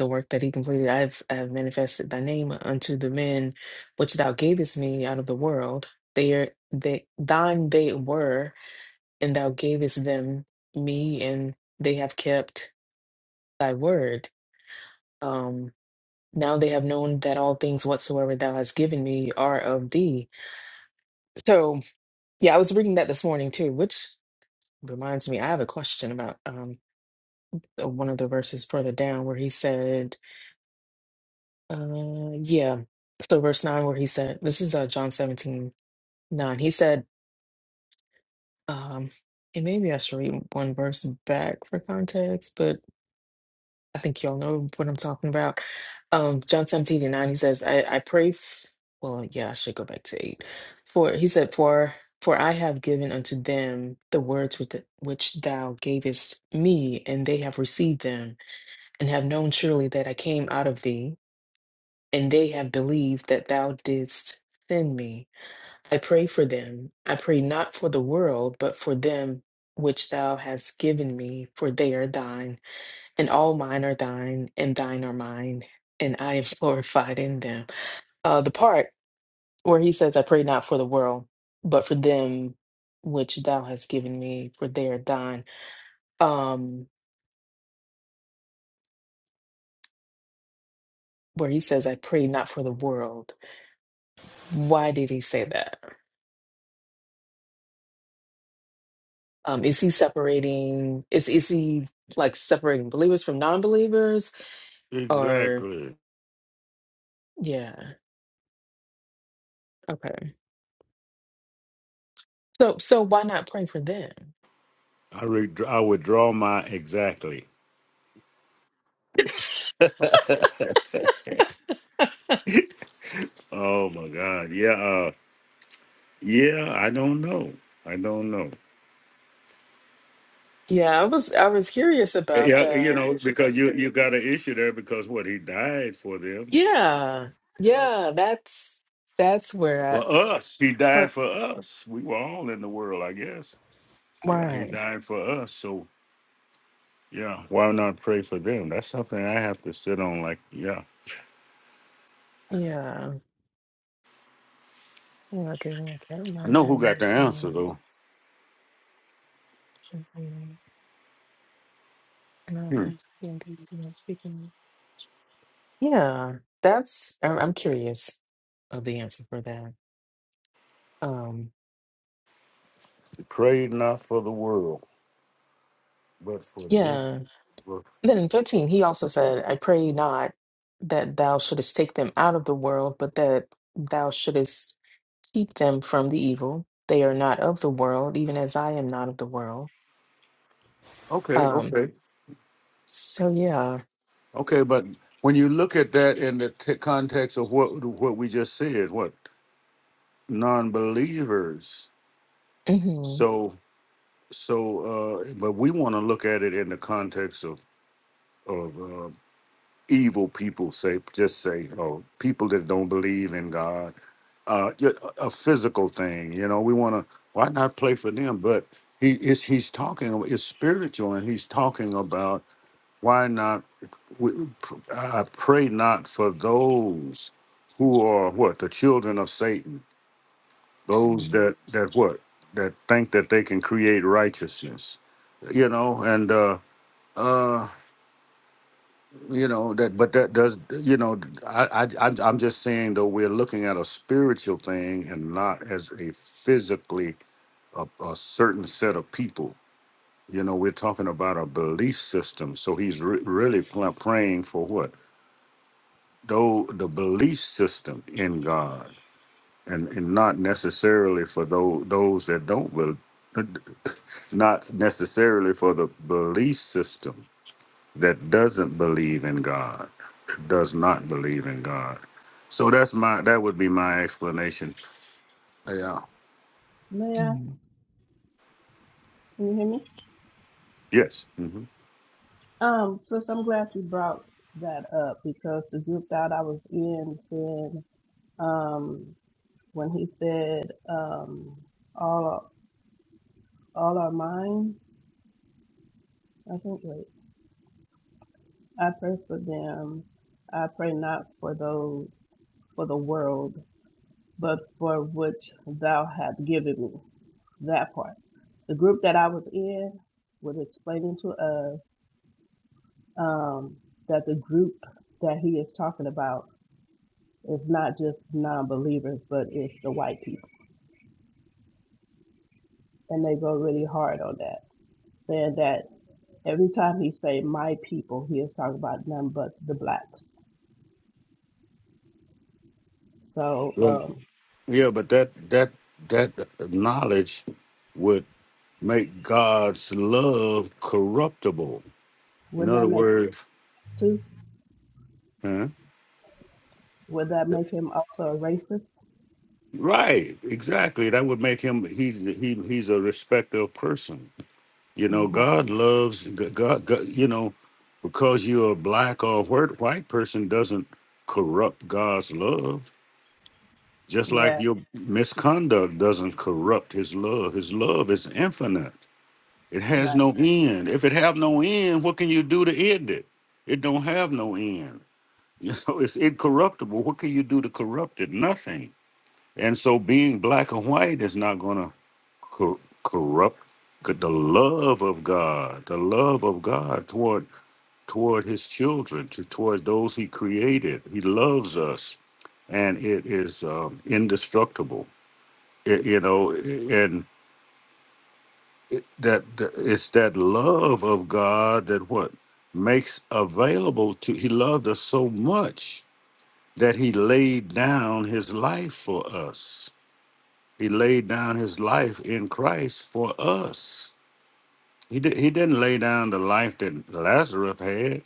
Speaker 8: the work that he completed, I've, I have manifested thy name unto the men which thou gavest me out of the world. They are, they, thine they were, and thou gavest them me, and they have kept thy word. Um, now they have known that all things whatsoever thou hast given me are of thee. So, yeah, I was reading that this morning too, which reminds me, I have a question about um, one of the verses further down where he said, uh, yeah, so verse 9, where he said, this is uh, John 17 9, he said, um, and maybe I should read one verse back for context, but I think y'all know what I'm talking about. Um, John 17 and 9, he says, I, I pray, f- well, yeah, I should go back to 8. For he said, For for I have given unto them the words with the, which thou gavest me, and they have received them, and have known surely that I came out of thee, and they have believed that thou didst send me. I pray for them. I pray not for the world, but for them which thou hast given me, for they are thine and all mine are thine, and thine are mine, and I am [LAUGHS] glorified in them. Uh, the part where he says, I pray not for the world, but for them which thou hast given me, for they are thine. Um, where he says, I pray not for the world. Why did he say that? Um, is he separating, is, is he like separating believers from non believers? Or,
Speaker 6: Exactly.
Speaker 8: yeah, okay. So, so why not pray for them?
Speaker 6: I re- I withdraw my exactly. Oh my God. Yeah. Uh, yeah. I don't know. I don't know.
Speaker 8: Yeah, I was I was curious
Speaker 6: Eh,
Speaker 8: about
Speaker 6: Yeah. You
Speaker 8: that
Speaker 6: know, because you you got an issue there because what he died for them
Speaker 8: Yeah. Yeah, that's that's where I
Speaker 6: for us. He died
Speaker 8: right.
Speaker 6: for us. We were all in the world, I guess. Yeah. He
Speaker 8: right.
Speaker 6: died for us. So Yeah. Why not pray for them? That's something I have to sit on. Like, yeah.
Speaker 8: Yeah. Yeah, I can make it
Speaker 6: I
Speaker 8: my
Speaker 6: know who got the
Speaker 8: bends
Speaker 6: answer, though.
Speaker 8: should be not
Speaker 6: Hmm.
Speaker 8: constantly decent and speaking. Yeah, that's I'm, I'm curious of the answer for that. Um
Speaker 6: Pray not for the world, but for them.
Speaker 8: yeah.
Speaker 6: But-
Speaker 8: Then in 15 he also said, I pray not that thou shouldest take them out of the world, but that thou shouldest keep them from the evil. They are not of the world, even as I am not of the world.
Speaker 6: Okay,
Speaker 8: Um,
Speaker 6: okay.
Speaker 8: so yeah.
Speaker 6: Okay, but when you look at that in the t- context of what what we just said, what non-believers.
Speaker 8: hmm
Speaker 6: So so uh but we want to look at it in the context of of uh, evil people say just say oh people that don't believe in god uh ju- a a physical thing you know we want to why not play for them but he is he's talking about it's spiritual and he's talking about why not we, pr- i pray not for those who are what the children of satan those
Speaker 8: mm
Speaker 6: that that what that think that they can create righteousness you know and uh uh, you know that but that does you know I, I i'm I'm just saying though we're looking at a spiritual thing and not as a physically a, a certain set of people you know we're talking about a belief system so he's re- really pl- praying for what though the belief system in god and and not necessarily for those those that don't believe not necessarily for the belief system that doesn't believe in God, does not believe in God. So that's my that would be my explanation. Yeah.
Speaker 9: Leah,
Speaker 8: mm.
Speaker 9: can you hear me?
Speaker 6: Yes. hmm
Speaker 9: Um, sis, I'm glad you brought that up because the group that I was in said, um, when he said, um, all all are mine. I think wait, I pray for them. I pray not for those for the world, but for which thou hast given me. That part. The group that I was in was explaining to us um, that the group that he is talking about It's not just non believers, but it's the white people. And they go really hard on that, saying that every time he say my people, he is talking about none but the blacks. So
Speaker 6: Well,
Speaker 9: um,
Speaker 6: yeah, but that that that knowledge would make God's love corruptible. In
Speaker 9: wouldn't
Speaker 6: other
Speaker 9: that make
Speaker 6: words,
Speaker 9: sense too?
Speaker 6: huh?
Speaker 9: Would that make him also a racist?
Speaker 6: right? Exactly. That would make him he's he he's a respectable person. You know,
Speaker 9: hmm
Speaker 6: God loves God. God you know, because you're a black or white white person doesn't corrupt God's love. Just like
Speaker 9: Yeah,
Speaker 6: your misconduct doesn't corrupt His love. His love is infinite. It has
Speaker 9: right.
Speaker 6: no end. If it have no end, what can you do to end it? It don't have no end. [LAUGHS] You know, it's incorruptible. What can you do to corrupt it? Nothing. And so, being black or white is not going to cor- corrupt could the love of God, the love of God toward toward His children, to toward those He created. He loves us, and it is um, indestructible. It- you know, and it, that that- it's that love of God that what makes available to. He loved us so much that He laid down His life for us. He laid down His life in Christ for us He did, he didn't lay down the life that Lazarus had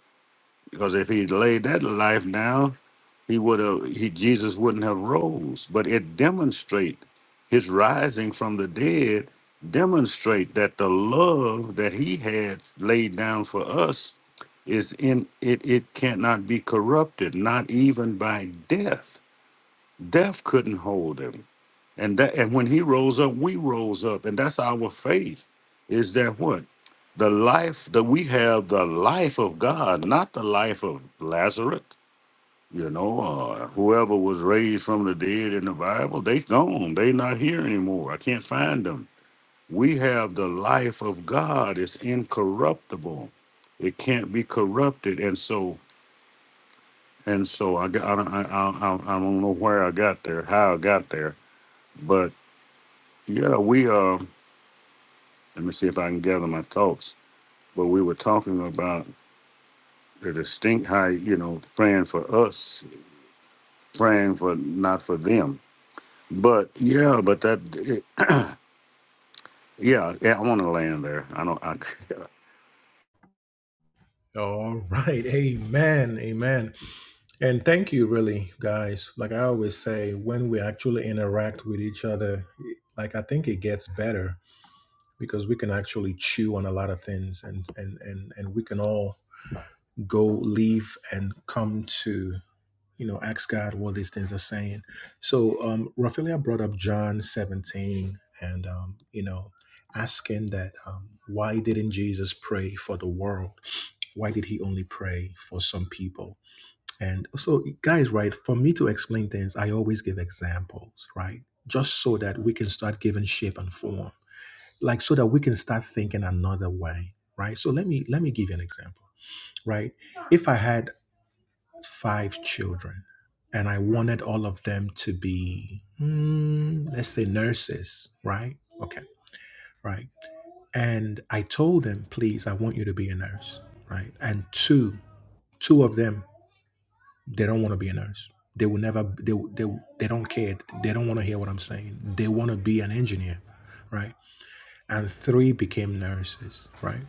Speaker 6: because if he laid that life down, he would have he Jesus wouldn't have rose. But it demonstrate his rising from the dead demonstrate that the love that he had laid down for us is in it it cannot be corrupted, not even by death. Death couldn't hold him and that and when he rose up, we rose up. And that's our faith. Is that what? The life that we have, the life of God, not the life of Lazarus, you know, uh, whoever was raised from the dead in the Bible, they gone. They not here anymore. I can't find them. We have the life of God. It's incorruptible. It can't be corrupted. And so, and so I, got, I, don't- I, I, I I don't know where I got there, how I got there, but yeah, we are. Let me see if I can gather my thoughts. But we were talking about the distinct high, you know, praying for us, praying for not for them. But yeah, but that, it, [CLEARS THROAT] yeah, yeah, I want to land there. I don't, I,
Speaker 2: All right. [LAUGHS] Amen. Amen. And thank you, really, guys. Like I always say, when we actually interact with each other, like I think it gets better because we can actually chew on a lot of things, and and and and we can all go leave and come to you know, ask God what these things are saying. So um, Raphaelia brought up John 17 and, um, you know, asking that um, why didn't Jesus pray for the world? Why did he only pray for some people? And so, guys, right, for me to explain things, I always give examples, right? Just so that we can start giving shape and form, like so that we can start thinking another way, right? So let me let me give you an example, right? If I had children. And I wanted all of them to be, mm, let's say, nurses, right? Okay, right. And I told them, please, I want you to be a nurse, right? And two, two of them, they don't want to be a nurse. They will never, they, they, they don't care. They don't want to hear what I'm saying. They want to be an engineer, right? And three became nurses, right?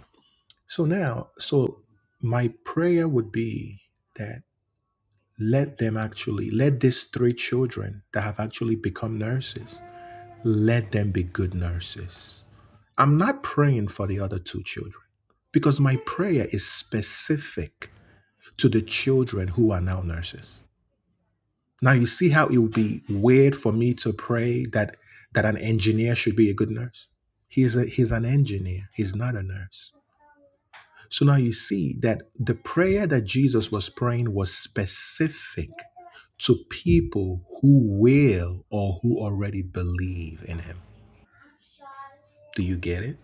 Speaker 2: So now, so my prayer would be that let them actually let these three children that have actually become nurses let them be good nurses i'm not praying for the other two children because my prayer is specific to the children who are now nurses now you see how it would be weird for me to pray that that an engineer should be a good nurse he's a he's an engineer he's not a nurse So now you see that the prayer that Jesus was praying was specific to people who will or who already believe in him. Do you get it?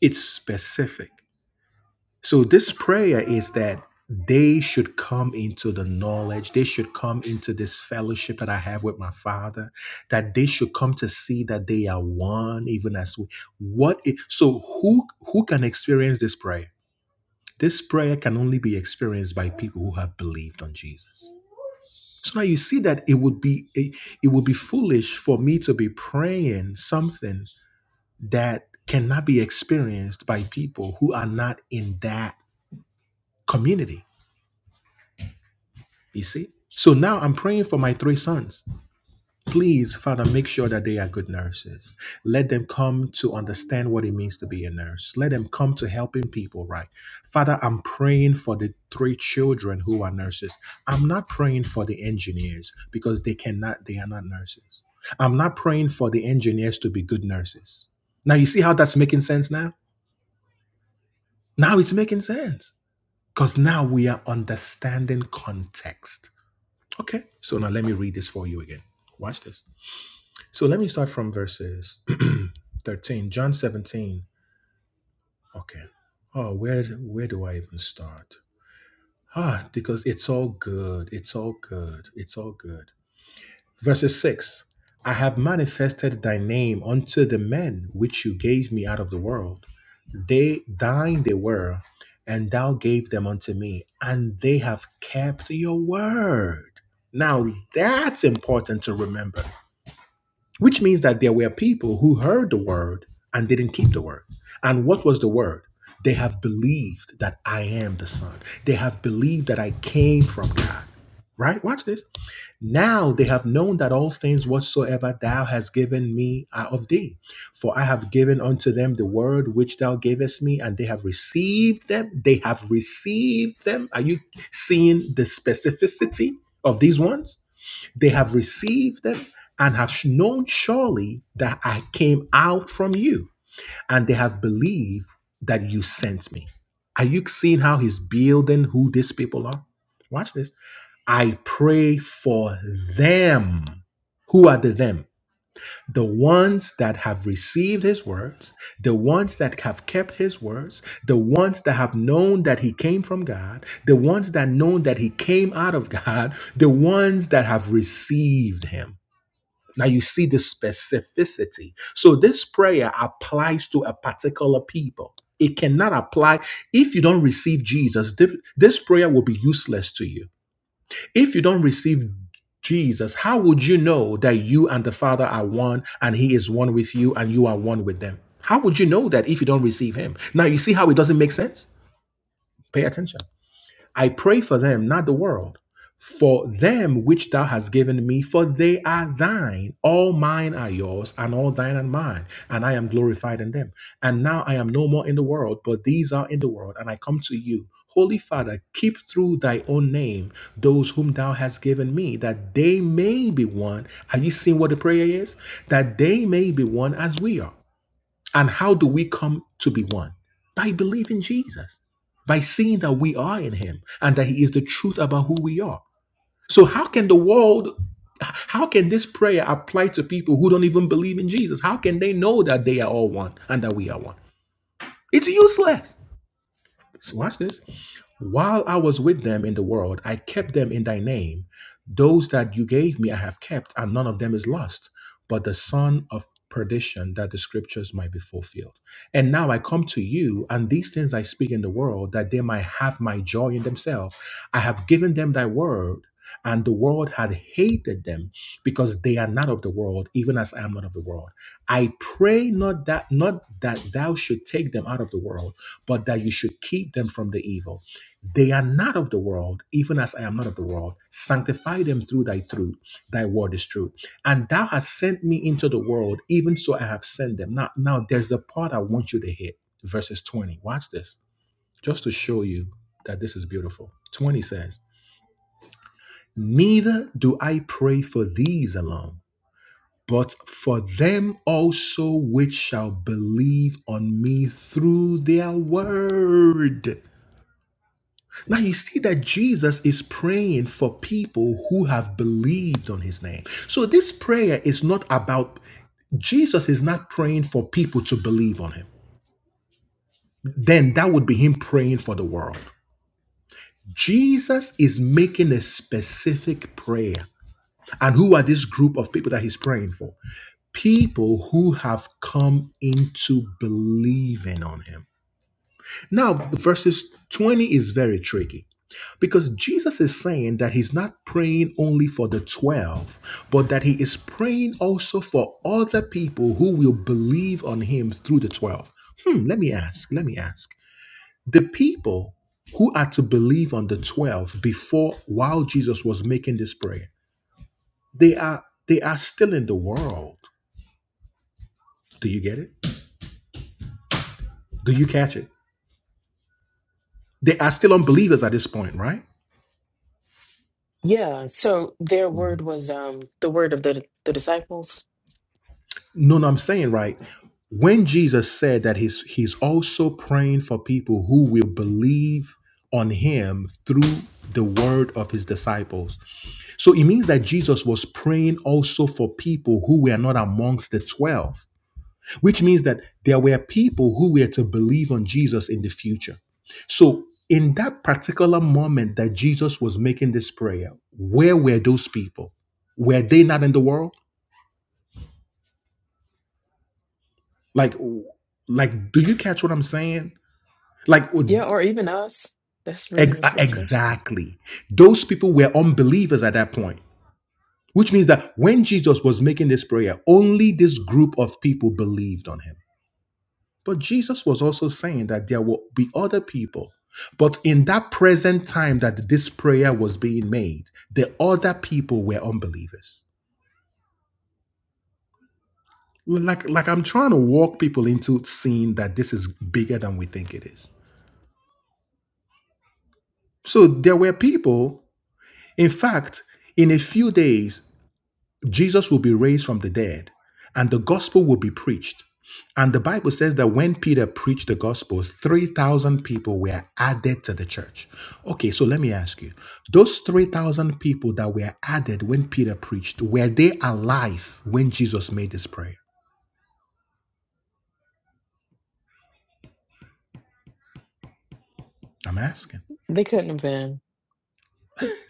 Speaker 2: It's specific. So this prayer is that they should come into the knowledge, they should come into this fellowship that I have with my Father, that they should come to see that they are one, even as we. What? i- so who who can experience this prayer? This prayer can only be experienced by people who have believed on Jesus. So now you see that it would be it, it would be foolish for me to be praying something that cannot be experienced by people who are not in that community. You see? So now I'm praying for my three sons. Please, Father, make sure that they are good nurses. Let them come to understand what it means to be a nurse. Let them come to helping people, right? Father, I'm praying for the three children who are nurses. I'm not praying for the engineers because they cannot, they are not nurses. I'm not praying for the engineers to be good nurses. Now, you see how that's making sense now? Now it's making sense because now we are understanding context. Okay, so now let me read this for you again. Watch this. So let me start from verses [CLEARS THROAT] 13, John 17. Okay. Oh, where where do I even start? Ah, because it's all good. It's all good. It's all good. Verses 6 I have manifested thy name unto the men which you gave me out of the world. They thine they were, and thou gave them unto me, and they have kept your word. Now that's important to remember, which means that there were people who heard the word and didn't keep the word. And what was the word? They have believed that I am the Son. They have believed that I came from God. Right? Watch this. Now they have known that all things whatsoever thou hast given me are of thee. For I have given unto them the word which thou gavest me, and they have received them. They have received them. Are you seeing the specificity of these ones? They have received them and have known surely that I came out from you, and they have believed that you sent me. Are you seeing how he's building who these people are? Watch this. I pray for them. Who are the them? The ones that have received his words, the ones that have kept his words, the ones that have known that he came from God, the ones that known that he came out of God, the ones that have received him. Now you see the specificity. So this prayer applies to a particular people. It cannot apply if you don't receive Jesus. This prayer will be useless to you if you don't receive Jesus, how would you know that you and the Father are one and He is one with you and you are one with them? How would you know that if you don't receive Him? Now, you see how it doesn't make sense? Pay attention. I pray for them, not the world. For them which thou hast given me, for they are thine. All mine are yours, and all thine are mine, and I am glorified in them. And now I am no more in the world, but these are in the world, and I come to you. Holy Father, keep through thy own name those whom thou hast given me, that they may be one. Are you seeing what the prayer is? That they may be one as we are. And how do we come to be one? By believing Jesus, by seeing that we are in Him and that He is the truth about who we are. So, how can the world, how can this prayer apply to people who don't even believe in Jesus? How can they know that they are all one and that we are one? It's useless. So watch this. While I was with them in the world, I kept them in thy name those that you gave me, I have kept, and none of them is lost, but the son of perdition, that the scriptures might be fulfilled. And now I come to you, and these things I speak in the world, that they might have my joy in themselves. I have given them thy word, and the world had hated them, because they are not of the world, even as I am not of the world. I pray not that not that thou should take them out of the world, but that you should keep them from the evil. They are not of the world, even as I am not of the world. Sanctify them through thy truth. Thy word is true. And thou hast sent me into the world, even so I have sent them. Now, now there's the part I want you to hit. Verses 20. Watch this. Just to show you that this is beautiful. 20 says, Neither do I pray for these alone, but for them also which shall believe on me through their word Now you see that Jesus is praying for people who have believed on his name. So this prayer is not about Jesus is not praying for people to believe on him. Then that would be him praying for the world. Jesus is making a specific prayer. And who are this group of people that he's praying for? People who have come into believing on him. Now, verses 20 is very tricky Because Jesus is saying that he's not praying only for the 12, but that he is praying also for other people who will believe on him through the 12. Hmm, let me ask, let me ask. The people who are to believe on the 12 before while Jesus was making this prayer, they are they are still in the world. Do you get it? Do you catch it? They are still unbelievers at this point, right?
Speaker 8: Yeah, so their word was um the word of the the disciples.
Speaker 2: No, no, I'm saying right. When Jesus said that he's he's also praying for people who will believe on him through the word of his disciples. So it means that Jesus was praying also for people who were not amongst the 12, which means that there were people who were to believe on Jesus in the future. So in that particular moment that Jesus was making this prayer, where were those people? Were they not in the world? Like, like, do you catch what I'm saying? Like,
Speaker 8: Yeah, or even us. That's reading
Speaker 2: ex-
Speaker 8: the
Speaker 2: uh,
Speaker 8: scriptures.
Speaker 2: exactly. Those people were unbelievers at that point, which means that when Jesus was making this prayer, only this group of people believed on him. But Jesus was also saying that there will be other people. But in that present time that this prayer was being made, the other people were unbelievers. Like, like I'm trying to walk people into seeing that this is bigger than we think it is. So there were people. In fact, in a few days, Jesus will be raised from the dead and the gospel will be preached. And the Bible says that when Peter preached the gospel, 3,000 people were added to the church. Okay, so let me ask you those 3,000 people that were added when Peter preached, were they alive when Jesus made this prayer? I'm asking.
Speaker 8: They couldn't have been.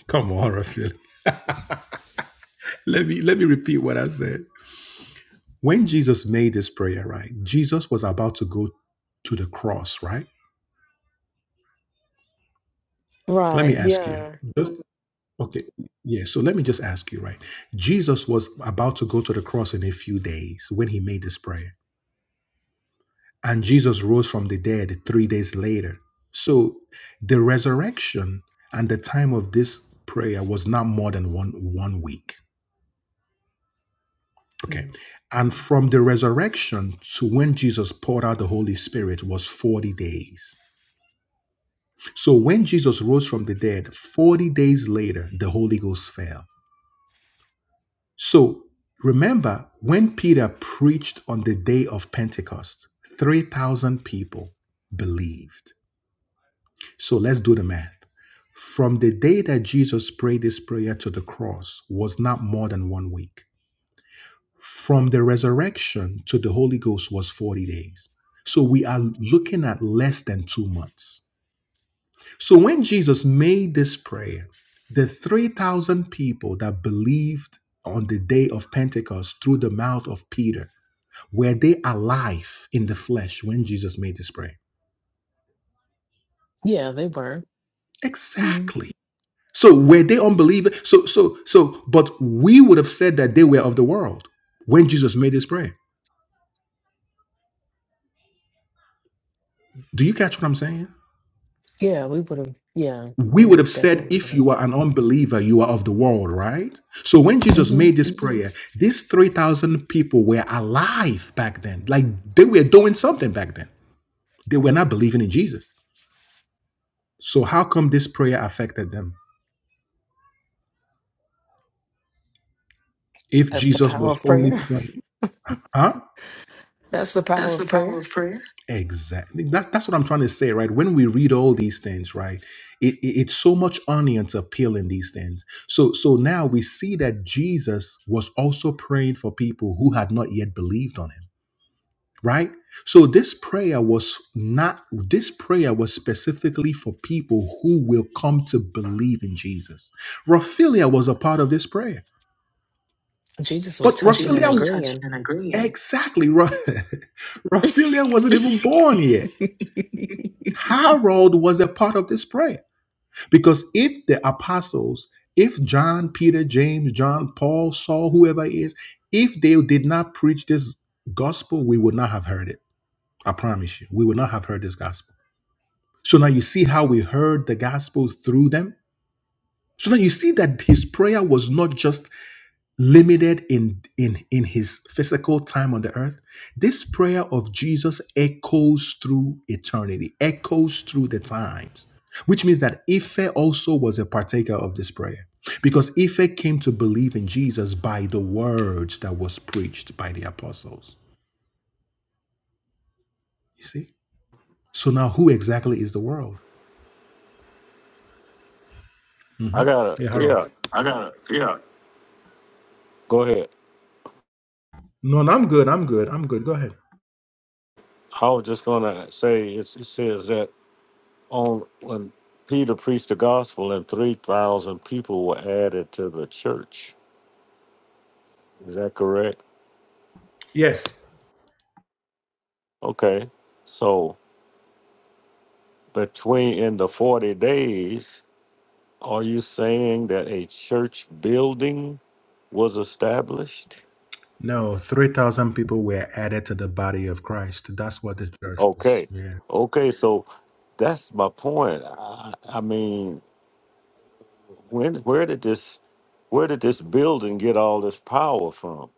Speaker 2: Come on, Raphael. Let me let me repeat what I said. When Jesus made this prayer, right? Jesus was about to go to the cross, right? Let me
Speaker 8: Right,
Speaker 2: ask you.
Speaker 8: yeah.
Speaker 2: Just okay. Yeah, so let me just ask you, right? Jesus was about to go to the cross in a few days when he made this prayer. And Jesus rose from the dead 3 days later. So the resurrection and the time of this prayer was not more than one one week. Okay.
Speaker 8: Mm.
Speaker 2: And from the resurrection to when Jesus poured out the Holy Spirit was 40 days. So when Jesus rose from the dead, 40 days later, the Holy Ghost fell. So remember, when Peter preached on the day of Pentecost, 3,000 people believed. So let's do the math. From the day that Jesus prayed this prayer to the cross was not more than one week. From the resurrection to the Holy Ghost was 40 days. So we are looking at less than two months. So when Jesus made this prayer, the 3,000 people that believed on the day of Pentecost through the mouth of Peter Were they alive in the flesh when Jesus made this prayer?
Speaker 8: Yeah, they were. hmm
Speaker 2: Exactly. So were they unbelievers? So so so but we would have said that they were of the world when Jesus made this prayer. Do you catch what I'm saying?
Speaker 8: Yeah, we would have yeah, we
Speaker 2: We
Speaker 8: would
Speaker 2: would have
Speaker 8: have
Speaker 2: said
Speaker 8: definitely
Speaker 2: if
Speaker 8: said
Speaker 2: you are an unbeliever, you are of the world, right? So when
Speaker 8: it.
Speaker 2: Jesus
Speaker 8: hmm
Speaker 2: made this prayer, these 3,000 people were alive back then. Like they were doing something back then. They were not believing in Jesus. So how come this prayer affected them? If
Speaker 8: That's the
Speaker 2: Jesus
Speaker 8: power
Speaker 2: was
Speaker 8: of
Speaker 2: only
Speaker 8: prayer.
Speaker 2: praying, huh?
Speaker 8: [LAUGHS] That's the power of prayer.
Speaker 2: Exactly. That, that's what I'm trying to say, right? When we read all these things, right, it, it- it's so much onion to peel in these things. So, so now we see that Jesus was also praying for people who had not yet believed on him, right? So this prayer was not, this prayer was specifically for people who will come to believe in Jesus. Raphaelia was a part of this prayer.
Speaker 8: Jesus was
Speaker 2: But
Speaker 8: touching and
Speaker 2: Raphaelia,
Speaker 8: agreeing.
Speaker 2: exactly, Ra- [LAUGHS] Raphaelia wasn't even born yet.
Speaker 8: [LAUGHS]
Speaker 2: Harold was a part of this prayer because if the apostles, if John, Peter, James, John, Paul, Saul, whoever it is, if they did not preach this gospel, we would not have heard it. I promise you, we would not have heard this gospel. So now you see how we heard the gospel through them. So now you see that his prayer was not just limited in in in his physical time on the earth this prayer of jesus echoes through eternity echoes through the times which means that ife also was a partaker of this prayer because ife came to believe in jesus by the words that was preached by the apostles you see so now who exactly is the world
Speaker 6: [LAUGHS]
Speaker 2: hmm
Speaker 6: I gotta,
Speaker 2: yeah harold
Speaker 6: yeah, go ahead.
Speaker 2: no no, i'm good i'm good i'm good go ahead
Speaker 6: I was just gonna say, it's, it says that on when Peter preached the gospel and 3,000 people were added to the church. Is that correct?
Speaker 2: yes
Speaker 6: Okay. So between in the 40 days, Are you saying that a church building was established?
Speaker 2: No, 3,000 people were added to the body of Christ. That's what the church is.
Speaker 6: Okay.
Speaker 2: Yeah.
Speaker 6: Okay, so that's my point. I, I mean, when where did this where did this building get all this power from?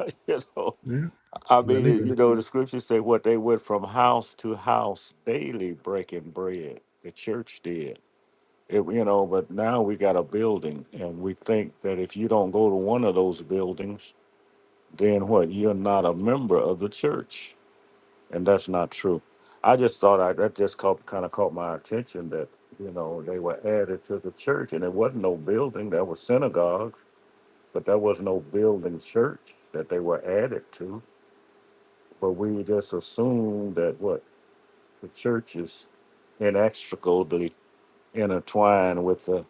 Speaker 6: [LAUGHS] you know,
Speaker 2: Yeah.
Speaker 6: I mean, it-
Speaker 2: Religion.
Speaker 6: you know, the scriptures say what they went from house to house daily breaking bread. The church did. It, you know, but now we got a building, and we think that if you don't go to one of those buildings, then what? You're not a member of the church and that's not true. I just thought I that just caught, kind of caught my attention that you know they were added to the church, and it wasn't no building. There was synagogue, but there was no building church that they were added to. But we just assumed that what the church is inextricably intertwined with the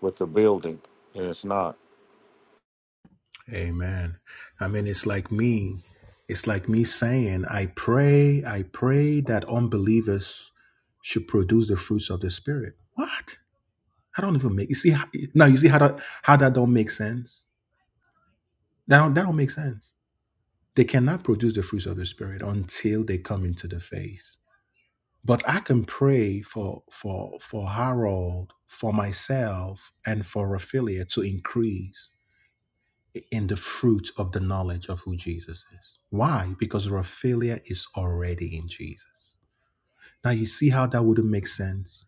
Speaker 6: with the building, and it's not.
Speaker 2: Amen. I mean, it's like me. It's like me saying, I pray, I pray that unbelievers should produce the fruits of the Spirit. What? I don't even make you see how- now you see how that how that don't make sense? That don't that don't make sense. They cannot produce the fruits of the spirit until they come into the faith. but I can pray for for for Harold, for myself, and for Raphaelia to increase in the fruit of the knowledge of who Jesus is. Why? Because Raphaelia is already in Jesus. Now you see how that wouldn't make sense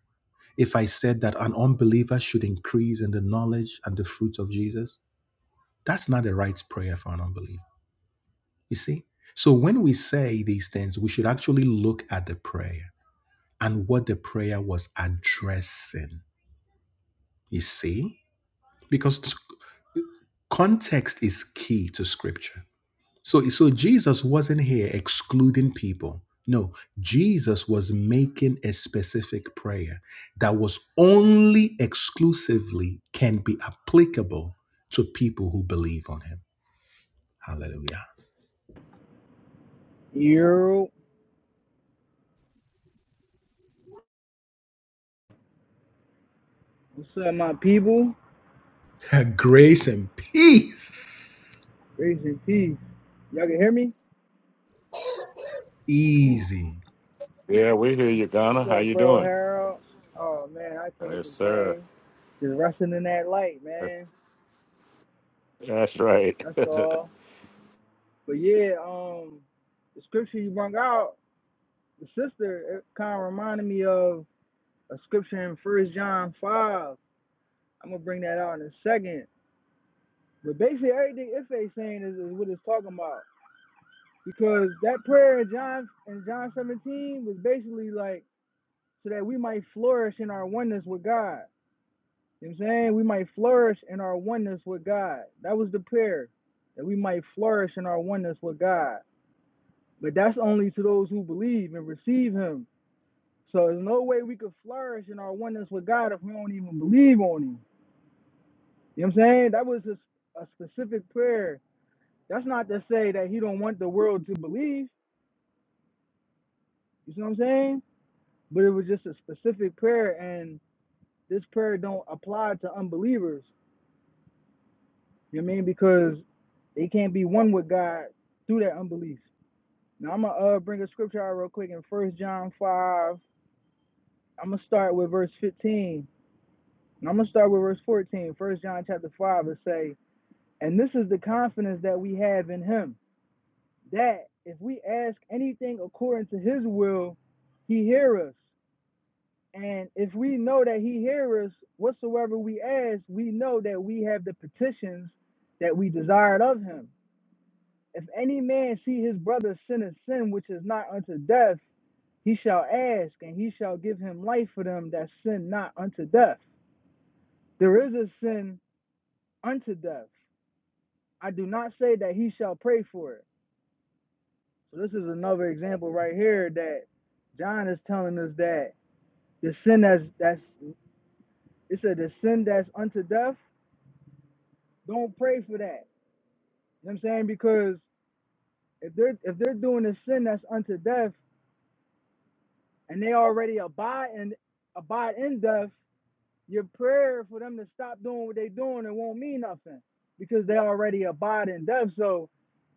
Speaker 2: if I said that an unbeliever should increase in the knowledge and the fruit of Jesus. That's not the right prayer for an unbeliever. You see. So when we say these things, we should actually look at the prayer and what the prayer was addressing You see? Because context is key to scripture. So, so Jesus wasn't here excluding people. No, Jesus was making a specific prayer that was only exclusively can be applicable to people who believe on him. Hallelujah.
Speaker 10: Yo, what's up, my people?
Speaker 2: [LAUGHS] Grace and peace.
Speaker 10: Grace and peace. Y'all can hear me?
Speaker 2: Easy.
Speaker 6: Yeah, we hear you,
Speaker 10: What's
Speaker 6: Ghana. How
Speaker 10: up,
Speaker 6: you
Speaker 10: bro,
Speaker 6: doing?
Speaker 10: Harold? Oh man, I can't
Speaker 6: Yes, sir.
Speaker 10: complain. Just resting in that light, man.
Speaker 6: That's right.
Speaker 10: That's all. But yeah, um, the scripture you brought out, the sister, it kind of reminded me of a scripture in First John five. I'm gonna bring that out in a second. But basically, everything Ife saying is, is what it's talking about because that prayer in John in John 17 was basically like so that we might flourish in our oneness with God. You know what I'm saying? We might flourish in our oneness with God. That was the prayer, that we might flourish in our oneness with God. But that's only to those who believe and receive Him. So there's no way we could flourish in our oneness with God if we don't even believe on Him. You know what I'm saying? That was a, a specific prayer. That's not to say that He don't want the world to believe. You see what I'm saying? But it was just a specific prayer, and this prayer don't apply to unbelievers. You know what I mean? Because they can't be one with God through that unbelief. Now I'm gonna uh, bring a scripture out real quick in First John five. I'm gonna start with verse 15. And I'm gonna start with verse 14. First John chapter five it say, and this is the confidence that we have in Him, that if we ask anything according to His will, He hears us. And if we know that He hears us, whatsoever we ask, we know that we have the petitions that we desired of Him. If any man see his brother sin a sin which is not unto death, he shall ask, and he shall give him life for them that sin not unto death. There is a sin unto death. I do not say that he shall pray for it. So this is another example right here that John is telling us that the sin that's that's it said the sin that's unto death, don't pray for that. You know what I'm saying? Because if they're if they're doing a sin that's unto death and they already abide in abide in death, Your prayer for them to stop doing what they doing, it won't mean nothing because they already abide in death. So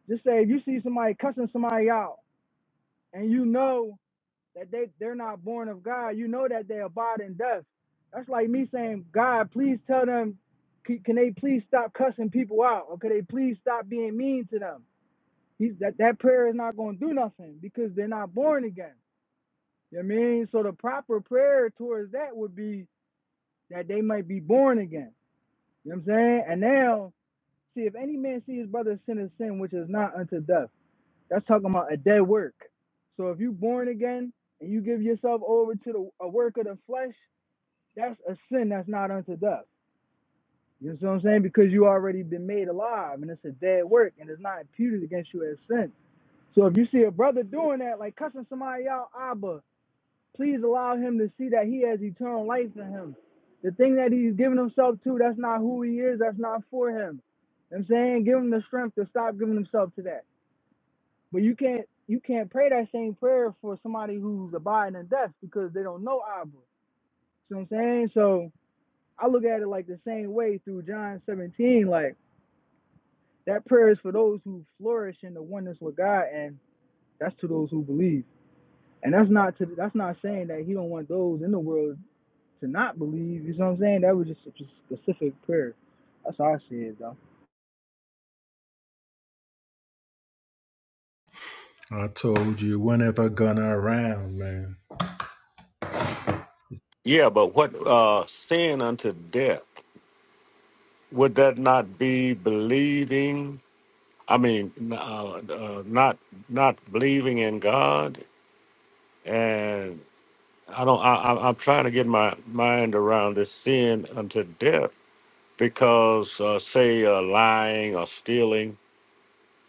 Speaker 10: just say if you see somebody cussing somebody out and you know that they, they're not born of God, you know that they abide in death. That's like me saying, God, please tell them, can can they please stop cussing people out or could they please stop being mean to them? He's, that, that prayer is not going to do nothing because they're not born again. You know what I mean? So the proper prayer towards that would be that they might be born again. You know what I'm saying? And now, see, if any man see his brother sin a sin which is not unto death, that's talking about a dead work. So if you born again and you give yourself over to the a work of the flesh, that's a sin that's not unto death. You know what I'm saying? Because you already been made alive and it's a dead work and it's not imputed against you as sin. So if you see a brother doing that, like cussing somebody out, Abba, Please allow him to see that he has eternal life in him. The thing that he's giving himself to, that's not who he is, that's not for him. You know what I'm saying, give him the strength to stop giving himself to that. But you can't you can't pray that same prayer for somebody who's abiding in death because they don't know Abba. You know what I'm saying? So I look at it like the same way through John 17, like that prayer is for those who flourish in the oneness with God, and that's to those who believe. And that's not to that's not saying that he don't want those in the world To not believe, you know what I'm saying? That was just a specific prayer. That's all I said, though.
Speaker 2: I told you whenever gonna around, man.
Speaker 6: Yeah, but what uh sin unto death? would that not be believing i mean uh, uh, not not believing in god and i don't I, I- i'm trying to get my mind around this sin unto death because uh, say uh, lying or stealing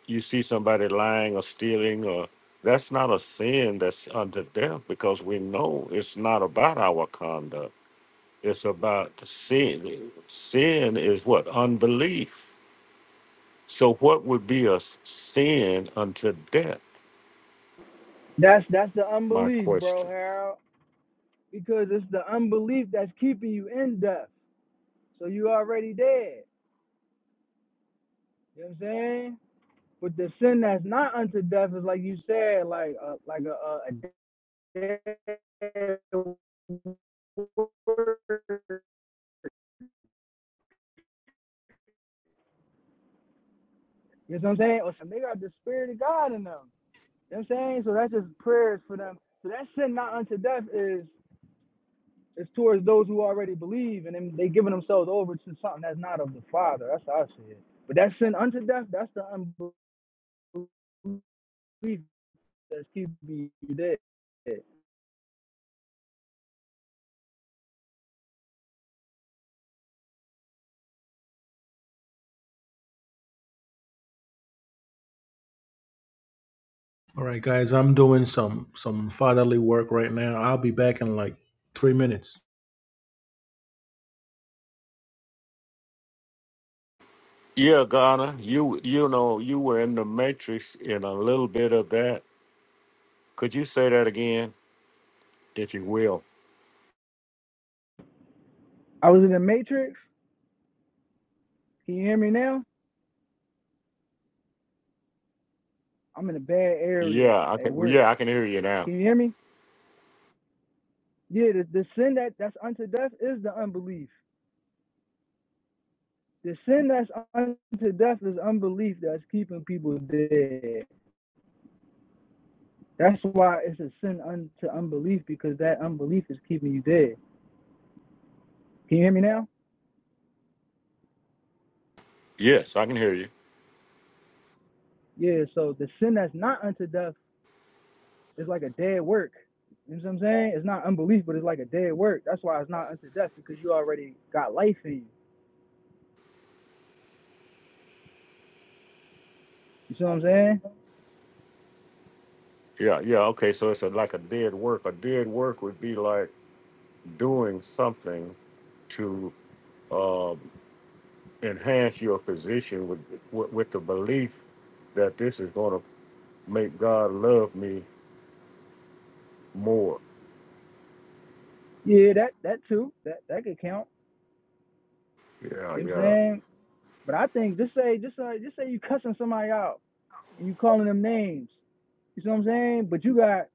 Speaker 6: you see somebody lying or stealing or that's not a sin that's unto death because we know it's not about our conduct it's about sin sin is what unbelief So, what would be a s- sin unto death?
Speaker 10: That's that's the
Speaker 6: My
Speaker 10: unbelief, bro,
Speaker 6: question.
Speaker 10: Harold. Because it's the unbelief that's keeping you in death. So you already dead. You know what I'm saying? But the sin that's not unto death is like you said, like a, like a, a, a you know what I'm saying? Or some they got the spirit of God in them. You know what I'm saying? So that's just prayers for them. So that sin not unto death is It's towards those who already believe, and then they giving themselves over to something that's not of the Father. That's how I see it. But that sin unto death, that's the unbelief that's keeping you dead.
Speaker 2: All right, guys, I'm doing some some fatherly work right now. I'll be back in like three minutes.
Speaker 6: Yeah, Ghana, you you know you were in the matrix in a little bit of that. Could you say that again, if you will?
Speaker 10: I was in the Matrix. Can you hear me now? I'm in a bad area
Speaker 6: Yeah, I
Speaker 10: at
Speaker 6: can.
Speaker 10: work.
Speaker 6: Yeah, I can hear you now.
Speaker 10: Can you hear me? Yeah, the, the sin that, that's unto death is the unbelief. The sin that's unto death is unbelief that's keeping people dead. That's why it's a sin unto unbelief because that unbelief is keeping you dead. Can you hear me now?
Speaker 6: Yes, I can hear you.
Speaker 10: Yeah, so the sin that's not unto death is like a dead work. You know what I'm saying? It's not unbelief, but it's like a dead work. That's why it's not unto death because you already got life in you. You see what I'm saying?
Speaker 6: Yeah, yeah. Okay, so it's a, like a dead work. A dead work would be like doing something to uh, enhance your position with, with with the belief that this is going to make God love me more.
Speaker 10: Yeah, that that too. That that could count.
Speaker 6: Yeah,
Speaker 10: You know what I'm
Speaker 6: yeah.
Speaker 10: saying? But I think just say just say just say you cussing somebody out and you calling them names. You see what I'm saying? But you got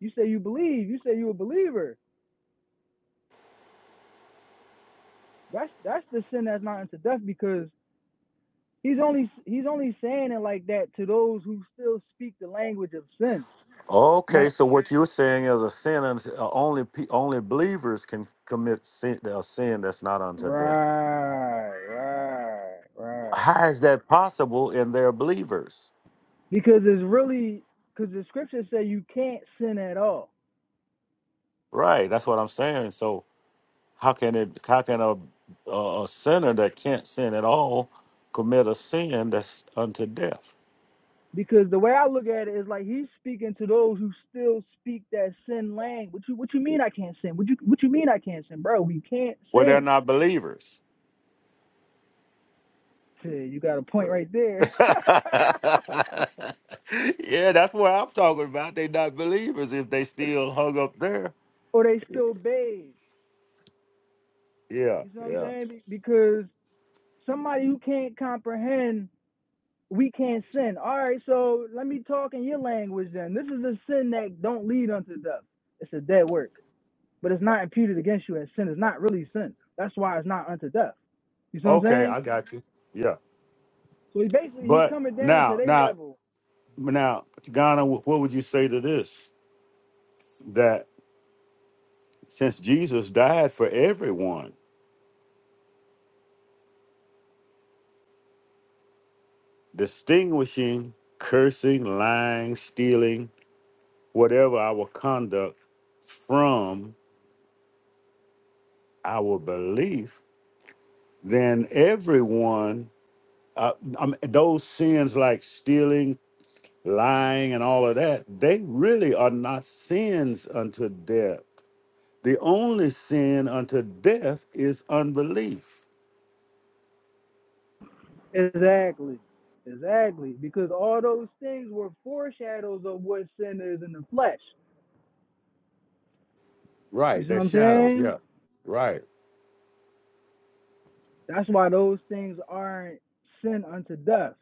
Speaker 10: you say you believe. You say you a believer. That's that's the sin that's not unto death because he's only he's only saying it like that to those who still speak the language of sin not
Speaker 6: Okay, so what you're saying is a sin, and uh, only pe- only believers can commit sin, a sin that's not unto death.
Speaker 10: Right, right, right.
Speaker 6: How is that possible? in their believers,
Speaker 10: Because it's really because the scriptures say you can't sin at all.
Speaker 6: right? That's what I'm saying. So how can it? How can a a a sinner that can't sin at all commit a sin that's unto death?
Speaker 10: Because the way I look at it is like he's speaking to those who still speak that sin language. What you what you mean I can't sin? What you what you mean I can't sin, bro? We can't
Speaker 6: Well, they're
Speaker 10: sin.
Speaker 6: not believers.
Speaker 10: you got a point right there.
Speaker 6: [LAUGHS] yeah,
Speaker 10: [LAUGHS]
Speaker 6: that's what I'm talking about. they not believers if they still hung up there.
Speaker 10: or they still babes.
Speaker 6: Yeah,
Speaker 10: You see what I'm
Speaker 6: yeah.
Speaker 10: saying? Because somebody who can't comprehend we can't sin. All right, so let me talk in your language then. This is a sin that don't lead unto death. It's a dead work, but it's not imputed against you as sin. It's not really sin. That's why it's not unto death. You see what I'm
Speaker 6: Okay,
Speaker 10: saying?
Speaker 6: I got you. Yeah.
Speaker 10: So he basically he's
Speaker 6: But
Speaker 10: coming down to
Speaker 6: now,
Speaker 10: their
Speaker 6: now,
Speaker 10: level.
Speaker 6: now, Ghana, wh- what would you say to this? That since Jesus died for everyone, distinguishing cursing, lying, stealing, whatever our conduct from our belief, then everyone, uh, I mean, those sins like stealing, lying, and all of that, they really are not sins unto death. The only sin unto death is unbelief.
Speaker 10: Exactly. Exactly. Because all those things were foreshadows of what sin is in the flesh.
Speaker 6: Right,
Speaker 10: You see
Speaker 6: they're
Speaker 10: what I'm
Speaker 6: shadows.
Speaker 10: saying?
Speaker 6: Yeah, right,
Speaker 10: That's why those things aren't sin unto death.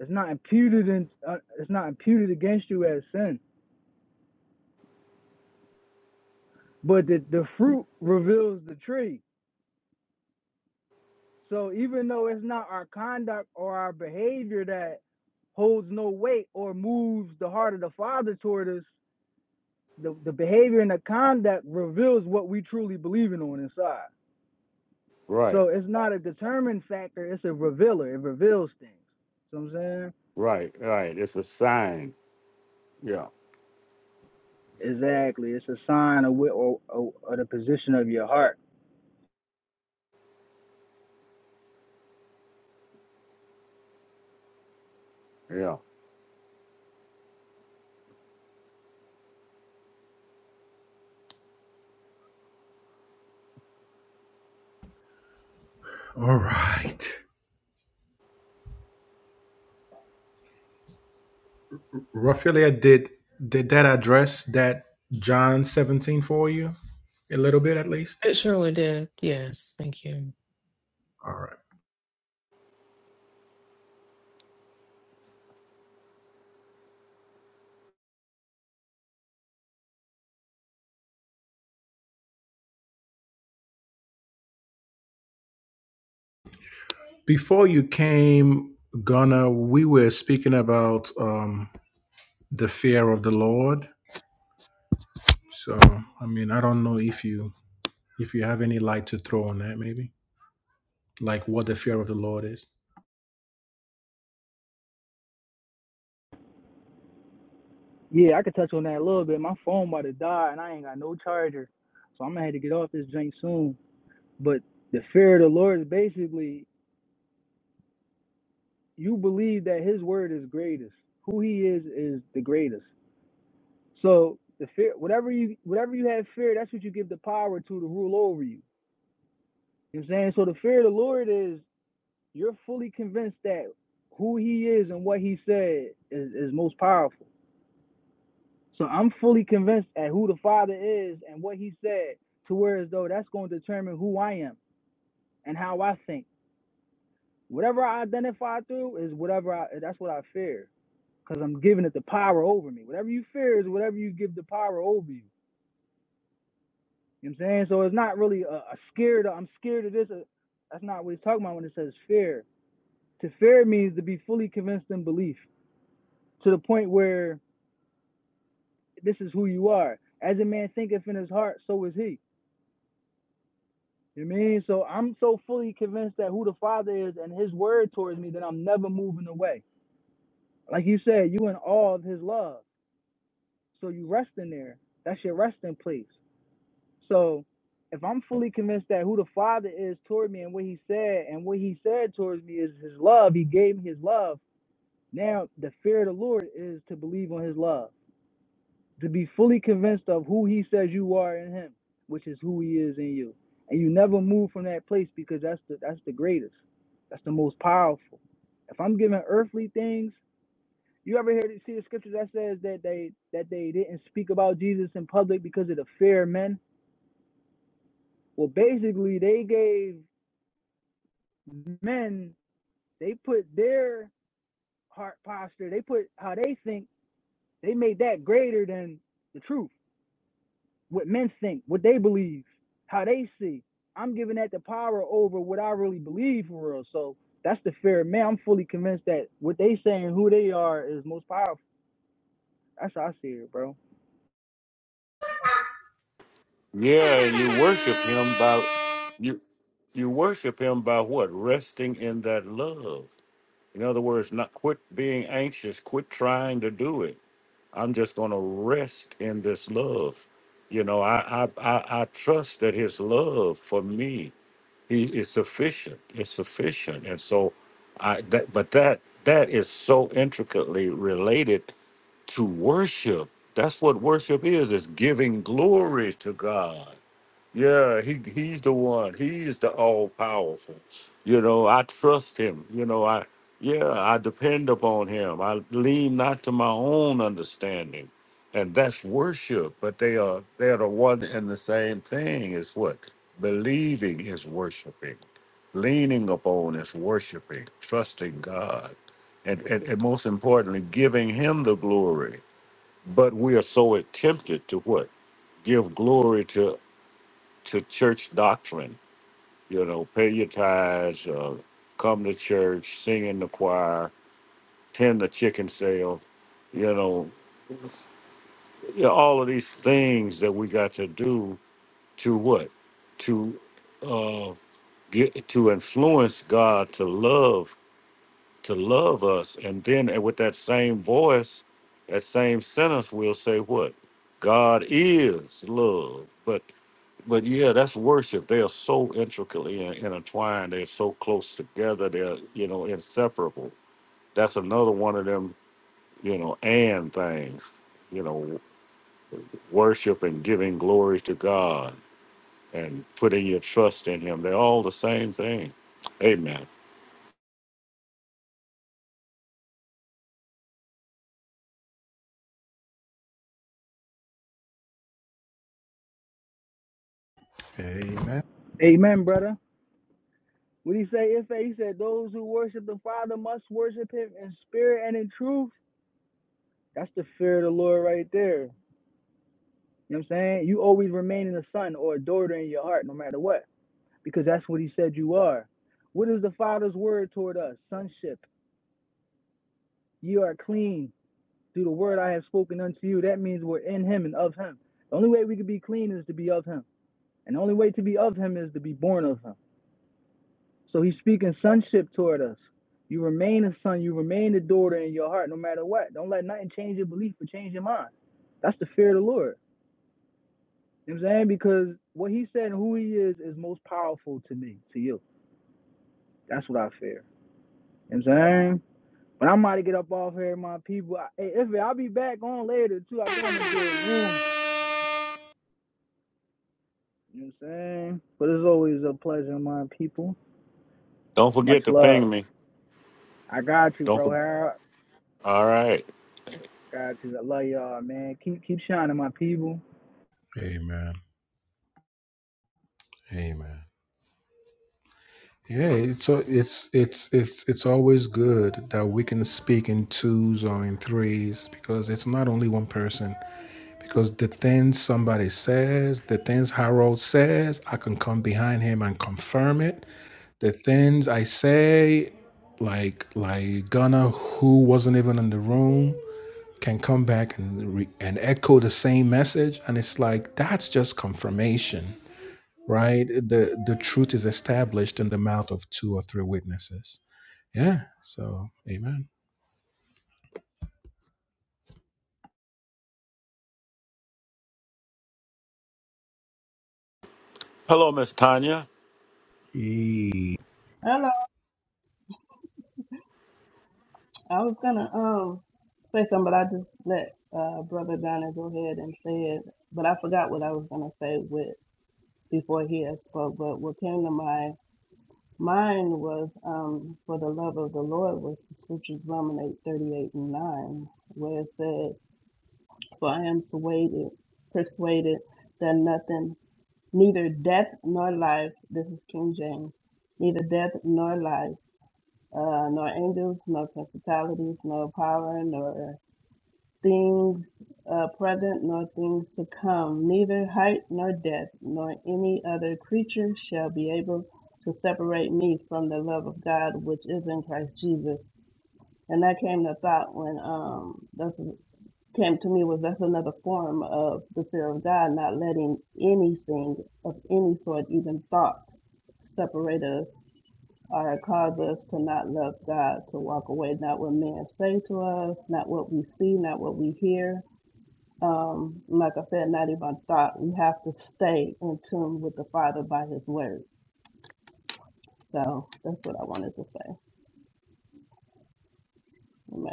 Speaker 10: It's not imputed in, uh, it's not imputed against you as sin. But the, the fruit reveals the tree. So even though it's not our conduct or our behavior that holds no weight or moves the heart of the Father toward us, the, the behavior and the conduct reveals what we truly believe in on inside.
Speaker 6: right,
Speaker 10: So it's not a determined factor, it's a revealer. It reveals things. See what I'm saying?
Speaker 6: right, right. It's a sign. Yeah,
Speaker 10: Exactly. It's a sign of wh- or, or, or the position of your heart.
Speaker 6: yeah,
Speaker 2: All right. Raphaelia, did did that address that John 17 for you? A little bit at least?
Speaker 8: It surely did. Yes, thank you.
Speaker 2: All right. Before you came, Ghana, we were speaking about um the fear of the Lord. So I mean I don't know if you If you have any light to throw on that, maybe like what the fear of the Lord is.
Speaker 10: Yeah, I could touch on that a little bit. My phone about to die and I ain't got no charger. So I'm gonna have to get off this drink soon. But the fear of the Lord is basically you believe that His word is greatest. Who He is is the greatest. So the fear, whatever you whatever you have fear, that's what you give the power to to rule over you. You know what I'm saying? So the fear of the Lord is you're fully convinced that who He is and what He said is, is most powerful. So I'm fully convinced at who the Father is and what He said, to where as though that's going to determine who I am and how I think. Whatever I identify through is whatever I that's what I fear. because I'm giving it the power over me. Whatever you fear is whatever you give the power over you. You know what I'm saying? So it's not really a, a scared, I'm scared of this. uh, That's not what he's talking about when it says fear. To fear means to be fully convinced in belief to the point where this is who you are. As a man thinketh in his heart, so is he. You know what I mean? So I'm so fully convinced that who the Father is and his word towards me that I'm never moving away. Like you said, you in awe of his love. So you rest in there. That's your resting place. So if I'm fully convinced that who the Father is toward me and what He said and what He said towards me is His love, He gave me His love. Now the fear of the Lord is to believe on His love, to be fully convinced of who He says you are in Him, which is who He is in you. And you never move from that place because that's the that's the greatest, that's the most powerful. If I'm giving earthly things, you ever hear see the scriptures that says that they that they didn't speak about Jesus in public because of the fear of men? Well, basically they gave men they put their heart posture, they put how they think, they made that greater than the truth. What men think, what they believe, how they see. I'm giving that the power over what I really believe for real. So that's the fear of man. I'm fully convinced that what they saying, who they are, is most powerful. That's how I see it, bro.
Speaker 6: yeah. And you worship him by you. You worship him by what? Resting in that love. In other words, not quit being anxious. Quit trying to do it. I'm just going to rest in this love. You know, I I, I I trust that His love for me he is sufficient. It's sufficient, and so I. That, but that that is so intricately related to worship. That's what worship is, is giving glory to God. Yeah, he, he's the one. He is the all powerful. You know, I trust him. You know, I yeah, I depend upon him. I lean not to my own understanding. And that's worship, but they are they are the one and the same thing is what? Believing is worshiping. Leaning upon is worshiping, trusting God. And, and, and most importantly, giving him the glory but we are so tempted to what? Give glory to to church doctrine. You know, pay your tithes, uh, come to church, sing in the choir, tend the chicken sale. You know, yeah, all of these things that we got to do to what? To uh, get to influence God to love to love us, and then and with that same voice, that same sentence, we'll say what? God is love, but But yeah, that's worship. They are so intricately in- intertwined. They're so close together. They're you know inseparable. That's another one of them you know and things. You know, worship and giving glory to God and putting your trust in Him. They're all the same thing. Amen.
Speaker 2: Amen.
Speaker 10: Amen, brother. What he say? If he said, "Those who worship the Father must worship Him in spirit and in truth." That's the fear of the Lord right there. You know what I'm saying? You always remain a son or a daughter in your heart, no matter what, because that's what he said you are. What is the Father's word toward us? Sonship. You are clean through the word I have spoken unto you. That means we're in him and of him. The only way we could be clean is to be of him. And the only way to be of him is to be born of him. So he's speaking sonship toward us. You remain a son, you remain a daughter in your heart, no matter what. Don't let nothing change your belief or change your mind. That's the fear of the Lord. You know what I'm saying? Because what he said and who he is is most powerful to me, to you. That's what I fear. You know what I'm saying? But I'm about to get up off here, my people. I, hey, if it, I'll be back on later, too. I think I'm going to do a room. You know what I'm saying? But it's always a pleasure, my people.
Speaker 6: Don't
Speaker 10: Much
Speaker 6: forget to ping
Speaker 10: love.
Speaker 6: me.
Speaker 10: I got you,
Speaker 6: Don't.
Speaker 10: bro,
Speaker 6: forget.
Speaker 10: Harold.
Speaker 6: all right.
Speaker 10: Got you. I love y'all, man. Keep keep shining, my people.
Speaker 2: Amen. Amen. Yeah, it's a- it's it's it's it's always good that we can speak in twos or in threes because it's not only one person. Because the things somebody says, the things Harold says, I can come behind him and confirm it. The things I say, like like Gunner, who wasn't even in the room, can come back and re- and echo the same message and it's like that's just confirmation right the the truth is established in the mouth of two or three witnesses yeah so amen
Speaker 6: Hello, Miss Tanya.
Speaker 2: Yee.
Speaker 9: Hello. I was gonna um say something, but I just let uh, Brother Donna go ahead and say it. But I forgot what I was gonna say with before he had spoke. But what came to mind Mine was um, for the love of the Lord was the scriptures Romans eight thirty eight and 9, where it said, For I am persuaded, persuaded that nothing, neither death nor life, this is King James, neither death nor life, uh, nor angels, nor principalities, nor power, nor things uh, present nor things to come, neither height nor depth nor any other creature shall be able to separate me from the love of God which is in Christ Jesus. And that came to thought when um that's came to me was that's another form of the fear of God, not letting anything of any sort, even thought, separate us or cause us to not love God, to walk away, not what men say to us, not what we see, not what we hear, um, like I said, not even thought we have to stay in tune with the Father by His Word. So that's what I wanted to say. Amen.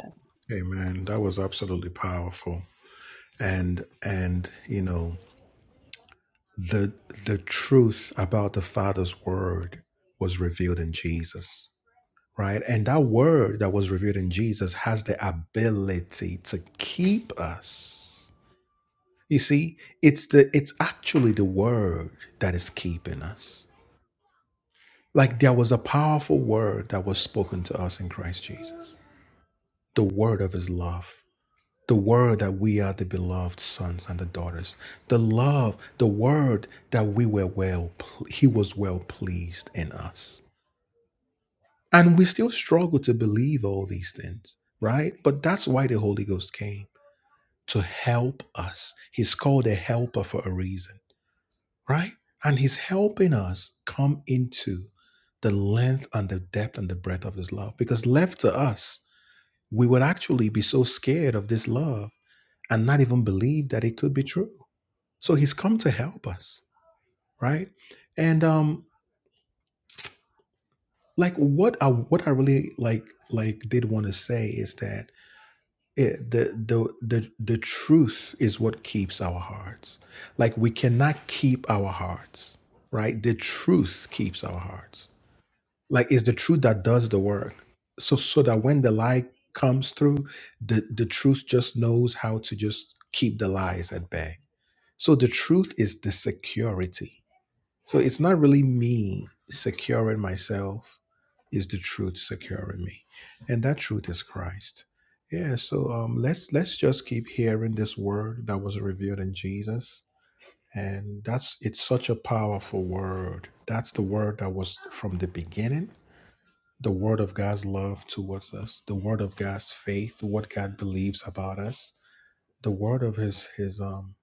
Speaker 2: amen that was absolutely powerful and and you know the the truth about the father's word was revealed in Jesus right and that word that was revealed in Jesus has the ability to keep us You see, it's the it's actually the word that is keeping us. Like there was a powerful word that was spoken to us in Christ Jesus. The word of his love. The word that we are the beloved sons and the daughters. The love, the word that we were well ple- he was well pleased in us. And we still struggle to believe all these things, right? But that's why the Holy Ghost came to help us. He's called a helper for a reason right? And he's helping us come into the length and the depth and the breadth of his love. Because left to us, we would actually be so scared of this love and not even believe that it could be true. So he's come to help us, right? And um, like what I what I really like like did want to say is that it, the the the the truth is what keeps our hearts. Like we cannot keep our hearts, right? The truth keeps our hearts like it's the truth that does the work so so that when the lie comes through the the truth just knows how to just keep the lies at bay so the truth is the security so it's not really me securing myself is the truth securing me and that truth is christ yeah so um let's let's just keep hearing this word that was revealed in jesus and that's it's such a powerful word that's the word that was from the beginning the word of God's love towards us, the word of God's faith, what God believes about us, the word of his his um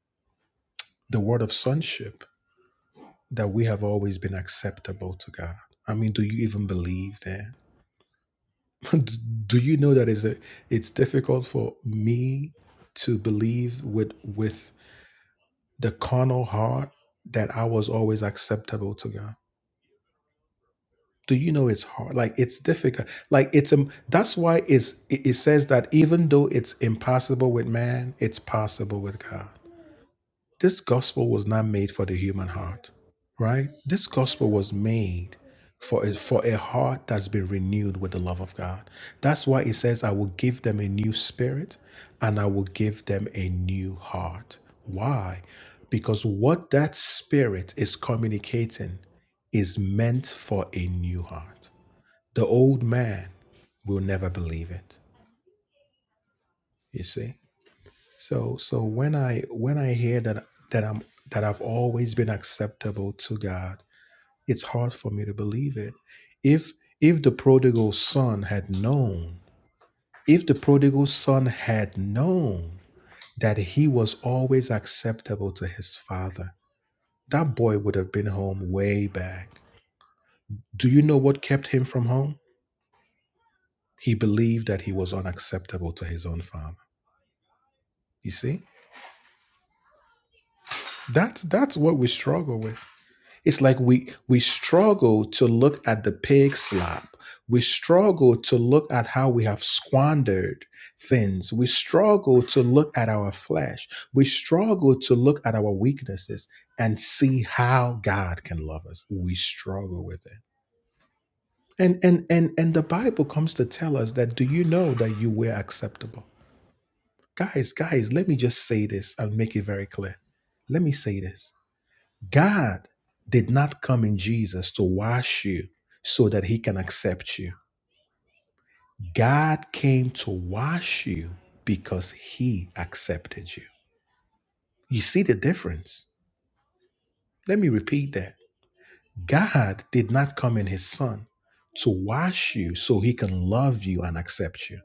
Speaker 2: the word of sonship that we have always been acceptable to God. I mean, do you even believe that? [LAUGHS] do you know that is a it's difficult for me to believe with with the carnal heart that I was always acceptable to God? do you know it's hard like it's difficult like it's um that's why it's it, it says that even though it's impossible with man it's possible with god this gospel was not made for the human heart right this gospel was made for a, for a heart that's been renewed with the love of god that's why it says i will give them a new spirit and i will give them a new heart why because what that spirit is communicating is meant for a new heart the old man will never believe it. You see? So so when I when I hear that that I'm that I've always been acceptable to God, it's hard for me to believe it. If if the prodigal son had known, if the prodigal son had known that he was always acceptable to his father, that boy would have been home way back. Do you know what kept him from home? He believed that he was unacceptable to his own father. You see? That's that's what we struggle with. It's like we we struggle to look at the pig slop. We struggle to look at how we have squandered things. We struggle to look at our flesh. We struggle to look at our weaknesses and see how God can love us. We struggle with it. And and and and the Bible comes to tell us that do you know that you were acceptable? Guys, guys, let me just say this and make it very clear. Let me say this. God did not come in Jesus to wash you so that he can accept you. God came to wash you because he accepted you. You see the difference? Let me repeat that. God did not come in his son to wash you so he can love you and accept you.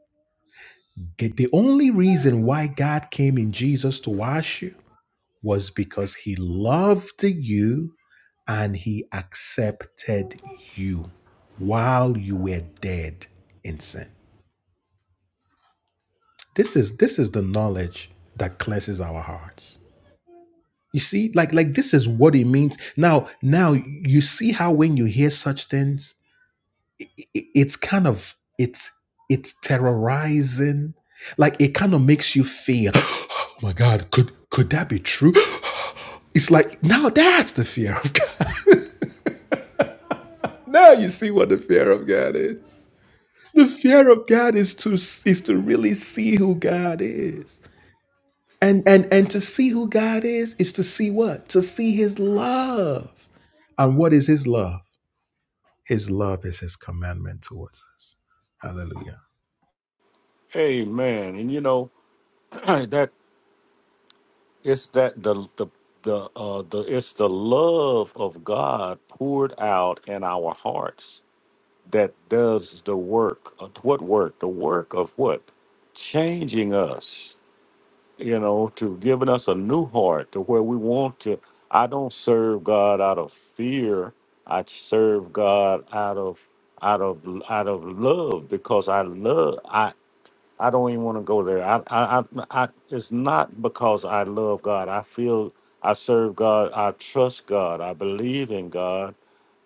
Speaker 2: The only reason why God came in Jesus to wash you was because he loved you and he accepted you while you were dead in sin. This is this is the knowledge that cleanses our hearts. You see, like like this is what it means. Now, now you see how when you hear such things, i i- it's kind of it's it's terrorizing. Like it kind of makes you fear. [GASPS] Oh my God, could could that be true? [GASPS] It's like now that's the fear. [LAUGHS] Now you see what the fear of God is. The fear of God is to is to really see who God is. And and and to see who God is is to see what? To see his love. And what is his love? His love is his commandment towards us. Hallelujah.
Speaker 6: Amen. And you know [CLEARS THROAT] that It's that the the the uh the it's the love of God poured out in our hearts that does the work. Uh, What work? The work of what? Changing us, you know, to giving us a new heart to where we want to. I don't serve God out of fear. I serve God out of out of out of love because I love. I don't even want to go there. I, I, I, I, it's not because I love God. I feel I serve God. I trust God. I believe in God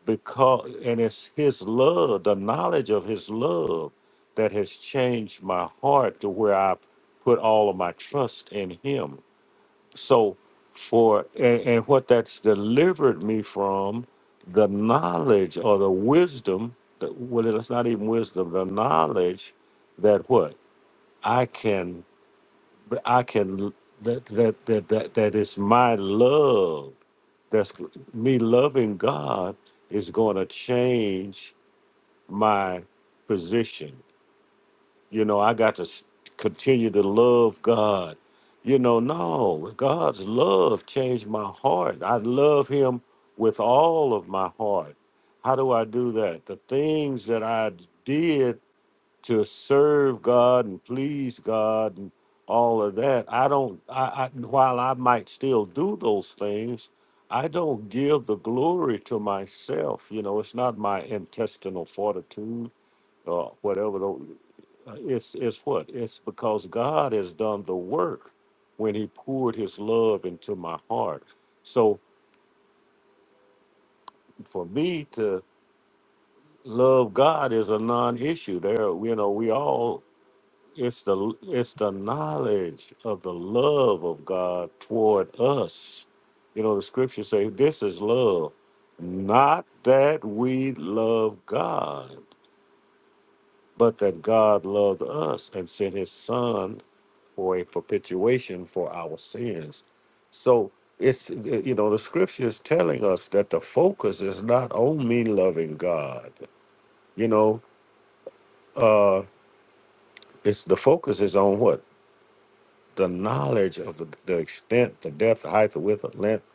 Speaker 6: because, and it's His love, the knowledge of His love, that has changed my heart to where I put all of my trust in Him. So, for and, and what that's delivered me from, the knowledge or the wisdom. the- Well, it's not even wisdom. The knowledge that what I can but I can that that that that, that is my love. That's me loving God is going to change my position. You know, I got to s- continue to love God. You know, no, God's love changed my heart. I love Him with all of my heart. How do I do that? The things that I did to serve God and please God and all of that. I don't. I, I while I might still do those things, I don't give the glory to myself. You know, it's not my intestinal fortitude or whatever. tho- uh, It's it's what it's because God has done the work when He poured His love into my heart. So for me to love God is a non-issue. There, you know, we all It's the it's the knowledge of the love of God toward us. You know, the scriptures say this is love, not that we love God, but that God loved us and sent his son for a perpetuation for our sins. So it's you know, the scripture is telling us that the focus is not on me loving God. You know, uh it's the focus is on what? the knowledge of the, the extent, the depth, the height, the width, the length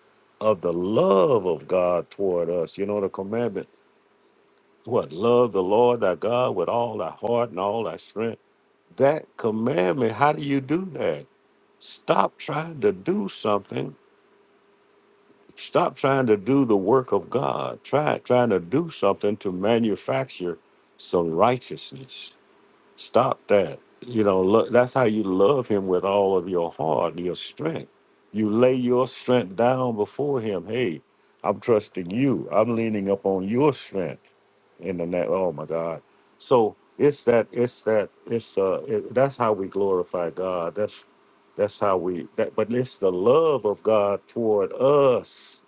Speaker 6: of the love of God toward us. You know, the commandment, what? Love the Lord thy God with all thy heart and all thy strength. That commandment, how do you do that? Stop trying to do something. Stop trying to do the work of God. Try trying to do something to manufacture some righteousness Stop that. You know, look, that's how you love him with all of your heart, your strength. You lay your strength down before him. Hey, I'm trusting you. I'm leaning up on your strength in the net. Oh my God. So it's that, it's that, it's uh it, that's how we glorify God. That's that's how we that but it's the love of God toward us.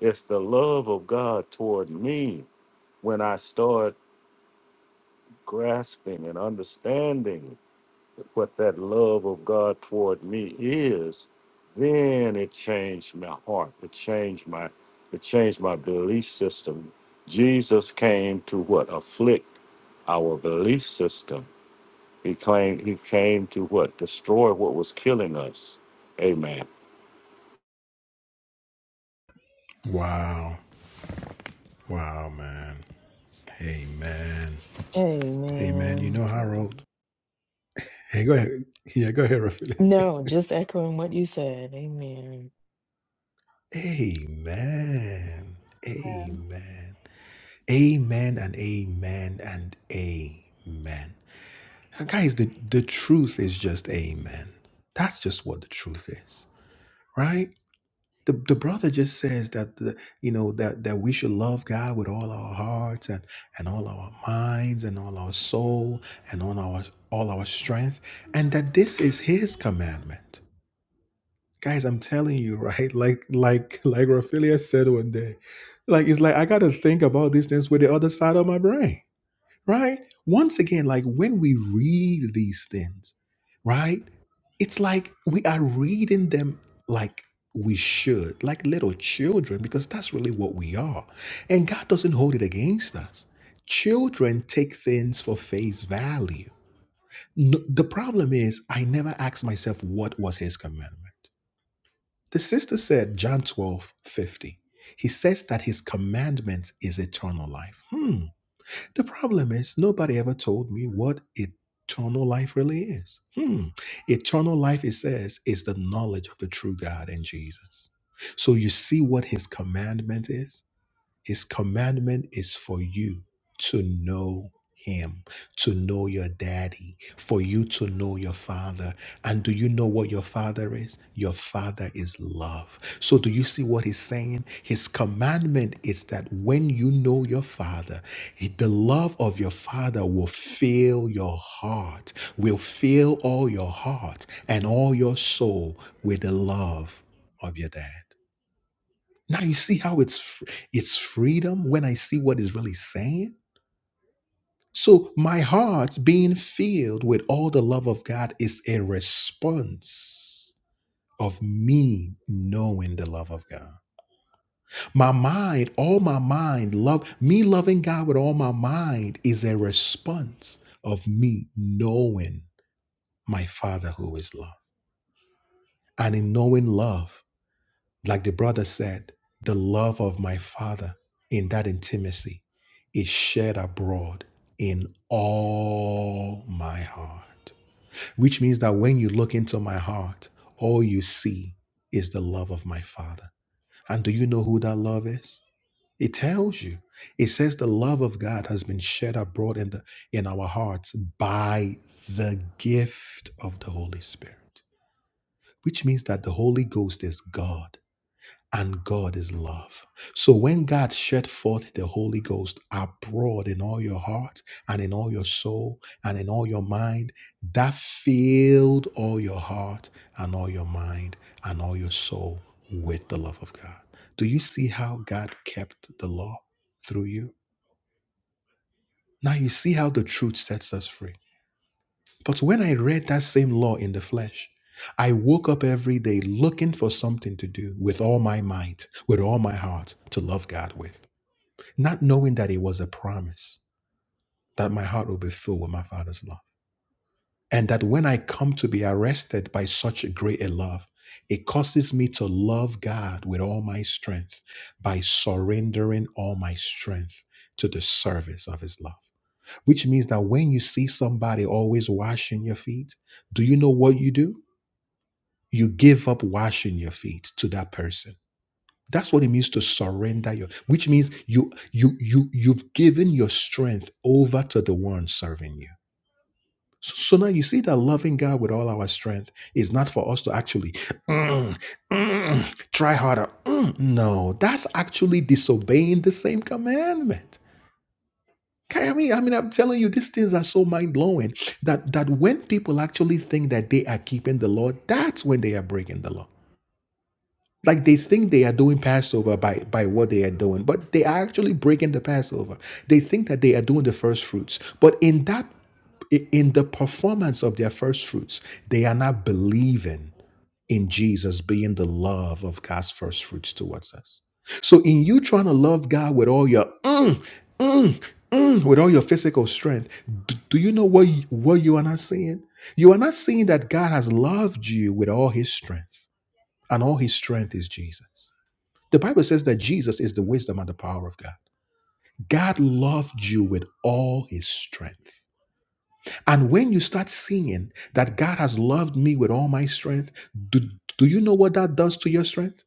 Speaker 6: It's the love of God toward me when I start grasping and understanding what that love of God toward me is, then it changed my heart. It changed my it changed my belief system. Jesus came to what? Afflict our belief system. He claimed he came to what? Destroy what was killing us. Amen.
Speaker 2: Wow. Wow, man. Amen. Amen. You
Speaker 8: Amen.
Speaker 2: know Harold? Hey, go ahead. Yeah, go ahead, Raphael.
Speaker 8: No, just echoing what you said. Amen.
Speaker 2: Amen. Amen. Amen and amen and amen. And guys, the, the truth is just amen. That's just what the truth is, right? The, the brother just says that the, you know that, that we should love God with all our hearts and, and all our minds and all our soul and all our all our strength, and that this is his commandment. Guys, I'm telling you, right? [LAUGHS] Like like like Raphaelia said one day, like it's like I gotta think about these things with the other side of my brain right? Once again, like when we read these things, right? It's like we are reading them like we should, like little children, because that's really what we are. And God doesn't hold it against us. Children take things for face value. N- The problem is, I never asked myself what was his commandment. The sister said, John 12 50. He says that his commandment is eternal life. Hmm the problem is, nobody ever told me what eternal life really is. Hmm. Eternal life, it says, is the knowledge of the true God and Jesus. So you see what his commandment is? His commandment is for you to know him, to know your daddy, for you to know your father. And do you know what your father is? Your father is love. So, do you see what he's saying? His commandment is that when you know your father, he- the love of your father will fill your heart, will fill all your heart and all your soul with the love of your dad. Now you see how it's fr- it's freedom when I see what is really saying. So my heart being filled with all the love of God is a response of me knowing the love of God. My mind, all my mind, love me loving God with all my mind is a response of me knowing my Father who is love. And in knowing love, Like the brother said, the love of my father in that intimacy is shed abroad in all my heart. Which means that when you look into my heart, all you see is the love of my father. And do you know who that love is? It tells you. It says the love of God has been shed abroad in the in our hearts by the gift of the Holy Spirit, which means that the Holy Ghost is God and God is love. So when God shed forth the Holy Ghost abroad in all your heart and in all your soul and in all your mind, that filled all your heart and all your mind and all your soul with the love of God. Do you see how God kept the law through you? Now you see how the truth sets us free. But when I read that same law in the flesh, I woke up every day looking for something to do with all my might, with all my heart, to love God with, not knowing that it was a promise that my heart will be filled with my Father's love. And that when I come to be arrested by such a great a love, it causes me to love God with all my strength by surrendering all my strength to the service of His love which means that when you see somebody always washing your feet, do you know what you do? You give up washing your feet to that person. That's what it means to surrender your, which means you you you you've given your strength over to the one serving you. So, so now you see that loving God with all our strength is not for us to actually "Mm, mm, try harder. Mm." No, that's actually disobeying the same commandment. Carrie, I mean, I'm telling you, these things are so mind blowing that that when people actually think that they are keeping the law, that's when they are breaking the law like they think they are doing passover by by what they are doing but they are actually breaking the passover they think that they are doing the first fruits but in that in the performance of their first fruits they are not believing in jesus being the love of god's first fruits towards us so in you trying to love god with all your mm, mm, mm, with all your physical strength d- do you know what you, what you are not seeing you are not seeing that god has loved you with all his strength and all his strength is Jesus. The Bible says that Jesus is the wisdom and the power of God. God loved you with all his strength. And when you start seeing that God has loved me with all my strength, do, do you know what that does to your strength?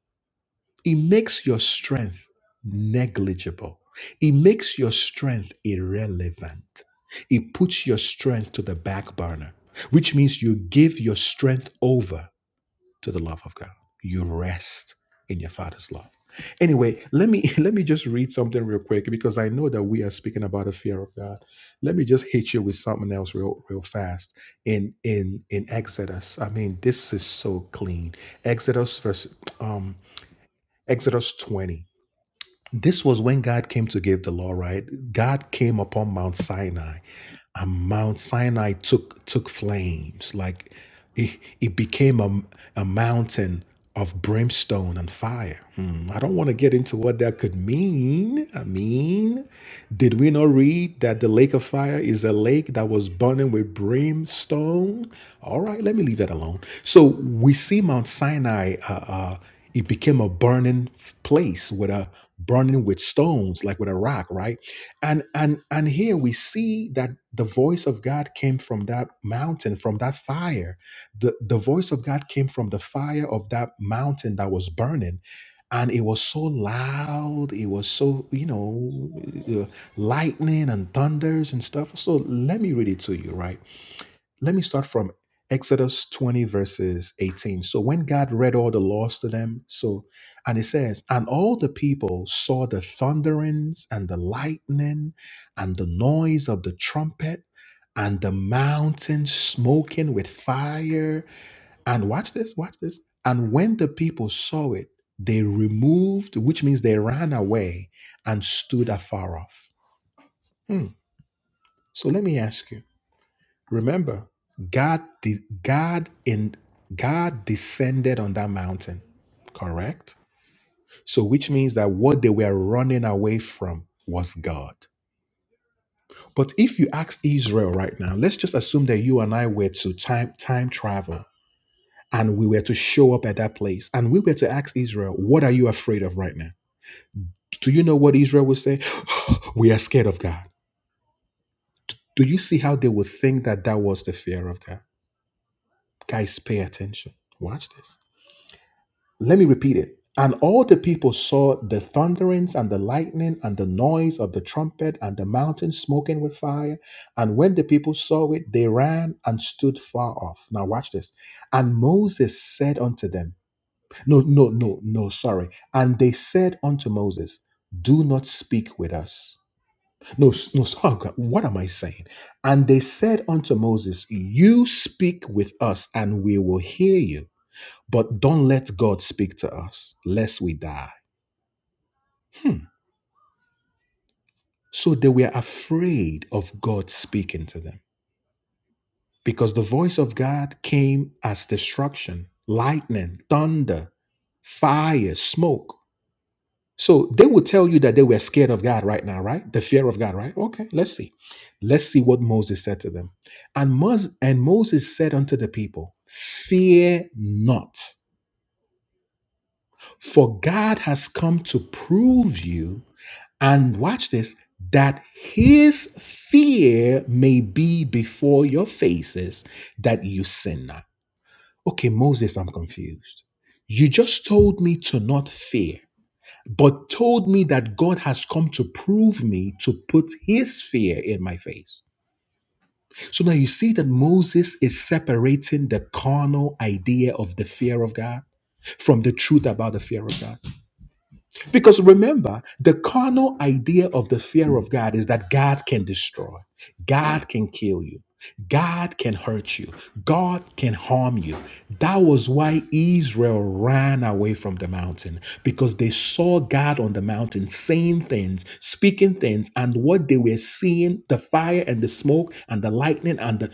Speaker 2: It makes your strength negligible, it makes your strength irrelevant, it puts your strength to the back burner, which means you give your strength over to the love of God. You rest in your father's love. Anyway, let me [LAUGHS] let me just read something real quick because I know that we are speaking about the fear of God. Let me just hit you with something else real real fast in in in Exodus. I mean, this is so clean. Exodus verse um Exodus 20. This was when God came to give the law, right? God came upon Mount Sinai and Mount Sinai took took flames. Like it, it became a, a mountain of brimstone and fire. Hmm, I don't want to get into what that could mean. I mean, did we not read that the lake of fire is a lake that was burning with brimstone? All right, let me leave that alone. So we see Mount Sinai. Uh, uh, it became a burning f- place with a burning with stones, like with a rock, right? and and and here we see that the voice of god came from that mountain from that fire the the voice of god came from the fire of that mountain that was burning and it was so loud it was so you know uh, lightning and thunders and stuff so let me read it to you right let me start from Exodus 20, verses 18. So when God read all the laws to them, so, and it says, And all the people saw the thunderings and the lightning and the noise of the trumpet and the mountain smoking with fire. And watch this, watch this. And when the people saw it, they removed, which means they ran away and stood afar off. Hmm. So let me ask you Remember, God, de- God in God descended on that mountain, correct? So, which means that what they were running away from was God. But if you ask Israel right now, let's just assume that you and I were to time time travel and we were to show up at that place and we were to ask Israel, what are you afraid of right now? Do you know what Israel would say? [GASPS] we are scared of God. Do you see how they would think that that was the fear of God? Guys, pay attention. Watch this. Let me repeat it. And all the people saw the thunderings and the lightning and the noise of the trumpet and the mountain smoking with fire. And when the people saw it, they ran and stood far off. Now watch this. And Moses said unto them, No, no, no, no, sorry. And they said unto Moses, Do not speak with us. No, s- no, sorry. God, What am I saying? And they said unto Moses, You speak with us, and we will hear you. But don't let God speak to us, lest we die. Hmm. So they were afraid of God speaking to them because the voice of God came as destruction, lightning, thunder, fire, smoke. So they will tell you that they were scared of God right now, right? The fear of God, right? Okay, let's see. Let's see what Moses said to them. And, Mos- and Moses said unto the people, Fear not. For God has come to prove you, and watch this, that his fear may be before your faces, that you sin not. Okay, Moses, I'm confused. You just told me to not fear, but told me that God has come to prove me to put his fear in my face. So now you see that Moses is separating the carnal idea of the fear of God from the truth about the fear of God. Because remember, the carnal idea of the fear of God is that God can destroy, God can kill you, God can hurt you, God can harm you. That was why Israel ran away from the mountain because they saw God on the mountain saying things, speaking things, and what they were seeing the fire and the smoke and the lightning and the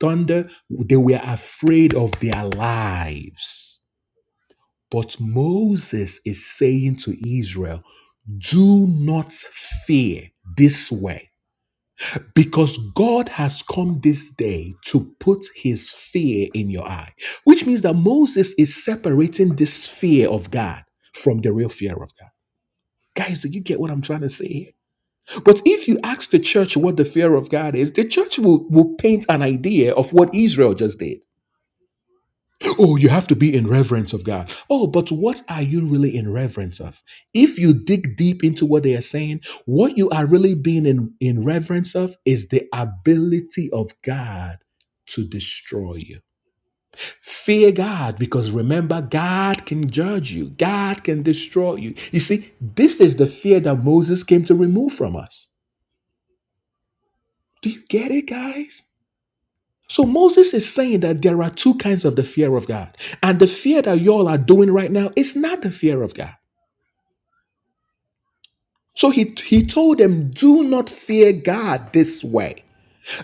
Speaker 2: thunder they were afraid of their lives. But Moses is saying to Israel, do not fear this way, because God has come this day to put his fear in your eye, which means that Moses is separating this fear of God from the real fear of God. Guys, do you get what I'm trying to say here? But if you ask the church what the fear of God is, the church will, will paint an idea of what Israel just did. Oh, you have to be in reverence of God. Oh, but what are you really in reverence of? If you dig deep into what they are saying, what you are really being in, in reverence of is the ability of God to destroy you. Fear God because remember, God can judge you, God can destroy you. You see, this is the fear that Moses came to remove from us. Do you get it, guys? So Moses is saying that there are two kinds of the fear of God. And the fear that y'all are doing right now is not the fear of God. So he, he told them, do not fear God this way.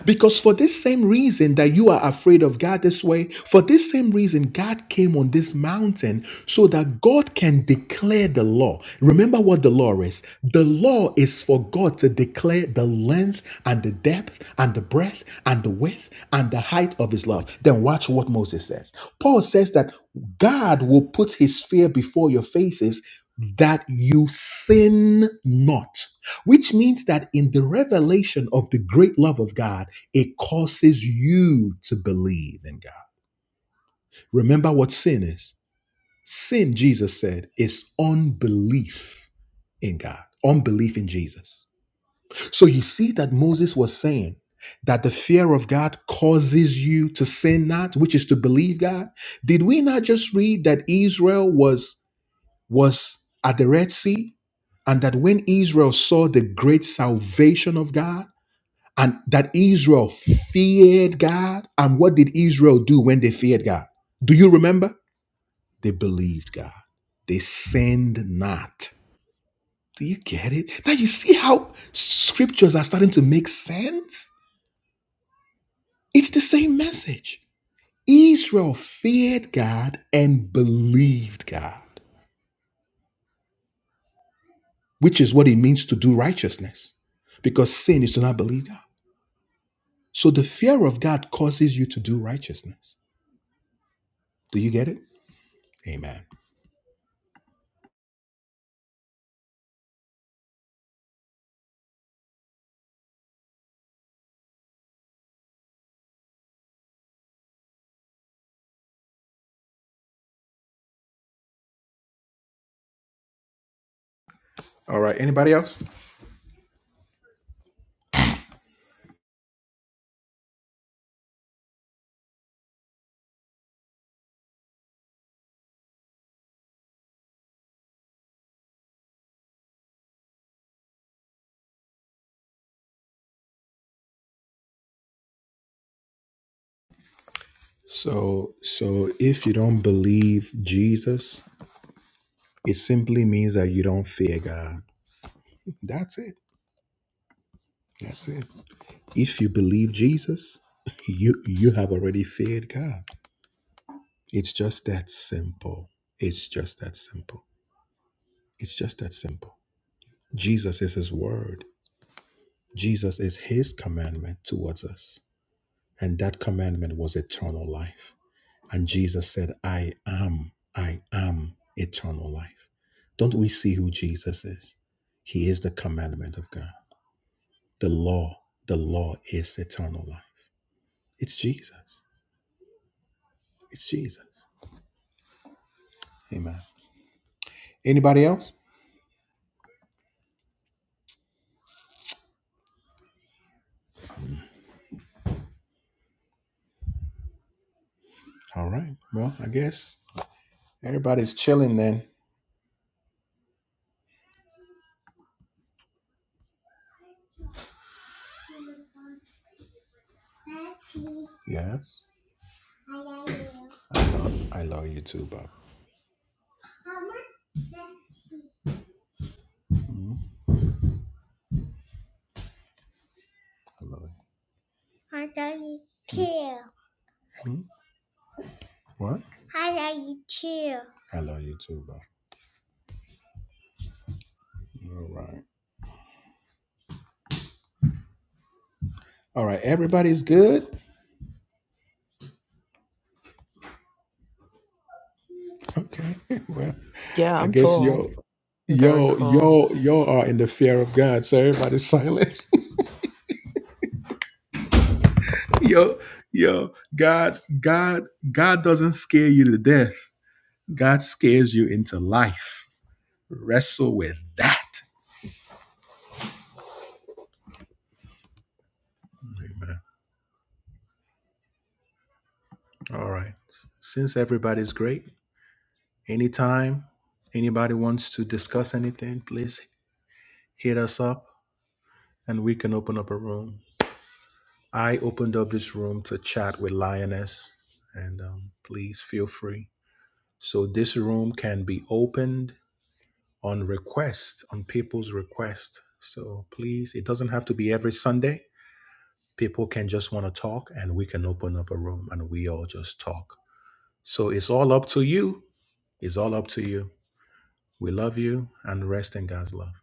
Speaker 2: Because for this same reason that you are afraid of God this way, for this same reason, God came on this mountain so that God can declare the law. Remember what the law is the law is for God to declare the length and the depth and the breadth and the width and the height of his love. Then watch what Moses says. Paul says that God will put his fear before your faces that you sin not which means that in the revelation of the great love of God it causes you to believe in God. Remember what sin is. Sin, Jesus said, is unbelief in God, unbelief in Jesus. So you see that Moses was saying that the fear of God causes you to sin not, which is to believe God. Did we not just read that Israel was was at the Red Sea and that when Israel saw the great salvation of God, and that Israel feared God. And what did Israel do when they feared God? Do you remember? They believed God. They sinned not. Do you get it? Now you see how scriptures are starting to make sense? It's the same message. Israel feared God and believed God, which is what it means to do righteousness, because sin is to not believe God. So the fear of God causes you to do righteousness. Do you get it? Amen. All right. Anybody else? So, so if you don't believe Jesus, it simply means that you don't fear God. That's it. That's it. If you believe Jesus, [LAUGHS] you you have already feared God. It's just that simple. It's just that simple. It's just that simple. Jesus is his word. Jesus is his commandment towards us. And that commandment was eternal life. And Jesus said, I am, I am eternal life. Don't we see who Jesus is? He is the commandment of God. The law, the law is eternal life. It's Jesus. It's Jesus. Amen. Anybody else? All right. Well, I guess everybody's chilling then. Yes. I love you too, Bob. Mhm. I love you. Mhm. What? I love you too, Bob. All right. All right. Everybody's good. Okay. [LAUGHS] Well,
Speaker 8: Yeah,
Speaker 2: I
Speaker 8: I'm
Speaker 2: guess Yeah.
Speaker 8: full. I'm very
Speaker 2: yo, yo,
Speaker 8: full.
Speaker 2: yo, yo are in the fear of God. So everybody's silent. [LAUGHS] yo, yo, God, God, God doesn't scare you to death. God scares you into life. Wrestle with that. Amen. All right. Since everybody's great, anytime anybody wants to discuss anything, please hit us up and we can open up a room. I opened up this room to chat with Lioness, and um, please feel free. So, this room can be opened on request, on people's request. So, please, it doesn't have to be every Sunday. People can just want to talk, and we can open up a room and we all just talk. So, it's all up to you. It's all up to you. We love you and rest in God's love.